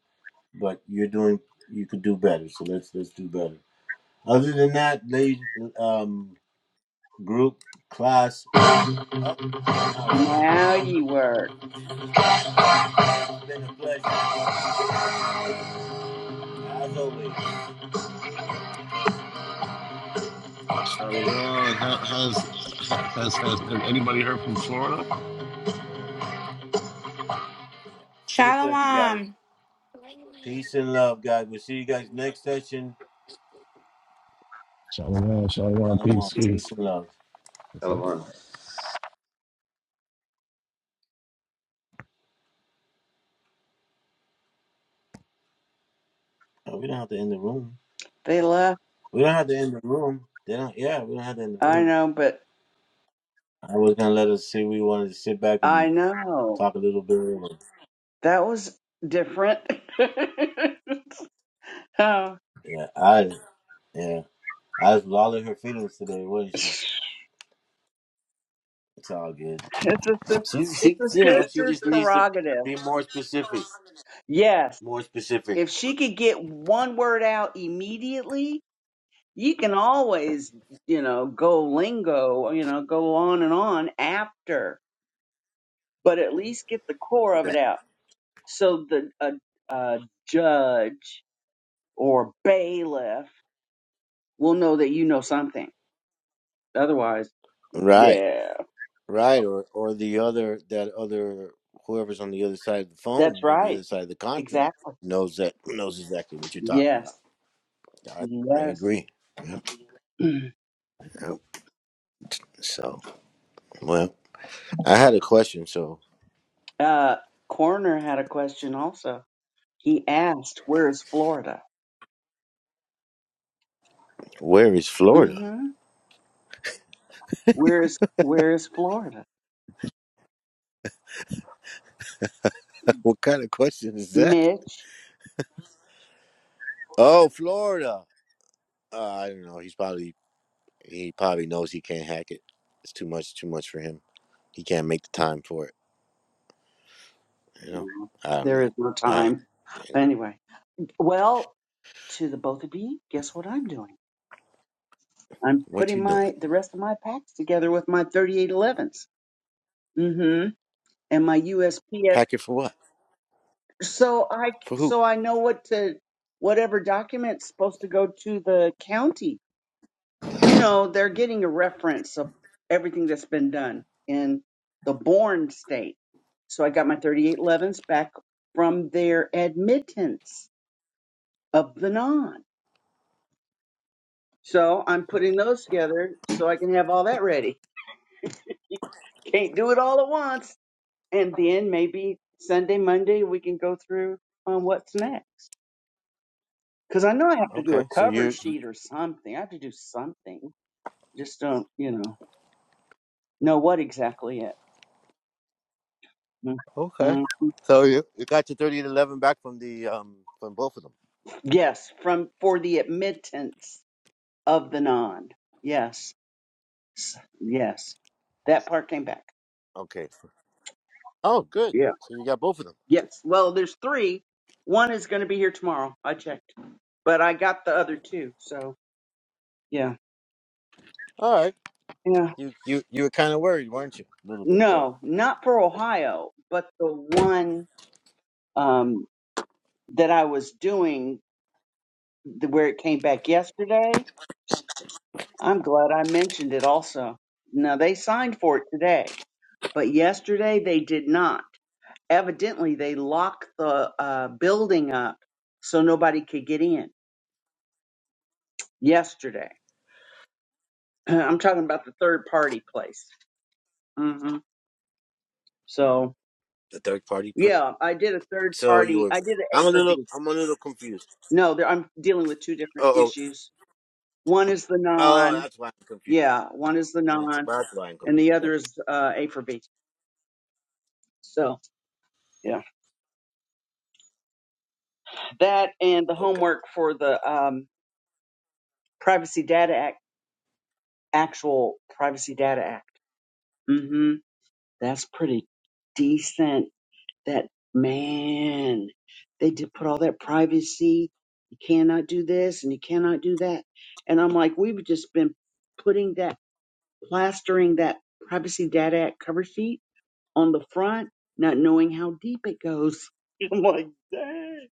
Speaker 4: But you're doing you could do better, so let's let's do better. Other than that, ladies, um, group, class, it's
Speaker 2: now you work.
Speaker 4: been a pleasure as always.
Speaker 3: Shalom. Ha- Has has has, has anybody heard from Florida?
Speaker 4: It's been a pleasure, guys.
Speaker 5: shalom.
Speaker 4: Peace and love, guys. We'll see you guys next session.
Speaker 3: Shalom. Shalom.
Speaker 4: Shalom,
Speaker 3: Peace. Peace.
Speaker 4: peace and love.
Speaker 1: Come on.
Speaker 4: Uh, we don't have to end the room.
Speaker 2: They left.
Speaker 4: We don't have to end the room. They don't. Yeah, we don't have to end the
Speaker 2: I
Speaker 4: room.
Speaker 2: know, but
Speaker 4: I was gonna let us see. We wanted to sit back and
Speaker 2: I know.
Speaker 4: talk a little bit. and-
Speaker 2: That was different. oh.
Speaker 4: Yeah, I. Yeah, I was lolling her feelings today, wasn't she?
Speaker 2: It's
Speaker 4: It's all good.
Speaker 2: a, sis-
Speaker 4: She,
Speaker 2: it's
Speaker 4: she,
Speaker 2: a
Speaker 4: you know, she
Speaker 2: sister's
Speaker 4: just needs to
Speaker 2: prerogative.
Speaker 4: be more specific.
Speaker 2: Yes.
Speaker 4: More specific.
Speaker 2: If she could get one word out immediately, you can always, you know, go lingo, you know, go on and on after, but at least get the core of
Speaker 4: Yeah.
Speaker 2: it out. So the a, a judge or bailiff will know that you know something. Otherwise,
Speaker 4: Right.
Speaker 2: yeah,
Speaker 4: Right. Or, or the other that other whoever's on the other side of the
Speaker 2: that's
Speaker 4: phone or the
Speaker 2: right.
Speaker 4: other side of the contract
Speaker 2: Exactly.
Speaker 4: knows that knows exactly what you're talking about.
Speaker 2: Yes.
Speaker 4: I, I
Speaker 2: Yes.
Speaker 4: agree. Yep, yep. So, well, I had a question. So,
Speaker 2: uh, Corner had a question also. He asked, "Where is Florida?"
Speaker 4: where is
Speaker 2: Mm-hmm.
Speaker 4: Florida?
Speaker 2: hmm Where is Where is Florida,
Speaker 4: what kind of question is that?
Speaker 2: Mitch?
Speaker 4: Oh, Florida. Uh, I don't know. He's probably he probably knows he can't hack it. It's too much, too much for him. He can't make the time for it. You know.
Speaker 2: No,
Speaker 4: I don't
Speaker 2: there is
Speaker 4: know.
Speaker 2: no
Speaker 4: All right,
Speaker 2: time.
Speaker 4: man.
Speaker 2: Anyway, well, to the both of you, guess what I'm doing? I'm
Speaker 4: What
Speaker 2: putting
Speaker 4: you doing?
Speaker 2: my the rest of my packs together with my 3811s. Mm-hmm. And my USPS,
Speaker 4: Pack it for what?
Speaker 2: so I
Speaker 4: For who?
Speaker 2: so I know what to whatever document's supposed to go to the county. You know, they're getting a reference of everything that's been done in the born state. So I got my 3811s back from their admittance of the non. So I'm putting those together so I can have all that ready. Can't do it all at once. And then maybe Sunday, Monday, we can go through on what's next. Because I know I have to do
Speaker 4: Okay.
Speaker 2: a
Speaker 4: So
Speaker 2: cover
Speaker 4: you
Speaker 2: sheet or something. I have to do something. Just don't, you know, know what exactly yet. Mm,
Speaker 4: okay?
Speaker 2: mm.
Speaker 4: So you you got your thirty and eleven back from the um from both of them.
Speaker 2: Yes, from for the admittance of the non. Yes, S- yes, that part came back.
Speaker 4: Okay. Oh, good.
Speaker 2: Yeah.
Speaker 4: So you got both of them.
Speaker 2: Yes. Well, there's three. One is going to be here tomorrow. I checked, but I got the other two. So yeah,
Speaker 4: All right.
Speaker 2: yeah.
Speaker 4: You you you were kind of worried, weren't you? A little bit there.
Speaker 2: No, not for Ohio, but the one um, that I was doing, the, where it came back yesterday. I'm glad I mentioned it. Also, now they signed for it today, but yesterday they did not. Evidently, they locked the uh, building up so nobody could get in yesterday. I'm talking about the third party place hmm So
Speaker 4: The third party play.
Speaker 2: yeah, I did a third
Speaker 4: So you
Speaker 2: party.
Speaker 4: were.
Speaker 2: I did an
Speaker 4: I'm
Speaker 2: A
Speaker 4: a
Speaker 2: for
Speaker 4: little.
Speaker 2: B.
Speaker 4: I'm a little confused.
Speaker 2: No, there, I'm dealing with two different
Speaker 4: Oh oh
Speaker 2: issues. One is the
Speaker 4: oh.
Speaker 2: non.
Speaker 4: That's why I'm confused.
Speaker 2: Yeah, one is the
Speaker 4: Once.
Speaker 2: non,
Speaker 4: That's why I'm
Speaker 2: and
Speaker 4: confused.
Speaker 2: the
Speaker 4: Oh,
Speaker 2: other is uh, A for B. So yeah, that and the
Speaker 4: Okay.
Speaker 2: homework for the um, Privacy Data Act, actual Privacy Data Act. hmm That's pretty decent that man they did put all that privacy you cannot do this and you cannot do that and i'm like we've just been putting that plastering that privacy data act cover sheet on the front not knowing how deep it goes i'm like dang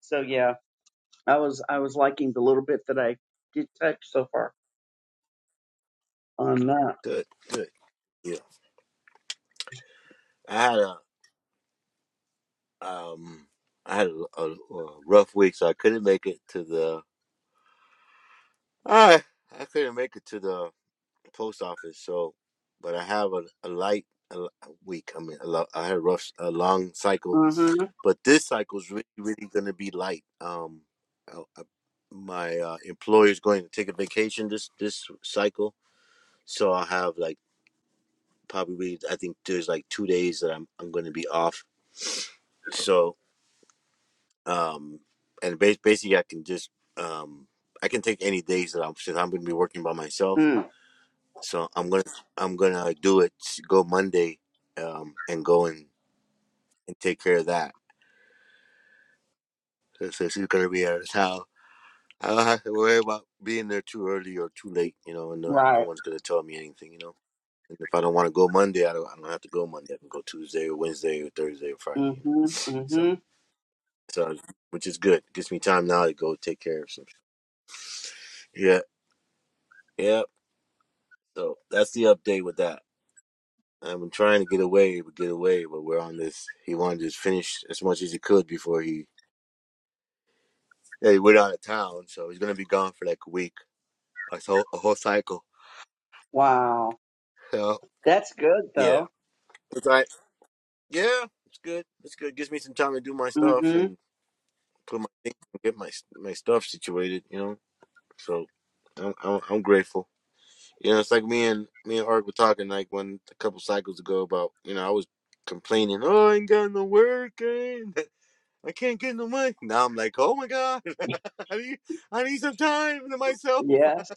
Speaker 2: so yeah i was i was liking the little bit that i did touch so far on that
Speaker 4: Good. Good. Yeah. I had a um. I had a, a, a rough week, so I couldn't make it to the. I I couldn't make it to the post office. So, but I have a, a light a, l- week. I mean, a, lo- I had a rough, a long cycle
Speaker 2: mm-hmm
Speaker 4: but this cycle is really really going to be light um I, I, my uh, employer is going to take a vacation this this cycle so i'll have like probably i think there's like two days that i'm, I'm going to be off so um and ba- basically i can just um i can take any days that i'm since i'm going to be working by myself
Speaker 2: mm,
Speaker 4: so i'm going to i'm going to do it go monday um and go and and take care of that so, so she's going to be at his house I don't have to worry about being there too early or too late, you know, and no, no
Speaker 2: right
Speaker 4: one's gonna tell me anything, you know. And if I don't want to go Monday, I don't, I don't have to go Monday. I can go Tuesday or Wednesday or Thursday or Friday, you know.
Speaker 2: mm-hmm
Speaker 4: So,
Speaker 2: mm-hmm
Speaker 4: so which is good. gives me time now to go take care of some. Yeah, yeah. So that's the update with that. I've been trying to get away, but get away, but we're on this. He wanted to just finish as much as he could before he, yeah, he went out of town. So he's gonna be gone for like a week, a whole, a whole cycle.
Speaker 2: wow
Speaker 4: So
Speaker 2: that's good
Speaker 4: yeah.
Speaker 2: though
Speaker 4: It's all right. Yeah, it's good. It's good. Gives me some time to do my stuff
Speaker 2: mm-hmm
Speaker 4: and put my things and get my my stuff situated. You know, so I'm I'm, I'm grateful. You know, it's like me and me and Art were talking like one a couple cycles ago about you know I was complaining. Oh, I ain't got no work. And I can't get no money. Now I'm like, oh my god, I need I need some time to myself.
Speaker 2: yes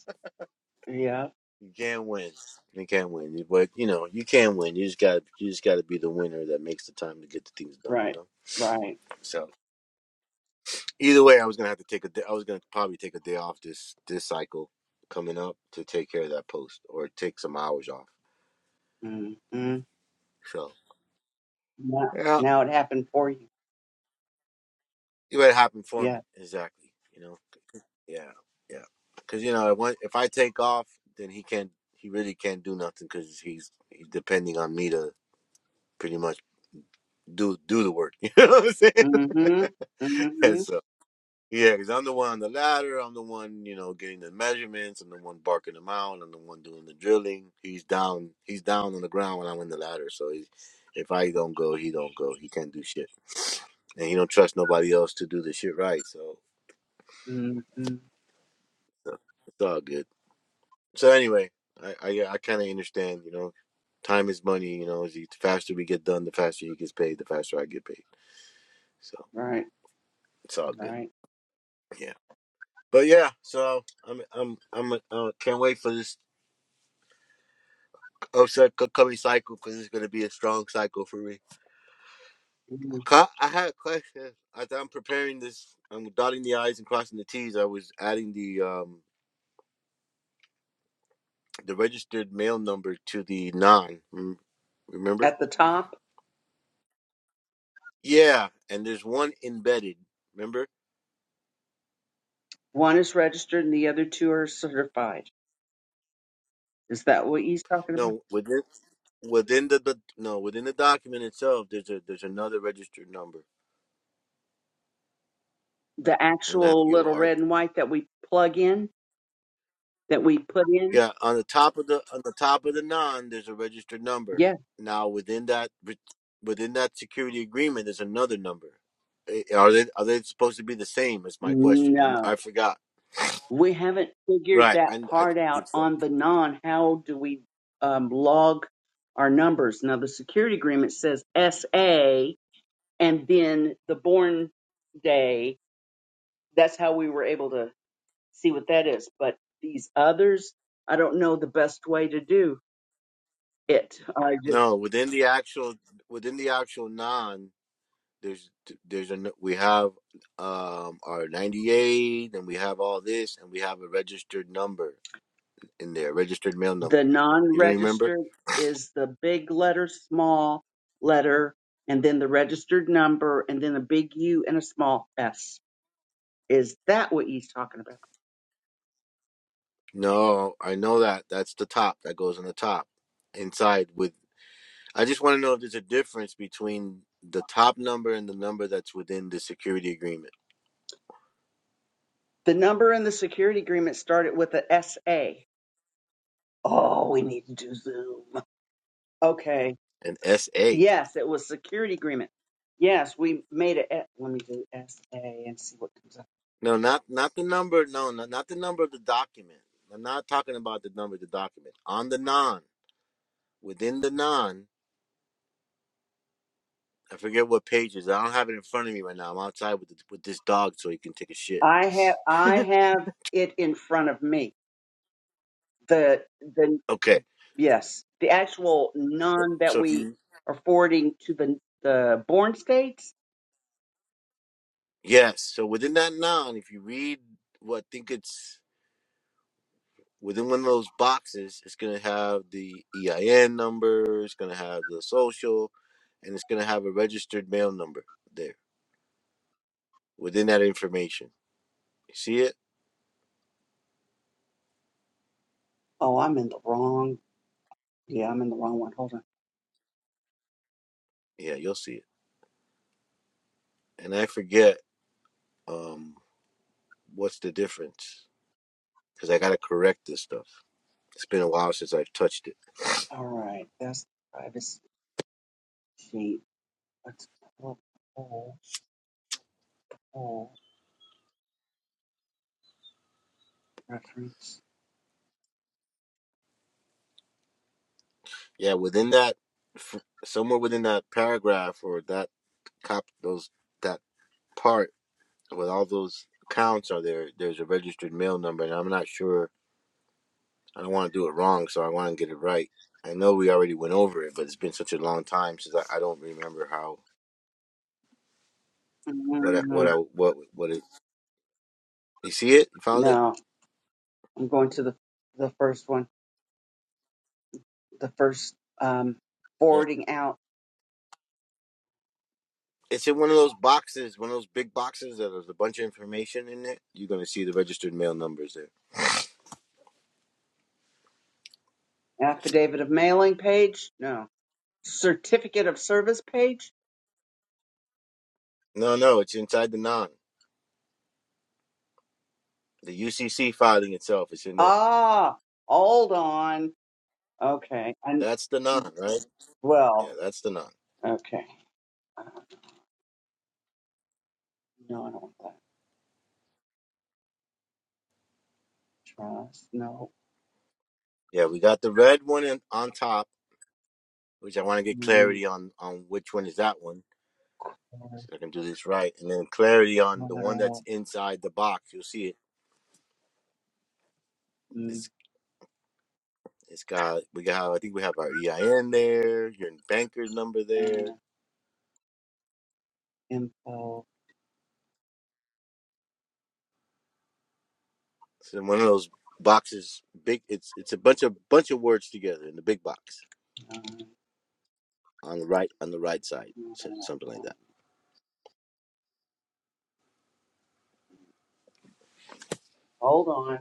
Speaker 2: Yeah.
Speaker 4: You can't win. You can't win, but you know you can win. You just got you just got to be the winner that makes the time to get the things done. You
Speaker 2: Right.
Speaker 4: know,
Speaker 2: Right.
Speaker 4: so. Either way, I was gonna have to take a day. I was gonna probably take a day off this this cycle coming up to take care of that post or take some hours off.
Speaker 2: Mm-hmm.
Speaker 4: So
Speaker 2: Now,
Speaker 4: yeah,
Speaker 2: now it happened for you.
Speaker 4: you better happen for
Speaker 2: Yeah.
Speaker 4: me exactly. You know, yeah, yeah. Because you know, if one- if I take off, then he can't. He really can't do nothing because he's he's depending on me to pretty much do do the work. You know what I'm
Speaker 2: Mm-hmm.
Speaker 4: saying? And
Speaker 2: Mm-hmm.
Speaker 4: so Yeah, because I'm the one on the ladder. I'm the one, you know, getting the measurements. I'm the one barking them out. I'm the one doing the drilling. He's down. He's down on the ground when I'm in the ladder. So he, if I don't go, he don't go. He can't do shit, and he don't trust nobody else to do the shit right. So
Speaker 2: Mm-hmm.
Speaker 4: so it's all good. So anyway, I I, yeah, I kind of understand. You know, time is money. You know, the faster we get done, the faster he gets paid. The faster I get paid. So
Speaker 2: Right.
Speaker 4: it's all good.
Speaker 2: Right.
Speaker 4: Yeah. But yeah, so I'm I'm I'm uh, can't wait for this upset coming cycle because it's going to be a strong cycle for me.
Speaker 2: Mhm.
Speaker 4: Ca- I had a question. As I'm preparing this, I'm dotting the I's and crossing the T's. I was adding the um the registered mail number to the nine. mm, Remember?
Speaker 2: At the top,
Speaker 4: Yeah, and there's one embedded. Remember?
Speaker 2: one is registered and the other two are certified. Is that what he's talking about?
Speaker 4: No, within within the, the no within the document itself, there's a there's another registered number,
Speaker 2: The
Speaker 4: and I have to
Speaker 2: actual
Speaker 4: give it
Speaker 2: little
Speaker 4: R.
Speaker 2: red and white that we plug in, that we put in?
Speaker 4: Yeah, on the top of the on the top of the non, there's a registered number.
Speaker 2: Yeah.
Speaker 4: Now within that re- within that security agreement, there's another number. Eh, Are they are they supposed to be the same? Is my question. I'm,
Speaker 2: No.
Speaker 4: I forgot.
Speaker 2: We haven't figured
Speaker 4: Right,
Speaker 2: that
Speaker 4: I I
Speaker 2: part out
Speaker 4: think so.
Speaker 2: on the non. How do we um, log our numbers? Now, the security agreement says SA and then the born day. That's how we were able to see what that is. But these others, I don't know the best way to do it. I just,
Speaker 4: No, within the actual within the actual non, there's there's a we have um our 98, and we have all this, and we have a registered number in there, registered mail number.
Speaker 2: the non
Speaker 4: You don't remember?
Speaker 2: registered is the big letter, small letter, and then the registered number, and then a big U and a small S. Is that what he's talking about?
Speaker 4: No, I know that. That's the top that goes on the top. Inside with I just want to know if there's a difference between the top number and the number that's within the security agreement.
Speaker 2: The number in the security agreement started with an S a SA. Oh, we need to do Zoom. Okay.
Speaker 4: An SA.
Speaker 2: Yes, it was security agreement. Yes, we made it. at- Let me do SA and see what comes up.
Speaker 4: No, not not the number. No, not, not the number of the document. I'm not talking about the number of the document. On the non, within the non, I forget what pages. I don't have it in front of me right now. I'm outside with the, with this dog so he can take a shit.
Speaker 2: I have I have it in front of me. The the
Speaker 4: Okay.
Speaker 2: yes, the actual none that
Speaker 4: So if
Speaker 2: we
Speaker 4: you
Speaker 2: are forwarding to the the born states.
Speaker 4: yes, so within that non, if you read what well, I think it's within one of those boxes, it's going to have the EIN number, it's going to have the social, and it's going to have a registered mail number there within that information. You see it?
Speaker 2: Oh, I'm in the wrong. Yeah, I'm in the wrong one. Hold on.
Speaker 4: Yeah, you'll see it. And I forget um, what's the difference because I got to correct this stuff. It's been a while since I've touched it.
Speaker 2: All right, that's the privacy sheet. Let's pull. Oh, reference.
Speaker 4: Yeah, within that, f- somewhere within that paragraph or that cop, those that part with all those accounts are there. There's a registered mail number, and I'm not sure I don't want to do it wrong, so I want to get it right. I know we already went over it, but it's been such a long time since I, I don't remember how what I,
Speaker 2: Mm,
Speaker 4: what I what what it. You see it? You found it?
Speaker 2: No, I'm going to the the first one, the first um,
Speaker 4: Yeah.
Speaker 2: forwarding out
Speaker 4: It's in one of those boxes, one of those big boxes that there's a bunch of information in it. You're gonna see the registered mail numbers there.
Speaker 2: affidavit of mailing page. No, certificate of service page.
Speaker 4: No, no, it's inside the non. The UCC filing itself is in there.
Speaker 2: Ah, hold on. Okay, and
Speaker 4: That's the non, right? Yeah,
Speaker 2: well,
Speaker 4: that's the non.
Speaker 2: okay. No, I don't want that. Trust. No.
Speaker 4: Yeah, we got the red one in, on top, which I want to get
Speaker 2: Mm,
Speaker 4: clarity on on which one is that one See if I can do this right. And then clarity on the one that's
Speaker 2: Collateral
Speaker 4: inside the box. You'll see it.
Speaker 2: mm,
Speaker 4: It's it's got we got I think we have our EIN there, your banker's number
Speaker 2: uh,
Speaker 4: there.
Speaker 2: info.
Speaker 4: It's in one of those boxes. Big. It's it's a bunch of bunch of words together in the big box
Speaker 2: Uh,
Speaker 4: on the right on the right side,
Speaker 2: no.
Speaker 4: so- something like that.
Speaker 2: Hold on.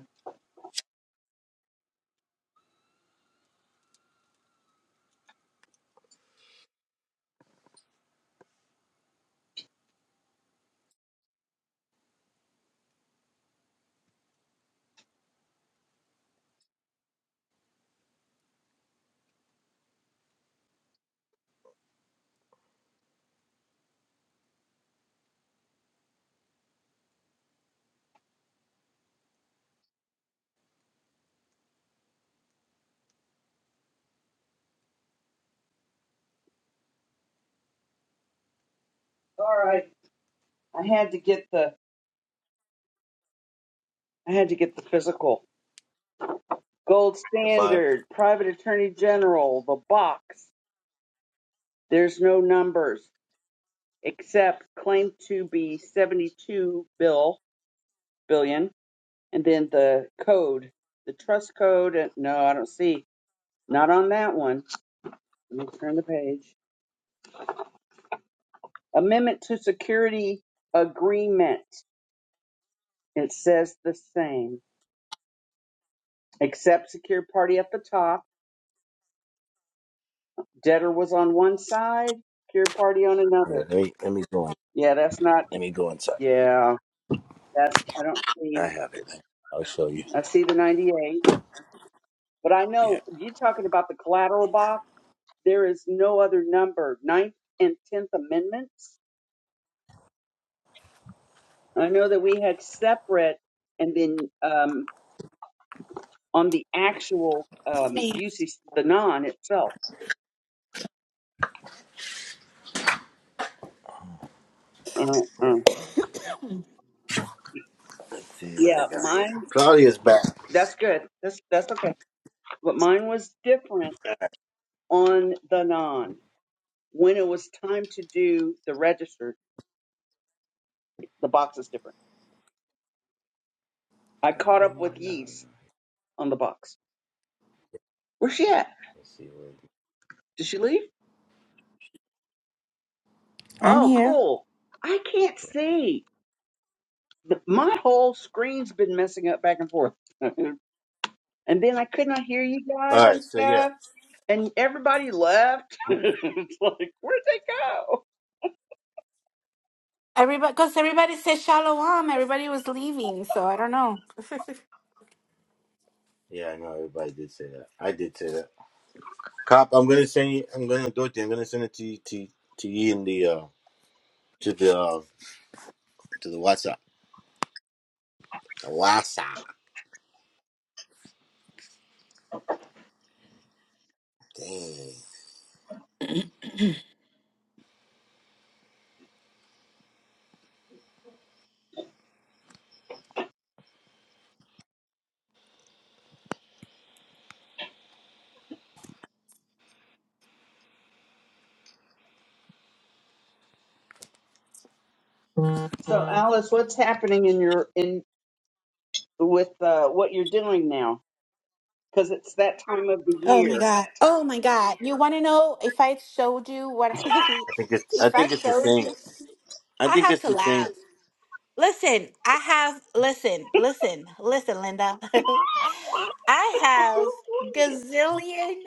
Speaker 2: All right, I had to get the I had to get the physical. Gold
Speaker 4: The file.
Speaker 2: standard, private attorney general, the box. There's no numbers except claim to be 72 bill billion, and then the code, the trust code. And, no, I don't see. Not on that one. Let me turn the page. Amendment to security agreement. It says the same, except secure party at the top. Debtor was on one side, secure party on
Speaker 4: Yeah,
Speaker 2: another.
Speaker 4: let me let me go in.
Speaker 2: Yeah, that's not.
Speaker 4: let me go inside.
Speaker 2: Yeah, That's I don't see.
Speaker 4: I have it. I'll show you.
Speaker 2: I see the 98, but I
Speaker 4: Yeah.
Speaker 2: know you are talking about the collateral box. There is no other number. Ninth and tenth amendments. I know that we had separate, and then um, on the actual
Speaker 5: Miss
Speaker 2: um,
Speaker 5: me.
Speaker 2: usage, the non itself. Uh, uh,
Speaker 4: Let's see what I
Speaker 2: yeah,
Speaker 4: got here.
Speaker 2: mine.
Speaker 4: Claudia's back.
Speaker 2: That's good. That's that's okay. But mine was different on the non. When it was time to do the registered, the box is different. I
Speaker 4: Let me
Speaker 2: caught
Speaker 4: get
Speaker 2: up with
Speaker 4: mine now.
Speaker 2: yeast on the box. Where's she at?
Speaker 4: Let's see where.
Speaker 2: Did she leave?
Speaker 5: I'm
Speaker 2: Oh,
Speaker 5: here.
Speaker 2: cool. I can't see. The, my whole screen's been messing up back and forth. and then I could not hear you guys
Speaker 4: All
Speaker 2: and
Speaker 4: right. So yeah.
Speaker 2: stuff. And everybody left. it's like, where'd they go?
Speaker 5: Everybody, because everybody said shalom. Everybody was leaving, so I don't know.
Speaker 4: Yeah, I know everybody did say that. I did say that. Cop, I'm gonna send you. I'm gonna do it. I'm gonna send it to you, to to you in the uh to the uh, to the WhatsApp. The WhatsApp. Dang.
Speaker 2: So, Mhm. Alice, what's happening in your in with uh, what you're doing now? Because it's that time of the
Speaker 5: Oh my
Speaker 2: year.
Speaker 5: god. Oh my god. You want to know if I showed you what?
Speaker 4: I think it's. I
Speaker 5: if I
Speaker 4: think it's the
Speaker 5: showed
Speaker 4: same.
Speaker 5: you,
Speaker 4: I
Speaker 5: I
Speaker 4: think
Speaker 5: have
Speaker 4: it's
Speaker 5: to
Speaker 4: the same.
Speaker 5: laugh. Listen, I have. Listen, listen, listen, Linda. I have gazillion.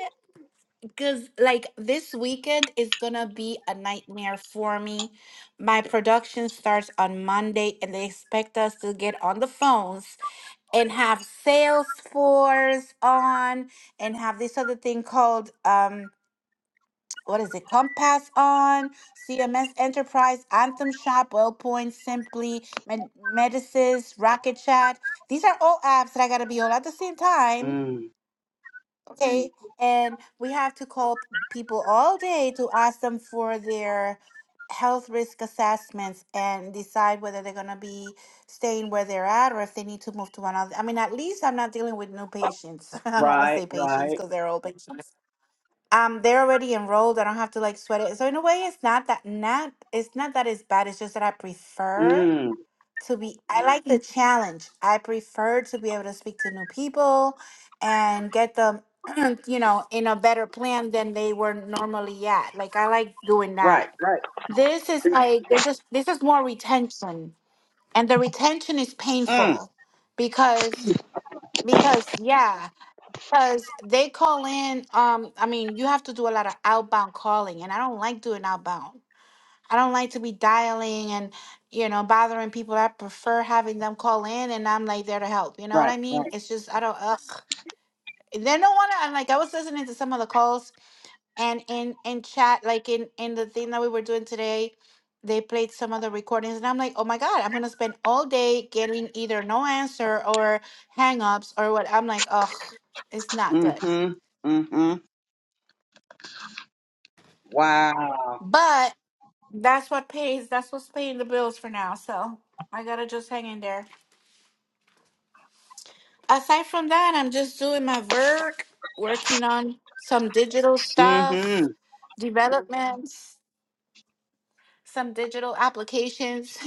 Speaker 5: Because, like, this weekend is gonna be a nightmare for me. My production starts on Monday, and they expect us to get on the phones and have Salesforce on and have this other thing called, um, what is it, Compass on, CMS Enterprise, Anthem Shop, WellPoint, Simply, Med- Medicis, Rocket Chat. These are all apps that I gotta be on at the same time
Speaker 2: Mm,
Speaker 5: day and we have to call p- people all day to ask them for their health risk assessments and decide whether they're going to be staying where they're at or if they need to move to another i mean at least i'm not dealing with new patients i don't want to
Speaker 2: right,
Speaker 5: say patients
Speaker 2: right.
Speaker 5: because they're all patients um they're already enrolled i don't have to like sweat it so in a way it's not that not it's not that it's bad it's just that i prefer
Speaker 2: Mm,
Speaker 5: to be I like the Mhm. challenge. I prefer to be able to speak to new people and get them, you know, in a better plan than they were normally at. Like I like doing
Speaker 2: right,
Speaker 5: that.
Speaker 2: right.
Speaker 5: This is like they're just this is more retention. And the retention is
Speaker 2: Mm,
Speaker 5: painful because because yeah, because they call in um I mean, you have to do a lot of outbound calling and I don't like doing outbound. I don't like to be dialing and, you know, bothering people. I prefer having them call in and I'm like there to help. You know what
Speaker 2: right,
Speaker 5: I mean?
Speaker 2: right.
Speaker 5: It's just I don't ugh. They don't wanna I'm like I was listening to some of the calls and in in chat, like in in the thing that we were doing today, they played some of the recordings and I'm like, oh my God, I'm gonna spend all day getting either no answer or hang ups or what I'm like, ugh, it's not good.
Speaker 2: Mm-hmm. Mm-hmm. Wow.
Speaker 5: But that's what pays that's what's paying the bills for now. So I gotta just hang in there. aside from that, I'm just doing my work, working on some digital
Speaker 2: Mm-hmm.
Speaker 5: stuff, developments, some digital applications,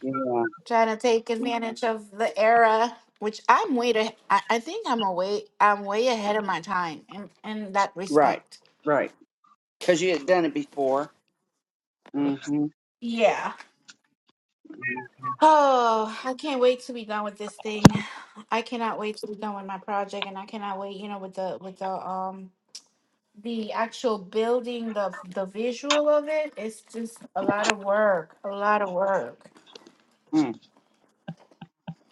Speaker 2: Yeah.
Speaker 5: trying to take advantage of the era, which I'm way to, I, I think I'm away, I'm way ahead of my time in, in that
Speaker 2: Right.
Speaker 5: respect.
Speaker 2: Right. Because you had done it before. Mm-hmm.
Speaker 5: Yeah. Oh, I can't wait to be done with this thing. I cannot wait to be done with my project, and I cannot wait, you know, with the with the um the actual building the the visual of it it's just a lot of work a lot of work
Speaker 2: Mm-hmm.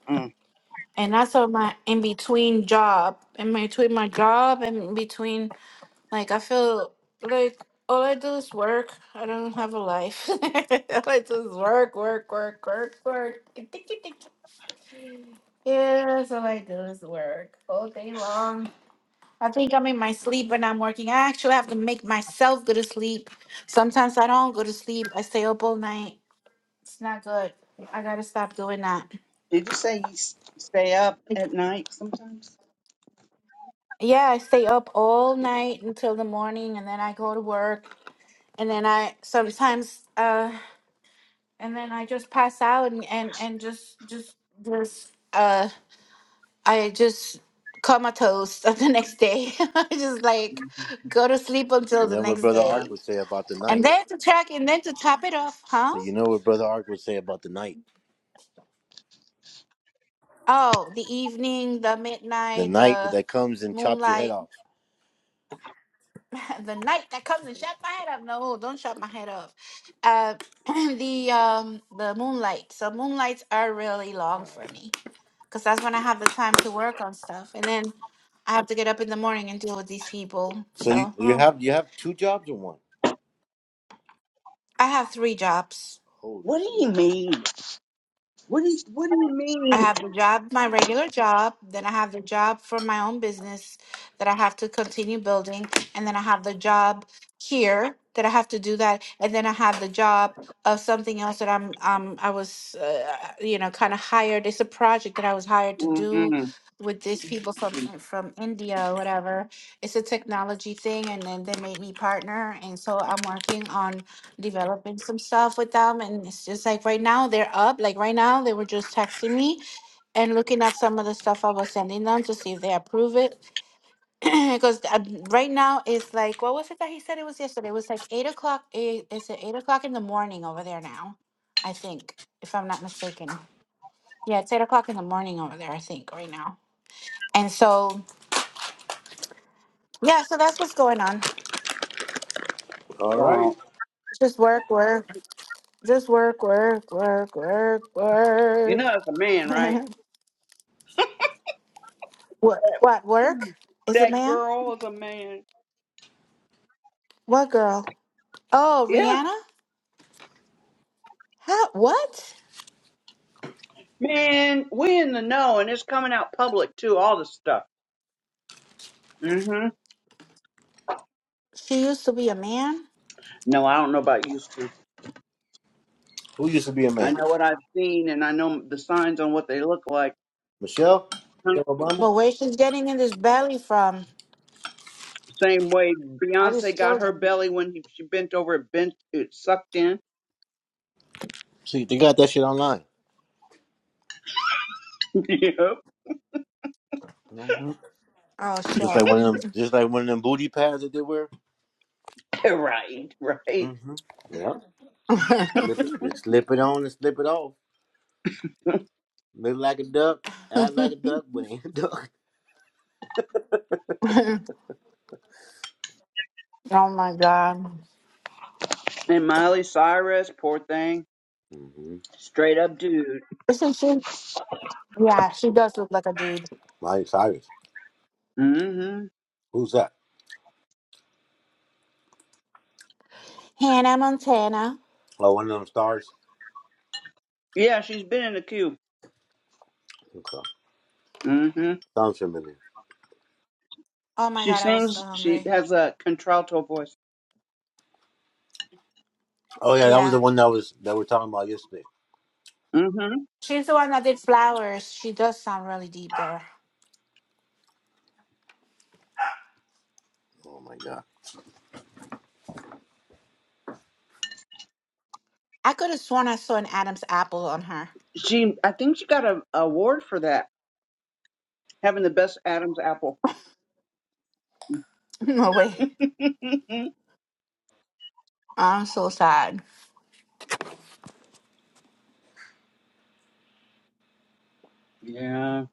Speaker 2: Mm-hmm.
Speaker 5: and that's on my in between job in between my job and in between like i feel like all i do is work i don't have a life all i do is work work work work work Tick, tick, tick, tick. yeah that's all i do is work all day long I think I'm in my sleep when I'm working. I actually have to make myself go to sleep. Sometimes I don't go to sleep. I stay up all night. It's not good. I gotta stop doing that.
Speaker 2: Did you say you s- stay up at night sometimes?
Speaker 5: Yeah, I stay up all night until the morning and then I go to work and then I sometimes uh and then I just pass out and and, and just just just uh I just comatose the next day. I just like
Speaker 2: hmm
Speaker 5: go to sleep until
Speaker 4: You
Speaker 5: the
Speaker 4: know what
Speaker 5: next
Speaker 4: Brother
Speaker 2: Wow.
Speaker 4: Ark
Speaker 5: day.
Speaker 4: would say about the
Speaker 5: And
Speaker 4: night.
Speaker 5: then to check and then to top it off, huh?
Speaker 4: So you know what Brother Ark would say about the night.
Speaker 5: Oh, the evening, the
Speaker 4: The
Speaker 5: midnight,
Speaker 4: night
Speaker 5: the
Speaker 4: that comes and chops your head
Speaker 5: moonlight,
Speaker 4: off.
Speaker 5: the night that comes and shuts my head up. No, don't shut my head off. Uh, the um the moonlight. So moonlights are really long for me, because that's when I have the time to work on stuff, and then I have to get up in the morning and deal with these people.
Speaker 4: So you,
Speaker 5: So,
Speaker 4: you
Speaker 5: oh,
Speaker 4: have you have two jobs in one.
Speaker 5: I have three jobs.
Speaker 4: Holy
Speaker 2: What do you
Speaker 4: smoke!
Speaker 2: mean? What do you, What do you
Speaker 5: I
Speaker 2: mean?
Speaker 5: have the job, my regular job. Then I have the job for my own business that I have to continue building. And then I have the job here that I have to do that. And then I have the job of something else that I'm, um, I was, uh, you know, kind of hired. It's a project that I was hired to do
Speaker 2: Mm-hmm.
Speaker 5: with these people from from India or whatever. It's a technology thing, and then they made me partner. And so I'm working on developing some stuff with them. And it's just like right now they're up. Like right now they were just texting me and looking at some of the stuff I was sending them to see if they approve it. Because right now it's like, what was it that he said it was yesterday? It was like eight o'clock. Eight, it's at eight o'clock in the morning over there now, I think, if I'm not mistaken. Yeah, it's eight o'clock in the morning over there, I think, right now. And so, yeah, so that's what's going on.
Speaker 4: All right.
Speaker 2: Wow.
Speaker 5: Just work, work, just work, work, work, work,
Speaker 2: You
Speaker 5: work.
Speaker 2: know it's a man, right?
Speaker 5: what? What work? Is it
Speaker 2: That
Speaker 5: man?
Speaker 2: girl is a man.
Speaker 5: What girl? Oh,
Speaker 2: Yeah.
Speaker 5: Rihanna? How? What?
Speaker 2: Man, we in the know, and it's coming out public too. All this stuff. hmm
Speaker 5: She used to be a man,
Speaker 2: No, I don't know about you.
Speaker 4: Who used to be a
Speaker 2: I
Speaker 4: man?
Speaker 2: know what I've seen, and I know the signs on what they look like.
Speaker 4: Michelle.
Speaker 2: Kind of
Speaker 4: Michelle Obama.
Speaker 5: but where she's getting in this belly from?
Speaker 2: the Same way
Speaker 5: All these
Speaker 2: Beyonce got her
Speaker 5: children.
Speaker 2: belly when he- she bent over, it bent, it sucked in.
Speaker 4: See, they got that shit online.
Speaker 2: yep.
Speaker 4: Mhm.
Speaker 5: Oh
Speaker 4: Just
Speaker 5: shit.
Speaker 4: like one of them, just like one of them booty pads that they wear.
Speaker 2: Right, right.
Speaker 4: Mm-hmm. Yeah. Just slip
Speaker 5: oh
Speaker 4: it, just slip it on and slip it off. Look like a duck, act like a duck, but ain't a duck.
Speaker 5: my god.
Speaker 2: And Miley Cyrus, poor thing,
Speaker 4: Mm-hmm.
Speaker 2: straight up dude.
Speaker 5: Isn't she? Yeah, she does look like a dude.
Speaker 4: Miley Cyrus.
Speaker 2: hmm
Speaker 4: Who's that?
Speaker 5: Hannah Montana.
Speaker 4: Oh, one of them stars.
Speaker 2: Yeah, she's been in the queue.
Speaker 4: Okay.
Speaker 2: hmm
Speaker 4: Sounds familiar.
Speaker 5: Oh my
Speaker 2: She
Speaker 5: god, I was so
Speaker 2: sings. She
Speaker 5: hungry.
Speaker 2: has a contralto voice.
Speaker 4: Oh yeah, that was
Speaker 5: Yeah.
Speaker 4: the one that was that we were talking about yesterday.
Speaker 2: hmm
Speaker 5: She's the one that did flowers. She does sound really deep there.
Speaker 4: Oh my god.
Speaker 5: I could have sworn I saw an Adam's apple on her.
Speaker 2: She, I think she got a a award for that, having the best Adam's apple.
Speaker 5: No way. I'm so sad.
Speaker 2: yeah.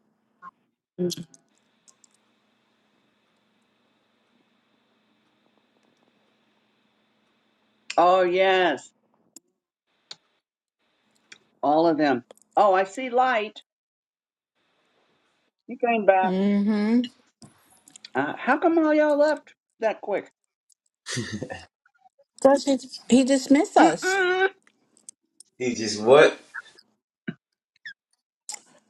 Speaker 2: Oh yes. All of them. Oh, I see light. You came back.
Speaker 5: Mm-hmm.
Speaker 2: Uh, how come all y'all left that quick?
Speaker 5: Because he, he dismissed us.
Speaker 2: Mm-mm.
Speaker 1: He just what?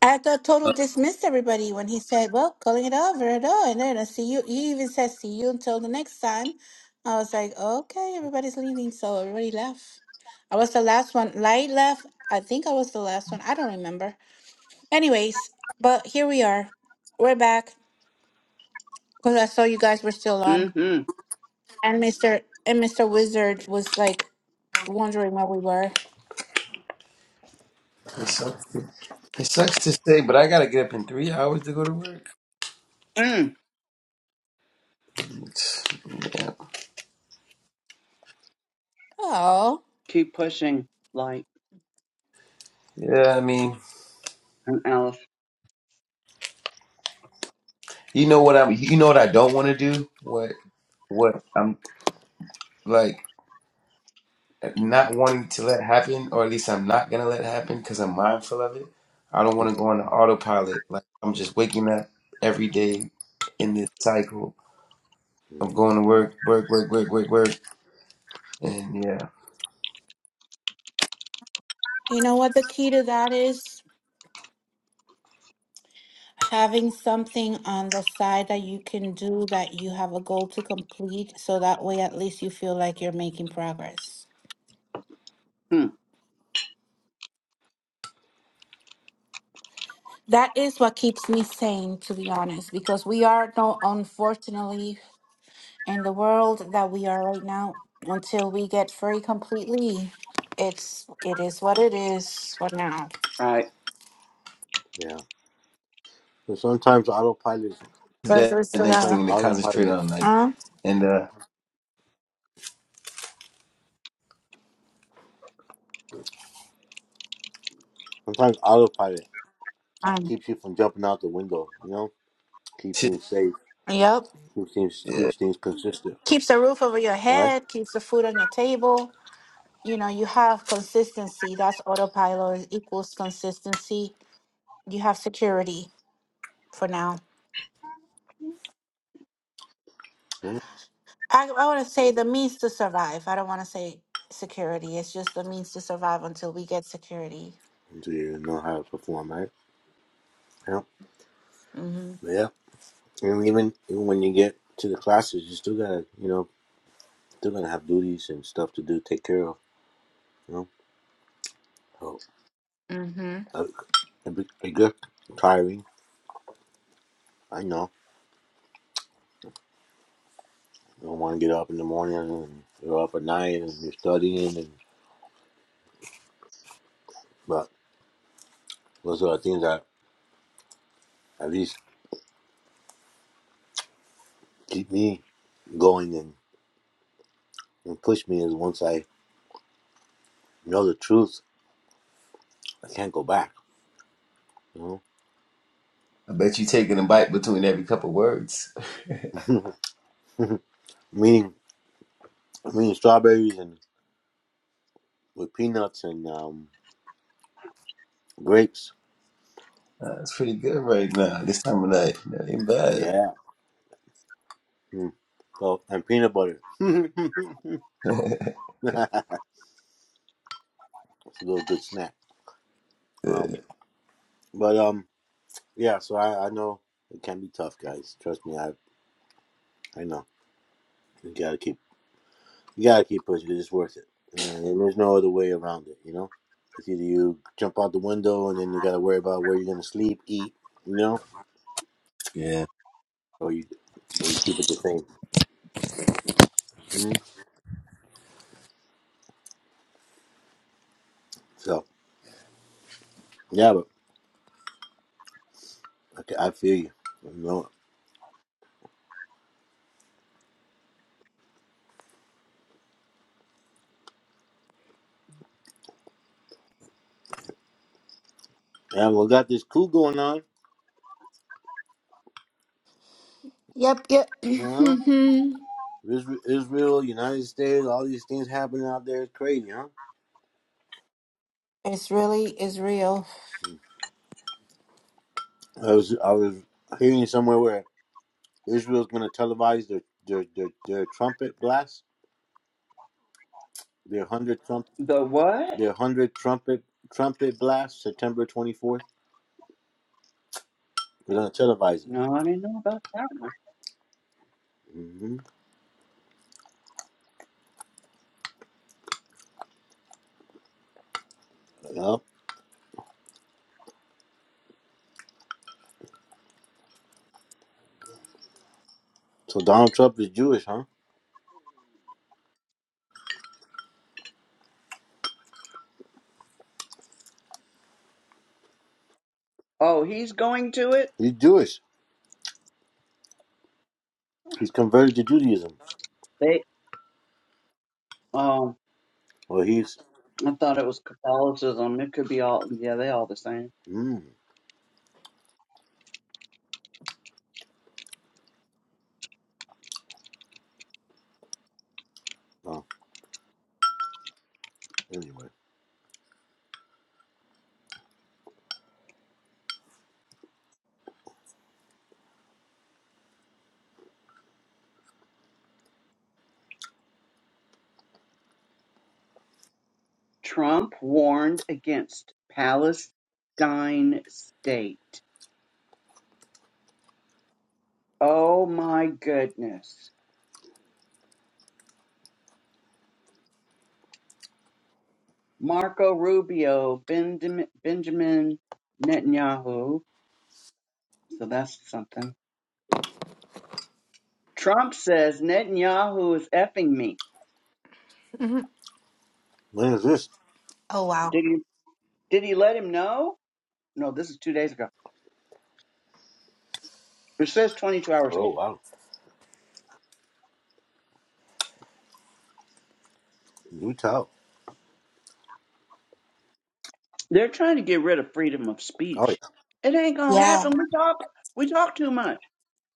Speaker 5: I thought Total
Speaker 1: Uh,
Speaker 5: dismissed everybody when he said, "Well, calling it over at all," and then I see you. He even said, "See you until the next time." I was like, "Okay, everybody's leaving," so everybody left. I was the last one. Light left. I think I was the last one. I don't remember. Anyways, but here we are. We're back because I saw you guys were still on,
Speaker 2: Mm-hmm.
Speaker 5: and Mister and Mister Wizard was like wondering where we were.
Speaker 1: It sucks. To, it sucks to say, but I gotta get up in three hours to go to work.
Speaker 2: Mm.
Speaker 1: It's- yeah.
Speaker 5: Oh,
Speaker 2: Keep pushing, light
Speaker 1: yeah, I mean,
Speaker 2: and Alice.
Speaker 1: you know what I'm. You know what I don't want to do. What? What I'm like. not wanting to let happen, or at least I'm not gonna let happen because I'm mindful of it. I don't want to go on the autopilot. Like I'm just waking up every day in this cycle of going to work, work, work, work, work, work, and yeah,
Speaker 5: you know what the key to that is? having something on the side that you can do that you have a goal to complete so that way at least you feel like you're making progress
Speaker 2: Hmm.
Speaker 5: that is what keeps me sane to be honest because we are no unfortunately in the world that we are right now until we get free completely it's it is what it is for now
Speaker 2: All right.
Speaker 4: Yeah. But sometimes autopilot,
Speaker 5: but
Speaker 1: that
Speaker 5: we're
Speaker 1: the
Speaker 5: still
Speaker 1: next
Speaker 4: sometimes
Speaker 5: gonna-
Speaker 1: thing to concentrate
Speaker 4: autopilot,
Speaker 1: on. Like
Speaker 5: huh?
Speaker 1: and uh,
Speaker 4: sometimes autopilot
Speaker 5: um,
Speaker 4: keeps you from jumping out the window. You know, keep
Speaker 1: shit,
Speaker 4: things safe,
Speaker 5: yep
Speaker 4: keeps things
Speaker 1: yeah,
Speaker 4: keeps things consistent.
Speaker 5: keeps the roof over your
Speaker 4: All right.
Speaker 5: head keeps the food on your table you know you have consistency that's autopilot equals consistency you have security for now i, I want to say the means to survive i don't want to say security it's just the means to survive until we get security
Speaker 4: until you know how to perform, right? Yeah.
Speaker 5: mm-hmm
Speaker 4: But yeah. And even even when you get to the classes, you still gotta, you know, still gonna have duties and stuff to do, take care of, you know. So
Speaker 5: mm-hmm
Speaker 4: uh, it be tiring. I know. You don't want to get up in the morning and you're up at night and you're studying and but those are the things that at least keep me going and, and push me is once I know the truth, I can't go back. You
Speaker 1: I bet you taking a bite between every couple words.
Speaker 4: know, meaning, meaning strawberries and with peanuts and um, grapes.
Speaker 1: Uh, it's pretty good right now. This time of night, that ain't bad.
Speaker 4: Yeah. Mm. So and peanut butter. it's a little good snack. Um, but um, yeah. So I, I know it can be tough, guys. Trust me, I I know. You gotta keep you gotta keep pushing 'cause it's worth it. You know, and there's no other way around it. You know, it's either you jump out the window and then you gotta worry about where you're gonna sleep, eat. You know,
Speaker 1: yeah,
Speaker 4: or you or you keep it the same. Mhm. So yeah, but okay, I feel you. You know, and we got this coup going on.
Speaker 5: yep yep
Speaker 4: Well,
Speaker 5: mm-hmm.
Speaker 4: Isra- Israel, Israel, United States, all these things happening out there is crazy, huh?
Speaker 5: it's really is real
Speaker 4: I was I was hearing somewhere where Israel's going to televise their their, their their trumpet blast, their hundred trump
Speaker 2: The what?
Speaker 4: their hundred trumpet trumpet blast, September twenty fourth. They're going to televise it.
Speaker 2: No, I didn't know about that one.
Speaker 4: hmm Yep. So Donald Trump is Jewish, huh?
Speaker 2: Oh, he's going to it?
Speaker 4: He's Jewish. He's converted to Judaism.
Speaker 2: They oh
Speaker 4: Well, he's.
Speaker 2: I thought it was Catholicism. It could be all yeah, they all the same.
Speaker 4: Mm. Oh, anyway,
Speaker 2: Trump warned against Palestine state. Oh my goodness. Marco Rubio, Benjamin, Benjamin Netanyahu. So that's something. Trump says Netanyahu is effing me.
Speaker 5: hmm
Speaker 4: when is this?
Speaker 5: oh wow
Speaker 2: Did he? Did he let him know? No, this is two days ago. It says 22 hours
Speaker 4: Oh
Speaker 2: ago.
Speaker 4: wow, new tell.
Speaker 2: They're trying to get rid of freedom of
Speaker 4: Oh yeah.
Speaker 2: speech. It ain't gonna
Speaker 5: yeah
Speaker 2: happen. We talk. We talk too much.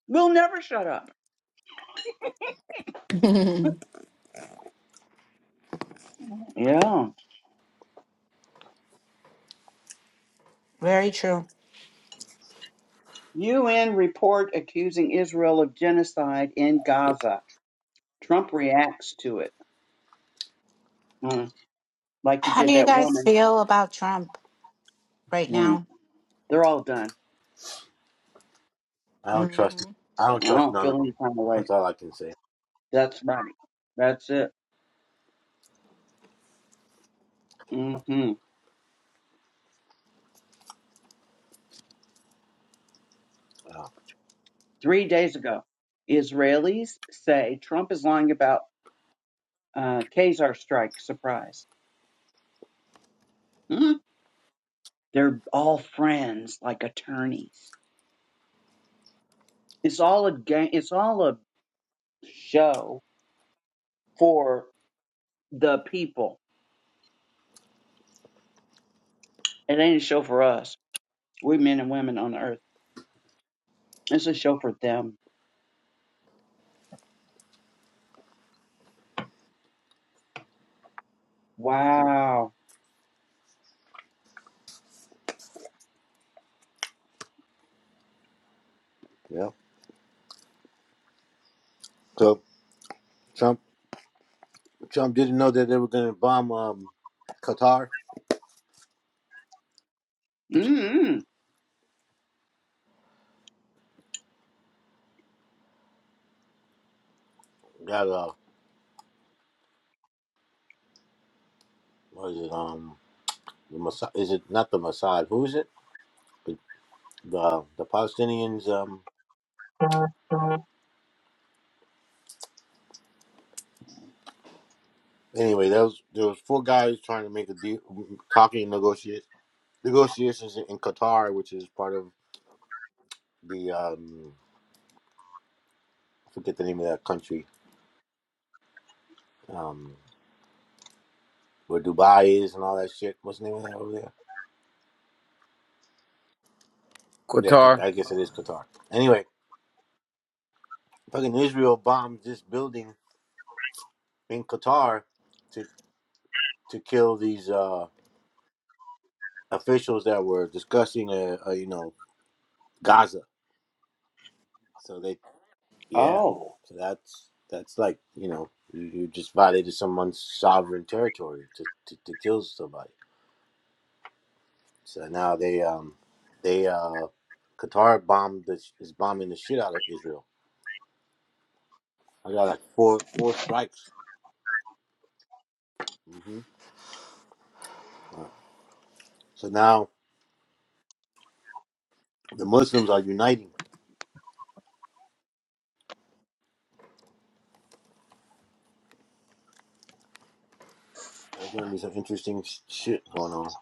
Speaker 2: We'll never shut up. Yeah.
Speaker 5: very true
Speaker 2: UN report accusing Israel of genocide in Gaza. Trump reacts to it, Mm, like he
Speaker 5: how do
Speaker 2: did
Speaker 5: you
Speaker 2: that
Speaker 5: guys
Speaker 2: woman.
Speaker 5: feel about trump right
Speaker 2: Mm.
Speaker 5: now
Speaker 2: They're all done.
Speaker 4: I don't trust.
Speaker 5: mm-hmm.
Speaker 4: I don't
Speaker 2: I
Speaker 4: trust
Speaker 2: don't
Speaker 4: none of
Speaker 2: feel
Speaker 4: them.
Speaker 2: any kind of way.
Speaker 4: That's all I can say.
Speaker 2: That's right. That's it. hmm
Speaker 4: Uh,
Speaker 2: Three days ago, Israelis say Trump is lying about uh, Khazar strike surprise. Mhm. They're all friends, like attorneys. It's all a game. It's all a show for the people. It ain't a show for us. We men and women on the earth. It's a show for them. Wow.
Speaker 4: yeah. So Trump, Trump didn't know that they were going to bomb um, Qatar.
Speaker 2: mm
Speaker 4: Got uh, what is it? Um, the Mossad, is it not the Mossad? Who is it? The the, the Palestinians. Um. Anyway, there was there was four guys trying to make a deal, talking negotiate negotiations in Qatar, which is part of the um, I forget the name of that country. Um, where Dubai is and all that shit. What's the name of that over there? Yeah,
Speaker 1: Qatar.
Speaker 4: I guess it is Qatar. Anyway, fucking Israel bombed this building in Qatar to to kill these uh, officials that were discussing, uh, uh, you know, Gaza. So they, yeah,
Speaker 2: Oh,
Speaker 4: so that's that's like you know you, you just violated someone's sovereign territory to, to, to kill somebody. So now they um they uh Qatar bombed the, is bombing the shit out of Israel. I got like four four strikes. hmm So now the Muslims are uniting There's gonna be some interesting sh- shit going on.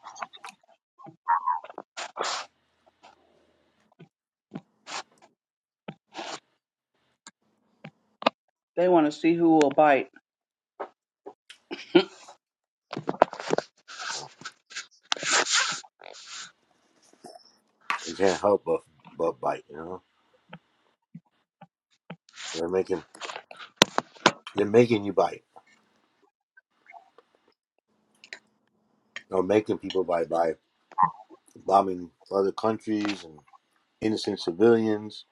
Speaker 2: they want to see who will bite.
Speaker 4: You can't help but but bite, you know. They're making they're making you bite, or making people bite by bombing other countries and innocent civilians.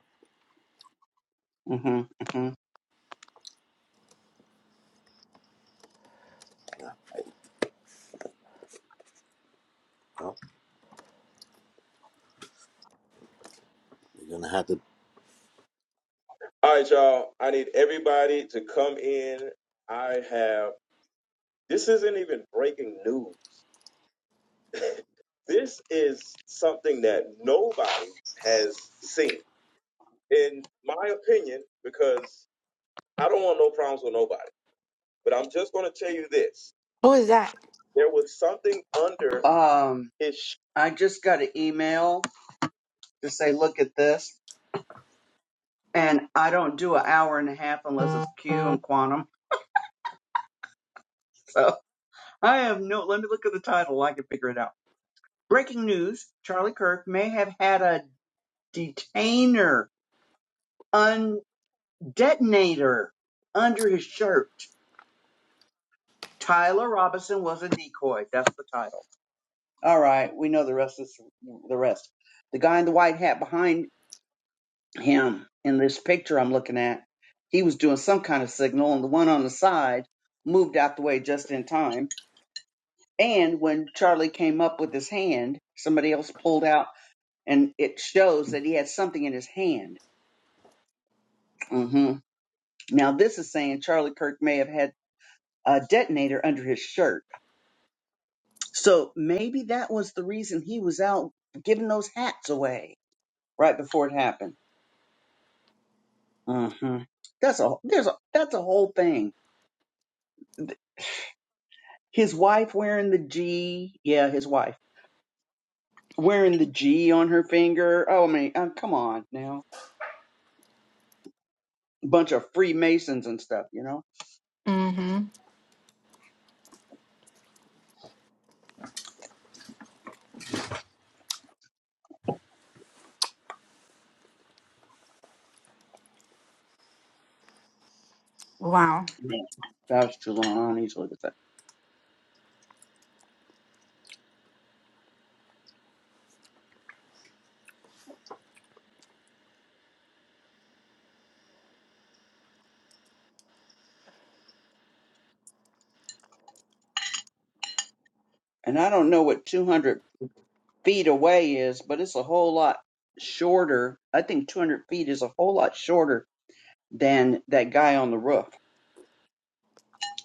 Speaker 2: hmm
Speaker 4: Well, you're gonna have to.
Speaker 2: All right, y'all. I need everybody to come in. I have this isn't even breaking news. This is something that nobody has seen, in my opinion, because I don't want no problems with nobody. But I'm just going to tell you this:
Speaker 5: who is that
Speaker 2: there was something under Um, his. sh- I just got an email to say, look at this. And I don't do an hour and a half unless it's Q and quantum. So I have no, let me look at the title. I can figure it out. Breaking news: Charlie Kirk may have had a detainer, un detonator under his shirt. Tyler Robinson was a decoy. That's the title. All right, we know the rest is the rest. The guy in the white hat behind him in this picture I'm looking at, he was doing some kind of signal, and the one on the side moved out the way just in time. And when Charlie came up with his hand, somebody else pulled out, and it shows that he had something in his hand. hmm Now, this is saying Charlie Kirk may have had a detonator under his shirt. So maybe that was the reason he was out giving those hats away right before it happened. hmm That's a there's a that's a whole thing. His wife wearing the G, yeah, his wife wearing the G on her finger. Oh, I mean, uh, come on now, bunch of Freemasons and stuff, you know.
Speaker 5: mm-hmm wow
Speaker 2: Yeah. That was Trelawney's look at that, and I don't know what two hundred feet away is, but it's a whole lot shorter. I think 200 feet is a whole lot shorter than that guy on the roof.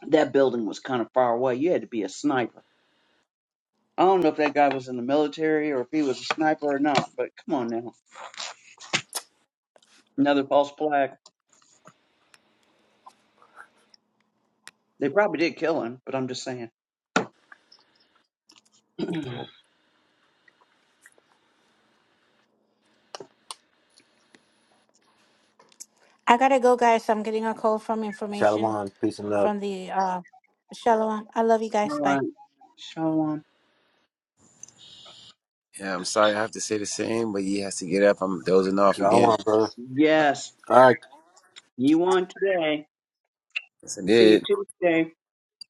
Speaker 2: That building was kind of far away. You had to be a sniper. I don't know if that guy was in the military or if he was a sniper or not, but come on now. Another false flag. They probably did kill him, but I'm just saying. All
Speaker 4: Well,
Speaker 5: I gotta go, guys. I'm getting a call from information
Speaker 4: Shalom, peace and love.
Speaker 5: from the uh, Shalom. I love you guys. Bye.
Speaker 2: right. Shalom.
Speaker 1: Yeah, I'm sorry I have to say the same, but he has to get up. I'm dozing off again.
Speaker 4: Shalom, brother.
Speaker 2: Yes.
Speaker 4: All right,
Speaker 2: You won today.
Speaker 1: Yes, I
Speaker 2: See you
Speaker 1: did.
Speaker 2: Tuesday.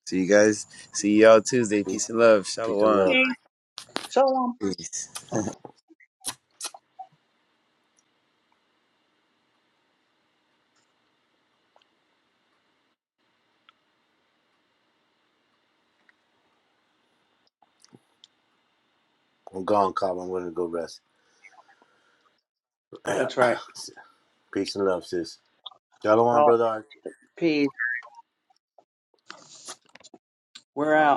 Speaker 1: See you guys. See y'all Tuesday.
Speaker 4: peace,
Speaker 1: Peace and love.
Speaker 4: peace and
Speaker 1: Shalom.
Speaker 4: love.
Speaker 2: Peace. Shalom.
Speaker 1: Peace.
Speaker 4: I'm gone, Cobb. I'm gonna go rest.
Speaker 2: That's right.
Speaker 4: peace and love, sis. Shalom,
Speaker 2: Shalom.
Speaker 4: brother.
Speaker 2: Peace. We're
Speaker 4: All right.
Speaker 2: out.